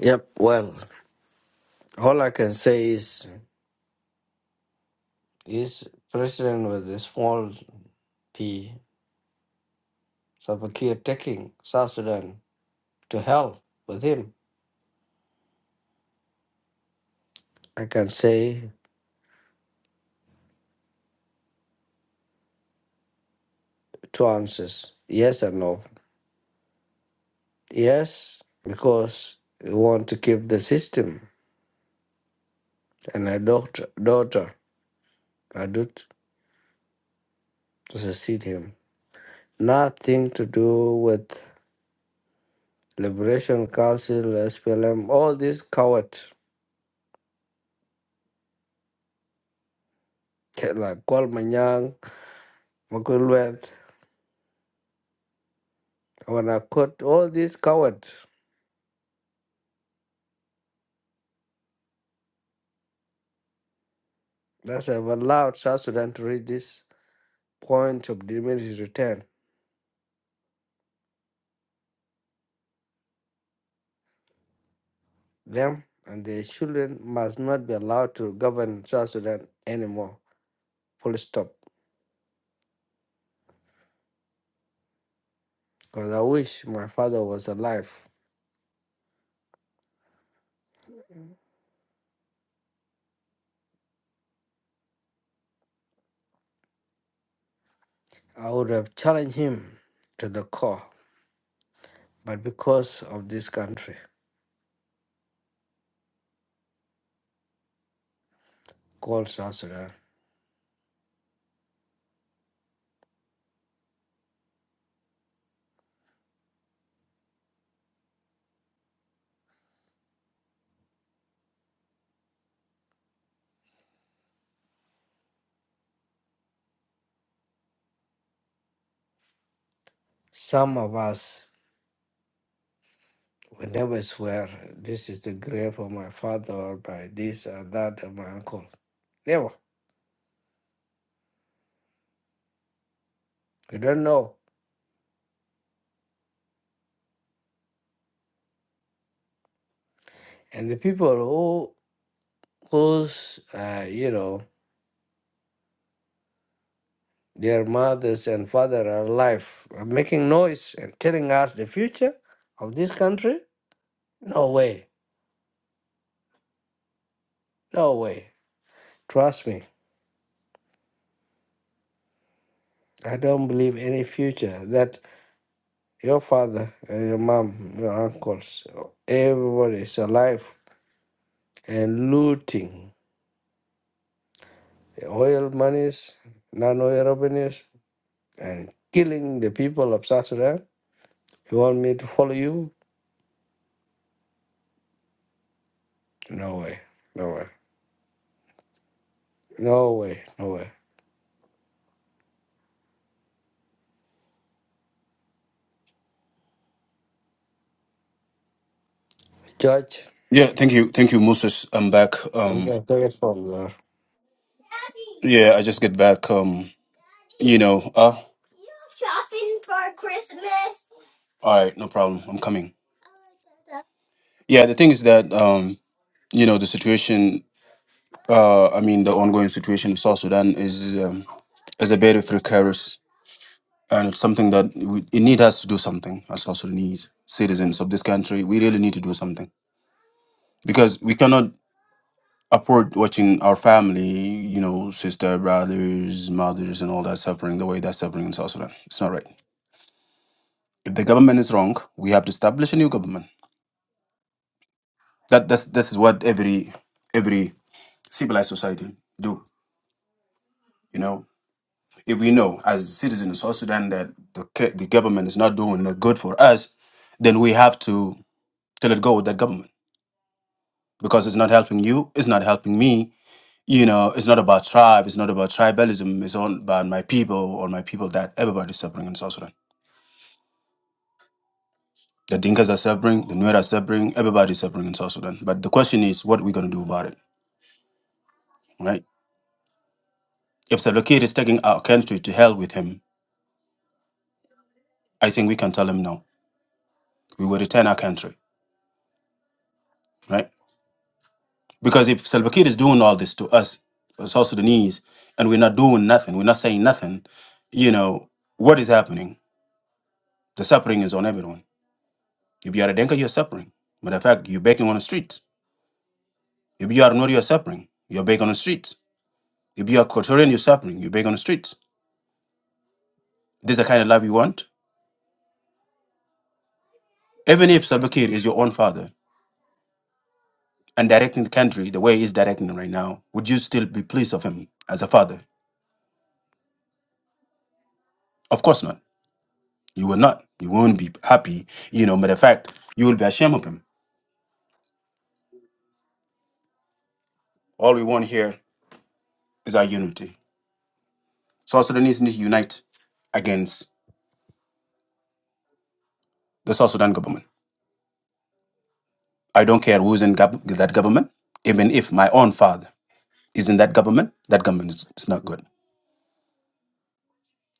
[SPEAKER 4] Yep. Well, all I can say is is president with a small p Sabakir taking South Sudan to hell with him. I can say two answers: yes and no. Yes, because we want to keep the system and a daughter, daughter, I do. to succeed him. Nothing to do with Liberation Council, SPLM, all these cowards like Kwalmanyang, Makulwet, Wanakot, all these cowards that have allowed South Sudan to reach this point of diminished return. Them and their children must not be allowed to govern South Sudan anymore. Full stop. Because I wish my father was alive. I would have challenged him to the core, but because of this country. called South Sudan. Some of us we never swear this is the grave of my father or by this or that of my uncle. Never. We don't know. And the people who whose uh, you know their mothers and father are alive are making noise and telling us the future of this country. No way. No way. Trust me. I don't believe any future that your father, uh, your mom, your uncles, everybody is alive and looting the oil monies, non oil revenues, and killing the people of South Sudan. You want me to follow you? No way. No way. No way. No way. Judge,
[SPEAKER 1] Yeah, thank you, thank you, Moses. I'm back.
[SPEAKER 4] I'm
[SPEAKER 1] Um,
[SPEAKER 4] going to take it from there.
[SPEAKER 1] yeah, I just get back. Um, you know, uh, all right, no problem. I'm coming. Yeah, the thing is that um, you know, the situation. Uh, I mean, the ongoing situation in South Sudan is um, is a very precarious, and it's something that we, it need us to do something as South Sudanese citizens of this country. We really need to do something because we cannot afford watching our family, you know, sister, brothers, mothers, and all that suffering the way that's suffering in South Sudan. It's not right. If the government is wrong, we have to establish a new government. That that's, this is what every every civilized society do. You know, if we know as citizens of South Sudan that the ca- the government is not doing the good for us, then we have to to let go of that government because it's not helping you, it's not helping me. You know, it's not about tribe, it's not about tribalism. It's all about my people or my people that everybody's suffering in South Sudan. The Dinkas are suffering, the Nuer are suffering, everybody's suffering in South Sudan. But the question is, what are we going to do about it, right? If Salva Kiir is taking our country to hell with him, I think we can tell him no. We will return our country, right? Because if Salva Kiir is doing all this to us, South Sudanese, and we're not doing nothing, we're not saying nothing, you know, what is happening? The suffering is on everyone. If you are a Denka, you're suffering. Matter of fact, you're begging on the streets. If you are not, you're suffering. You're begging on the streets. If you are Quatorian, you're suffering. You're begging on the streets. This is the kind of love you want? Even if Salva Kiir is your own father, and directing the country the way he's directing right now, would you still be pleased of him as a father? Of course not. You will not. You won't be happy. You know, matter of fact, you will be ashamed of him. All we want here is our unity. South Sudanese need to unite against the South Sudan government. I don't care who's in gov- that government, even if my own father is in that government, that government is it's not good.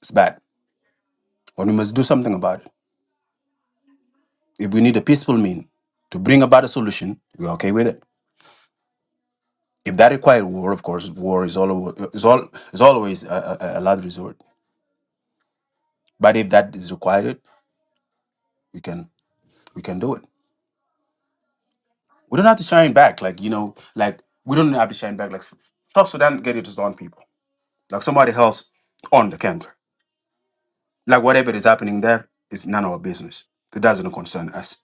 [SPEAKER 1] It's bad. And we must do something about it. If we need a peaceful mean to bring about a solution, we're okay with it. If that requires war, of course, war is all is all is always a, a, a last resort. But if that is required, we can we can do it. We don't have to shine back, like you know, like we don't have to shine back. Like South Sudan, get its own people, like somebody else on the country. Like whatever is happening there is none of our business. It doesn't concern us.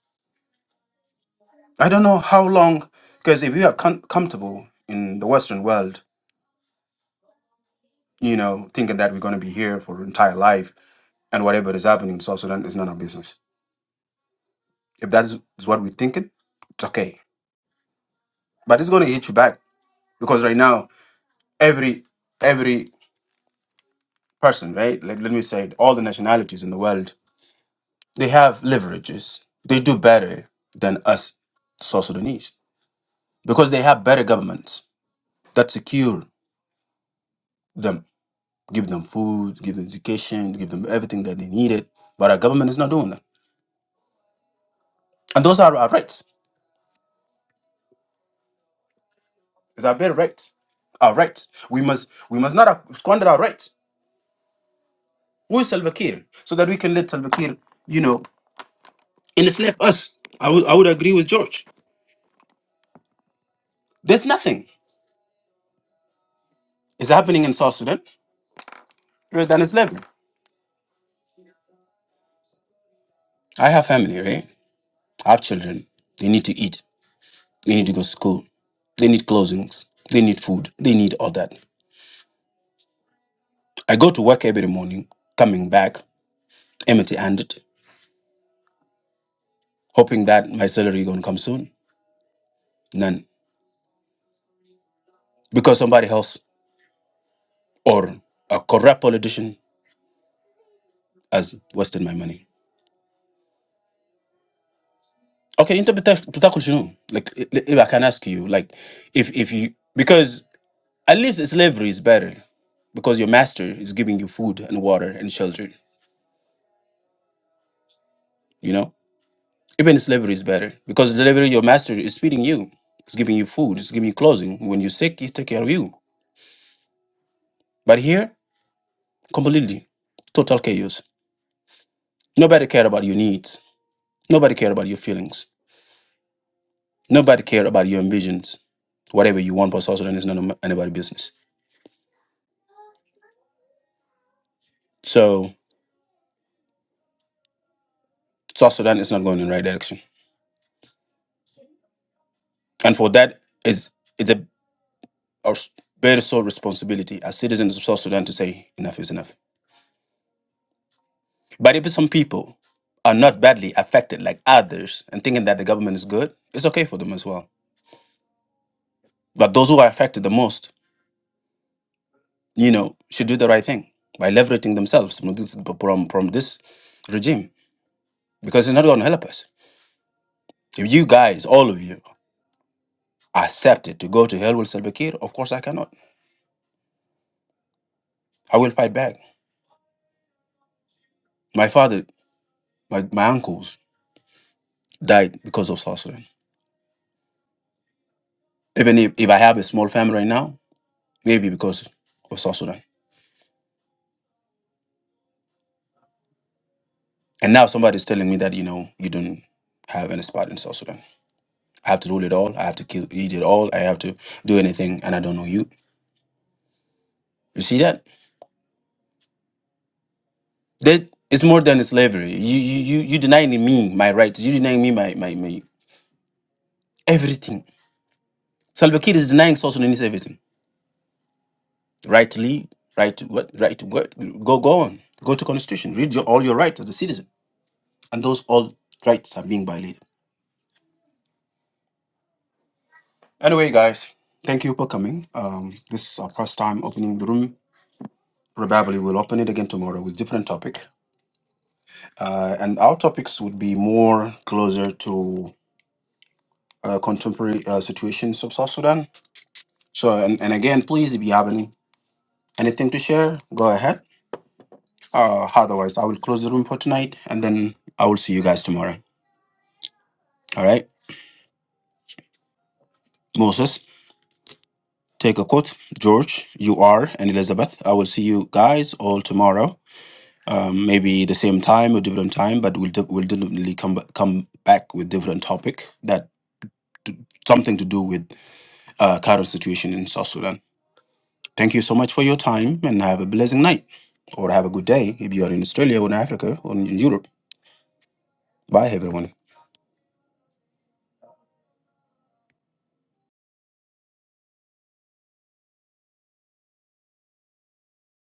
[SPEAKER 1] I don't know how long, because if we are com- comfortable in the Western world, you know, thinking that we're going to be here for our entire life and whatever is happening in South Sudan is none of our business If that is what we're thinking, it's okay. But it's going to hit you back because right now, every every person, right? Like, let me say, it, all the nationalities in the world, they have leverages. They do better than us, South Sudanese, because they have better governments that secure them, give them food, give them education, give them everything that they needed. But our government is not doing that, and those are our rights. It's our better rights. Our rights. We must we must not squander our rights Who is Salva Kiir? So that we can let Salva Kiir, you know, enslave us. I would, I would agree with George. There's nothing is happening in South Sudan rather than slavery. I have family, right? I have children. They need to eat. They need to go to school. They need clothings. They need food. They need all that. I go to work every morning, coming back empty-handed, hoping that my salary is going to come soon. None. Because somebody else or a corrupt politician has wasted my money. Okay, انت بتا- بتاكل شنو؟ Like i- if I can ask you, like if if you because at least slavery is better because your master is giving you food and water and shelter, you know? Even slavery is better because slavery your master is feeding you, is giving you food, is giving you clothing. When you're sick, he take care of you. But here, completely, total chaos. Nobody care about your needs. Nobody care about your feelings. Nobody care about your ambitions. Whatever you want for South Sudan is none anybody business. So South Sudan is not going in the right direction. And for that, it's, it's a our s- very sole responsibility as citizens of South Sudan to say enough is enough. But if some people are not badly affected like others and thinking that the government is good, it's okay for them as well. But those who are affected the most, you know, should do the right thing by liberating themselves from this, from, from this regime because it's not going to help us. If you guys, all of you, accepted to go to hell with Salva Kiir, of course I cannot. I will fight back. My father, my, my uncles died because of South Sudan. Even if, if I have a small family right now, maybe because of South Sudan. And now somebody's telling me that, you know, you don't have any spot in South Sudan. I have to rule it all. I have to kill, eat it all. I have to do anything, and I don't know you. You see that? That it's more than slavery. You you you you denying me my rights. You denying me my my, my everything. Salva Kiir is denying South Sudanese everything. Right to leave. Right to what? Right to what? Go go on. Go to constitution. Read your, all your rights as a citizen, and those all rights are being violated. Anyway, guys, thank you for coming. Um, this is our first time opening the room. Probably we'll open it again tomorrow with different topic. Uh, and our topics would be more closer to uh, contemporary uh, situations of South Sudan. So, and, and again, please, if you have any, anything to share, go ahead. Uh, otherwise, I will close the room for tonight and then I will see you guys tomorrow. All right. Moses, take a quote. George, you are, and Elizabeth, I will see you guys all tomorrow. um, maybe the same time or different time, but we'll de- we'll definitely come ba- come back with different topic that something to do with uh, current situation in South Sudan. Thank you so much for your time, and have a blessing night, or have a good day if you are in Australia or in Africa or in Europe. Bye, everyone.